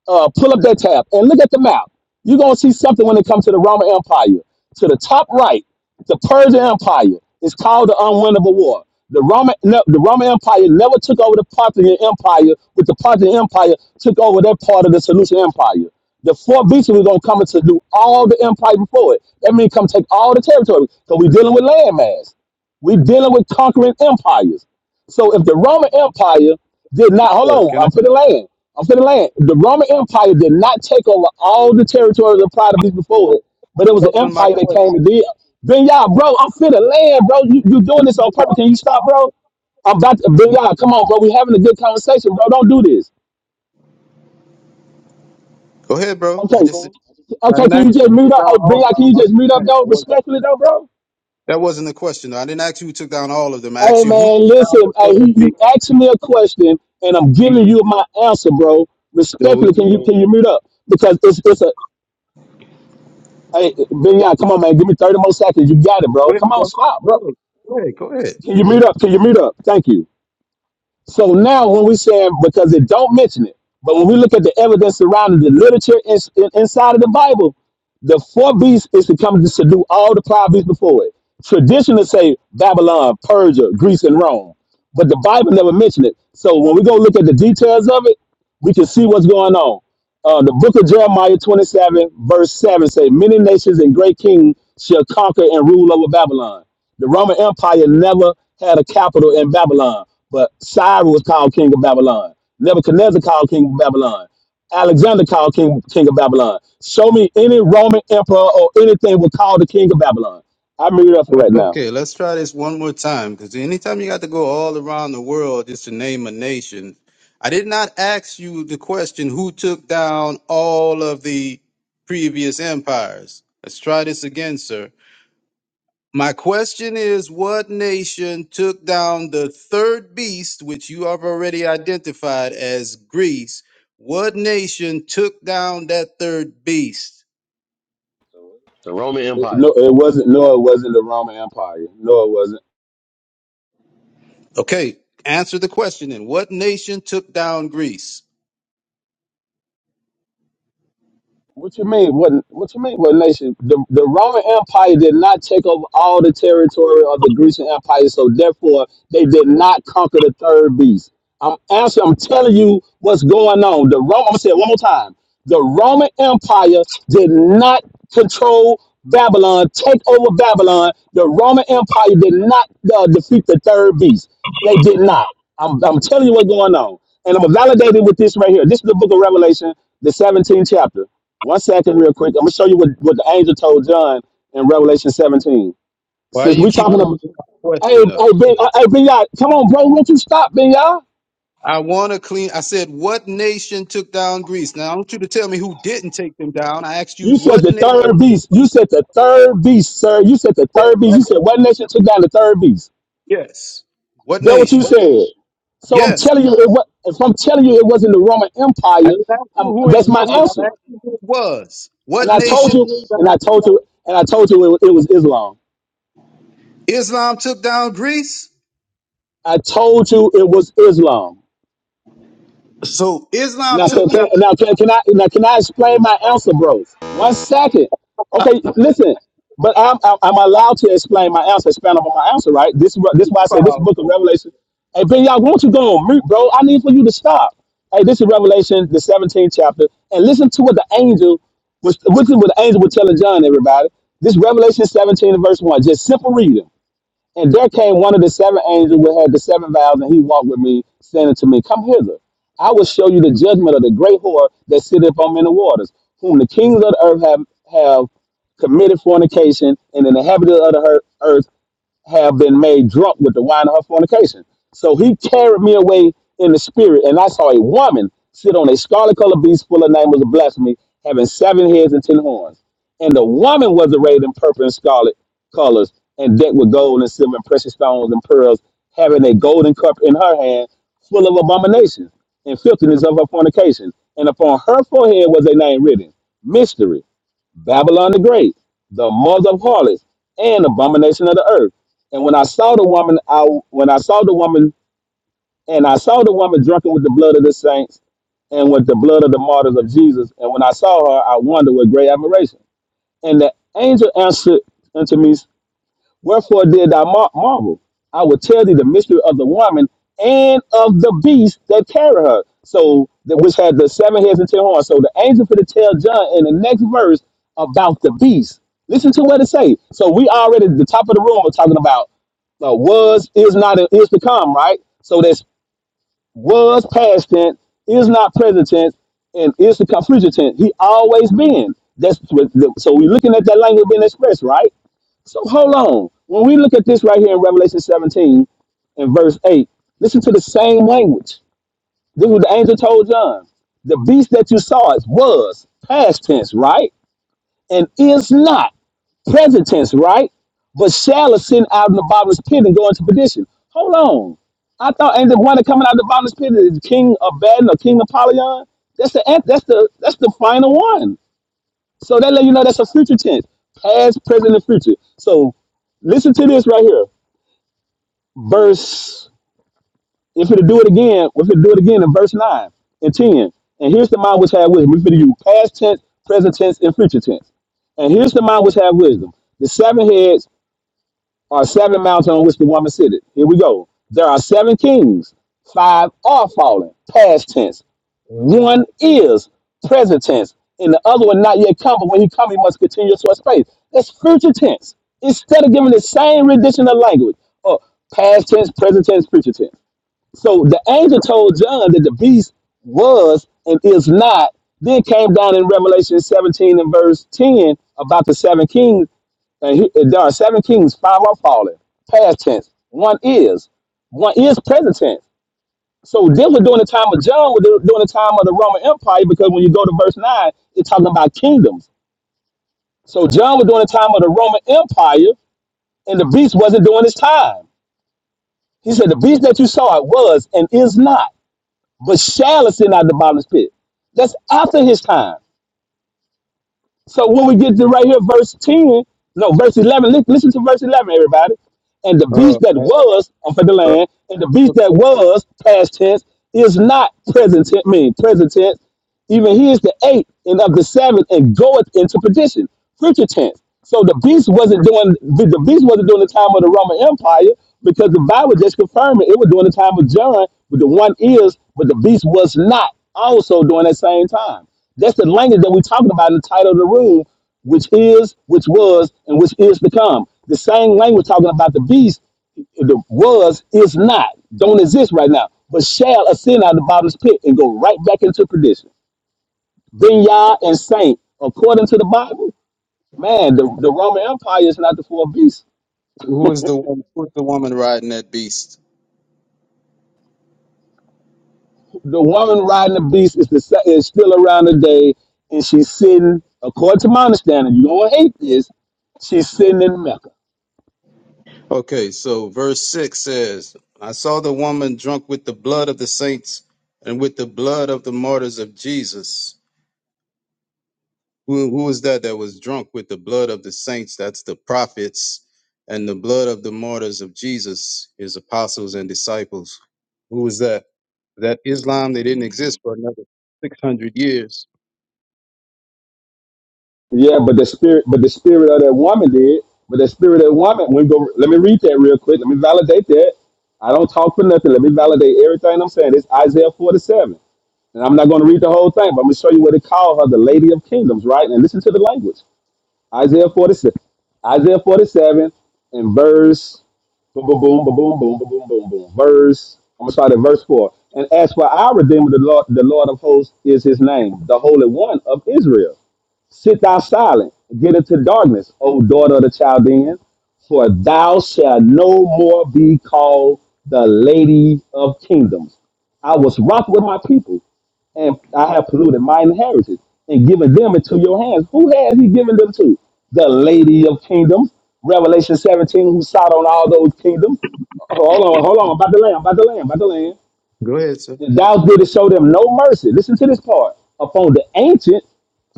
Speaker 28: Uh, pull up that tab and look at the map. You're gonna see something when it comes to the Roman Empire. To the top right, the Persian Empire is called the unwinnable war. The Roman no, the Roman Empire never took over the Parthian Empire, but the Parthian Empire took over that part of the Seleucid Empire. The four beasts were gonna come in to do all the empire before it. That means come take all the territory. So we're dealing with landmass. We're dealing with conquering empires. So if the Roman Empire did not, hold
Speaker 25: Sir,
Speaker 28: on,
Speaker 25: can I
Speaker 28: I'm for the land. I'm for the land. If The Roman Empire did not take over all the territories of prior to this before it, but it was an
Speaker 25: wasn't my
Speaker 28: empire that came to
Speaker 25: question?
Speaker 28: deal. Ben Yah, bro, I'm for the land, bro. You, you doing this on purpose. Can you stop, bro? I'm about to, Ben Yah, come on, bro. we having a good conversation, bro. Don't do this.
Speaker 25: Go ahead, bro. I
Speaker 28: Okay.
Speaker 25: just I
Speaker 28: Okay,
Speaker 25: didn't
Speaker 28: can
Speaker 25: ask
Speaker 28: you just
Speaker 25: you to
Speaker 28: mute
Speaker 25: took
Speaker 28: up? Hey,
Speaker 25: down all
Speaker 28: Ben
Speaker 25: of
Speaker 28: Yah,
Speaker 25: them.
Speaker 28: can you
Speaker 25: I'm just
Speaker 28: just mute up,
Speaker 25: saying
Speaker 28: though?
Speaker 25: that wasn't
Speaker 28: Respectfully, though, bro?
Speaker 25: that wasn't the question. I didn't ask you who took down all of them. I
Speaker 28: Hey
Speaker 25: asked you who
Speaker 28: man,
Speaker 25: took down
Speaker 28: listen.
Speaker 25: the
Speaker 28: Hey,
Speaker 25: third
Speaker 28: you, you
Speaker 25: beat.
Speaker 28: asked me a question, and I'm giving you my answer, bro.
Speaker 25: So
Speaker 28: Respectfully, can
Speaker 25: you
Speaker 28: you can you mute up? Because it's it's a hey, Ben, yeah, come on, man. Give me 30 more seconds. You got it,
Speaker 25: go
Speaker 28: bro.
Speaker 25: ahead,
Speaker 28: Come on,
Speaker 25: bro.
Speaker 28: stop,
Speaker 25: Go
Speaker 28: bro.
Speaker 25: ahead. Go ahead. Go ahead.
Speaker 28: Can you mute up? Can you mute up? Thank you. So now, when we say because it don't mention it, but when we look at the evidence surrounding the literature in, in- inside of the Bible, the four beasts is to come to subdue all the prior beasts before it. Traditionally say Babylon, Persia, Greece, and Rome, but the Bible never mentioned it. So when we go look at the details of it, we can see what's going on. Uh, the book of Jeremiah 27, verse 7 say, Many nations and great kings shall conquer and rule over Babylon. The Roman Empire never had a capital in Babylon but Cyrus was called king of Babylon. Nebuchadnezzar called king of Babylon. Alexander called king, king of Babylon. Show me any Roman emperor or anything was called the king of Babylon. I mute up for right now.
Speaker 25: Okay, let's try this one more time because anytime you got to go all around the world just to name a nation, I did not ask you the question who took down all of the previous empires. Let's try this again, sir. My question is what nation took down the third beast, which you have already identified as Greece? What nation took down that third beast?
Speaker 16: <laughs> the Roman
Speaker 28: It,
Speaker 16: Empire.
Speaker 28: no, it wasn't. No, it wasn't the Roman Empire. No, it wasn't.
Speaker 25: Okay, answer the question then. What nation took down Greece?
Speaker 28: What you mean? What What you mean? What nation? The the Roman Empire did not take over all the territory of the Grecian Empire, so therefore they did not conquer the third beast. I'm answering. I'm telling you what's going on. The Roman. I'm gonna say it one more time. The Roman Empire did not control Babylon, take over Babylon. The Roman Empire did not uh, defeat the third beast. They did not. I'm I'm telling you what's going on, and I'm gonna validate it with this right here. This is the Book of Revelation, the 17th chapter. One second, real quick. I'm gonna show you what, what the angel told John in Revelation 17.
Speaker 25: Why do
Speaker 28: Since
Speaker 25: you
Speaker 28: we
Speaker 25: keep
Speaker 28: talking
Speaker 25: changing
Speaker 28: about,
Speaker 25: my
Speaker 28: hey,
Speaker 25: question up?
Speaker 28: hey, ben, uh, hey, ben, Yah, come on, bro, won't you stop, ben, Yah?
Speaker 25: I want to clean. I said, what nation took down Greece? Now I want you to tell me who didn't take them down. I asked you
Speaker 28: You said
Speaker 25: what
Speaker 28: the
Speaker 25: nation
Speaker 28: third
Speaker 25: took
Speaker 28: beast.
Speaker 25: down.
Speaker 28: You said the third beast, sir. You said the
Speaker 25: Yes,
Speaker 28: third beast. You
Speaker 25: that's
Speaker 28: said what
Speaker 25: Greece.
Speaker 28: nation took down the third beast?
Speaker 25: Yes. What
Speaker 28: That what you
Speaker 25: nation?
Speaker 28: said. So I'm
Speaker 25: Yes.
Speaker 28: telling you, it was, if I'm telling you it wasn't the Roman
Speaker 25: I
Speaker 28: Empire,
Speaker 25: didn't ask you
Speaker 28: um,
Speaker 25: who it
Speaker 28: that's my
Speaker 25: was, and
Speaker 28: answer.
Speaker 25: I asked you who it was.
Speaker 28: And
Speaker 25: What
Speaker 28: I told
Speaker 25: nation
Speaker 28: you,
Speaker 25: took
Speaker 28: and
Speaker 25: down
Speaker 28: I told you, and I told you it, was- it was Islam.
Speaker 25: Islam took down Greece?
Speaker 28: I told you it was Islam.
Speaker 25: So Islam
Speaker 28: Now, can,
Speaker 25: took down.
Speaker 28: can, now, can, can I now can I explain my answer, bro? One second. Okay, listen. But I'm I'm, I'm allowed to explain my answer, expand upon my answer, right? This is wh- this is why I say this
Speaker 25: Uh,
Speaker 28: book of Revelation. Hey, Ben, y'all, won't you go on mute, bro? I need for you to stop. Hey, this is Revelation, the 17th chapter, and listen to what the angel was. Listen what the angel was telling John. Everybody, this Revelation 17 and verse one. Just simple reading. And there came one of the seven angels which had the seven vials, and he walked with me, saying unto me, Come hither. I will show you the judgment of the great whore that sitteth on many waters, whom the kings of the earth have, have committed fornication, and in the inhabitants of the earth, have been made drunk with the wine of her fornication. So he carried me away in the spirit, and I saw a woman sit on a scarlet colored beast full of nameless blasphemy, having seven heads and ten horns. And the woman was arrayed in purple and scarlet colors, and decked with gold and silver and precious stones and pearls, having a golden cup in her hand, full of abominations and filthiness of her fornication. And upon her forehead was a name written, Mystery. Babylon the Great, the mother of harlots, and abomination of the earth. And when I saw the woman, I when I saw the woman, and I saw the woman drunken with the blood of the saints and with the blood of the martyrs of Jesus. And when I saw her, I wondered with great admiration. And the angel answered unto me, Wherefore did I mar- marvel? I will tell thee the mystery of the woman and of the beast that carry her. So that which had the seven heads and ten horns. So the angel for to tell John in the next verse about the beast. Listen to what it say. So we already at the top of the room are talking about uh, was is not and is to come, right? So that's was past tense, is not present tense, and is to come future tense. He always been. That's what, so we're looking at that language being expressed, right? So hold on. When we look at this right here in Revelation 17 and verse 8, listen to the same language. This is what the angel told John. The beast that you saw is was past tense, right? And is not present tense, right? But shall ascend out of the bottomless pit and go into perdition. Hold on. I thought ain't the one that coming out of the bottomless pit is King of Abaddon or King Apollyon. That's the that's the that's the final one. So that let you know that's a future tense, past, present, and future. So listen to this right here. Verse, if it'll do it again, if it'll do it again in verse 9 and 10. And here's the mind which have wisdom. We're going to use past tense, present tense, and future tense. And here's the mind which have wisdom. The seven heads are seven mountains on which the woman sitteth. Here we go. There are seven kings. Five are fallen, past tense. One is present tense, and the other one not yet come. But when he come, he must continue to a space. That's future tense. Instead of giving the same rendition of language, or past tense, present tense, future tense. So the angel told John that the beast was and is not. Then came down in Revelation 17 and verse 10 about the seven kings and he, there are seven kings, five are fallen. Past tense. One is. One is present tense. So this was during the time of John, was during the time of the Roman Empire, because when you go to verse 9, it's talking about kingdoms. So John was during the time of the Roman Empire, and the beast wasn't during his time. He said, The beast that you saw it was and is not, but shall ascend out of the bottomless pit. That's after his time. So when we get to right here, verse 10, no, verse 11, li- listen to verse 11, everybody. And the beast that was on the
Speaker 25: bro,
Speaker 28: land, and the beast that was past tense is not present tense, mean present tense. Even he is the eighth and of the seventh and goeth into perdition. Future tense. So the beast wasn't doing the the beast wasn't doing the time of the Roman Empire because the Bible just confirmed it. It was during the time of John, but the one is, but the beast was not also during that same time. That's the language that we're talking about in the title of the room which is, which was, and which is to come. The same language talking about the beast, the was, is not, don't exist right now, but shall ascend out of the bottomless pit and go right back into perdition. Then Yah and Saint, according to the Bible, man, the, the Roman Empire is not the four beasts.
Speaker 25: who is the one? Who is the woman riding that beast?
Speaker 28: The woman riding the beast is the sa- is still around today, and she's sitting, according to my understanding, you don't hate this, she's sitting in Mecca.
Speaker 25: Okay, so verse 6 says, I saw the woman drunk with the blood of the saints and with the blood of the martyrs of Jesus. Who, who is that that was drunk with the blood of the saints? That's the prophets and the blood of the martyrs of Jesus, his apostles and disciples. Who was that? That Islam, they didn't exist for another 600 years.
Speaker 28: Yeah, but the spirit, but the spirit of that woman did. But the spirit of that woman, we go. Let me read that real quick. Let me validate that. I don't talk for nothing. Let me validate everything I'm saying. It's Isaiah 47, and I'm not going to read the whole thing, but I'm going to show you what it called her, the Lady of Kingdoms, right? And listen to the language. Isaiah 47, Isaiah 47, and verse boom, boom, boom, boom, boom, boom, boom, boom, boom, Verse. I'm gonna start at verse four. And as for our Redeemer, the Lord, the Lord of hosts is His name, the Holy One of Israel. Sit thou silent, get into darkness, O daughter of the Chaldeans, for thou shalt no more be called the lady of kingdoms. I was wroth with my people, and I have polluted my inheritance and given them into your hands. Who has he given them to? The lady of kingdoms. Revelation 17, who sat on all those kingdoms. Hold on, hold on, about the land, about the land, about the land.
Speaker 25: Go ahead, sir.
Speaker 28: Thou didst show them no mercy. Listen to this part. Upon the ancient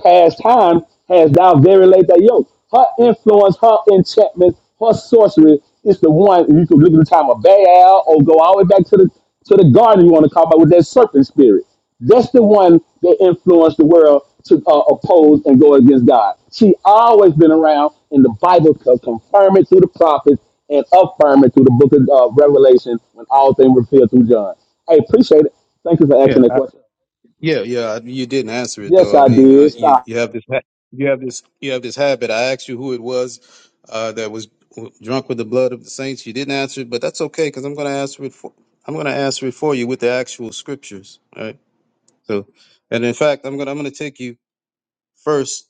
Speaker 28: past time has thou very late that yoke. Her influence, her enchantment, her sorcery is the one you can look at the time of Baal or go all the way back to the to the garden you want to call about with that serpent spirit. That's the one that influenced the world to uh, oppose and go against God. She always been around, and the Bible co- confirm it through the prophets and affirm it through the book of uh, Revelation when all things were filled through John. I appreciate it. Thank you for
Speaker 25: Yeah.
Speaker 28: asking that question.
Speaker 25: Yeah, yeah, you didn't answer it
Speaker 28: Yes,
Speaker 25: though. I
Speaker 28: I
Speaker 25: mean, uh,
Speaker 28: did.
Speaker 25: you
Speaker 28: Stop.
Speaker 25: you have this ha- you have this you have this habit. I asked you who it was uh, that was w- drunk with the blood of the saints. You didn't answer it, but that's okay because I'm going to answer it for I'm going to answer it for you with the actual scriptures. All right. So, and in fact, I'm going to I'm going to take you first.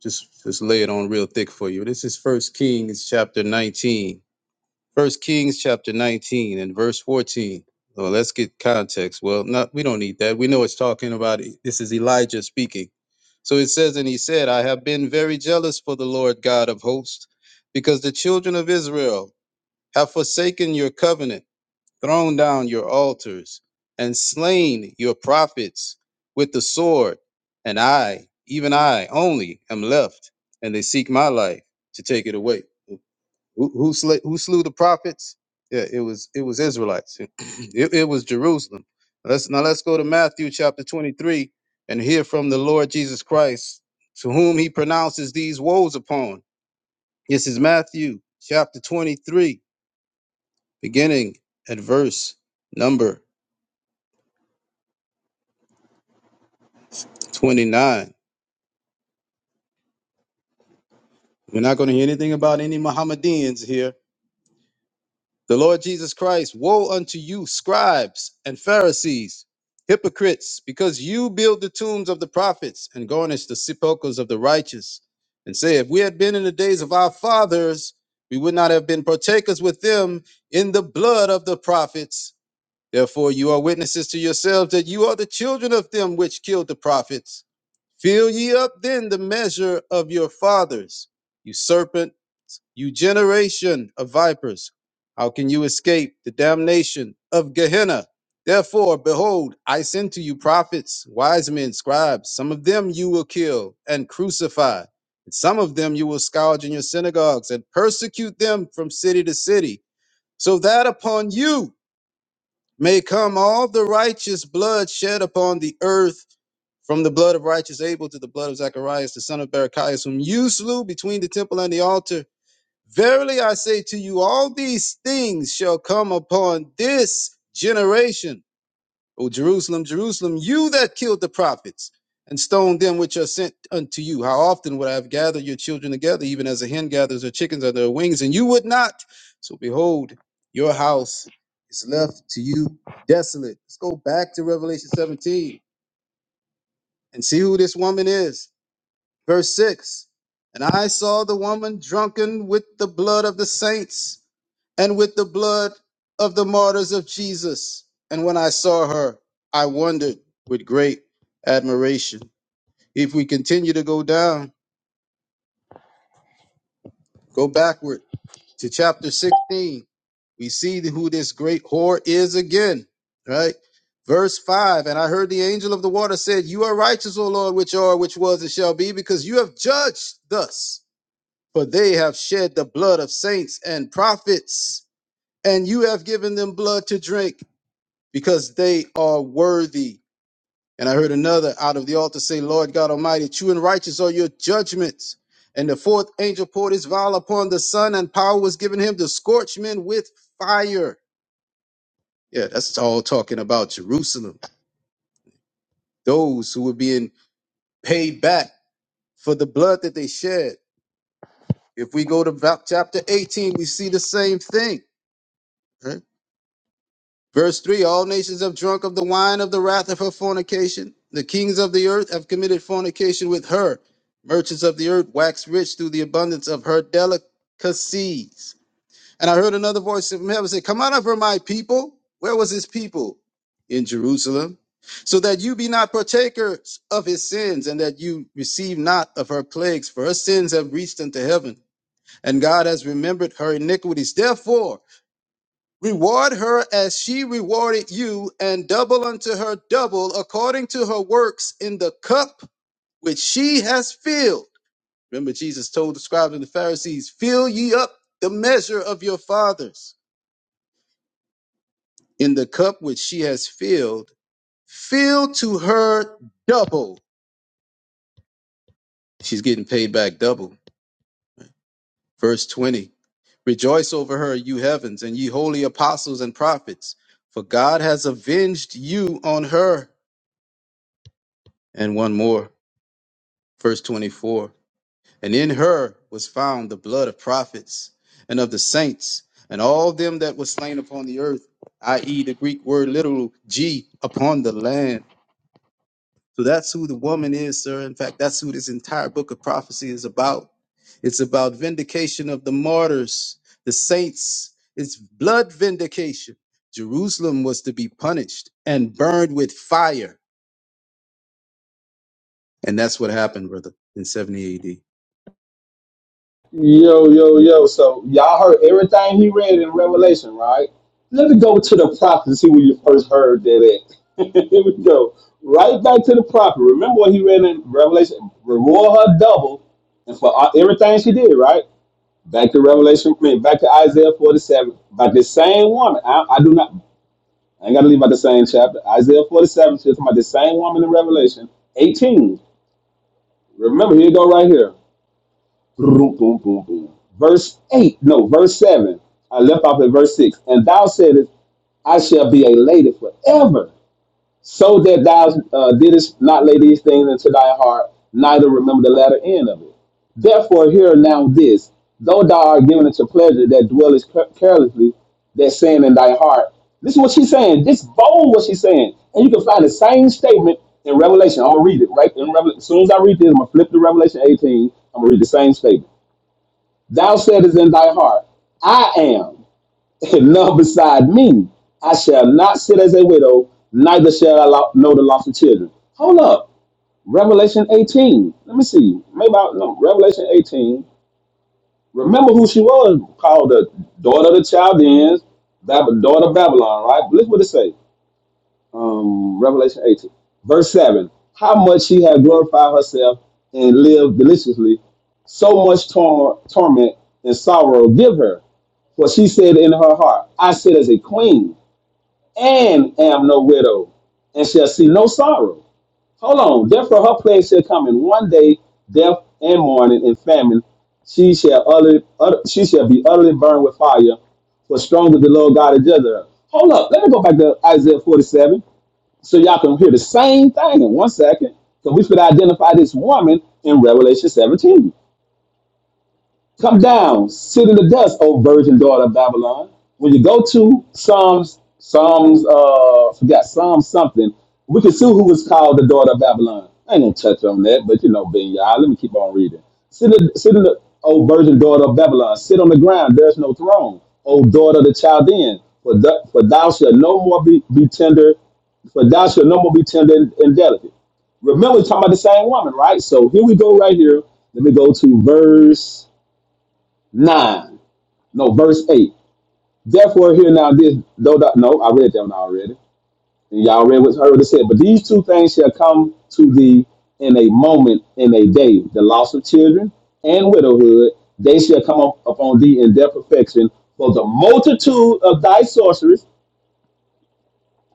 Speaker 25: Just just lay it on real thick for you. This is First Kings chapter 19. First Kings chapter 19 and verse 14. Well, let's get context. Well, not we don't need that. We know it's talking about E, this is Elijah speaking. So it says, and he said, I have been very jealous for the Lord God of hosts, because the children of Israel have forsaken your covenant, thrown down your altars, and slain your prophets with the sword. And I, even I only, am left, and they seek my life to take it away. Who who, sla- who slew the prophets? Yeah, it was it was Israelites. <clears throat> it, it was Jerusalem. Let's now let's go to Matthew chapter 23 and hear from the Lord Jesus Christ, to whom he pronounces these woes upon. This is Matthew chapter 23, beginning at verse number 29. We're not going to hear anything about any Mohammedans here. The Lord Jesus Christ, woe unto you, scribes and Pharisees, hypocrites, because you build the tombs of the prophets and garnish the sepulchres of the righteous, and say, If we had been in the days of our fathers, we would not have been partakers with them in the blood of the prophets. Therefore, you are witnesses to yourselves that you are the children of them which killed the prophets. Fill ye up then the measure of your fathers, you serpent you generation of vipers, how can you escape the damnation of Gehenna? Therefore, behold, I send to you prophets, wise men, scribes. Some of them you will kill and crucify, and some of them you will scourge in your synagogues and persecute them from city to city, so that upon you may come all the righteous blood shed upon the earth, from the blood of righteous Abel to the blood of Zacharias, the son of Barachias, whom you slew between the temple and the altar. Verily I say to you, all these things shall come upon this generation. O Jerusalem, Jerusalem, you that killed the prophets and stoned them which are sent unto you. How often would I have gathered your children together, even as a hen gathers her chickens under her wings, and you would not? So behold, your house is left to you desolate. Let's go back to Revelation 17 and see who this woman is. Verse 6 And I saw the woman drunken with the blood of the saints and with the blood of the martyrs of Jesus. And when I saw her, I wondered with great admiration. If we continue to go down, go backward to chapter 16, we see who this great whore is again, right? Verse 5 And I heard the angel of the water said, You are righteous, O Lord, which are, which was, and shall be, because you have judged thus. For they have shed the blood of saints and prophets, and you have given them blood to drink, because they are worthy. And I heard another out of the altar say, Lord God Almighty, true and righteous are your judgments. And the fourth angel poured his vial upon the sun, and power was given him to scorch men with fire. Yeah, that's all talking about Jerusalem. Those who were being paid back for the blood that they shed. If we go to va- chapter 18, we see the same thing. Huh? Verse 3 All nations have drunk of the wine of the wrath of her fornication. The kings of the earth have committed fornication with her. Merchants of the earth wax rich through the abundance of her delicacies. And I heard another voice from heaven say, Come out of her, my people. Where was his people? In Jerusalem. So that you be not partakers of his sins, and that you receive not of her plagues, for her sins have reached unto heaven, and God has remembered her iniquities. Therefore, Reward her as she rewarded you, and double unto her double according to her works in the cup which she has filled. Remember, Jesus told the scribes and the Pharisees, Fill ye up the measure of your fathers. In the cup which she has filled, fill to her double. She's getting paid back double. Verse 20 Rejoice over her, you heavens, and ye holy apostles and prophets, for God has avenged you on her. And one more. Verse 24 And in her was found the blood of prophets and of the saints and all them that were slain upon the earth, i.e., the Greek word literal G upon the land. So that's who the woman is, sir. In fact, that's who this entire book of prophecy is about. It's about vindication of the martyrs, the saints. It's blood vindication. Jerusalem was to be punished and burned with fire. And that's what happened, brother, in 70 AD.
Speaker 28: Yo, yo, yo. So y'all heard everything he read in Revelation, right? Let me go to the prophet and see where you first heard that at. <laughs> Here we go. Right back to the prophet. Remember what he read in Revelation? Reward her double and for all- everything she did, right? Back to Revelation, I mean, back to Isaiah 47. About the same woman. I, I do not, I ain't got to leave out the same chapter. Isaiah 47, she's talking about the same woman in Revelation 18. Remember, here you go right here. Boom, boom, boom, boom. Verse 8, no, verse 7. I left off at verse 6. And thou saidest, I shall be a lady forever. So that thou uh, didst not lay these things into thy heart, neither remember the latter end of it. Therefore, hear now this though thou art given into pleasure that dwellest ca- carelessly, that saying in thy heart. This is what she's saying. This bold what she's saying. And you can find the same statement in Revelation. I'll read it right in Revelation. As soon as I read this, I'm gonna flip to Revelation 18. I'm gonna read the same statement. Thou saidest in thy heart, I am and none beside me. I shall not sit as a widow, neither shall I lo- know the loss of children. Hold up. Revelation 18. Let me see. Maybe I, no, Revelation 18. Remember who she was called the daughter of the Chaldeans, Bab- daughter of Babylon, right? Look what it say. Um, Revelation 18, verse 7. How much she had glorified herself and lived deliciously, so much tor- torment and sorrow give her. For she said in her heart, I sit as a queen and am no widow, and shall see no sorrow. Hold on, therefore her plague shall come in one day, death and mourning and famine. She shall utterly, utter, she shall be utterly burned with fire, for stronger the Lord God is judged her. Hold up, let me go back to Isaiah 47, so y'all can hear the same thing in one second, because we should identify this woman in Revelation 17. Come down, sit in the dust, O virgin daughter of Babylon. When you go to Psalms, Psalms, uh, forgot Psalm something, we can see who was called the daughter of Babylon. I ain't gonna touch on that, but you know, Ben Yah, let me keep on reading. Sit in, sit in the, O virgin daughter of Babylon, sit on the ground, there's no throne. O daughter of the Chaldean, for, th- for thou shalt no more be, be tender, for thou shalt no more be tender and, and delicate. Remember, we're talking about the same woman, right? So here we go, right here. Let me go to verse. 9. No, verse 8. Therefore, hear now this, though, thou- no, I read that one already. And y'all read what heard it said. But these two things shall come to thee in a moment, in a day the loss of children and widowhood. They shall come up upon thee in their perfection. For the multitude of thy sorceries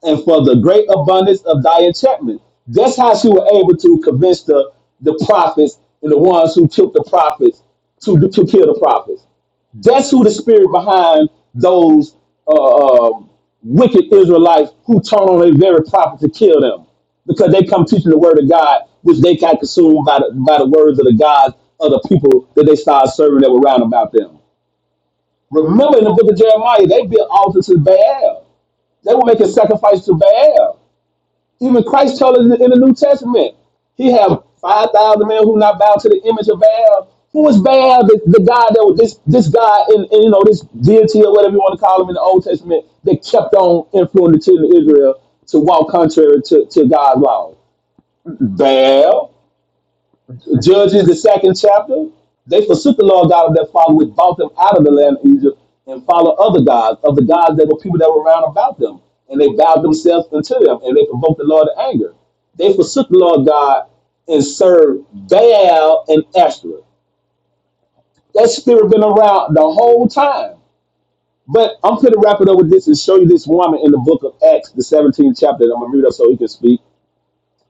Speaker 28: and for the great abundance of thy enchantment. That's how she was able to convince the, the prophets and the ones who killed the prophets to, to kill the prophets. That's who the spirit behind those uh, um wicked Israelites who turn on their very prophet to kill them because they come teaching the word of God, which they got consumed by the, by the words of the gods of the people that they started serving that were round about them. Remember in the book of Jeremiah, they built altars to Baal. They were making sacrifices to Baal. Even Christ told us in the New Testament, he have 5,000 men who not bow to the image of Baal. Who is Baal, the, the God that was this, this God, in, in, you know, this deity or whatever you want to call him in the Old Testament, that kept on influencing the children of Israel to walk contrary to, to God's law? Baal. Judges, the second chapter, they forsook the Lord God of their father, which brought them out of the land of Egypt, and followed other gods, of the gods that were people that were round about them. And they bowed themselves unto them, and they provoked the Lord to anger. They forsook the Lord God and served Baal and Ashtoreth. That spirit been around the whole time. But I'm going to wrap it up with this and show you this woman in the book of Acts, the 17th chapter. And I'm going to read up so he can speak.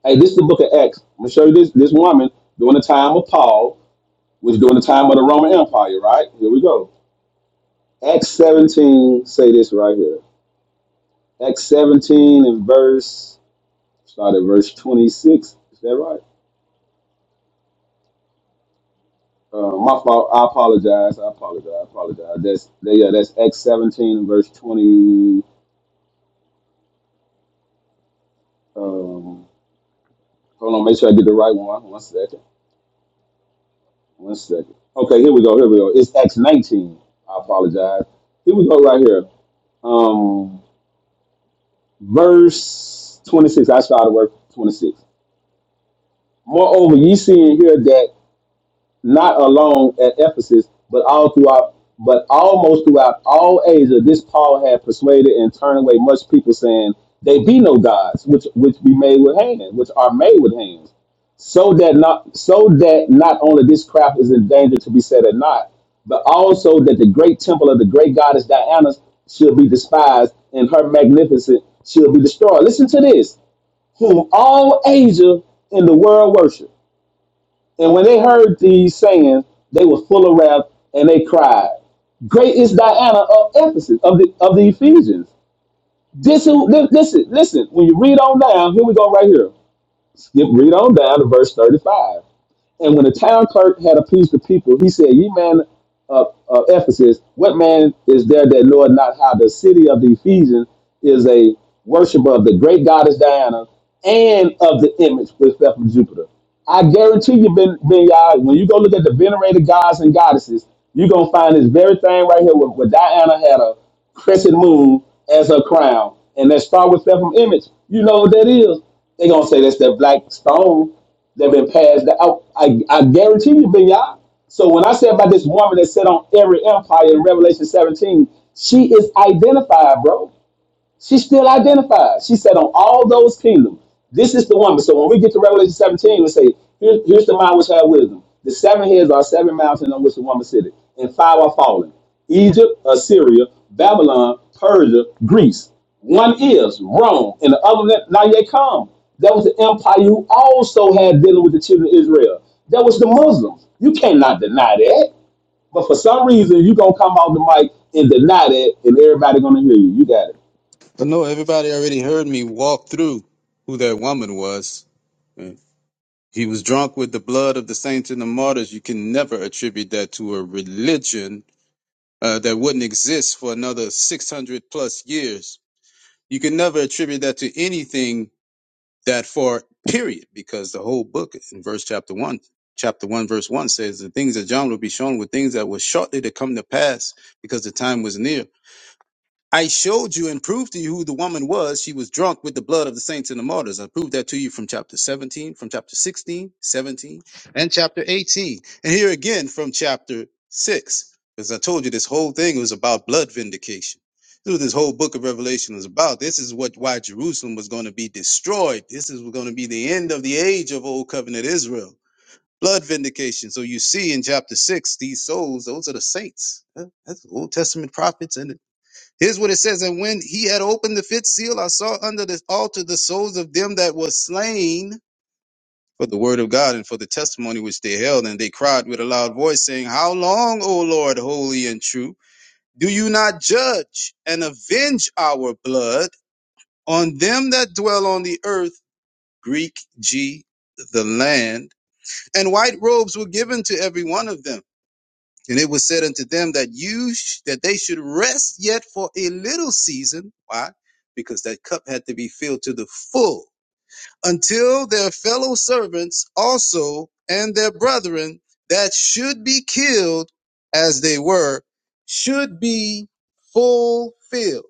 Speaker 28: Hey, this is the book of Acts. I'm going to show you this, this woman during the time of Paul was during the time of the Roman Empire, right? Here we go. Acts 17, say this right here. Acts 17 and verse, start at verse 26. Is that right? Uh, my fault. I apologize. I apologize. I apologize. That's that, yeah. That's Acts 17 and verse 20. Um, hold on. Make sure I get the right one. One second. One second. Okay. Here we go. Here we go. It's Acts 19. I apologize. Here we go. Right here um verse 26 i started work 26 Moreover, ye see and hear that not alone at Ephesus, but all throughout, but almost throughout all Asia, this Paul had persuaded and turned away much people, saying, "They be no gods, which which be made with hands, which are made with hands." So that not so that not only this craft is in danger to be set at naught, but also that the great temple of the great goddess Diana shall be despised, and her magnificent shall be destroyed. Listen to this: whom all Asia in the world worship and when they heard these sayings, they were full of wrath and they cried, Great is Diana of Ephesus, of the of the Ephesians. This who li- listen, listen, when you read on down, here we go right here. Skip read on down to verse 35. And when the town clerk had appeased the people, he said, Ye men of, of Ephesus, what man is there that knoweth not how the city of the Ephesians is a worshiper of the great goddess Diana and of the image which fell from Jupiter? I guarantee you, Ben, ben Yah, when you go look at the venerated gods and goddesses, you're going to find this very thing right here where, where Diana had a crescent moon as her crown. And that star with fell from image, you know what that is. They're going to say that's that black stone They've been passed down. I, I guarantee you, Binyah. So when I say about this woman that sat on every empire in Revelation 17, she is identified, bro. She still identified. She said, on all those kingdoms, this is the woman. So when we get to Revelation 17, we say, Here, here's the mind which had wisdom. The seven heads are seven mountains on which the woman sitteth, and five are fallen Egypt, Assyria, Babylon, Persia, Greece. One is Rome, and the other that now yet come. That was the empire who also had dealing with the children of Israel. That was the Muslims. You cannot deny that. But for some reason, you're going to come off the mic and deny that, and everybody going to hear you. You got it.
Speaker 25: I know everybody already heard me walk through who that woman was. He was drunk with the blood of the saints and the martyrs. You can never attribute that to a religion uh, that wouldn't exist for another 600 plus years. You can never attribute that to anything that far, period, because the whole book in verse chapter 1, chapter 1, verse 1 says the things that John will be shown were things that were shortly to come to pass because the time was near. I showed you and proved to you who the woman was. She was drunk with the blood of the saints and the martyrs. I proved that to you from chapter 17, from chapter 16, 17, and chapter 18. And here again from chapter 6. Because I told you this whole thing was about blood vindication. This is what this whole book of Revelation was about. This is what why Jerusalem was going to be destroyed. This is going to be the end of the age of old covenant Israel. Blood vindication. So you see in chapter six, these souls, those are the saints. Huh? That's Old Testament prophets and. Here's what it says. And when he had opened the fifth seal, I saw under the altar the souls of them that were slain for the word of God and for the testimony which they held. And they cried with a loud voice, saying, How long, O Lord, holy and true, do you not judge and avenge our blood on them that dwell on the earth? Greek G, the land. And white robes were given to every one of them. And it was said unto them that you sh- that they should rest yet for a little season. Why? Because that cup had to be filled to the full until their fellow servants also and their brethren that should be killed as they were should be fulfilled.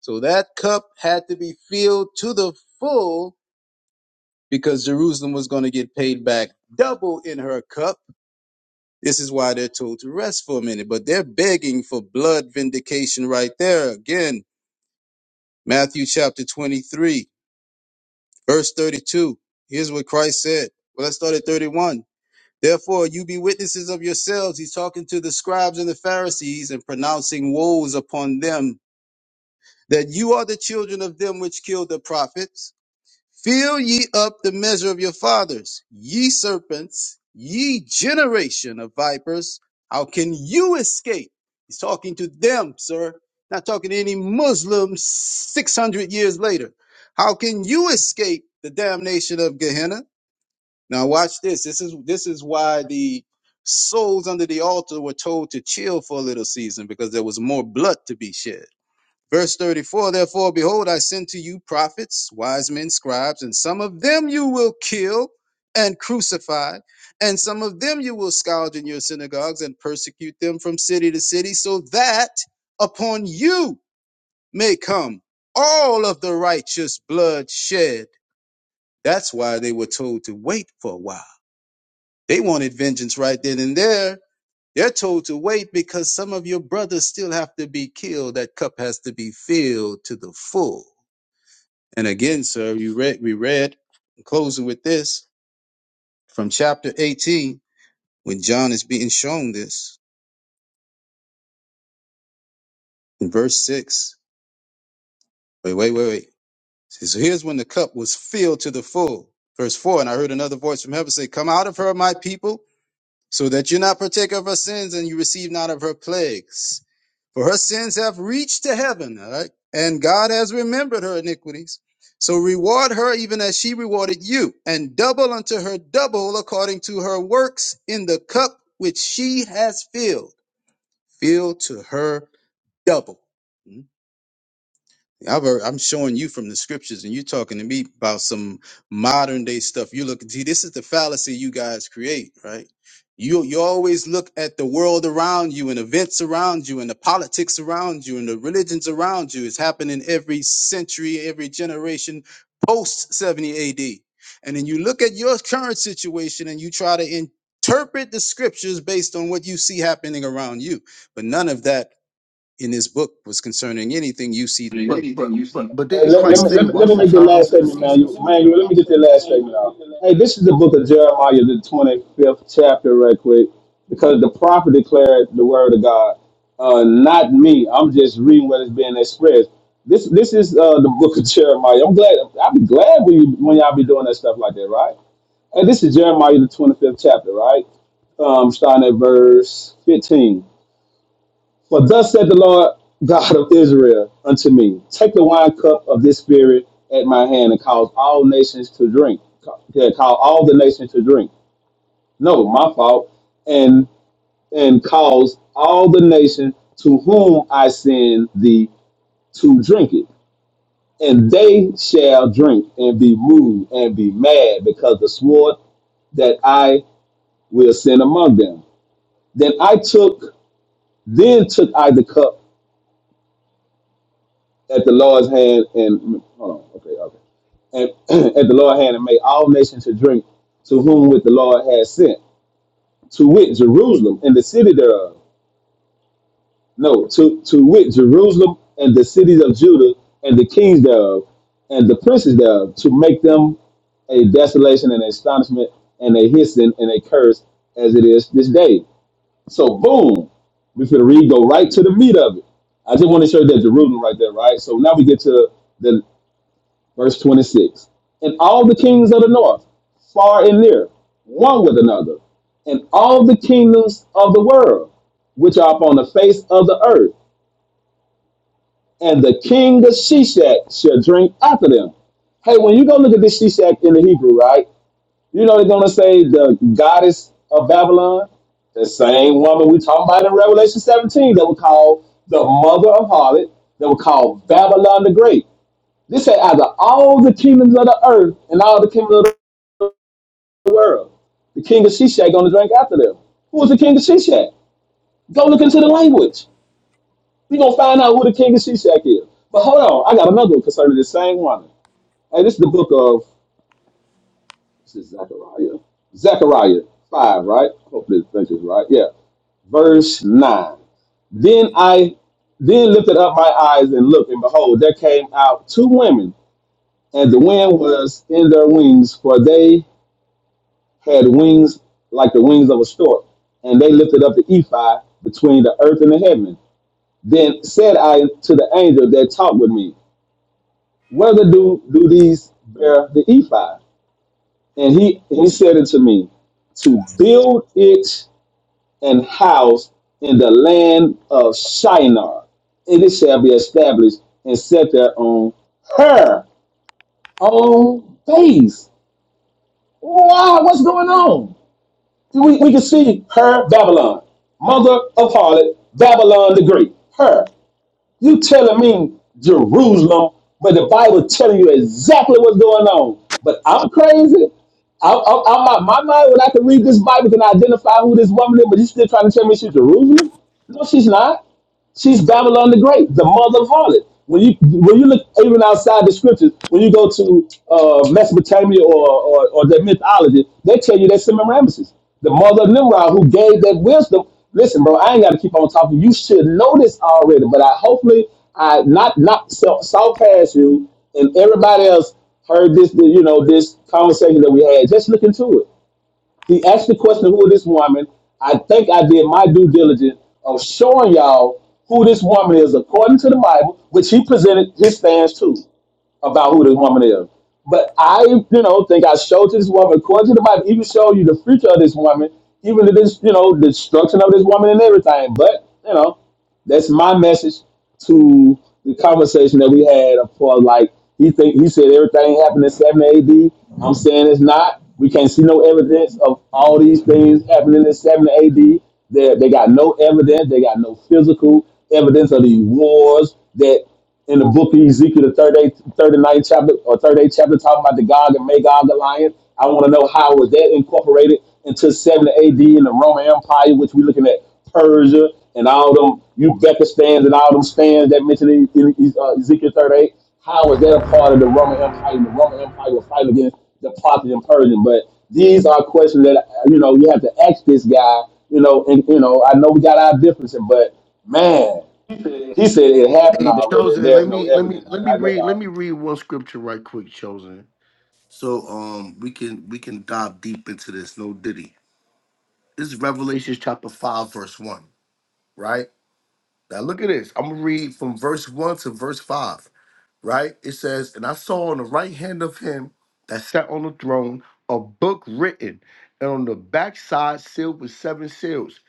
Speaker 25: So that cup had to be filled to the full because Jerusalem was going to get paid back double in her cup this is why they're told to rest for a minute, but they're begging for blood vindication right there. Again, Matthew chapter 23, verse 32. Here's what Christ said. Well, let's start at 31. Therefore, you be witnesses of yourselves. He's talking to the scribes and the Pharisees and pronouncing woes upon them that you are the children of them which killed the prophets Fill ye up the measure of your fathers, ye serpents, ye generation of vipers. How can you escape? He's talking to them, sir, not talking to any Muslims 600 years later. How can you escape the damnation of Gehenna? Now watch this. This is this is why the souls under the altar were told to chill for a little season because there was more blood to be shed. Verse 34 Therefore, behold, I send to you prophets, wise men, scribes, and some of them you will kill and crucify, and some of them you will scourge in your synagogues and persecute them from city to city, so that upon you may come all of the righteous blood shed. That's why they were told to wait for a while. They wanted vengeance right then and there. They're told to wait because some of your brothers still have to be killed. That cup has to be filled to the full. And again, sir, you read, we read, closing with this from chapter 18, when John is being shown this in verse 6. Wait, wait, wait, wait. It says, So here's when the cup was filled to the full. Verse 4 And I heard another voice from heaven say, Come out of her, my people so that you not partake of her sins and you receive not of her plagues. For her sins have reached to heaven, all right? And God has remembered her iniquities. So reward her even as she rewarded you, and double unto her double according to her works in the cup which she has filled. Fill to her double. Hmm? I've, al- I'm showing you from the scriptures, and you're talking to me about some modern day stuff. You look, see, this is the fallacy you guys create, right? You you always look at the world around you and events around you and the politics around you and the religions around you. It's happening every century, every generation post 70 AD. And then you look at your current situation and you try to interpret the scriptures based on what you see happening around you. But none of that in this book was concerning anything you see
Speaker 29: But
Speaker 25: today.
Speaker 29: but but but
Speaker 28: Hey,
Speaker 29: didn't
Speaker 28: let, let,
Speaker 29: Christ
Speaker 28: me,
Speaker 25: It's
Speaker 28: let,
Speaker 29: say,
Speaker 28: me, let me
Speaker 29: "Watch the
Speaker 28: make the last
Speaker 29: times and the
Speaker 28: statement, man.
Speaker 29: seasons"?
Speaker 28: You, man, let me get the last statement out. Hey, this is the book of Jeremiah, the 25th chapter, right quick, because the prophet declared the word of God. Uh, not me. I'm just reading what is being expressed. This this is uh, the book of Jeremiah. I'm glad. I'll be glad when, you, when y'all be doing that stuff like that, right? And this is Jeremiah, the 25th chapter, right? Um, starting at verse 15. For thus said the Lord God of Israel unto me, Take the wine cup of this spirit at my hand and cause all nations to drink. Yeah, call all the nations to drink. No, my fault. And and cause all the nations to whom I send thee to drink it. And they shall drink and be moved and be mad because the sword that I will send among them. Then I took, then took I the cup at the Lord's hand and hold on, okay, okay. And <clears throat> at the Lord's hand and make all nations to drink to whom with the Lord has sent, to wit Jerusalem and the city thereof. No, to, to wit Jerusalem and the cities of Judah and the kings thereof and the princes thereof, to make them a desolation and astonishment and a hissing and a curse as it is this day. So boom, we finna read, go right to the meat of it. I just want to show you that Jerusalem right there, right? So now we get to the Verse 26. And all the kings of the north, far and near, one with another, and all the kingdoms of the world, which are upon the face of the earth, and the king of Shishak shall drink after them. Hey, when you go look at this Shishak in the Hebrew, right? You know they're gonna say the goddess of Babylon, the same woman we talking about in Revelation 17 that we call the mother of harlot, that we call Babylon the Great. This said, out of all the kingdoms of the earth and all the kingdoms of the world, the king of Shishak gonna drink after them. Who was the king of Shishak? Go look into the language. We gonna find out who the king of Shishak is. But hold on, I got another one concerning the same woman. Hey, this is the book of this is Zechariah. Zechariah five, right? Hopefully this is right. Yeah, verse nine. Then I then lifted up my eyes and looked, and behold, there came out two women, and the wind was in their wings, for they had wings like the wings of a stork, and they lifted up the ephod between the earth and the heaven. Then said I to the angel that talked with me, Whether do, do these bear the ephod? And he, he said unto me, To build it an house in the land of Shinar, and it shall be established and set there on her own base. Wow, what's going on? We, we can see her, Babylon, mother of harlot, Babylon the Great. Her. You telling me Jerusalem, but the Bible telling you exactly what's going on. But I'm crazy. I'm, i I'm out my mind when I can read this Bible and identify who this woman is, but you still trying to tell me she's Jerusalem? No, she's not. She's Babylon the Great, the mother of harlot. When you when you look even outside the scriptures, when you go to uh, Mesopotamia or, or or their mythology, they tell you that Semiramis, the mother of Nimrod, who gave that wisdom. Listen, bro, I ain't got to keep on talking. You should know this already, but I hopefully I not not saw, saw past you and everybody else heard this. You know this conversation that we had. Just look into it. He asked the question, "Who is this woman?" I think I did my due diligence of showing y'all who this woman is according to the Bible, which he presented his stance to about who this woman is. But I, you know, think I showed to this woman, according to the Bible, even show you the future of this woman, even the this, you know, destruction of this woman and everything. But, you know, that's my message to the conversation that we had Of for like he think he said everything happened in seven AD. I'm saying it's not. We can't see no evidence of all these things happening in seven AD. They they got no evidence. They got no physical evidence of these wars. that in the book of Ezekiel, the 38th, ninth chapter or 38th chapter, talking about the Gog and Magog alliance. I want to know how was that incorporated into 70 AD in the Roman Empire, which we're looking at Persia and all them Uzbekistan stands and all them stands that mentioned in, in, in uh, Ezekiel 38. How was that a part of the Roman Empire? And the Roman Empire was fighting against the Parthian Persian. But these are questions that uh, you know you have to ask this guy. You know, and you know I know we got our differences, but man. He said it happened
Speaker 29: Hey,
Speaker 28: already.
Speaker 29: chosen.
Speaker 28: There's
Speaker 29: Let
Speaker 28: no
Speaker 29: me let me
Speaker 28: evidence, but
Speaker 29: let me
Speaker 28: I guess
Speaker 29: read let
Speaker 28: I.
Speaker 29: me read one scripture right quick, chosen. So um we can we can dive deep into this. No diddy. This is Revelation chapter five, verse one. Right now, look at this. I'm gonna read from verse one to verse five. Right, it says, "And I saw on the right hand of him that sat on the throne a book written, and on the backside sealed with seven seals."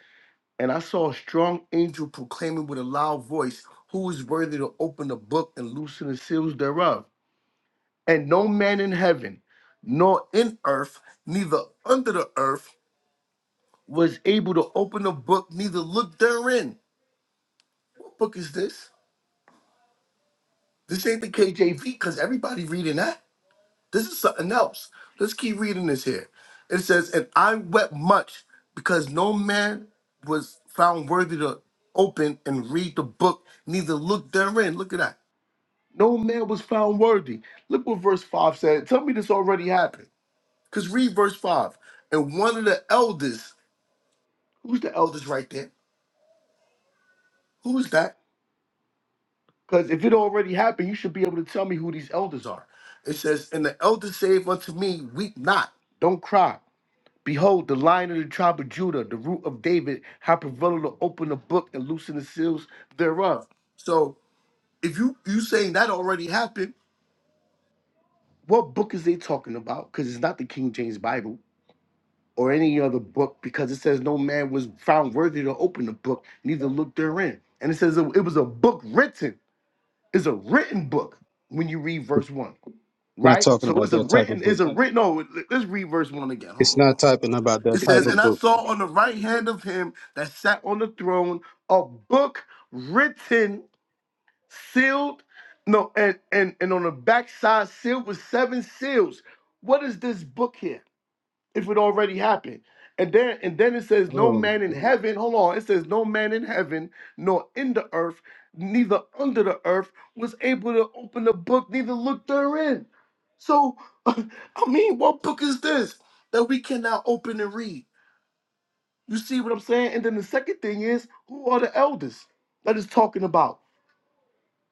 Speaker 29: And I saw a strong angel proclaiming with a loud voice, Who is worthy to open the book and loosen the seals thereof? And no man in heaven, nor in earth, neither under the earth, was able to open the book, neither look therein. What book is this? This ain't the KJV, because everybody reading that. This is something else. Let's keep reading this here. It says, And I wept much because no man was found worthy to open and read the book, neither look therein. Look at that No man was found worthy. Look what verse 5 said. Tell me this already happened. Because read verse 5. And one of the elders, who's the elders right there? Who is that? Because if it already happened, you should be able to tell me who these elders are. It says, And the elder saith unto me, Weep not, don't cry. Behold, the lion of the tribe of Judah, the root of David, hath prevailed to open the book and loosen the seals thereof. So if you you saying that already happened, what book is they talking about? Because it's not the King James Bible. or any other book because it says no man was found worthy to open the book, neither look therein. And it says it was a book written. It's a written book when you read verse one,
Speaker 25: not
Speaker 29: right?
Speaker 25: talking
Speaker 29: So
Speaker 25: about
Speaker 29: it's a
Speaker 25: that type of
Speaker 29: written,
Speaker 25: book.
Speaker 29: it's a written. No, let's read verse one again. Hold
Speaker 25: It's
Speaker 29: on. hold
Speaker 25: not
Speaker 29: on.
Speaker 25: typing about that
Speaker 29: It
Speaker 25: type
Speaker 29: says, And
Speaker 25: of
Speaker 29: I
Speaker 25: book.
Speaker 29: saw on the right hand of him that sat on the throne a book written, sealed, no, and and and on the backside sealed with seven seals. What is this book here? if it already happened. And then and then it says, No
Speaker 25: Oh,
Speaker 29: man in heaven, hold on, it says, No man in heaven, nor in the earth, neither under the earth, was able to open the book, neither look therein. So <laughs> I mean, what book is this that we cannot open and read? You see what I'm saying? And then the second thing is, who are the elders that is talking about? <laughs>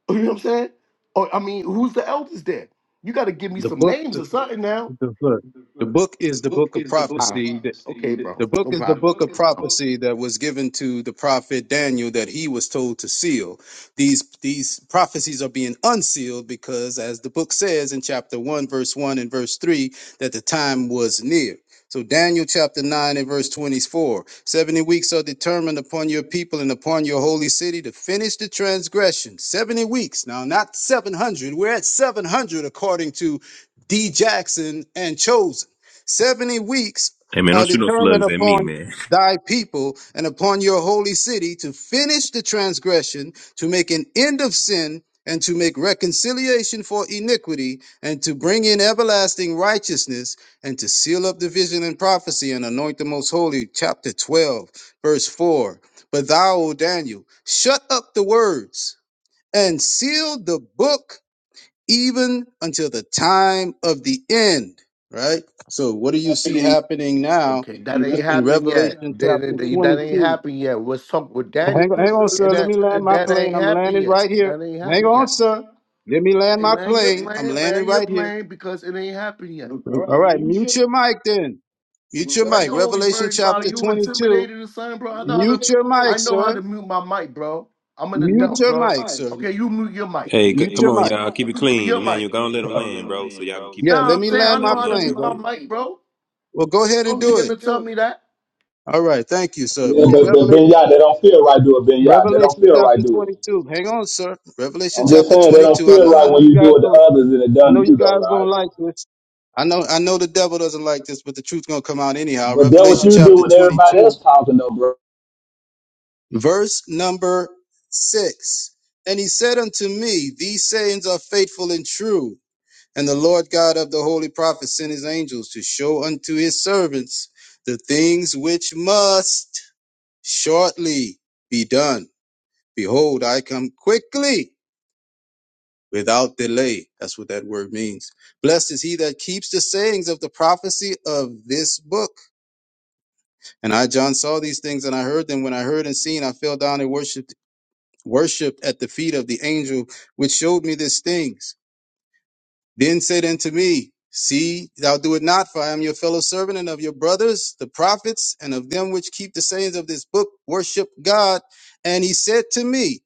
Speaker 29: You know what I'm saying? Or I mean, who's the elders there? You gotta give me
Speaker 25: the
Speaker 29: some
Speaker 25: book,
Speaker 29: names
Speaker 25: the,
Speaker 29: or something now.
Speaker 25: the book, the book is the book of
Speaker 29: right.
Speaker 25: prophecy.
Speaker 29: Okay,
Speaker 25: The
Speaker 29: bro. No the
Speaker 25: book is the
Speaker 29: problem.
Speaker 25: book of
Speaker 29: No problem. book
Speaker 25: prophecy that was given to the prophet Daniel that he was told to seal. These these prophecies are being unsealed because as the book says in chapter 1 verse 1 and verse 3 that the time was near. So Daniel chapter 9 and verse 24, 70 weeks are determined upon your people and upon your holy city to finish the transgression. 70 weeks. Now not 700. We're at 700 according to D Jackson and Chosen. 70 weeks
Speaker 30: Hey man, don't
Speaker 25: are
Speaker 30: shoot no
Speaker 25: determined
Speaker 30: slugs at me,
Speaker 25: upon
Speaker 30: man.
Speaker 25: thy people and upon your holy city to finish the transgression, to make an end of sin, and to make reconciliation for iniquity, and to bring in everlasting righteousness, and to seal up the vision and prophecy and anoint the most holy. Chapter 12, verse 4. But thou, O Daniel, shut up the words and seal the book even until the time of the end. Right? So, what do you see happening now
Speaker 29: Okay, that ain't
Speaker 25: in
Speaker 29: happened yet.
Speaker 25: Revelation
Speaker 29: That, that,
Speaker 25: chapter
Speaker 29: two and that that ain't
Speaker 25: 22?
Speaker 29: happened yet. Let's talk with Daniel.
Speaker 25: Hang on, hang on,
Speaker 29: And
Speaker 25: sir.
Speaker 29: that
Speaker 25: Let me land my
Speaker 29: that ain't
Speaker 25: plane. I'm
Speaker 29: happened
Speaker 25: landing
Speaker 29: yet.
Speaker 25: right here.
Speaker 29: That ain't
Speaker 25: Hang
Speaker 29: happened
Speaker 25: on,
Speaker 29: yet.
Speaker 25: sir. Let me land
Speaker 29: Hey,
Speaker 25: my
Speaker 29: land your
Speaker 25: plane.
Speaker 29: plane,
Speaker 25: I'm
Speaker 29: land
Speaker 25: landing
Speaker 29: here. your
Speaker 25: right here.
Speaker 29: plane because it ain't happened yet.
Speaker 25: All right, mute your mic then.
Speaker 29: Why you
Speaker 25: Mute your mic.
Speaker 29: always Revelation
Speaker 25: Revelation
Speaker 29: worried about two
Speaker 25: chapter
Speaker 29: you
Speaker 25: 22.
Speaker 29: intimidated the son, bro? I know how to
Speaker 25: Mute your
Speaker 29: I
Speaker 25: mic,
Speaker 29: know how sir.
Speaker 25: sir.
Speaker 29: to mute my mic, bro. I'm an adult,
Speaker 25: Mute your
Speaker 29: bro.
Speaker 25: mic, sir.
Speaker 29: Okay, you mute your mic.
Speaker 30: Hey, c-
Speaker 25: Mute
Speaker 30: come
Speaker 25: your
Speaker 30: on,
Speaker 25: mic.
Speaker 30: y'all. Keep it
Speaker 29: You mute
Speaker 30: clean.
Speaker 29: your
Speaker 30: Emmanuel,
Speaker 29: mic.
Speaker 30: go and let them land, bro, so y'all can keep it
Speaker 25: Yeah,
Speaker 29: Nah,
Speaker 25: let
Speaker 29: I'm
Speaker 30: clean,
Speaker 25: me
Speaker 30: bro.
Speaker 29: saying I
Speaker 30: Go and
Speaker 25: land
Speaker 30: let
Speaker 25: my
Speaker 29: know
Speaker 30: them
Speaker 29: how to
Speaker 30: land
Speaker 25: plane,
Speaker 29: mute
Speaker 30: real
Speaker 25: bro.
Speaker 30: quick.
Speaker 29: mic, bro.
Speaker 25: Well, go ahead and
Speaker 29: Don't get
Speaker 25: do
Speaker 29: him
Speaker 25: it.
Speaker 29: to tell me that.
Speaker 25: All right, thank you, sir.
Speaker 28: Yeah,
Speaker 25: Me-
Speaker 28: but but
Speaker 25: Revelation.
Speaker 28: Ben Yah, they don't feel right doing Ben Yah. They don't
Speaker 25: Revelation
Speaker 28: feel
Speaker 25: chapter
Speaker 28: right doing it.
Speaker 25: 22. Hang on, sir. Revelation
Speaker 28: I'm just
Speaker 25: chapter
Speaker 28: saying they don't
Speaker 25: 22. I
Speaker 28: feel
Speaker 25: know,
Speaker 28: right
Speaker 25: I know
Speaker 28: when
Speaker 25: you
Speaker 28: you
Speaker 25: guys
Speaker 28: do it to
Speaker 25: don't,
Speaker 28: others and it
Speaker 25: I
Speaker 28: done
Speaker 25: know
Speaker 28: to
Speaker 25: you
Speaker 28: you though,
Speaker 25: guys don't
Speaker 28: right?
Speaker 25: like this. I know, I know the devil doesn't like this, but the truth's going to come out anyhow.
Speaker 28: But that what
Speaker 25: Revelation
Speaker 28: you do
Speaker 25: chapter
Speaker 28: when everybody
Speaker 25: 22,
Speaker 28: else talking though, bro.
Speaker 25: verse number six. And he said unto me, these sayings are faithful and true. And the Lord God of the holy prophets sent his angels to show unto his servants the things which must shortly be done. Behold, I come quickly. without delay. That's what that word means. Blessed is he that keeps the sayings of the prophecy of this book. And I, John, saw these things and I heard them. When I heard and seen, I fell down and worshiped, worshiped at the feet of the angel which showed me these things. Then said unto me, See, thou do it not, for I am your fellow servant and of your brothers, the prophets, and of them which keep the sayings of this book, worship God. And he said to me,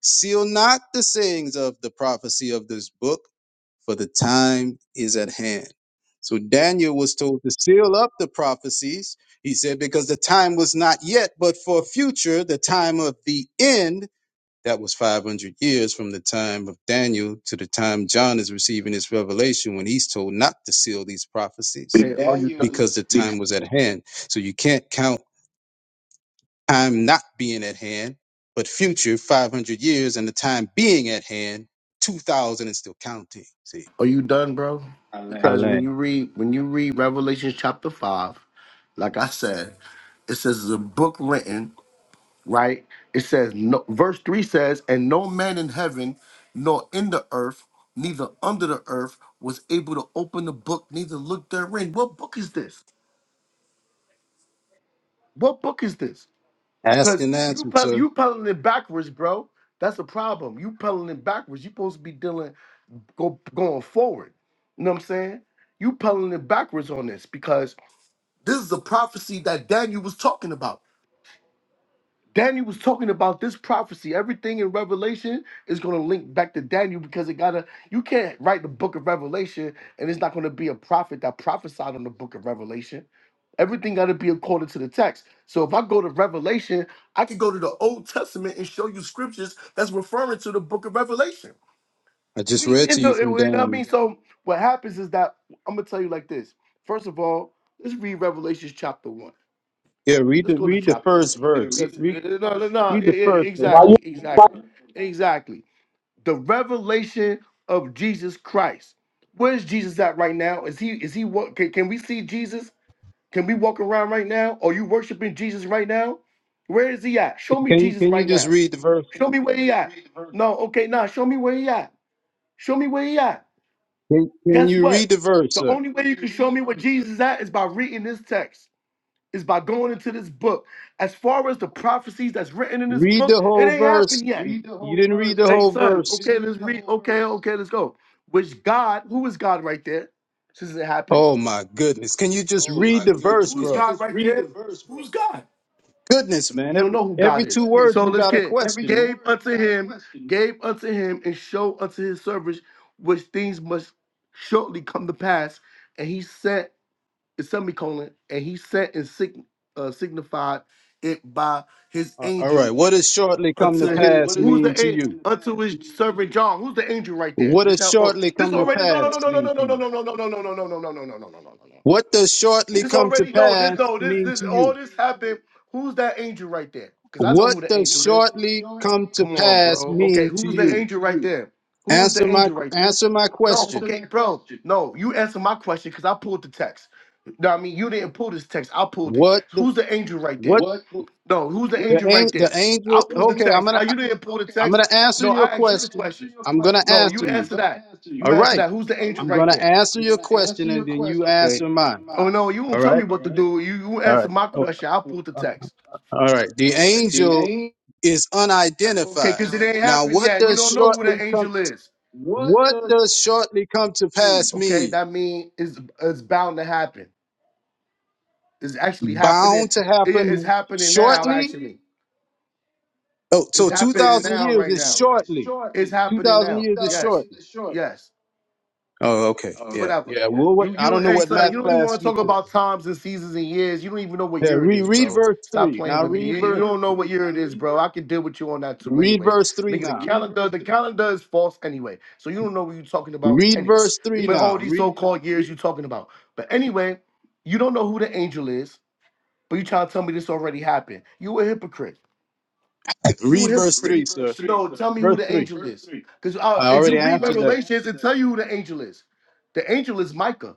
Speaker 25: Seal not the sayings of the prophecy of this book for the time is at hand. So Daniel was told to seal up the prophecies. He said, because the time was not yet, but for future, the time of the end, that was 500 years from the time of Daniel to the time John is receiving his revelation when he's told not to seal these
Speaker 29: Be-
Speaker 25: prophecies
Speaker 29: Hey, are you done?
Speaker 25: because the time was at hand. So you can't count time not being at hand, but future 500 years and the time being at hand, 2000 and still counting. See?
Speaker 29: Are you done, bro? Because when you read when you read Revelation chapter five, like I said, it says it's a book written, right? It says no verse three says, and no man in heaven, nor in the earth, neither under the earth, was able to open the book, neither look therein. What book is this? What book is this?
Speaker 25: Ask
Speaker 29: Because
Speaker 25: and
Speaker 29: you
Speaker 25: answer,
Speaker 29: pel-
Speaker 25: sir.
Speaker 29: you peddling it backwards, bro. That's a problem. You peddling it backwards. You supposed to be dealing. go going forward. You know what I'm saying? You peddling it backwards on this because this is a prophecy that Daniel was talking about. Daniel was talking about this prophecy. Everything in Revelation is going to link back to Daniel because it gotta. You can't write the book of Revelation and it's not going to be a prophet that prophesied on the book of Revelation. Everything got to be according to the text. So if I go to Revelation, I can go to the Old Testament and show you scriptures that's referring to the book of Revelation.
Speaker 25: I just
Speaker 29: We
Speaker 25: read to
Speaker 29: end
Speaker 25: you
Speaker 29: up, you know
Speaker 25: from
Speaker 29: what I
Speaker 25: Daniel.
Speaker 29: mean? So what happens is that I'm gonna tell you like this. First of all, let's read Revelations chapter one.
Speaker 25: Yeah, read
Speaker 29: Let's
Speaker 25: the
Speaker 29: go to
Speaker 25: read the
Speaker 29: chapter one
Speaker 25: first
Speaker 29: here.
Speaker 25: verse.
Speaker 29: Because
Speaker 25: Read
Speaker 29: no, no, no,
Speaker 25: read
Speaker 29: yeah,
Speaker 25: the
Speaker 29: yeah,
Speaker 25: first verse.
Speaker 28: Why you?
Speaker 29: exactly, exactly, exactly. The revelation of Jesus Christ. Where's Jesus at right now? Is he is he what can, can we see Jesus? Can we walk around right now? Are you worshiping Jesus right now? Where is he at? Show me
Speaker 25: Can you
Speaker 29: Jesus
Speaker 25: can you
Speaker 29: right
Speaker 25: just
Speaker 29: now.
Speaker 25: read the verse?
Speaker 29: Show me where he at. No, okay, nah, show me where he at. Show me where he at.
Speaker 25: Can, can
Speaker 29: Guess
Speaker 25: you read
Speaker 29: what?
Speaker 25: the verse,
Speaker 29: The
Speaker 25: sir?
Speaker 29: only way you can show me where Jesus is at is by reading this text, is by going into this book. As far as the prophecies that's written in this
Speaker 25: Read the
Speaker 29: book, it
Speaker 25: whole
Speaker 29: ain't
Speaker 25: verse.
Speaker 29: happened yet. Read the
Speaker 25: You
Speaker 29: whole
Speaker 25: didn't read
Speaker 29: verse.
Speaker 25: the
Speaker 29: Hey,
Speaker 25: whole
Speaker 29: son, You
Speaker 25: verse.
Speaker 29: okay, read let's the read. whole Okay, verse. okay, let's go. Which God, who is God right there? Since it happened.
Speaker 25: Oh my goodness. Can you just
Speaker 29: Oh
Speaker 25: read
Speaker 29: my
Speaker 25: the
Speaker 29: goodness.
Speaker 25: verse,
Speaker 29: Who's Can
Speaker 25: bro?
Speaker 29: you God just right read there? the verse, bro? Who's God?
Speaker 25: Goodness, man.
Speaker 29: You don't
Speaker 25: Every
Speaker 29: know who God
Speaker 25: every
Speaker 29: is.
Speaker 25: two
Speaker 29: Goodness,
Speaker 25: words
Speaker 29: so
Speaker 25: you
Speaker 29: let's
Speaker 25: got a
Speaker 29: get every
Speaker 25: question.
Speaker 29: gave word unto got a him, question. gave unto him, and show unto his servants which things must shortly come to pass. And he sent it semicolon and he sent and sign, uh, signified it by his
Speaker 25: A- All right.
Speaker 29: angel
Speaker 25: What does shortly come
Speaker 29: unto
Speaker 25: to
Speaker 29: his.
Speaker 25: pass
Speaker 29: Who's
Speaker 25: mean
Speaker 29: the
Speaker 25: to
Speaker 29: angel?
Speaker 25: you?
Speaker 29: Unto his servant John. Who's the angel right there?
Speaker 25: What
Speaker 29: This
Speaker 25: does
Speaker 29: hell. Oh,
Speaker 25: shortly
Speaker 29: this
Speaker 25: come to
Speaker 29: already. No. No.
Speaker 25: pass
Speaker 29: No. No.
Speaker 25: mean
Speaker 29: No.
Speaker 25: to
Speaker 29: No. No. No.
Speaker 25: you?
Speaker 29: No. No. No. No. No. No. No. No. No. No. No.
Speaker 25: What does shortly
Speaker 29: This
Speaker 25: come to
Speaker 29: already no, this
Speaker 25: pass
Speaker 29: no, this
Speaker 25: mean
Speaker 29: this
Speaker 25: to
Speaker 29: all
Speaker 25: you?
Speaker 29: this happened. Who's that angel right there? Because I know
Speaker 25: What
Speaker 29: who the
Speaker 25: does
Speaker 29: angel is.
Speaker 25: shortly come to
Speaker 29: Come on,
Speaker 25: pass
Speaker 29: bro. Okay,
Speaker 25: mean to
Speaker 29: who's the
Speaker 25: you?
Speaker 29: angel right there? Who is
Speaker 25: Answer
Speaker 29: the
Speaker 25: my
Speaker 29: angel right there?
Speaker 25: answer my
Speaker 29: No,
Speaker 25: question.
Speaker 29: okay, bro. No, you answer my question because I pulled the text. No, I mean you didn't pull this text. I pulled it.
Speaker 25: What the
Speaker 29: Who's the angel right there?
Speaker 25: what
Speaker 29: No, who's the
Speaker 25: the
Speaker 29: angel right
Speaker 25: angel the
Speaker 29: there?
Speaker 25: angel
Speaker 29: I pulled the
Speaker 25: okay, I'm
Speaker 29: text.
Speaker 25: gonna
Speaker 29: Ah, you didn't pull the
Speaker 25: I'm
Speaker 29: text.
Speaker 25: gonna answer
Speaker 29: No,
Speaker 25: your
Speaker 29: I asked you the
Speaker 25: question.
Speaker 29: question.
Speaker 25: I'm gonna
Speaker 29: No, you
Speaker 25: answer you.
Speaker 29: answer that. You
Speaker 25: All
Speaker 29: answer
Speaker 25: right.
Speaker 29: that. Who's the angel
Speaker 25: I'm
Speaker 29: right
Speaker 25: gonna
Speaker 29: there?
Speaker 25: answer your question and then you
Speaker 29: Okay.
Speaker 25: answer mine.
Speaker 29: Oh no, you won't
Speaker 25: All
Speaker 29: tell me
Speaker 25: right.
Speaker 29: what to do. You you
Speaker 25: All
Speaker 29: answer
Speaker 25: right.
Speaker 29: my
Speaker 25: Oh,
Speaker 29: question. I'll pull the
Speaker 25: uh,
Speaker 29: text.
Speaker 25: All right. The angel is
Speaker 29: Okay,
Speaker 25: unidentified.
Speaker 29: because it ain't
Speaker 25: Now
Speaker 29: happened
Speaker 25: what
Speaker 29: yet. You
Speaker 25: does
Speaker 29: don't know who uh, the
Speaker 25: shortly come
Speaker 29: angel is.
Speaker 25: what does shortly come to pass
Speaker 29: Okay,
Speaker 25: mean?
Speaker 29: that mean it's it's bound to happen. It's actually happening.
Speaker 25: bound to
Speaker 29: Yeah, it's
Speaker 25: happen
Speaker 29: happening now.
Speaker 25: shortly.
Speaker 29: Actually,
Speaker 25: Oh, so
Speaker 29: it's happening
Speaker 25: 2,000
Speaker 29: now.
Speaker 25: years
Speaker 29: Right
Speaker 25: is
Speaker 29: now, it's
Speaker 25: shortly.
Speaker 29: happening
Speaker 25: 2,000
Speaker 29: now.
Speaker 25: years is
Speaker 29: Yes,
Speaker 25: shortly.
Speaker 29: yes.
Speaker 25: Oh, okay. Yeah.
Speaker 29: Whatever.
Speaker 25: Yeah. Well, what,
Speaker 29: You you
Speaker 25: I don't
Speaker 29: don't
Speaker 25: know
Speaker 29: hey
Speaker 25: what
Speaker 29: son,
Speaker 25: math
Speaker 29: you don't even
Speaker 25: class
Speaker 29: want to
Speaker 25: you
Speaker 29: talk
Speaker 25: took.
Speaker 29: about times and seasons and years. You don't even know what
Speaker 25: Yeah.
Speaker 29: year it
Speaker 25: Read,
Speaker 29: is,
Speaker 25: read
Speaker 29: bro.
Speaker 25: verse
Speaker 29: Stop
Speaker 25: three.
Speaker 29: playing
Speaker 25: Now
Speaker 29: with me.
Speaker 25: read
Speaker 29: You, you
Speaker 25: verse,
Speaker 29: don't know what year it is, <laughs> bro. I can deal with you on that too
Speaker 25: read
Speaker 29: anyway.
Speaker 25: verse three
Speaker 29: Nigga, the
Speaker 25: now.
Speaker 29: calendar, the calendar is false anyway. So you don't know what you're talking about
Speaker 25: Read
Speaker 29: anyway.
Speaker 25: verse three
Speaker 29: But
Speaker 25: now.
Speaker 29: all these
Speaker 25: Read,
Speaker 29: so-called years you're talking about. But anyway, you don't know who the angel is, but you trying to tell me this already happened. You a hypocrite. You a
Speaker 25: read verse three,
Speaker 29: hypocrite.
Speaker 25: sir.
Speaker 29: No, tell me who
Speaker 25: Verse
Speaker 29: the
Speaker 25: three.
Speaker 29: angel is. Because
Speaker 25: I
Speaker 29: if you
Speaker 25: already
Speaker 29: read
Speaker 25: answered that.
Speaker 29: Revelations, it tell you who the angel is. The angel is Micah.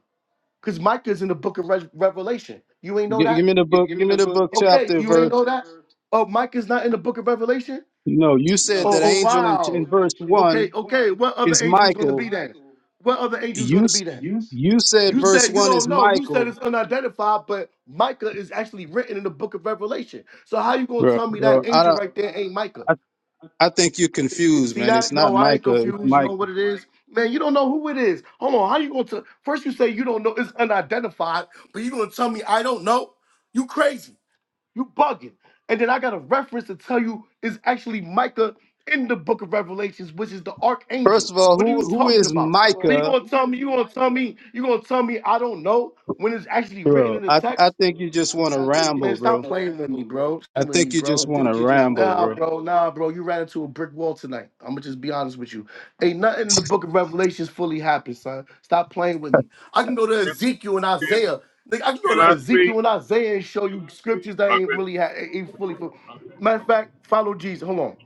Speaker 29: Because Micah's in the book of Re- Revelation. You ain't know
Speaker 25: Gi- give
Speaker 29: that?
Speaker 25: me the book. Give me the book
Speaker 29: Okay,
Speaker 25: chapter
Speaker 29: you
Speaker 25: verse.
Speaker 29: ain't know that? Oh, Micah's not in the book of Revelation?
Speaker 25: No, you
Speaker 29: Oh,
Speaker 25: said that
Speaker 29: oh
Speaker 25: angel in,
Speaker 29: wow.
Speaker 25: in verse
Speaker 29: Okay,
Speaker 25: one
Speaker 29: okay. What other
Speaker 25: is
Speaker 29: angel's going to
Speaker 25: Michael.
Speaker 29: be then? What other angel's
Speaker 25: You,
Speaker 29: going to
Speaker 25: s-
Speaker 29: be then?
Speaker 25: you said
Speaker 29: You said
Speaker 25: verse
Speaker 29: you
Speaker 25: one
Speaker 29: don't
Speaker 25: is
Speaker 29: know. You said
Speaker 25: Michael
Speaker 29: it's unidentified, but Micah is actually written in the book of Revelation. So how you gonna
Speaker 25: Bro,
Speaker 29: tell me that
Speaker 25: bro, I
Speaker 29: angel
Speaker 25: don't.
Speaker 29: right there ain't Micah?
Speaker 25: I, I think you're confused,
Speaker 29: See
Speaker 25: man.
Speaker 29: that?
Speaker 25: It's not
Speaker 29: No, I ain't
Speaker 25: Micah.
Speaker 29: confused.
Speaker 25: It's
Speaker 29: You know
Speaker 25: Michael.
Speaker 29: what it is, Man, you don't know who it is. Hold on. How you going to first you say you don't know it's unidentified, but you gonna tell me I don't know? You crazy. You bugging. And then I got a reference to tell you is actually Micah in the book of Revelations, which is the archangel.
Speaker 25: First of all,
Speaker 29: What are
Speaker 25: who
Speaker 29: you
Speaker 25: who
Speaker 29: talking
Speaker 25: is
Speaker 29: about? But you
Speaker 25: Micah,
Speaker 29: gonna tell me, you gonna tell me, you gonna tell me I don't know when it's actually written
Speaker 25: bro?
Speaker 29: in the
Speaker 25: I I
Speaker 29: text?
Speaker 25: think you just want to ramble,
Speaker 29: Man, stop
Speaker 25: bro.
Speaker 29: playing with me, bro.
Speaker 25: I
Speaker 29: Playing with me,
Speaker 25: think you just
Speaker 29: bro.
Speaker 25: want to ramble,
Speaker 29: nah,
Speaker 25: bro.
Speaker 29: bro, nah, bro. You ran into a brick wall tonight. I'm gonna just be honest with you. Ain't nothing in the book of Revelations fully happened, son. Stop playing with me. I can go to
Speaker 2: Can,
Speaker 29: Ezekiel and
Speaker 2: can,
Speaker 29: Isaiah Nigga, I can go
Speaker 2: can
Speaker 29: to
Speaker 2: I speak?
Speaker 29: Ezekiel and Isaiah and show you scriptures that
Speaker 2: I've
Speaker 29: ain't
Speaker 2: been,
Speaker 29: really ha- ain't fully fulfilled. Matter of fact, follow Jesus. Hold on,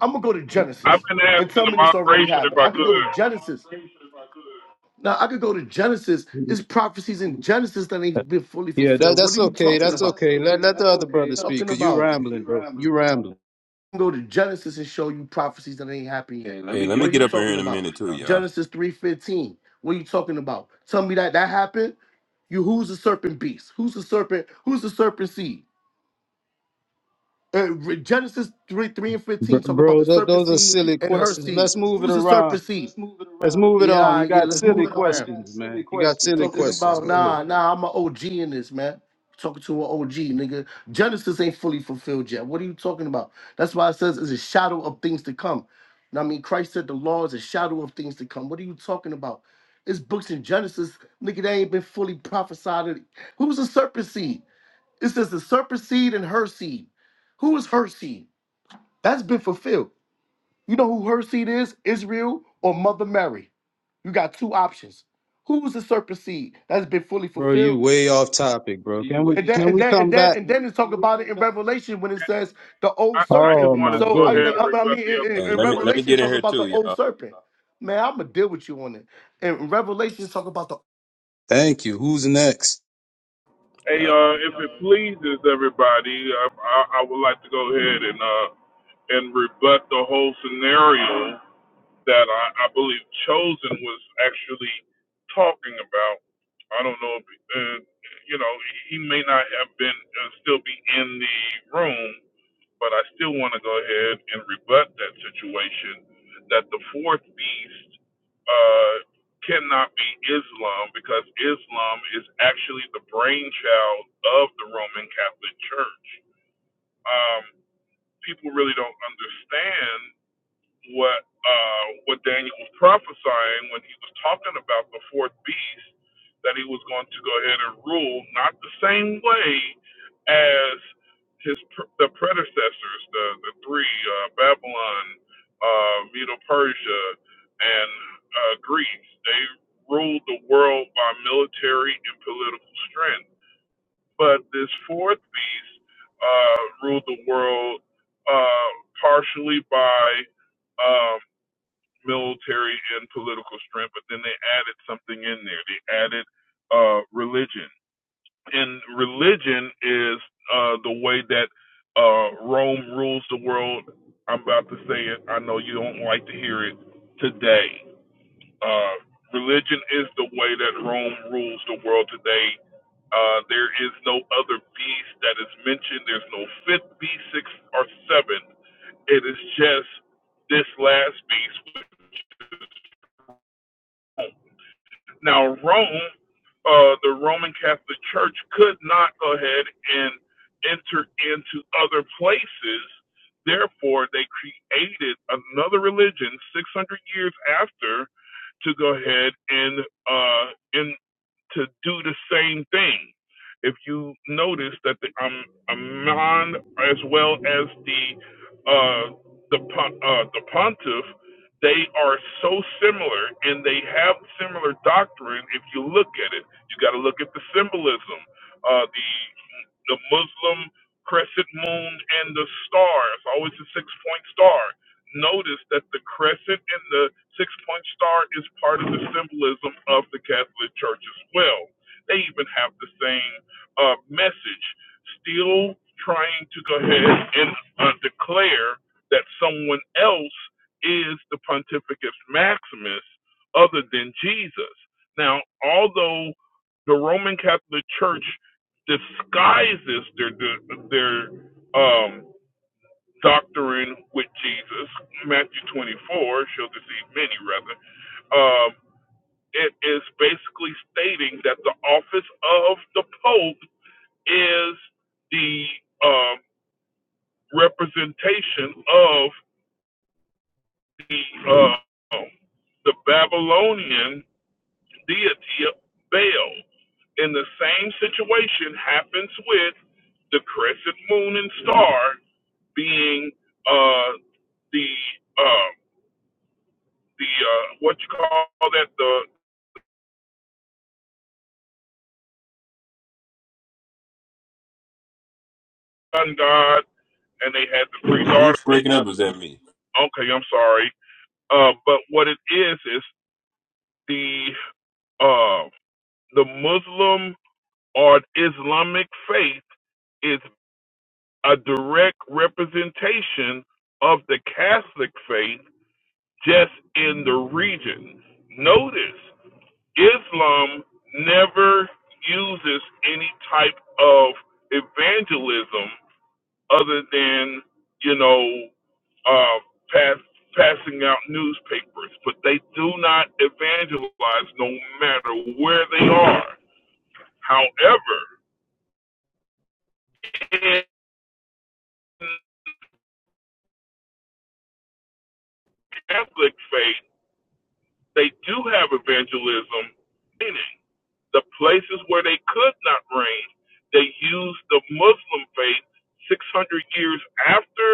Speaker 29: I'm gonna go to
Speaker 2: I've
Speaker 29: Genesis
Speaker 2: been
Speaker 29: and
Speaker 2: asking
Speaker 29: tell
Speaker 2: the
Speaker 29: me this already
Speaker 2: moderation if
Speaker 29: happened.
Speaker 2: I
Speaker 29: I could go to
Speaker 2: could.
Speaker 29: Genesis. Now I could go to Genesis. It's prophecies in Genesis that ain't been fully
Speaker 25: Yeah, that
Speaker 29: fulfilled. What
Speaker 25: that's
Speaker 29: are you
Speaker 25: okay.
Speaker 29: talking Yeah,
Speaker 25: That's
Speaker 29: about? That's
Speaker 25: okay. Let
Speaker 29: okay.
Speaker 25: let the
Speaker 29: That's
Speaker 25: other
Speaker 29: okay.
Speaker 25: brother speak,
Speaker 29: Talking
Speaker 25: cause you
Speaker 29: about. You can
Speaker 25: rambling,
Speaker 29: you
Speaker 25: bro.
Speaker 29: right, man.
Speaker 25: You rambling,
Speaker 29: I can go to Genesis and show you prophecies that ain't happened yet
Speaker 30: Hey,
Speaker 29: didn't
Speaker 30: let
Speaker 29: get What
Speaker 30: me
Speaker 29: a are
Speaker 30: get
Speaker 29: you variance
Speaker 30: up in here
Speaker 29: talking
Speaker 30: in
Speaker 29: in
Speaker 30: a
Speaker 29: about?
Speaker 30: minute,
Speaker 29: three,
Speaker 30: too,
Speaker 29: huh?
Speaker 30: y'all.
Speaker 29: Genesis three fifteen. What are you talking about? Tell me that that happened. You who's the serpent beast? Who's the serpent? Who's the serpent seed? Uh, Re- Genesis 3, 3 and 15
Speaker 25: Br-
Speaker 29: talk about
Speaker 25: bro.
Speaker 29: the
Speaker 25: Th-
Speaker 29: serpent
Speaker 25: those are
Speaker 29: seed
Speaker 25: silly
Speaker 29: and her
Speaker 25: questions.
Speaker 29: seed.
Speaker 25: Let's move it
Speaker 29: Who's the
Speaker 25: around.
Speaker 29: serpent seed? Let's move it
Speaker 25: Let's
Speaker 29: around.
Speaker 25: move it on.
Speaker 29: Yeah,
Speaker 25: You
Speaker 29: yeah,
Speaker 25: got
Speaker 29: let's move
Speaker 25: silly
Speaker 29: it around.
Speaker 25: questions,
Speaker 29: That's silly
Speaker 25: man. You got
Speaker 29: question. That's
Speaker 25: silly
Speaker 29: Talking silly
Speaker 25: questions.
Speaker 29: about, question.
Speaker 25: Go ahead,
Speaker 29: nah, nah, I'm an OG in this, man. Talking to an OG, nigga. Genesis ain't fully fulfilled yet. What are you talking about? That's why it says it's a shadow of things to come. Now, I mean, Christ said the law is a shadow of things to come. What are you talking about? It's books in Genesis, nigga, that ain't been fully prophesied. Who's the serpent seed? It says the serpent seed and her seed. Who is her seed? That's been fulfilled. You know who her seed is? Israel or Mother Mary. You got two options. Who is the serpent seed? That's been fully
Speaker 25: bro. You
Speaker 29: fulfilled.
Speaker 25: way off topic, bro. Can we
Speaker 29: And then
Speaker 25: can
Speaker 29: and off.
Speaker 25: we
Speaker 29: then and
Speaker 25: come
Speaker 29: then
Speaker 25: back?
Speaker 29: and then it's talk You about it in way off. Revelation when it says the
Speaker 2: I,
Speaker 29: old
Speaker 2: I
Speaker 29: serpent.
Speaker 2: just
Speaker 25: Oh my
Speaker 2: wanted to
Speaker 29: So
Speaker 2: go
Speaker 29: I,
Speaker 25: goodness.
Speaker 2: ahead and
Speaker 29: I
Speaker 2: rebut
Speaker 29: mean
Speaker 2: the
Speaker 29: in,
Speaker 2: other
Speaker 30: Hey,
Speaker 29: in in
Speaker 30: let me let
Speaker 2: situation.
Speaker 30: me
Speaker 29: Revelation
Speaker 30: get in
Speaker 29: talk
Speaker 30: here,
Speaker 29: about the
Speaker 30: too,
Speaker 29: old
Speaker 30: y'all.
Speaker 29: serpent. Man, I'm gonna deal with you on it. In Revelation talk about the
Speaker 25: Thank you. Who's next?
Speaker 30: Uh,
Speaker 2: Now, I don't know if, uh, you know, need, but I should, that the kid that he asked, the, uh, and uh, Greece. They ruled, but uh, ruled uh, part by um, military and political strength. But then they added something in there. They added uh, religion, and religion is uh, the way that uh, Rome rules the world. I'm about to say it. I know you don't like to hear it today. Uh, religion is the way that Rome rules the world today Uh, there is no other beast that is mentioned. There's no fifth beast, sixth, or seventh. It is just this last beast. Now, Rome, uh, the Roman Catholic Church could not go ahead and enter into other places. Therefore, they created another religion 600 years after to go ahead and uh, in to do the same thing. If you notice that the um, Amman as well as the uh, the uh, the Pontiff, they are so similar and they have similar doctrine. If you look at it, you got to look at the symbolism. Uh, the the Muslim crescent moon and the star. It's always a six point star. Notice that the crescent and the six point star is part of the symbolism of the Catholic Church as well. They even have the same uh, message, still trying to go ahead and uh, declare that someone else is the Pontificus Maximus other than Jesus. Now, although the Roman Catholic Church disguises their their um, doctrine with Jesus. Matthew 24 four. She'll deceive many, rather. Um, it is basically stating that the office of the Pope is the um, representation of the uh, the Babylonian deity of Baal. And the same situation happens with the crescent moon and star being uh, the uh, the uh, what you call that the sun god, and they had the three
Speaker 30: is he
Speaker 2: daughters.
Speaker 30: breaking up or is that me?
Speaker 2: Okay, I'm sorry, uh, but what it is is the uh, the Muslim or Islamic faith is a direct representation of the Catholic faith just in the region. Notice Islam never uses any type of evangelism other than, you know, uh, pass, passing out newspapers, but they do not evangelize no matter where they are. However, in Catholic faith, they do have evangelism in it. The places where they could not reign, they used the Muslim faith 600 years after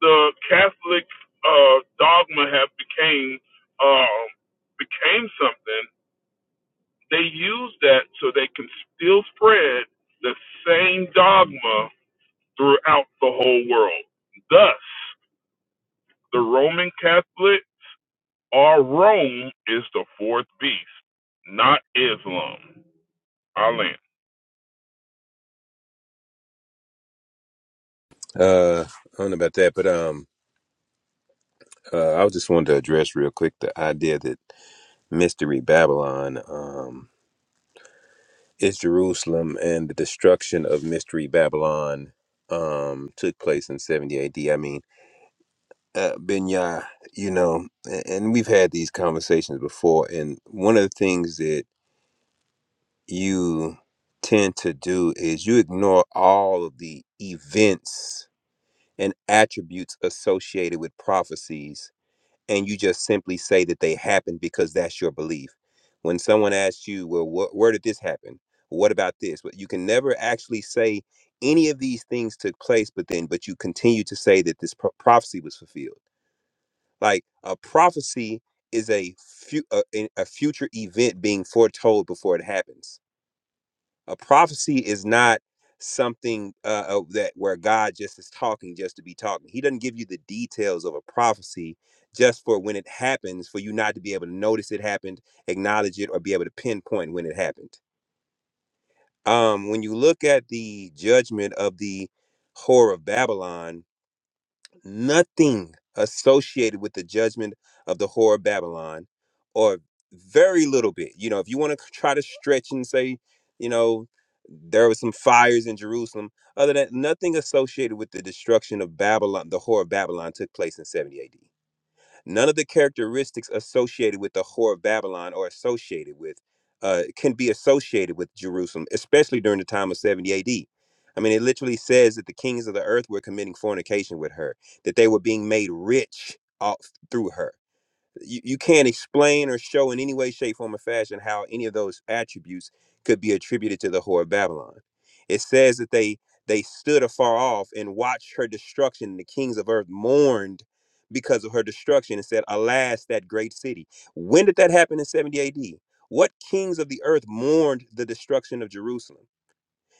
Speaker 2: the Catholic uh, dogma have became um, became something. They used that so they can still spread the same dogma throughout the whole world. Thus, the Roman Catholic or Rome is the fourth beast, not Islam. Alan.
Speaker 30: Uh, I don't know about that, but um, uh, I was just wanted to address real quick the idea that Mystery Babylon um, is Jerusalem and the destruction of Mystery Babylon um, took place in 70 AD. I mean, uh, Benya, you know, a- and we've had these conversations before, and one of the things that you tend to do is you ignore all of the events and attributes associated with prophecies, and you just simply say that they happened because that's your belief. When someone asks you, "Well, wh- where did this happen? What about this?" But you can never actually say any of these things took place, but then, but you continue to say that this pro- prophecy was fulfilled like a prophecy is a, fu- a, a a future event being foretold before it happens. A prophecy is not something uh, uh, that where God just is talking just to be talking. He doesn't give you the details of a prophecy just for when it happens for you not to be able to notice it happened, acknowledge it, or be able to pinpoint when it happened. Um, when you look at the judgment of the whore of Babylon, nothing associated with the judgment of the whore of Babylon, or very little bit. You know, if you want to try to stretch and say, you know, there was some fires in Jerusalem, other than that, nothing associated with the destruction of Babylon, the whore of Babylon took place in 70 AD. None of the characteristics associated with the whore of Babylon or associated with uh, can be associated with Jerusalem, especially during the time of 70 AD. I mean, it literally says that the kings of the earth were committing fornication with her, that they were being made rich off through her you, you can't explain or show in any way, shape, form, or fashion how any of those attributes could be attributed to the whore of Babylon. It says that they they stood afar off and watched her destruction, and the kings of earth mourned because of her destruction and said, Alas, that great city. When did that happen in 70 AD? What kings of the earth mourned the destruction of Jerusalem?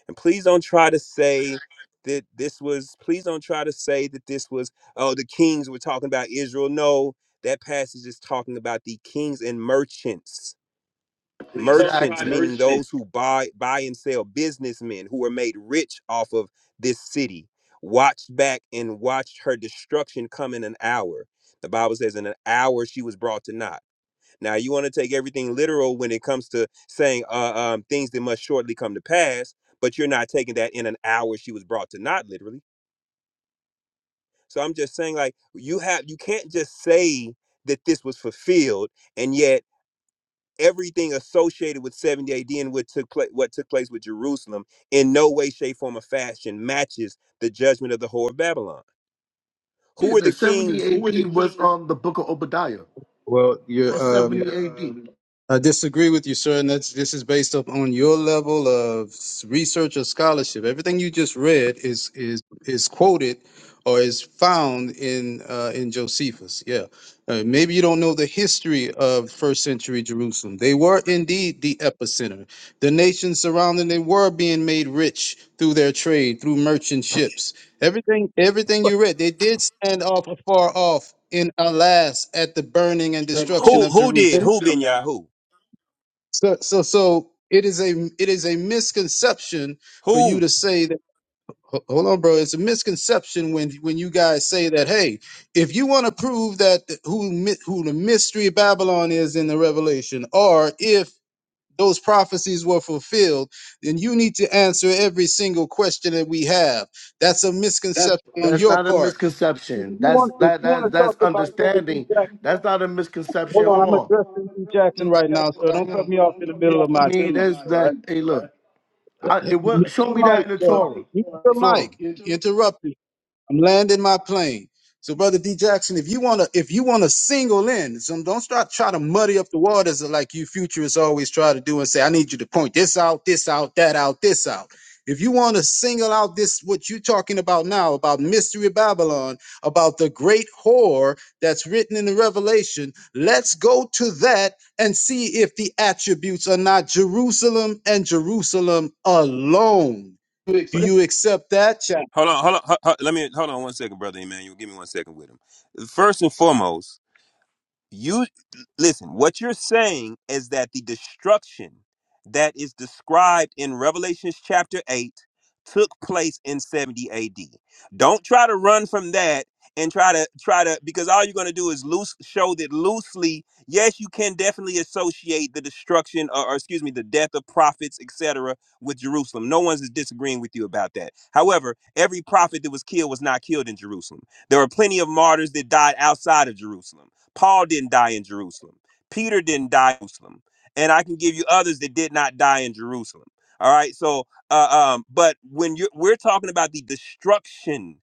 Speaker 30: And please don't try to say that this was, please don't try to say that this was, oh, the kings were talking about Israel. No, that passage is talking about the kings and merchants. Merchants,
Speaker 29: exactly
Speaker 30: meaning those who buy, buy and sell, businessmen who were made rich off of this city, watched back and watched her destruction come in an hour. The Bible says, in an hour she was brought to naught. Now you want to take everything literal when it comes to saying uh, um, things that must shortly come to pass, but you're not taking that in an hour she was brought to not literally. So I'm just saying like you have you can't just say that this was fulfilled and yet everything associated with 70 AD and what took place what took place with Jerusalem in no way, shape, form, or fashion matches the judgment of the whore of Babylon. Who are
Speaker 29: the
Speaker 30: the kings?
Speaker 29: 70 AD was um the book of Obadiah.
Speaker 25: Well,
Speaker 29: That's
Speaker 25: you're, um,
Speaker 29: 70 AD.
Speaker 25: I disagree with you, sir, and that's this is based up on your level of s- research or scholarship. Everything you just read is is is quoted or is found in uh, in Josephus. Yeah, uh, maybe you don't know the history of first century Jerusalem. They were indeed the epicenter. The nations surrounding them were being made rich through their trade, through merchant ships. Everything everything you read, they did stand off afar off. In alas, at the burning and destruction
Speaker 30: Who
Speaker 25: of
Speaker 30: who did?
Speaker 25: Jerusalem.
Speaker 30: Who
Speaker 29: moving
Speaker 30: been
Speaker 29: you
Speaker 30: Yahoo?
Speaker 25: So, so, so it is a it is a misconception for
Speaker 30: Who?
Speaker 25: you to say that. ho- Hold on, bro. It's a misconception when when you guys say that. Hey, if you want to prove that th- who mi- who the mystery of Babylon is in the Revelation, or if those prophecies were fulfilled, then you need to answer every single question that we have. That's a misconception on
Speaker 29: That's
Speaker 25: your
Speaker 29: not a
Speaker 25: part. If
Speaker 29: misconception.
Speaker 25: you
Speaker 29: That's
Speaker 25: want, if
Speaker 29: that
Speaker 25: you want to
Speaker 29: that
Speaker 25: talk
Speaker 29: that's
Speaker 25: about Brother D
Speaker 29: understanding.
Speaker 25: Jackson,
Speaker 29: That's not a misconception.
Speaker 25: hold on.
Speaker 29: Hold
Speaker 25: I'm
Speaker 29: on.
Speaker 25: addressing D Jackson
Speaker 29: Mm,
Speaker 25: right now, so don't cut me off in the middle of
Speaker 29: I
Speaker 25: my
Speaker 29: mean,
Speaker 25: speech.
Speaker 29: there's
Speaker 25: All
Speaker 29: that.
Speaker 25: right.
Speaker 29: speech, Hey, all look, I, it will show me
Speaker 25: Mr. Mike,
Speaker 29: that in the
Speaker 25: sir.
Speaker 29: Torah.
Speaker 25: Mr.
Speaker 29: Torah.
Speaker 25: Mike, you interrupted. I'm landing my plane. So, brother D Jackson, if you wanna, if you wanna single in, so don't start trying to muddy up the waters like you futurists always try to do and say, I need you to point this out, this out, that out, this out. If you want to single out this, what you're talking about now, about mystery Babylon, about the great whore that's written in the Revelation, let's go to that and see if the attributes are not Jerusalem and Jerusalem alone. Do you accept that,
Speaker 30: Hold on, hold on, hu- hu- let me hold on one second, brother Emmanuel. Give me one second with him. First and foremost, you listen, what you're saying is that the destruction that is described in Revelations chapter 8 took place in 70 AD. Don't try to run from that and try to try to because all you're going to do is loose show that loosely yes you can definitely associate the destruction or, or excuse me the death of prophets etc with jerusalem no one's disagreeing with you about that however every prophet that was killed was not killed in jerusalem there were plenty of martyrs that died outside of jerusalem Paul didn't die in Jerusalem. Peter didn't die in Jerusalem. And I can give you others that did not die in Jerusalem. All right. So, uh, um, but when you're, we're talking about the destruction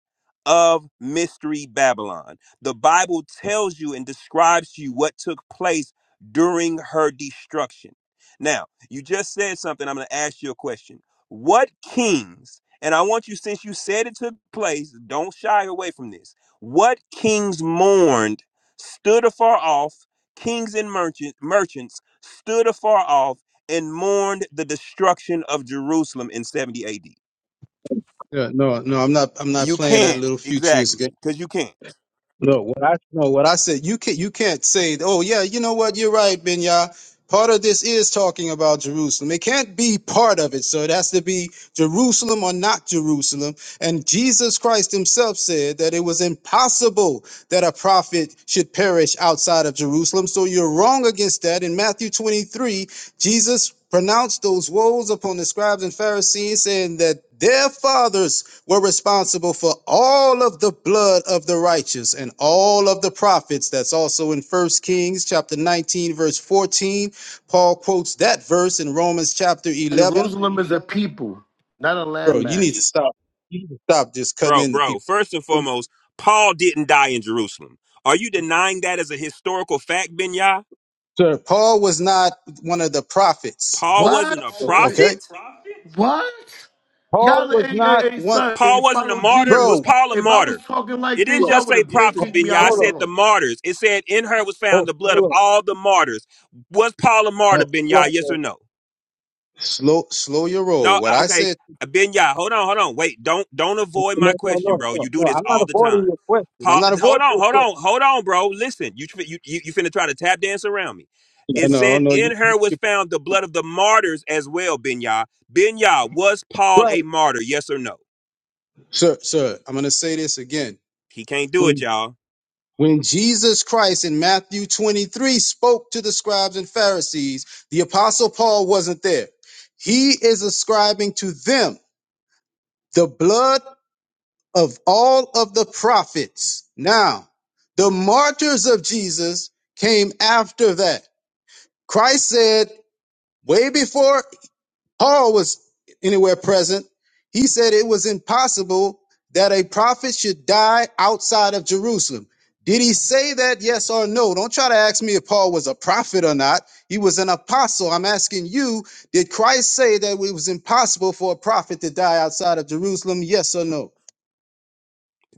Speaker 30: of mystery Babylon, the Bible tells you and describes to you what took place during her destruction. Now, you just said something. I'm going to ask you a question. What kings, and I want you, since you said it took place, don't shy away from this. What kings mourned? stood afar off, kings and merchant, merchants stood afar off and mourned the destruction of Jerusalem in 70 AD.
Speaker 25: Yeah, no, no, I'm not. I'm not
Speaker 30: You
Speaker 25: playing that
Speaker 30: can't,
Speaker 25: little futurist
Speaker 30: exactly,
Speaker 25: game.
Speaker 30: because you can't.
Speaker 25: No, what I no, what I said. You can't. You can't say. Oh, yeah. You know what? You're right, Benya. Part of this is talking about Jerusalem. It can't be part of it. So it has to be Jerusalem or not Jerusalem. And Jesus Christ himself said that it was impossible that a prophet should perish outside of Jerusalem. So you're wrong against that. In Matthew 23, Jesus pronounced those woes upon the scribes and Pharisees, saying that their fathers were responsible for all of the blood of the righteous and all of the prophets. That's also in First Kings chapter 19, verse 14. Paul quotes that verse in Romans chapter 11.
Speaker 29: Jerusalem is a people, not a
Speaker 25: Bro, you
Speaker 29: landmass.
Speaker 25: need to stop. You need to stop just cutting
Speaker 30: Bro,
Speaker 25: into
Speaker 30: bro,
Speaker 25: people.
Speaker 30: first and foremost, Paul didn't die in Jerusalem. Are you denying that as a historical fact, Benya?
Speaker 25: Sir, Paul was not one of the prophets.
Speaker 30: Paul wasn't
Speaker 29: What?
Speaker 30: a
Speaker 29: Okay.
Speaker 25: Okay?
Speaker 30: prophet?
Speaker 29: What?
Speaker 25: Paul
Speaker 29: Y'all
Speaker 25: was
Speaker 29: ain't,
Speaker 25: not
Speaker 29: ain't, ain't
Speaker 25: one.
Speaker 29: say follow
Speaker 30: Paul wasn't a martyr?
Speaker 29: Jesus.
Speaker 30: Was
Speaker 25: Bro,
Speaker 30: Paul a
Speaker 29: If I was
Speaker 30: martyr?
Speaker 29: talking
Speaker 30: It
Speaker 29: like
Speaker 30: didn't
Speaker 29: this,
Speaker 25: bro,
Speaker 29: y'all
Speaker 30: just
Speaker 29: would
Speaker 30: say
Speaker 29: have Yeah, been
Speaker 30: prophets,
Speaker 29: kicked me
Speaker 30: Benya.
Speaker 29: out
Speaker 30: It
Speaker 29: the
Speaker 25: hold up.
Speaker 30: said the
Speaker 29: room.
Speaker 30: martyrs. It said in her was found
Speaker 25: Hold,
Speaker 30: the blood of
Speaker 25: hold up.
Speaker 30: all the martyrs. Was Paul a martyr,
Speaker 25: Hold,
Speaker 30: Benya?
Speaker 25: hold up.
Speaker 30: Yes or no?
Speaker 25: Slow, slow your roll.
Speaker 30: No,
Speaker 25: What
Speaker 30: I-
Speaker 25: I
Speaker 30: okay.
Speaker 25: said.
Speaker 30: Benya, hold on, hold on. Wait, don't don't avoid
Speaker 25: No,
Speaker 30: my
Speaker 25: no,
Speaker 30: question,
Speaker 25: no,
Speaker 30: bro.
Speaker 25: no,
Speaker 30: You do
Speaker 25: no.
Speaker 30: this
Speaker 25: I'm not
Speaker 30: all the
Speaker 25: avoiding
Speaker 30: time.
Speaker 25: your question. I'm
Speaker 30: Pa-
Speaker 25: not
Speaker 30: hold
Speaker 25: avoiding
Speaker 30: on,
Speaker 25: your
Speaker 30: hold
Speaker 25: question.
Speaker 30: on, hold on, bro. Listen, you, tr- you you you finna try to tap dance around me. It
Speaker 25: No, no,
Speaker 30: said
Speaker 25: no. You,
Speaker 30: in
Speaker 25: you,
Speaker 30: her was
Speaker 25: you
Speaker 30: found the blood of the martyrs as well, Benya. Benya, was Paul
Speaker 25: right,
Speaker 30: a martyr? Yes or no?
Speaker 25: sir, sir. I'm gonna say this again.
Speaker 30: He can't do it,
Speaker 25: When
Speaker 30: y'all.
Speaker 25: when Jesus Christ in Matthew 23 spoke to the scribes and Pharisees, the apostle Paul wasn't there. He is ascribing to them the blood of all of the prophets. Now, the martyrs of Jesus came after that. Christ said. Way before Paul was anywhere present, he said it was impossible that a prophet should die outside of Jerusalem. Did he say that? Yes or no? Don't try to ask me if Paul was a prophet or not. He was an apostle. I'm asking you, did Christ say that it was impossible for a prophet to die outside of Jerusalem? Yes or no?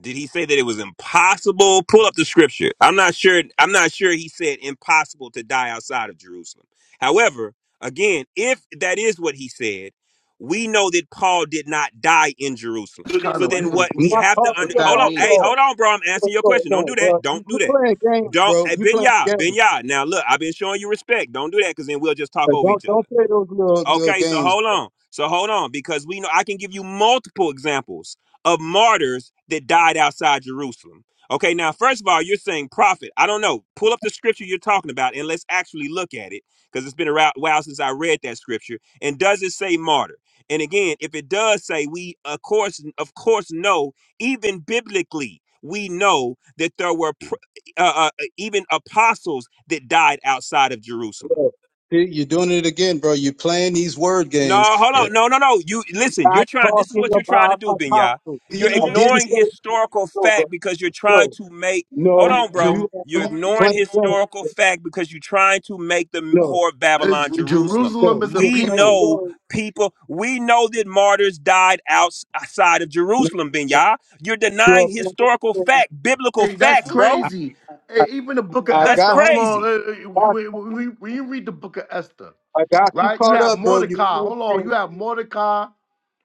Speaker 30: Did he say that it was impossible? Pull up the scripture. I'm not sure. I'm not sure he said impossible to die outside of Jerusalem. However, again, if that is what he said, we know that Paul did not die in Jerusalem.
Speaker 29: That's kind
Speaker 30: So
Speaker 29: of weird.
Speaker 30: then what
Speaker 25: I'm
Speaker 30: we
Speaker 25: not
Speaker 30: have to
Speaker 29: What
Speaker 30: under
Speaker 25: talking
Speaker 29: that
Speaker 30: hold
Speaker 29: hey,
Speaker 30: on.
Speaker 25: about
Speaker 29: mean?
Speaker 30: Hey, hold
Speaker 25: Paul.
Speaker 30: on, bro. I'm
Speaker 25: No,
Speaker 30: answering your
Speaker 25: no,
Speaker 30: question. Don't
Speaker 25: no,
Speaker 30: do that.
Speaker 25: bro. You
Speaker 30: Don't do
Speaker 25: you
Speaker 30: that.
Speaker 25: playing games,
Speaker 30: Don't
Speaker 25: bro.
Speaker 30: hey
Speaker 25: You playing
Speaker 30: Benya, Benya.
Speaker 25: games.
Speaker 30: Now look, I've been showing you respect. Don't do that because then we'll just talk
Speaker 25: Like,
Speaker 30: over
Speaker 25: don't
Speaker 30: each other.
Speaker 25: don't play those little little
Speaker 30: Okay, so
Speaker 25: games,
Speaker 30: hold on. So hold on, because we know I can give you multiple examples of martyrs that died outside Jerusalem. Okay, now, first of all, you're saying prophet. I don't know. Pull up the scripture you're talking about and let's actually look at it because it's been a rou- while since I read that scripture. And does it say martyr? And again, if it does say, we of course, of course, know, even biblically, we know that there were pr- uh, uh, even apostles that died outside of Jerusalem.
Speaker 25: bro. See, You're doing it again, bro. You're playing these word
Speaker 30: No,
Speaker 25: games.
Speaker 30: hold
Speaker 25: Yeah.
Speaker 30: on. No, no, no. You listen, you're
Speaker 25: Not
Speaker 30: trying this is
Speaker 25: talking
Speaker 30: what you're trying to
Speaker 25: about
Speaker 30: do, Binya.
Speaker 25: apostles.
Speaker 30: You're
Speaker 25: I didn't
Speaker 30: ignoring
Speaker 25: say
Speaker 30: historical
Speaker 25: no, bro.
Speaker 30: fact because you're trying
Speaker 25: No,
Speaker 30: to make hold
Speaker 25: no.
Speaker 30: on, bro.
Speaker 25: You
Speaker 29: Jer-
Speaker 25: are
Speaker 30: You're ignoring
Speaker 25: playing games.
Speaker 30: historical fact because you're trying to make the
Speaker 25: No,
Speaker 30: whore of
Speaker 29: is
Speaker 30: Babylon
Speaker 29: Jerusalem,
Speaker 30: Jerusalem.
Speaker 25: no.
Speaker 29: is a
Speaker 25: You're
Speaker 30: We
Speaker 25: playing
Speaker 29: people.
Speaker 30: know
Speaker 25: games.
Speaker 30: people, we know that martyrs died outs- outside of
Speaker 25: No,
Speaker 30: Jerusalem,
Speaker 25: no.
Speaker 30: Binya. You're
Speaker 25: you're
Speaker 30: denying
Speaker 25: playing
Speaker 30: historical
Speaker 25: games.
Speaker 30: fact, biblical
Speaker 29: Hey, that's
Speaker 30: facts, bro.
Speaker 25: I,
Speaker 29: crazy.
Speaker 25: I,
Speaker 29: Hey, even the Book of
Speaker 25: I
Speaker 30: That's
Speaker 29: Esther.
Speaker 25: got
Speaker 29: Hold
Speaker 25: you.
Speaker 29: on.
Speaker 30: crazy.
Speaker 29: Hey, When
Speaker 25: caught
Speaker 29: when-
Speaker 25: up.
Speaker 29: when when you read the Book of Esther,
Speaker 25: I got you
Speaker 29: right? You
Speaker 25: caught
Speaker 29: have
Speaker 25: up, bro. You
Speaker 29: Mordecai.
Speaker 25: playing
Speaker 29: Hold on. You
Speaker 25: games,
Speaker 29: have Mordecai.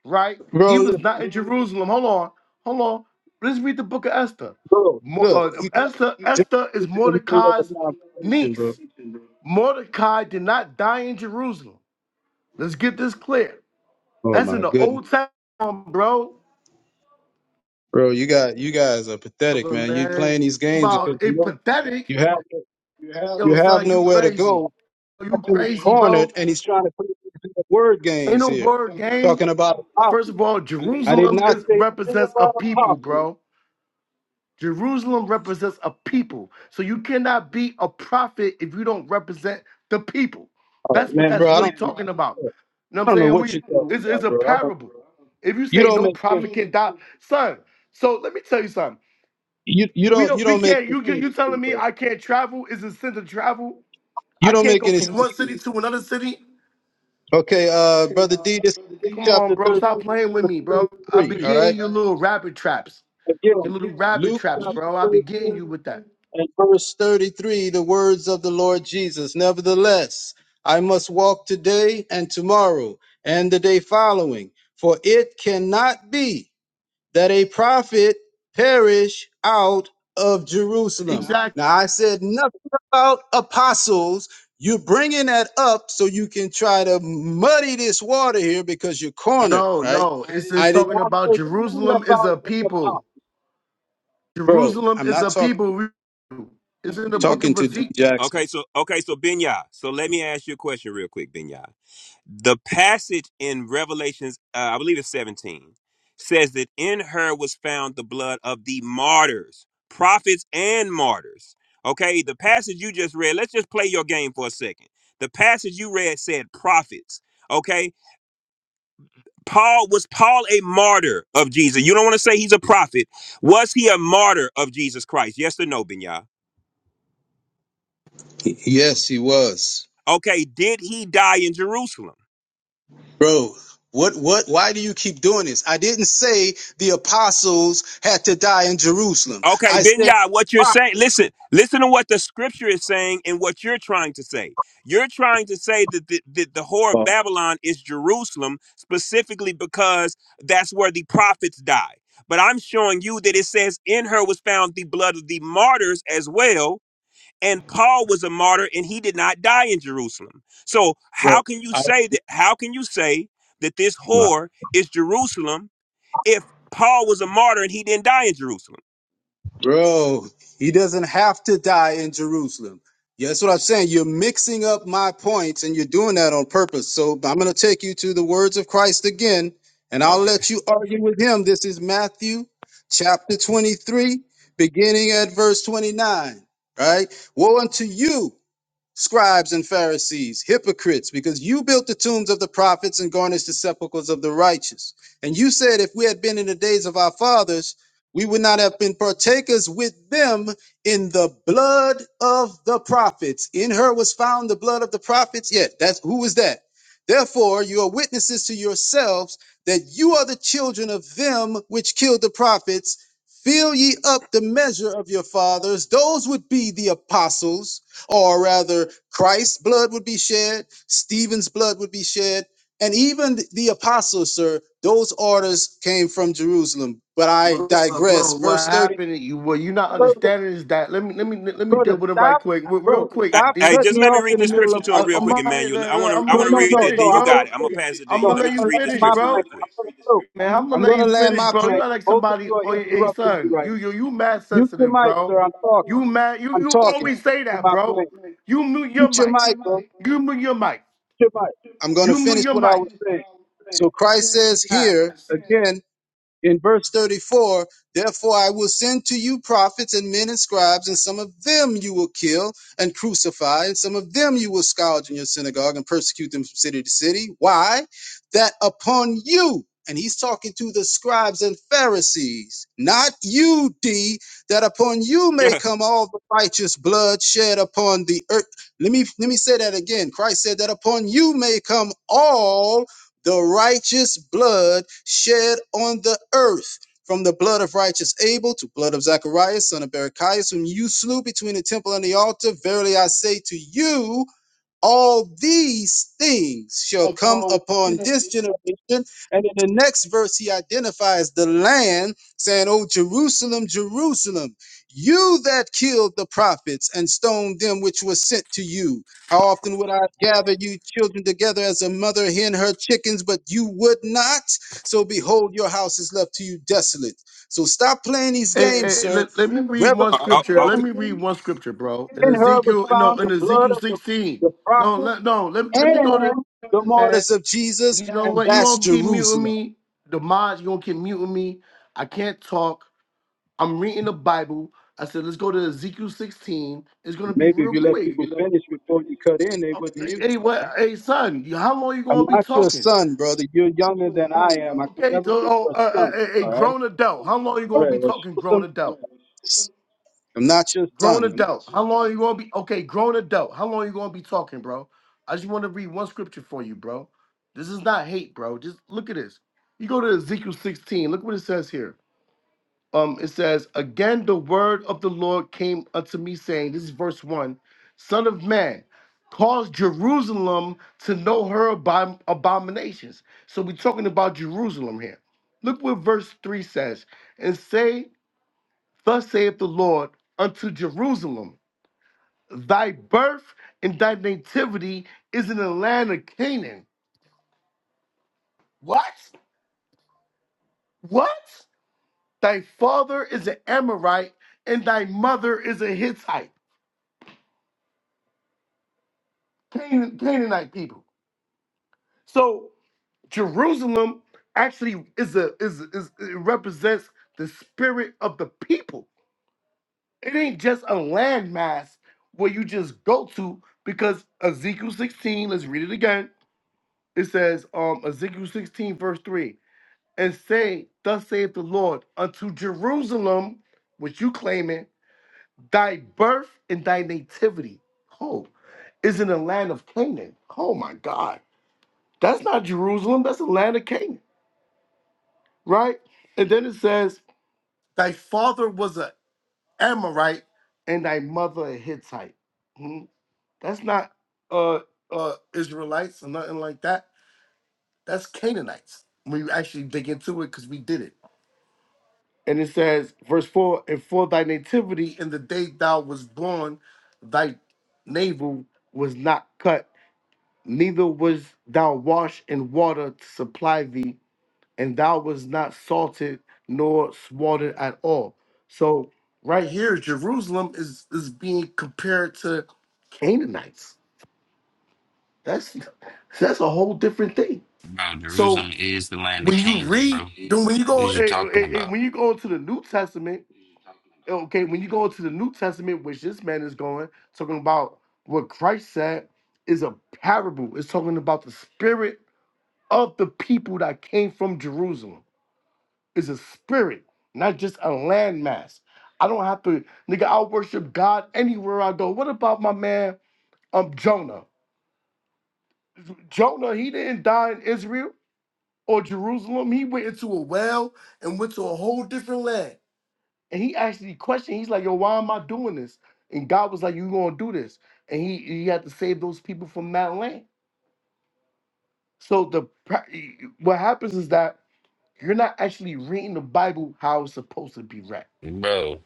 Speaker 29: right?
Speaker 25: bro.
Speaker 29: He was
Speaker 25: Look,
Speaker 29: not in Jerusalem. Hold on, hold on. Let's read the book of Esther.
Speaker 25: bro,
Speaker 29: Mo-
Speaker 25: look.
Speaker 29: uh,
Speaker 25: You got
Speaker 29: Esther,
Speaker 25: just
Speaker 29: Esther
Speaker 25: in
Speaker 29: is
Speaker 25: the middle of
Speaker 29: Mordecai's
Speaker 25: a conversation, bro.
Speaker 29: niece. Mordecai did not die in Jerusalem. Let's get this clear.
Speaker 25: Oh
Speaker 29: That's in
Speaker 25: my
Speaker 29: the
Speaker 25: goodness.
Speaker 29: Old Testament, bro.
Speaker 25: Bro, you got you guys are pathetic, man. You playing
Speaker 29: Man,
Speaker 25: these games because
Speaker 29: about
Speaker 25: you
Speaker 29: it
Speaker 25: know
Speaker 29: pathetic.
Speaker 25: You have you
Speaker 29: Yo,
Speaker 25: have
Speaker 29: son, you
Speaker 25: nowhere to
Speaker 29: crazy.
Speaker 25: go.
Speaker 29: You
Speaker 25: That's in the
Speaker 29: crazy, bro.
Speaker 25: and he's trying to put it into the word
Speaker 29: Ain't
Speaker 25: games
Speaker 29: no
Speaker 25: here,
Speaker 29: word game.
Speaker 25: talking about
Speaker 29: First
Speaker 25: apostle.
Speaker 29: of all,
Speaker 25: I did
Speaker 29: Jerusalem
Speaker 25: not
Speaker 29: is
Speaker 25: say anything
Speaker 29: represents a
Speaker 25: about
Speaker 29: people,
Speaker 25: apostle.
Speaker 29: bro. Jerusalem represents a people. So you cannot be a prophet if you don't represent the people.
Speaker 25: Oh
Speaker 29: That's what
Speaker 25: man,
Speaker 29: that's
Speaker 25: bro, I
Speaker 29: really
Speaker 25: don't think
Speaker 29: talking about.
Speaker 25: I
Speaker 29: You know what I'm
Speaker 25: don't know
Speaker 29: saying?
Speaker 25: what
Speaker 29: We
Speaker 25: you're talking
Speaker 29: it's, it's
Speaker 25: about,
Speaker 29: a
Speaker 25: bro. I don't,
Speaker 29: parable. If you
Speaker 25: you
Speaker 29: say
Speaker 25: don't
Speaker 29: no
Speaker 25: make sense.
Speaker 29: prophet can die, son. So let me tell you something.
Speaker 25: You you
Speaker 29: We
Speaker 25: don't you
Speaker 29: don't we
Speaker 25: don't make
Speaker 29: can't
Speaker 25: any
Speaker 29: you get
Speaker 25: sense
Speaker 29: you
Speaker 25: to me,
Speaker 29: telling me
Speaker 25: bro.
Speaker 29: I can't travel? Is it sin to travel?
Speaker 25: You
Speaker 29: I
Speaker 25: don't
Speaker 29: can't
Speaker 25: make
Speaker 29: go
Speaker 25: any sense
Speaker 29: from one
Speaker 25: to
Speaker 29: city
Speaker 25: me.
Speaker 29: to another city?
Speaker 25: Okay, uh, brother D, this is Luke
Speaker 29: Come on,
Speaker 25: chapter
Speaker 29: bro.
Speaker 25: 13,
Speaker 29: Stop playing with
Speaker 25: verse
Speaker 29: me, bro. I be
Speaker 25: 33. All right,
Speaker 29: getting your little rabbit traps. Your
Speaker 25: again,
Speaker 29: little rabbit
Speaker 25: Luke
Speaker 29: traps, bro. I
Speaker 25: chapter
Speaker 29: be getting
Speaker 25: 13.
Speaker 29: you with
Speaker 25: And verse 33, the words of the Lord Jesus. Nevertheless, I must walk today and tomorrow and the day following, for it cannot be that a prophet perish out of Jerusalem.
Speaker 29: that.
Speaker 25: Now, I said nothing about apostles. You're bringing that up so you can try to muddy this water here because you're cornered,
Speaker 29: No,
Speaker 25: right?
Speaker 29: no. It's, it's
Speaker 25: I did
Speaker 29: talking
Speaker 25: not say
Speaker 29: about
Speaker 25: anything
Speaker 29: Jerusalem is
Speaker 25: about
Speaker 29: a
Speaker 25: the apostles.
Speaker 29: people.
Speaker 25: Bro,
Speaker 29: Jerusalem
Speaker 25: I'm
Speaker 29: is
Speaker 25: not
Speaker 29: a
Speaker 25: talking
Speaker 29: people. It's in the book
Speaker 25: talking
Speaker 29: of
Speaker 25: to D
Speaker 29: Ezekiel.
Speaker 25: Jackson.
Speaker 30: Okay, so okay, so Binya. So let me ask you a question real quick, Binya. The passage in Revelations, uh, I believe it's 17, says that in her was found the blood of the martyrs, prophets and martyrs. Okay, the passage you just read, let's just play your game for a second. The passage you read said prophets. Okay, Paul was Paul a martyr of Jesus? You don't want to say he's a prophet. Was he a martyr of Jesus Christ? Yes or no, Binyah?
Speaker 25: Yes, he was.
Speaker 30: Okay, did he die in Jerusalem?
Speaker 25: Bro, what what why do you keep doing this? I didn't say the apostles had to die in Jerusalem.
Speaker 30: Okay,
Speaker 25: I said
Speaker 30: Benya, what you're saying, listen, listen to what the scripture is saying and what you're trying to say. You're trying to say that the, that the whore of Babylon is Jerusalem specifically because that's where the prophets die. But I'm showing you that it says in her was found the blood of the martyrs as well. And Paul was a martyr and he did not die in Jerusalem. So
Speaker 25: bro,
Speaker 30: how can you
Speaker 25: I,
Speaker 30: say that? How can you say that this
Speaker 25: my-
Speaker 30: whore is Jerusalem if Paul was a martyr and he didn't die in Jerusalem?
Speaker 25: bro, he doesn't have to die in Jerusalem. Yeah, that's what I'm saying. You're mixing up my points and you're doing that on purpose. So I'm going to take you to the words of Christ again and I'll
Speaker 30: Okay.
Speaker 25: let you argue with him. This is Matthew chapter 23 beginning at verse 29, right? Woe unto you scribes and Pharisees, hypocrites, because you built the tombs of the prophets and garnished the sepulchres of the righteous. And you said, if we had been in the days of our fathers, we would not have been partakers with them in the blood of the prophets. In her was found the blood of the prophets. Yet, that's who is that? Therefore, you are witnesses to yourselves that you are the children of them which killed the prophets. Fill ye up the measure of your fathers. Those would be the apostles or rather Christ's blood would be shed, Stephen's blood would be shed, and even the apostles, sir, those orders came from Jerusalem. But I
Speaker 29: Uh,
Speaker 25: digress.
Speaker 29: bro, what
Speaker 25: Verse 30.
Speaker 29: happened? You what you not
Speaker 25: Brother,
Speaker 29: understanding is that let me let me let me deal
Speaker 25: brother,
Speaker 29: with it right
Speaker 25: stop,
Speaker 29: quick, Re- real
Speaker 25: bro,
Speaker 30: Hey,
Speaker 29: quick,
Speaker 25: stop
Speaker 30: hey,
Speaker 29: D.
Speaker 30: just
Speaker 25: cutting me
Speaker 30: let me
Speaker 25: off
Speaker 30: read
Speaker 25: in the
Speaker 30: this
Speaker 25: middle
Speaker 30: scripture
Speaker 25: of
Speaker 30: to
Speaker 25: my
Speaker 30: him
Speaker 29: I,
Speaker 30: real
Speaker 29: I'm
Speaker 30: quick,
Speaker 25: speech.
Speaker 30: Emmanuel. I want to, I
Speaker 29: gonna
Speaker 25: No,
Speaker 30: want
Speaker 29: let
Speaker 30: to
Speaker 29: you
Speaker 25: no,
Speaker 30: read
Speaker 25: no,
Speaker 30: it.
Speaker 29: finish,
Speaker 25: no.
Speaker 30: Then you
Speaker 25: I'm
Speaker 30: got
Speaker 25: gonna
Speaker 29: bro.
Speaker 30: it. I'm gonna
Speaker 25: finish.
Speaker 30: pass it to
Speaker 29: I'm
Speaker 30: you.
Speaker 25: No,
Speaker 29: gonna
Speaker 30: Let me
Speaker 29: let
Speaker 25: I'm
Speaker 30: just
Speaker 29: you
Speaker 25: gonna
Speaker 30: read this
Speaker 25: land
Speaker 29: finish,
Speaker 25: my
Speaker 30: scripture
Speaker 29: bro.
Speaker 30: real
Speaker 25: plane.
Speaker 30: quick.
Speaker 25: I'm gonna go.
Speaker 29: Man, I'm gonna
Speaker 25: I'm
Speaker 29: let
Speaker 25: gonna
Speaker 29: you
Speaker 25: land
Speaker 29: finish,
Speaker 25: my
Speaker 29: bro.
Speaker 25: plane.
Speaker 29: You are like
Speaker 25: Both of
Speaker 29: somebody
Speaker 25: you are
Speaker 29: or your hey,
Speaker 25: interrupting me
Speaker 29: son.
Speaker 25: right
Speaker 29: You
Speaker 25: now.
Speaker 29: you you mad
Speaker 25: Mute your
Speaker 29: sensitive,
Speaker 25: mic,
Speaker 29: bro.
Speaker 25: sir. I'm talking.
Speaker 29: You mad. You
Speaker 25: I'm
Speaker 29: you
Speaker 25: talking
Speaker 29: always say
Speaker 25: on
Speaker 29: that,
Speaker 25: my
Speaker 29: bro.
Speaker 25: plane.
Speaker 29: You mute your
Speaker 25: Mute your
Speaker 29: mic.
Speaker 25: mic, bro.
Speaker 29: You mute your mic.
Speaker 25: Shemite. I'm going to
Speaker 29: You mute
Speaker 25: finish
Speaker 29: your
Speaker 25: what I
Speaker 29: mic.
Speaker 25: was saying. So Christ says here
Speaker 29: Scat.
Speaker 25: again, in verse 34 therefore i will send to you prophets and men and scribes and some of them you will kill and crucify and some of them you will scourge in your synagogue and persecute them from city to city why that upon you and he's talking to the scribes and pharisees not you d that upon you may come all the righteous blood shed upon the earth let me let me say that again christ said that upon you may come all the righteous blood shed on the earth, from the blood of righteous Abel to blood of Zacharias, son of Berechias, whom you slew between the temple and the altar. Verily I say to you, all these things shall come upon this generation. And in the next verse, he identifies the land, saying, "O Jerusalem, Jerusalem, you that killed the prophets and stoned them which were sent to you. How often would I gather you children together as a mother hen her chickens, but you would not? So behold, your house is left to you desolate. So stop playing
Speaker 29: Hey,
Speaker 25: these games,
Speaker 29: hey,
Speaker 25: sir.
Speaker 29: let, let me read
Speaker 25: Revelation
Speaker 30: <laughs>
Speaker 29: one
Speaker 30: oh, oh,
Speaker 29: scripture.
Speaker 30: okay,
Speaker 29: Let me read
Speaker 25: 17,
Speaker 29: one scripture, bro. In
Speaker 25: in her was
Speaker 29: Ezekiel, no,
Speaker 25: found the
Speaker 29: in
Speaker 25: blood
Speaker 29: Ezekiel
Speaker 25: of the,
Speaker 29: 16.
Speaker 25: the
Speaker 29: No,
Speaker 25: prophets
Speaker 29: let, no, let, let me go to,
Speaker 25: and the
Speaker 29: man.
Speaker 25: martyrs of Jesus,
Speaker 29: You know
Speaker 25: and
Speaker 29: what? you
Speaker 25: that's
Speaker 29: going to keep muting
Speaker 25: Jerusalem.
Speaker 29: me. The mods, you going to keep muting me. I can't talk. I'm reading the Bible. I said, let's go to Ezekiel 16. It's going to be
Speaker 25: Maybe if
Speaker 29: real
Speaker 25: you let
Speaker 29: quick.
Speaker 25: people finish before you cut in, they wouldn't mute
Speaker 29: Hey,
Speaker 25: you,
Speaker 29: what?
Speaker 25: right?
Speaker 29: Hey, son, how long you going
Speaker 25: I'm
Speaker 29: to be
Speaker 25: not your
Speaker 29: talking?
Speaker 25: son, brother. You're younger than I am. I could
Speaker 29: Okay,
Speaker 25: never
Speaker 29: so
Speaker 25: be
Speaker 29: oh,
Speaker 25: your
Speaker 29: uh,
Speaker 25: son,
Speaker 29: a, a a
Speaker 25: all right?
Speaker 29: grown adult. How long you
Speaker 25: All
Speaker 29: gonna
Speaker 25: right,
Speaker 29: be
Speaker 25: well,
Speaker 29: talking grown
Speaker 25: show
Speaker 29: adult?
Speaker 25: some. I'm not your
Speaker 29: Grown
Speaker 25: son,
Speaker 29: adult. How long you gonna be? Okay, grown adult. How long you gonna be talking, bro? I just want to read one scripture for you, bro. This is not hate, bro. Just look at this. You go to Ezekiel 16. Look what it says here um, it says, Again, the word of the Lord came unto me, saying, This is verse 1 Son of man, cause Jerusalem to know her abom- abominations. So we're talking about Jerusalem here. Look what verse 3 says. And say, Thus saith the Lord unto Jerusalem, Thy birth and thy nativity is in the land of Canaan. What? What? Thy father is an Amorite, and thy mother is a Hittite. Canaan, Canaanite people. So Jerusalem actually is a is is it represents the spirit of the people. It ain't just a landmass where you just go to because Ezekiel 16, let's read it again. It says, um, Ezekiel 16, verse 3, and say, Thus saith the Lord, unto Jerusalem, which you claiming, thy birth and thy nativity. Oh, is in the land of Canaan. Oh my God. That's not Jerusalem. That's the land of Canaan, right? And then it says, "Thy father was an Amorite, and thy mother a Hittite." Hmm? That's not uh, uh, Israelites or nothing like that. That's Canaanites. We actually dig into it, because we did it. And it says, verse four: "And for thy nativity in the day thou was born, thy navel was not cut, neither was thou washed in water to supply thee." and thou was not salted nor slaughtered at all. So right here, Jerusalem is is being compared to Canaanites. That's that's a whole different thing.
Speaker 20: Bro,
Speaker 29: So
Speaker 20: Jerusalem is the land of
Speaker 29: when you
Speaker 20: Canaan,
Speaker 29: read,
Speaker 20: bro.
Speaker 29: then when you
Speaker 20: What
Speaker 29: go,
Speaker 20: is you
Speaker 29: eh,
Speaker 20: talking
Speaker 29: eh, eh,
Speaker 20: about?
Speaker 29: when you go into the New Testament, okay, when you go into the New Testament, which this man is going, talking about what Christ said is a parable. It's talking about the spirit of the people that came from Jerusalem is a spirit, not just a landmass. I don't have to, nigga, i worship God anywhere I go. What about my man um Jonah? Jonah, he didn't die in Israel or Jerusalem. He went into a well and went to a whole different land. And he actually questioned, he's like, yo, why am I doing this? And God was like, you gonna do this. And he, he had to save those people from that land. So the pra- what happens is that you're not actually reading the Bible how it's supposed to be read
Speaker 20: Bro.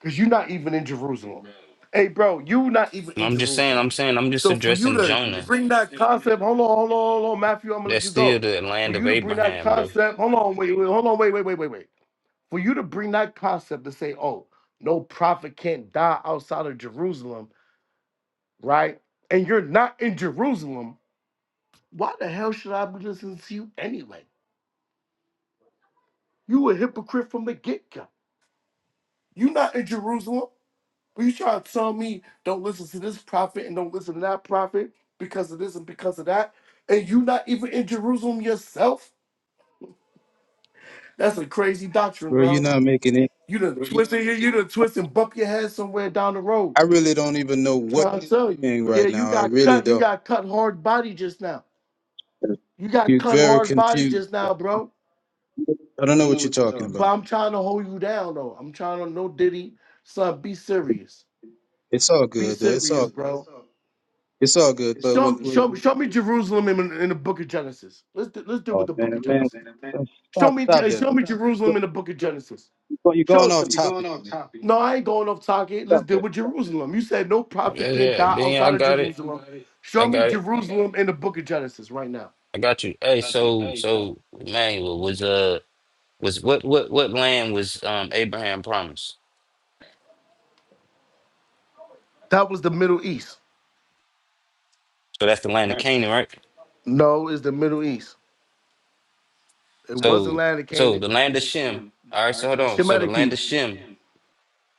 Speaker 29: Because you're not even in Jerusalem. Hey, bro, you not even
Speaker 20: And
Speaker 29: in
Speaker 20: I'm just saying,
Speaker 29: Jerusalem.
Speaker 20: I'm saying, I'm just
Speaker 29: So for you
Speaker 20: addressing
Speaker 29: to You just-
Speaker 20: Jonah.
Speaker 29: bring that concept, hold on, hold on, hold on, Matthew, I'm gonna let
Speaker 20: That's
Speaker 29: you
Speaker 20: still
Speaker 29: go.
Speaker 20: the
Speaker 29: For
Speaker 20: land of
Speaker 29: you to bring that
Speaker 20: Abraham, bro.
Speaker 29: concept, hold on, wait, wait, hold on, wait, wait, wait, wait, wait. For you to bring that concept to say, oh, no prophet can't die outside of Jerusalem, right? And you're not in Jerusalem, why the hell should I be listening to you anyway? You a hypocrite from the get-go. You not in Jerusalem. Well, you trying to tell me don't listen to this prophet and don't listen to that prophet because of this and because of that, and you not even in Jerusalem yourself? That's a crazy doctrine,
Speaker 25: bro. You're
Speaker 29: bro.
Speaker 25: not making it.
Speaker 29: You done twisted here, you done twist and bump your head somewhere down the road.
Speaker 25: I really don't even know what you're
Speaker 29: Trying to tell you.
Speaker 25: saying
Speaker 29: Yeah,
Speaker 25: right
Speaker 29: you
Speaker 25: now. I
Speaker 29: got
Speaker 25: really
Speaker 29: cut, you
Speaker 25: don't.
Speaker 29: got cut hard body just now. You got
Speaker 25: You're
Speaker 29: cut
Speaker 25: very
Speaker 29: hard body
Speaker 25: confused.
Speaker 29: just now, bro.
Speaker 25: I don't
Speaker 29: I
Speaker 25: know
Speaker 29: don't
Speaker 25: what
Speaker 29: know
Speaker 25: you're
Speaker 29: what you're
Speaker 25: talking
Speaker 29: talking. But
Speaker 25: about.
Speaker 29: I'm trying to hold you down though. I'm trying to no diddy. Son, be serious.
Speaker 25: It's all
Speaker 29: Be
Speaker 25: good, though. It's
Speaker 29: serious,
Speaker 25: all
Speaker 29: bro.
Speaker 25: it's all good. But with,
Speaker 29: Show,
Speaker 25: with
Speaker 29: show, show me Jerusalem in, in the Book of Genesis. Let's do, let's do it
Speaker 25: Oh
Speaker 29: with the Book
Speaker 25: man,
Speaker 29: of
Speaker 25: man,
Speaker 29: Genesis. Show
Speaker 25: stop,
Speaker 29: me,
Speaker 25: stop
Speaker 29: uh,
Speaker 25: that.
Speaker 29: show
Speaker 25: But
Speaker 29: me
Speaker 25: go,
Speaker 29: Jerusalem in the Book of Genesis.
Speaker 25: go- you're
Speaker 29: Show
Speaker 25: going
Speaker 29: it to
Speaker 25: off
Speaker 29: me.
Speaker 25: topic. Man.
Speaker 29: No, I ain't going off target. Let's
Speaker 25: Stop
Speaker 29: deal
Speaker 25: that.
Speaker 29: with Jerusalem. You said no
Speaker 20: Yeah,
Speaker 29: prophet can
Speaker 20: yeah,
Speaker 29: die
Speaker 20: Ben, I
Speaker 29: outside of
Speaker 20: got it.
Speaker 29: Jerusalem.
Speaker 20: I
Speaker 29: Show me
Speaker 20: got it.
Speaker 29: Jerusalem in the Book of Genesis right now.
Speaker 20: I got you. Hey, so so Emmanuel was uh was what what what land was um Abraham promised?
Speaker 29: That was the Middle East.
Speaker 20: So that's the land of Canaan, right?
Speaker 29: No, it's the Middle East. It wasn't
Speaker 20: So
Speaker 29: land of
Speaker 20: so
Speaker 29: Canaan.
Speaker 20: the land of Shem. All right, so hold on. So the
Speaker 29: Shemitic
Speaker 20: land of
Speaker 29: people.
Speaker 20: Shem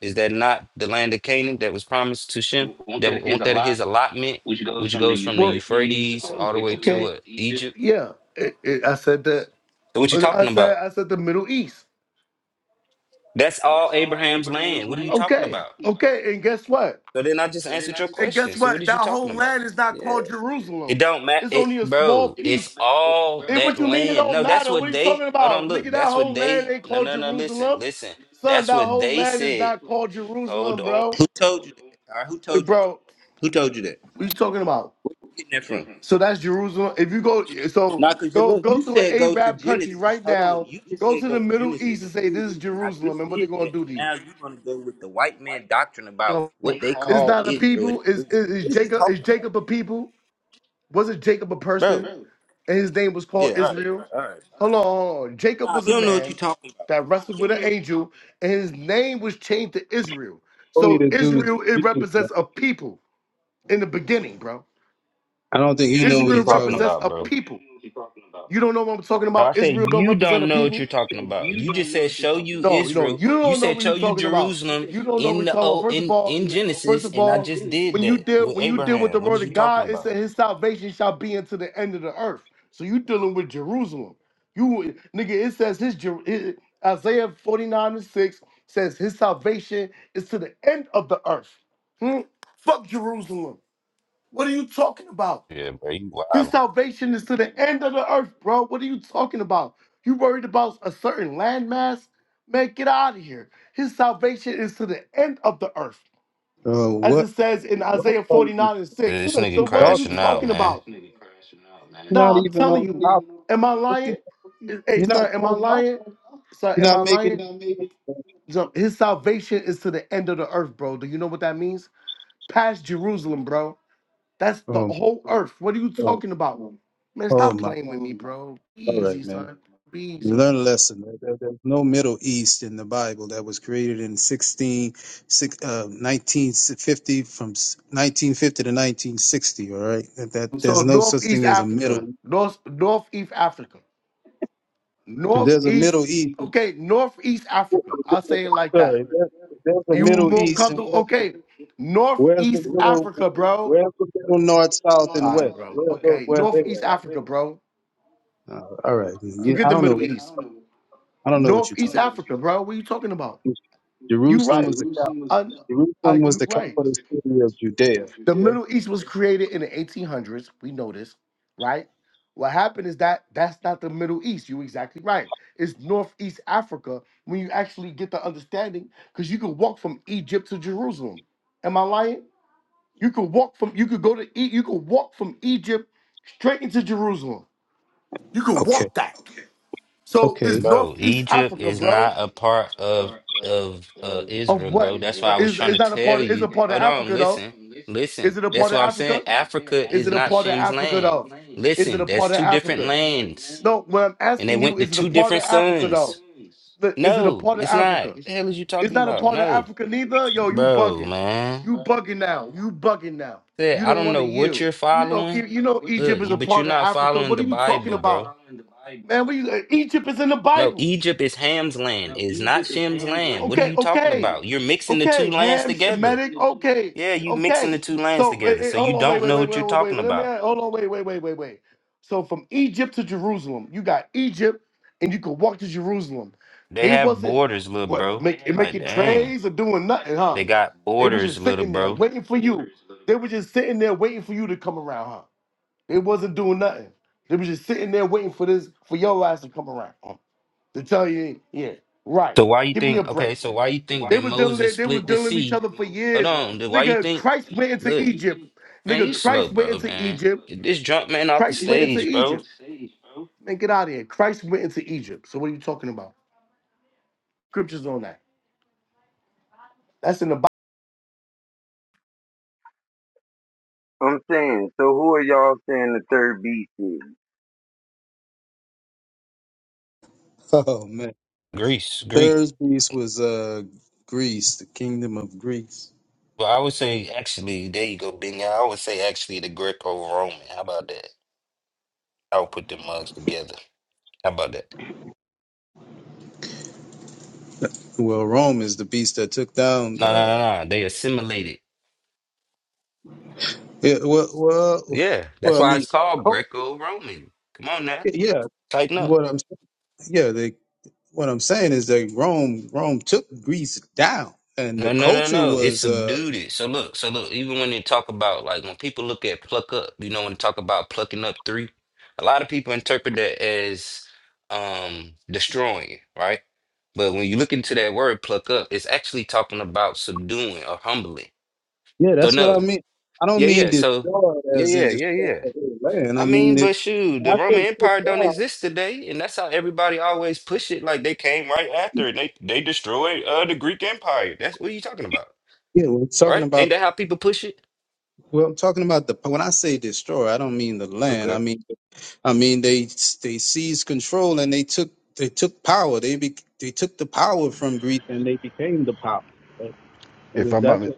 Speaker 20: is that not the land of Canaan that was promised to Shem? That won't that his allotment, which goes from the
Speaker 29: Well,
Speaker 20: Euphrates all the way to
Speaker 29: okay,
Speaker 20: uh, Egypt.
Speaker 29: yeah. It, it, I said that.
Speaker 20: So what you
Speaker 29: I
Speaker 20: talking
Speaker 29: said
Speaker 20: about?
Speaker 29: I said the Middle East.
Speaker 20: That's all Abraham's land. What are you talking
Speaker 29: Okay,
Speaker 20: about?
Speaker 29: okay. And guess what?
Speaker 20: So then I just answered your
Speaker 29: And
Speaker 20: question.
Speaker 29: guess
Speaker 20: So what
Speaker 29: what?
Speaker 20: is you
Speaker 29: That
Speaker 20: talking
Speaker 29: whole
Speaker 20: about?
Speaker 29: land is not called
Speaker 20: It
Speaker 29: Jerusalem.
Speaker 20: don't matter,
Speaker 29: It's
Speaker 20: it,
Speaker 29: only a small it
Speaker 20: bro. It's
Speaker 29: piece.
Speaker 20: all
Speaker 29: Hey,
Speaker 20: that
Speaker 29: what you mean it
Speaker 20: land.
Speaker 29: don't
Speaker 20: No, that's
Speaker 29: matter? What
Speaker 20: what
Speaker 29: are you
Speaker 20: they.
Speaker 29: talking
Speaker 20: Hold on,
Speaker 29: about? Nigga,
Speaker 20: look.
Speaker 29: that
Speaker 20: That's
Speaker 29: whole
Speaker 20: what
Speaker 29: land
Speaker 20: they.
Speaker 29: ain't
Speaker 20: No,
Speaker 29: called
Speaker 20: no, no. Listen,
Speaker 29: Jerusalem.
Speaker 20: listen.
Speaker 29: Son,
Speaker 20: That's
Speaker 29: that
Speaker 20: what
Speaker 29: whole
Speaker 20: they
Speaker 29: land is
Speaker 20: said.
Speaker 29: not called
Speaker 20: Hold
Speaker 29: Jerusalem,
Speaker 20: on.
Speaker 29: bro.
Speaker 20: Who told you that? All right, who
Speaker 29: Hey,
Speaker 20: told you that?
Speaker 29: bro,
Speaker 20: Who told you that? Where
Speaker 29: what you talking about?
Speaker 20: Getting that from?
Speaker 29: So that's Jerusalem. If you go, so
Speaker 20: Not because you
Speaker 29: go
Speaker 20: look.
Speaker 29: go
Speaker 20: You
Speaker 29: to an
Speaker 20: said go to
Speaker 29: Arab country
Speaker 20: Genesis.
Speaker 29: right
Speaker 20: Hold on.
Speaker 29: now.
Speaker 20: You just
Speaker 29: Go
Speaker 20: said
Speaker 29: to
Speaker 20: go
Speaker 29: the
Speaker 20: to
Speaker 29: Middle
Speaker 20: Genesis
Speaker 29: East
Speaker 20: and
Speaker 29: and say
Speaker 20: prove
Speaker 29: this is
Speaker 20: it, and I
Speaker 29: Jerusalem,
Speaker 20: just
Speaker 29: and what
Speaker 20: did
Speaker 29: they're gonna
Speaker 20: that.
Speaker 29: do
Speaker 20: And
Speaker 29: to you?
Speaker 20: now you're gonna go with the white man doctrine about
Speaker 29: Come
Speaker 20: what
Speaker 29: on.
Speaker 20: they
Speaker 29: It's
Speaker 20: call
Speaker 29: not a
Speaker 20: Israel. and
Speaker 29: people. Is is
Speaker 20: Jerusalem.
Speaker 29: is
Speaker 20: What are you
Speaker 29: Jacob? Is
Speaker 20: talking about,
Speaker 29: Jacob a people? Was it Jacob a
Speaker 20: bro?
Speaker 29: person? And his name was
Speaker 20: Yeah.
Speaker 29: called
Speaker 20: All right.
Speaker 29: Israel.
Speaker 20: All right.
Speaker 29: Hold on, hold on. Jacob
Speaker 20: Nah,
Speaker 29: was
Speaker 20: you
Speaker 29: a
Speaker 20: don't know what you're
Speaker 29: man
Speaker 20: talking about.
Speaker 29: that wrestled with an angel, and his name was changed to Israel.
Speaker 25: All you
Speaker 29: So
Speaker 25: to do is
Speaker 29: Israel it
Speaker 25: speaking. Man.
Speaker 29: represents a people in the beginning, bro.
Speaker 25: I don't think
Speaker 20: You
Speaker 25: he
Speaker 20: don't know
Speaker 25: know
Speaker 20: what
Speaker 25: what
Speaker 20: you're
Speaker 29: Israel
Speaker 25: he's talking
Speaker 20: talking
Speaker 25: about.
Speaker 29: represents
Speaker 20: about,
Speaker 29: a
Speaker 20: bro.
Speaker 29: people. You don't know what I'm talking
Speaker 20: No, I
Speaker 29: about.
Speaker 20: said
Speaker 29: Israel don't
Speaker 20: you
Speaker 29: represent
Speaker 20: don't
Speaker 29: a
Speaker 20: know what
Speaker 29: people.
Speaker 20: you're talking
Speaker 29: No,
Speaker 20: about.
Speaker 29: you
Speaker 20: You just said show you
Speaker 29: know,
Speaker 20: Israel.
Speaker 29: you
Speaker 20: You
Speaker 29: don't know
Speaker 20: said
Speaker 29: what you're
Speaker 20: show you
Speaker 29: talking about.
Speaker 20: Jerusalem
Speaker 29: You don't know what
Speaker 20: in
Speaker 29: you're
Speaker 20: the
Speaker 29: talking about.
Speaker 20: old
Speaker 29: First of
Speaker 20: in
Speaker 29: all,
Speaker 20: in
Speaker 29: first
Speaker 20: Genesis,
Speaker 29: of
Speaker 20: and I
Speaker 29: all,
Speaker 20: just did
Speaker 29: when you
Speaker 20: that
Speaker 29: deal
Speaker 20: with
Speaker 29: when you deal with the
Speaker 20: Abraham. What
Speaker 29: word
Speaker 20: is you
Speaker 29: of
Speaker 20: talking
Speaker 29: God, it
Speaker 20: about?
Speaker 29: said his salvation shall be unto the end of the earth. So you dealing with Jerusalem. You nigga, it says his Jer- it- Isaiah 49 and 6 says his salvation is to the end of the earth. Hmm? Fuck Jerusalem. What are you talking about?
Speaker 20: Yeah, bro, you
Speaker 29: His
Speaker 20: wild.
Speaker 29: salvation is to the end of the earth, bro. What are you talking about? You worried about a certain landmass? Man, get out of here. His salvation is to the end of the earth,
Speaker 25: Uh,
Speaker 29: as
Speaker 25: what?
Speaker 29: it says in
Speaker 25: What
Speaker 29: Isaiah
Speaker 25: are you,
Speaker 29: 49 and 6.
Speaker 25: what
Speaker 20: This
Speaker 25: are
Speaker 29: So
Speaker 20: nigga
Speaker 25: you
Speaker 29: what are you
Speaker 20: crashing
Speaker 25: talking
Speaker 20: out,
Speaker 25: about?
Speaker 29: talking
Speaker 20: man.
Speaker 29: about?
Speaker 25: You're not
Speaker 29: Nah, I'm
Speaker 25: even on
Speaker 29: telling
Speaker 25: topic.
Speaker 29: you. Am I
Speaker 25: What you?
Speaker 29: lying? Hey,
Speaker 25: You're not
Speaker 29: son, am I
Speaker 25: on topic.
Speaker 29: lying? Son,
Speaker 25: You're
Speaker 29: am I
Speaker 25: not making. any sense,
Speaker 29: lying?
Speaker 25: man.
Speaker 29: So His salvation is to the end of the earth, bro. Do you know what that means? Past Jerusalem, bro. That's the
Speaker 25: Um.
Speaker 29: whole earth. What are you
Speaker 25: Oh,
Speaker 29: talking about? Man,
Speaker 25: oh
Speaker 29: stop
Speaker 25: my.
Speaker 29: playing with me, bro. Be
Speaker 25: All right,
Speaker 29: easy,
Speaker 25: man.
Speaker 29: son. Be
Speaker 25: You
Speaker 29: easy.
Speaker 25: learn a lesson. There- there- There's no Middle East in the Bible that was created in 16, six, uh, 1950 from s- 1950 to 1960. All right, that, that
Speaker 29: So
Speaker 25: there's no such
Speaker 29: Northeast
Speaker 25: thing as a
Speaker 29: Africa.
Speaker 25: Middle.
Speaker 29: North Northeast Africa.
Speaker 25: If there's a
Speaker 29: Northeast.
Speaker 25: Middle East,
Speaker 29: Okay, Northeast Africa. I'll say it like that.
Speaker 25: sorry, if there- if there's a
Speaker 29: You
Speaker 25: Middle
Speaker 29: more
Speaker 25: East, and
Speaker 29: comfortable?
Speaker 25: where,
Speaker 29: Okay.
Speaker 25: where's the
Speaker 29: Northeast
Speaker 25: middle?
Speaker 29: Africa, bro.
Speaker 25: Where's the
Speaker 29: All
Speaker 25: middle North, South, and
Speaker 29: right,
Speaker 25: West?
Speaker 29: bro.
Speaker 25: Where are those?
Speaker 29: Okay.
Speaker 25: Where are they
Speaker 29: Northeast Africa, bro.
Speaker 25: at? Uh, all right, man. you,
Speaker 29: Forget
Speaker 25: I
Speaker 29: the
Speaker 25: don't know.
Speaker 29: Middle
Speaker 25: What,
Speaker 29: East.
Speaker 25: I don't know what you're talking.
Speaker 29: Northeast Africa, bro. What are you talking about? You're
Speaker 25: Jerusalem
Speaker 29: right.
Speaker 25: was the cap-
Speaker 29: Jerusalem was, I,
Speaker 25: Jerusalem
Speaker 29: I,
Speaker 25: was
Speaker 29: you're
Speaker 25: the
Speaker 29: right.
Speaker 25: capital city of Judea.
Speaker 29: The Middle East was created in the 1800s. We know this, right? What happened is that that's not the Middle East. You're exactly right. It's Northeast Africa when you actually get the understanding because you could walk from Egypt to Jerusalem. Am I lying? You could walk from you could go to E- you could walk from Egypt straight into Jerusalem. You could
Speaker 25: Okay.
Speaker 29: walk that. So
Speaker 25: Okay.
Speaker 29: it's
Speaker 25: <laughs>
Speaker 20: Bro,
Speaker 29: Northeast
Speaker 20: Egypt
Speaker 29: Africa,
Speaker 20: is not
Speaker 29: bro.
Speaker 20: a part of of uh
Speaker 29: Of
Speaker 20: Israel,
Speaker 29: what?
Speaker 20: bro. That's why
Speaker 29: Uh,
Speaker 20: I was
Speaker 29: Is
Speaker 20: trying
Speaker 29: is
Speaker 20: to
Speaker 29: not a
Speaker 20: tell
Speaker 29: part? Of, is a
Speaker 20: you.
Speaker 29: part of
Speaker 20: Hold on,
Speaker 29: Africa though?
Speaker 20: listen, listen.
Speaker 29: Is it a
Speaker 20: That's
Speaker 29: part of
Speaker 20: what I'm saying.
Speaker 29: Africa?
Speaker 20: Africa
Speaker 29: Is
Speaker 20: is
Speaker 29: it a
Speaker 20: not
Speaker 29: part of
Speaker 20: Shem's
Speaker 29: Africa
Speaker 20: land.
Speaker 29: though? Is it
Speaker 20: Listen,
Speaker 29: a
Speaker 20: that's
Speaker 29: part of
Speaker 20: two different
Speaker 29: Africa?
Speaker 20: lands.
Speaker 29: No, what I'm
Speaker 20: and they
Speaker 29: asking you
Speaker 20: went to
Speaker 29: is it a
Speaker 20: two
Speaker 29: part of
Speaker 20: different
Speaker 29: Africa though?
Speaker 20: sons.
Speaker 29: Look, Is it a
Speaker 20: No,
Speaker 29: part of
Speaker 20: it's not.
Speaker 29: Africa?
Speaker 20: The hell is you
Speaker 29: It's
Speaker 20: talking
Speaker 29: not a
Speaker 20: about?
Speaker 29: part of
Speaker 20: No,
Speaker 29: Africa neither. Yo, you
Speaker 20: bro,
Speaker 29: bugging.
Speaker 20: man.
Speaker 29: You bugging now. You bugging now.
Speaker 20: Said,
Speaker 29: You
Speaker 20: I
Speaker 29: don't
Speaker 20: don't
Speaker 29: want to
Speaker 20: know what
Speaker 29: yield.
Speaker 20: you're
Speaker 29: You know,
Speaker 20: following.
Speaker 29: you, you know, Egypt
Speaker 20: Look,
Speaker 29: is
Speaker 20: you,
Speaker 29: a
Speaker 20: but you're
Speaker 29: part of
Speaker 20: not
Speaker 29: Africa.
Speaker 20: following
Speaker 29: What
Speaker 20: the
Speaker 29: are you talking
Speaker 20: Bible, bro.
Speaker 29: about, man? What you, Egypt is in the
Speaker 20: No,
Speaker 29: Bible.
Speaker 20: Egypt is Ham's land. It's not Shem's land. What are
Speaker 29: Okay,
Speaker 20: you talking
Speaker 29: okay,
Speaker 20: about? You're mixing the two
Speaker 29: okay.
Speaker 20: lands
Speaker 29: Ham
Speaker 20: together.
Speaker 29: Shemitic. Okay,
Speaker 20: Yeah, you mixing the
Speaker 29: okay.
Speaker 20: two lands
Speaker 29: So
Speaker 20: together.
Speaker 29: eh, eh,
Speaker 20: So you
Speaker 29: hold on, wait,
Speaker 20: don't
Speaker 29: wait,
Speaker 20: know
Speaker 29: wait,
Speaker 20: what
Speaker 29: wait,
Speaker 20: you're
Speaker 29: wait, wait.
Speaker 20: talking
Speaker 29: wait, Let me
Speaker 20: about.
Speaker 29: add- hold on, wait, wait, wait, wait, wait. So from Egypt to Jerusalem, you got Egypt, and you could walk to Jerusalem.
Speaker 20: They
Speaker 29: They
Speaker 20: have
Speaker 29: wasn't
Speaker 20: borders, little
Speaker 29: what
Speaker 20: bro.
Speaker 29: make, They had
Speaker 20: Like,
Speaker 29: making borders.
Speaker 20: dang.
Speaker 29: trays or doing nothing, huh?
Speaker 20: They got
Speaker 29: They were
Speaker 20: borders,
Speaker 29: just
Speaker 20: little
Speaker 29: sitting there
Speaker 20: bro.
Speaker 29: waiting for you. They were just sitting there waiting for you to come around, huh? They wasn't doing nothing. They were just sitting there waiting for this for your ass to come around. To tell you, yeah, right.
Speaker 20: So why you
Speaker 29: Give me a
Speaker 20: think
Speaker 29: break,
Speaker 20: okay, so
Speaker 29: man.
Speaker 20: why you think
Speaker 29: They
Speaker 20: that
Speaker 29: was dealing, they,
Speaker 20: Moses
Speaker 29: they was
Speaker 20: split the
Speaker 29: dealing with each
Speaker 20: sea?
Speaker 29: other for
Speaker 20: Hold
Speaker 29: years.
Speaker 20: on, dude, why you
Speaker 29: Nigga,
Speaker 20: think
Speaker 29: Christ went into
Speaker 20: look,
Speaker 29: Egypt.
Speaker 20: man, you
Speaker 29: Nigga, Christ
Speaker 20: slow,
Speaker 29: went
Speaker 20: bro,
Speaker 29: into
Speaker 20: man.
Speaker 29: Egypt.
Speaker 20: Get this drunk man off the
Speaker 29: Christ went into
Speaker 20: stage, bro.
Speaker 29: Egypt. Man, get out of here. Christ went into Egypt. So what are you talking about? Scriptures on that. That's in the Bible.
Speaker 21: I'm saying, so who are y'all saying the third beast is?
Speaker 25: Oh man.
Speaker 20: Greece, Greek.
Speaker 25: Third beast was uh Greece, the kingdom of Greece.
Speaker 20: Well, I would say actually, there you go, Bingo. I would say actually the Greco Roman. How about that? I would put them mugs together. How about that?
Speaker 25: Well, Rome is the beast that took down
Speaker 20: No, no,
Speaker 25: the.
Speaker 20: no, no. They assimilated.
Speaker 25: Yeah, well, well,
Speaker 20: Yeah. That's
Speaker 25: well. I
Speaker 20: why
Speaker 25: mean,
Speaker 20: it's called
Speaker 25: co-
Speaker 20: Greco Roman. Come on now.
Speaker 25: yeah.
Speaker 20: Tighten up.
Speaker 25: What I'm yeah, they what I'm saying is that Rome Rome took Greece down, and the
Speaker 20: No, no, no,
Speaker 25: culture
Speaker 20: no. It's
Speaker 25: was uh
Speaker 20: subdued it. So look, so look, even when they talk about like when people look at pluck up, you know, when they talk about plucking up three, a lot of people interpret that as um destroying, it, right? But when you look into that word pluck up, it's actually talking about subduing or humbling.
Speaker 25: yeah.
Speaker 20: So
Speaker 25: That's what I
Speaker 20: no.
Speaker 25: mean. I don't
Speaker 20: Yeah,
Speaker 25: mean
Speaker 20: yeah. So
Speaker 25: destroyed
Speaker 20: yeah,
Speaker 25: as in
Speaker 20: yeah, yeah,
Speaker 25: destroyed
Speaker 20: yeah.
Speaker 25: the whole land.
Speaker 20: I
Speaker 25: I mean,
Speaker 20: mean,
Speaker 25: it,
Speaker 20: but shoot, the
Speaker 25: I
Speaker 20: Roman
Speaker 25: think took
Speaker 20: Empire don't
Speaker 25: down.
Speaker 20: exist today, and that's how everybody always push it. Like they came right after it. They they destroyed uh the Greek Empire. That's what are you talking about?
Speaker 25: Yeah, we're talking
Speaker 20: Right? Ain't
Speaker 25: about
Speaker 20: that how people push it?
Speaker 25: Well, I'm talking about the when I say destroy, I don't mean the land. I
Speaker 20: Okay.
Speaker 25: mean, I mean they they seized control and they took they took power. They be, they took the power from Greece and they became the power. That-
Speaker 31: if I'm not
Speaker 25: That's
Speaker 31: mi-
Speaker 25: what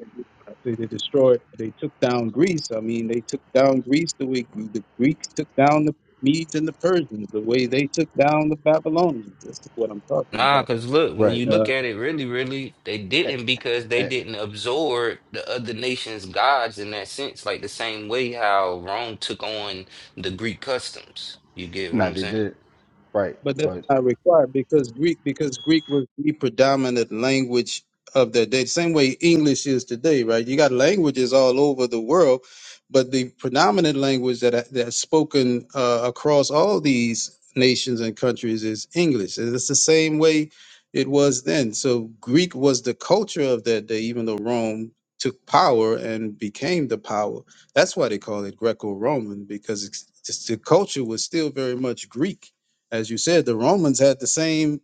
Speaker 25: I say they destroyed. They took down Greece. I mean, they took down Greece the way the Greeks took down the Medes and the Persians. The way they took down the Babylonians. This is what I'm talking
Speaker 20: Nah,
Speaker 25: about.
Speaker 20: because look, when
Speaker 31: right,
Speaker 20: you look at it, really, really, they
Speaker 31: eh,
Speaker 20: didn't because they
Speaker 31: eh,
Speaker 20: didn't absorb the other nation's gods in that sense, like the same way how Rome took on the Greek customs. You get what
Speaker 31: nah,
Speaker 20: I'm
Speaker 31: they
Speaker 20: saying?
Speaker 31: did it right,
Speaker 25: But that's
Speaker 31: but
Speaker 25: not required because Greek because Greek was the predominant language of that day. Same way English is today, right? You got languages all over the world, but the predominant language that that's spoken uh, across all these nations and countries is English, and it's the same way it was then. So Greek was the culture of that day, even though Rome took power and became the power. That's why they call it Greco-Roman because it's, it's, the culture was still very much Greek as you said, the Romans had the same.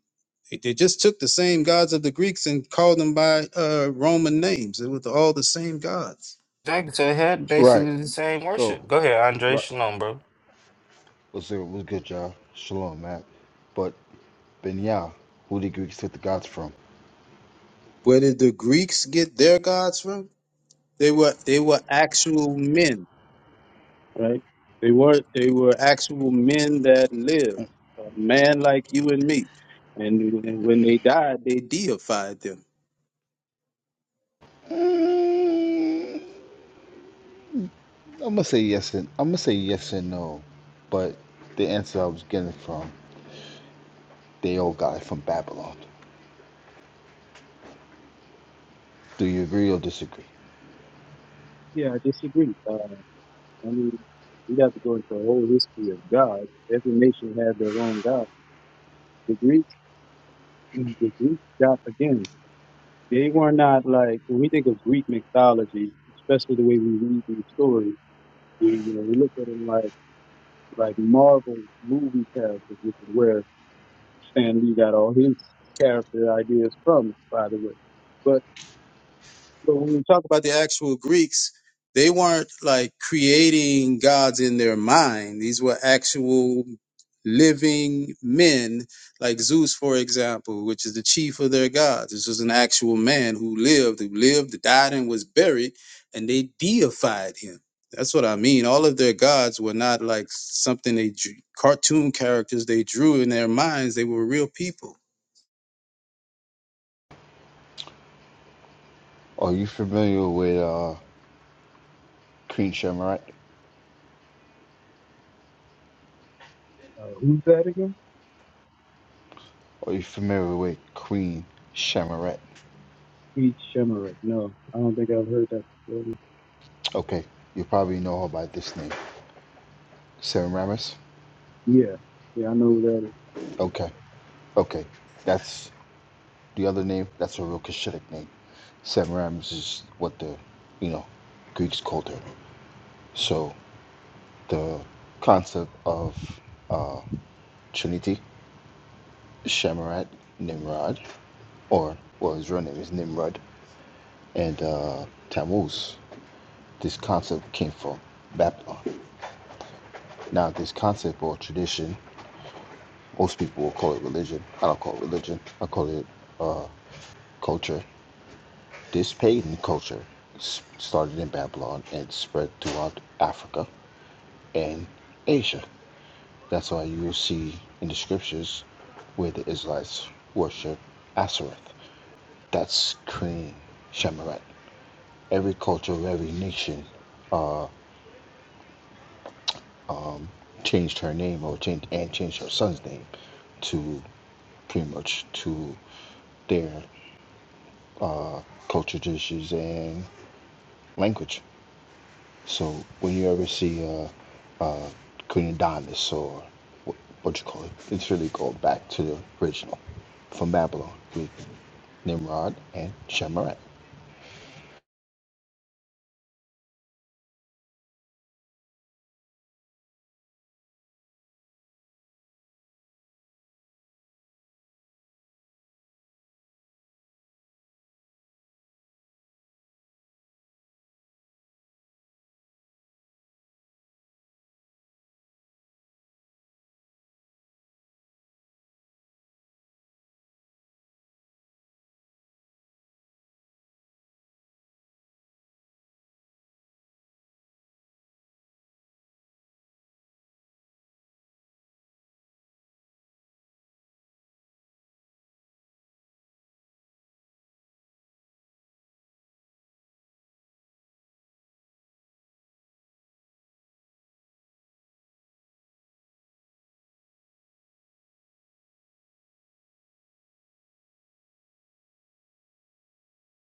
Speaker 25: They just took the same gods of the Greeks and called them by uh, Roman names. It was all the same gods.
Speaker 20: Exactly. So it had
Speaker 31: right.
Speaker 20: basically the same
Speaker 31: So
Speaker 20: worship. Go ahead, Andre.
Speaker 31: right,
Speaker 20: Shalom, bro.
Speaker 31: let's see. What's good, y'all? Shalom, Matt. But Ben Yah, who the Greeks took the gods from?
Speaker 25: Where did the Greeks get their gods from? They were they were actual men, right? They were they were actual men that lived, a man like you and me. And, and when they died, they deified them.
Speaker 31: Mm, I'm gonna say yes and I'm gonna say yes and no, but the answer I was getting from they all got it from Babylon. Do you agree or disagree?
Speaker 25: Yeah, I disagree. Uh, I mean, we have to go into a whole history of God. Every nation had their own God. The Greeks And the Greeks got again, they were not like when we think of Greek mythology, especially the way we read these stories, we you know, we look at them like like Marvel movie characters, which is where Stan Lee got all his character ideas from, by the way. So when we talk about the actual Greeks, they weren't like creating gods in their mind. These were actual living men, like Zeus, for example, which is the chief of their gods. This was an actual man who lived, who lived, died, and was buried, and they deified him. That's what I mean. All of their gods were not like something they drew, cartoon characters they drew in their minds. They were real people.
Speaker 31: Are you familiar with uh, Queen Shamaret?
Speaker 25: Uh, who's that again?
Speaker 31: Are you familiar with Queen Shamaret?
Speaker 25: Speech Shimmerer. No, I don't think I've heard that. before.
Speaker 31: Okay, you probably know her by this name, Sam Ramis.
Speaker 25: Yeah, yeah, I know who that. Is.
Speaker 31: Okay, okay, that's the other name. That's a real Cushitic name. Sam Ramis is what the, you know, Greeks called her. So the concept of uh, Trinity, Shamarat, Nimrod, or well, his real name is Nimrod, and uh, Tammuz. This concept came from Babylon. Now, this concept or tradition, most people will call it religion. I don't call it religion. I call it uh, culture, this pagan culture, started in Babylon and spread throughout Africa and Asia. That's why you will see in the scriptures where the Israelites worship Ashereth. That's clean Shemarite. Every culture, every nation uh, changed her name or changed and changed her son's name to pretty much to their uh, culture, traditions, and language. So when you ever see uh, uh, Queen Adonis or what, what you call it, it's really going back to the original from Babylon with Nimrod and Shemarath.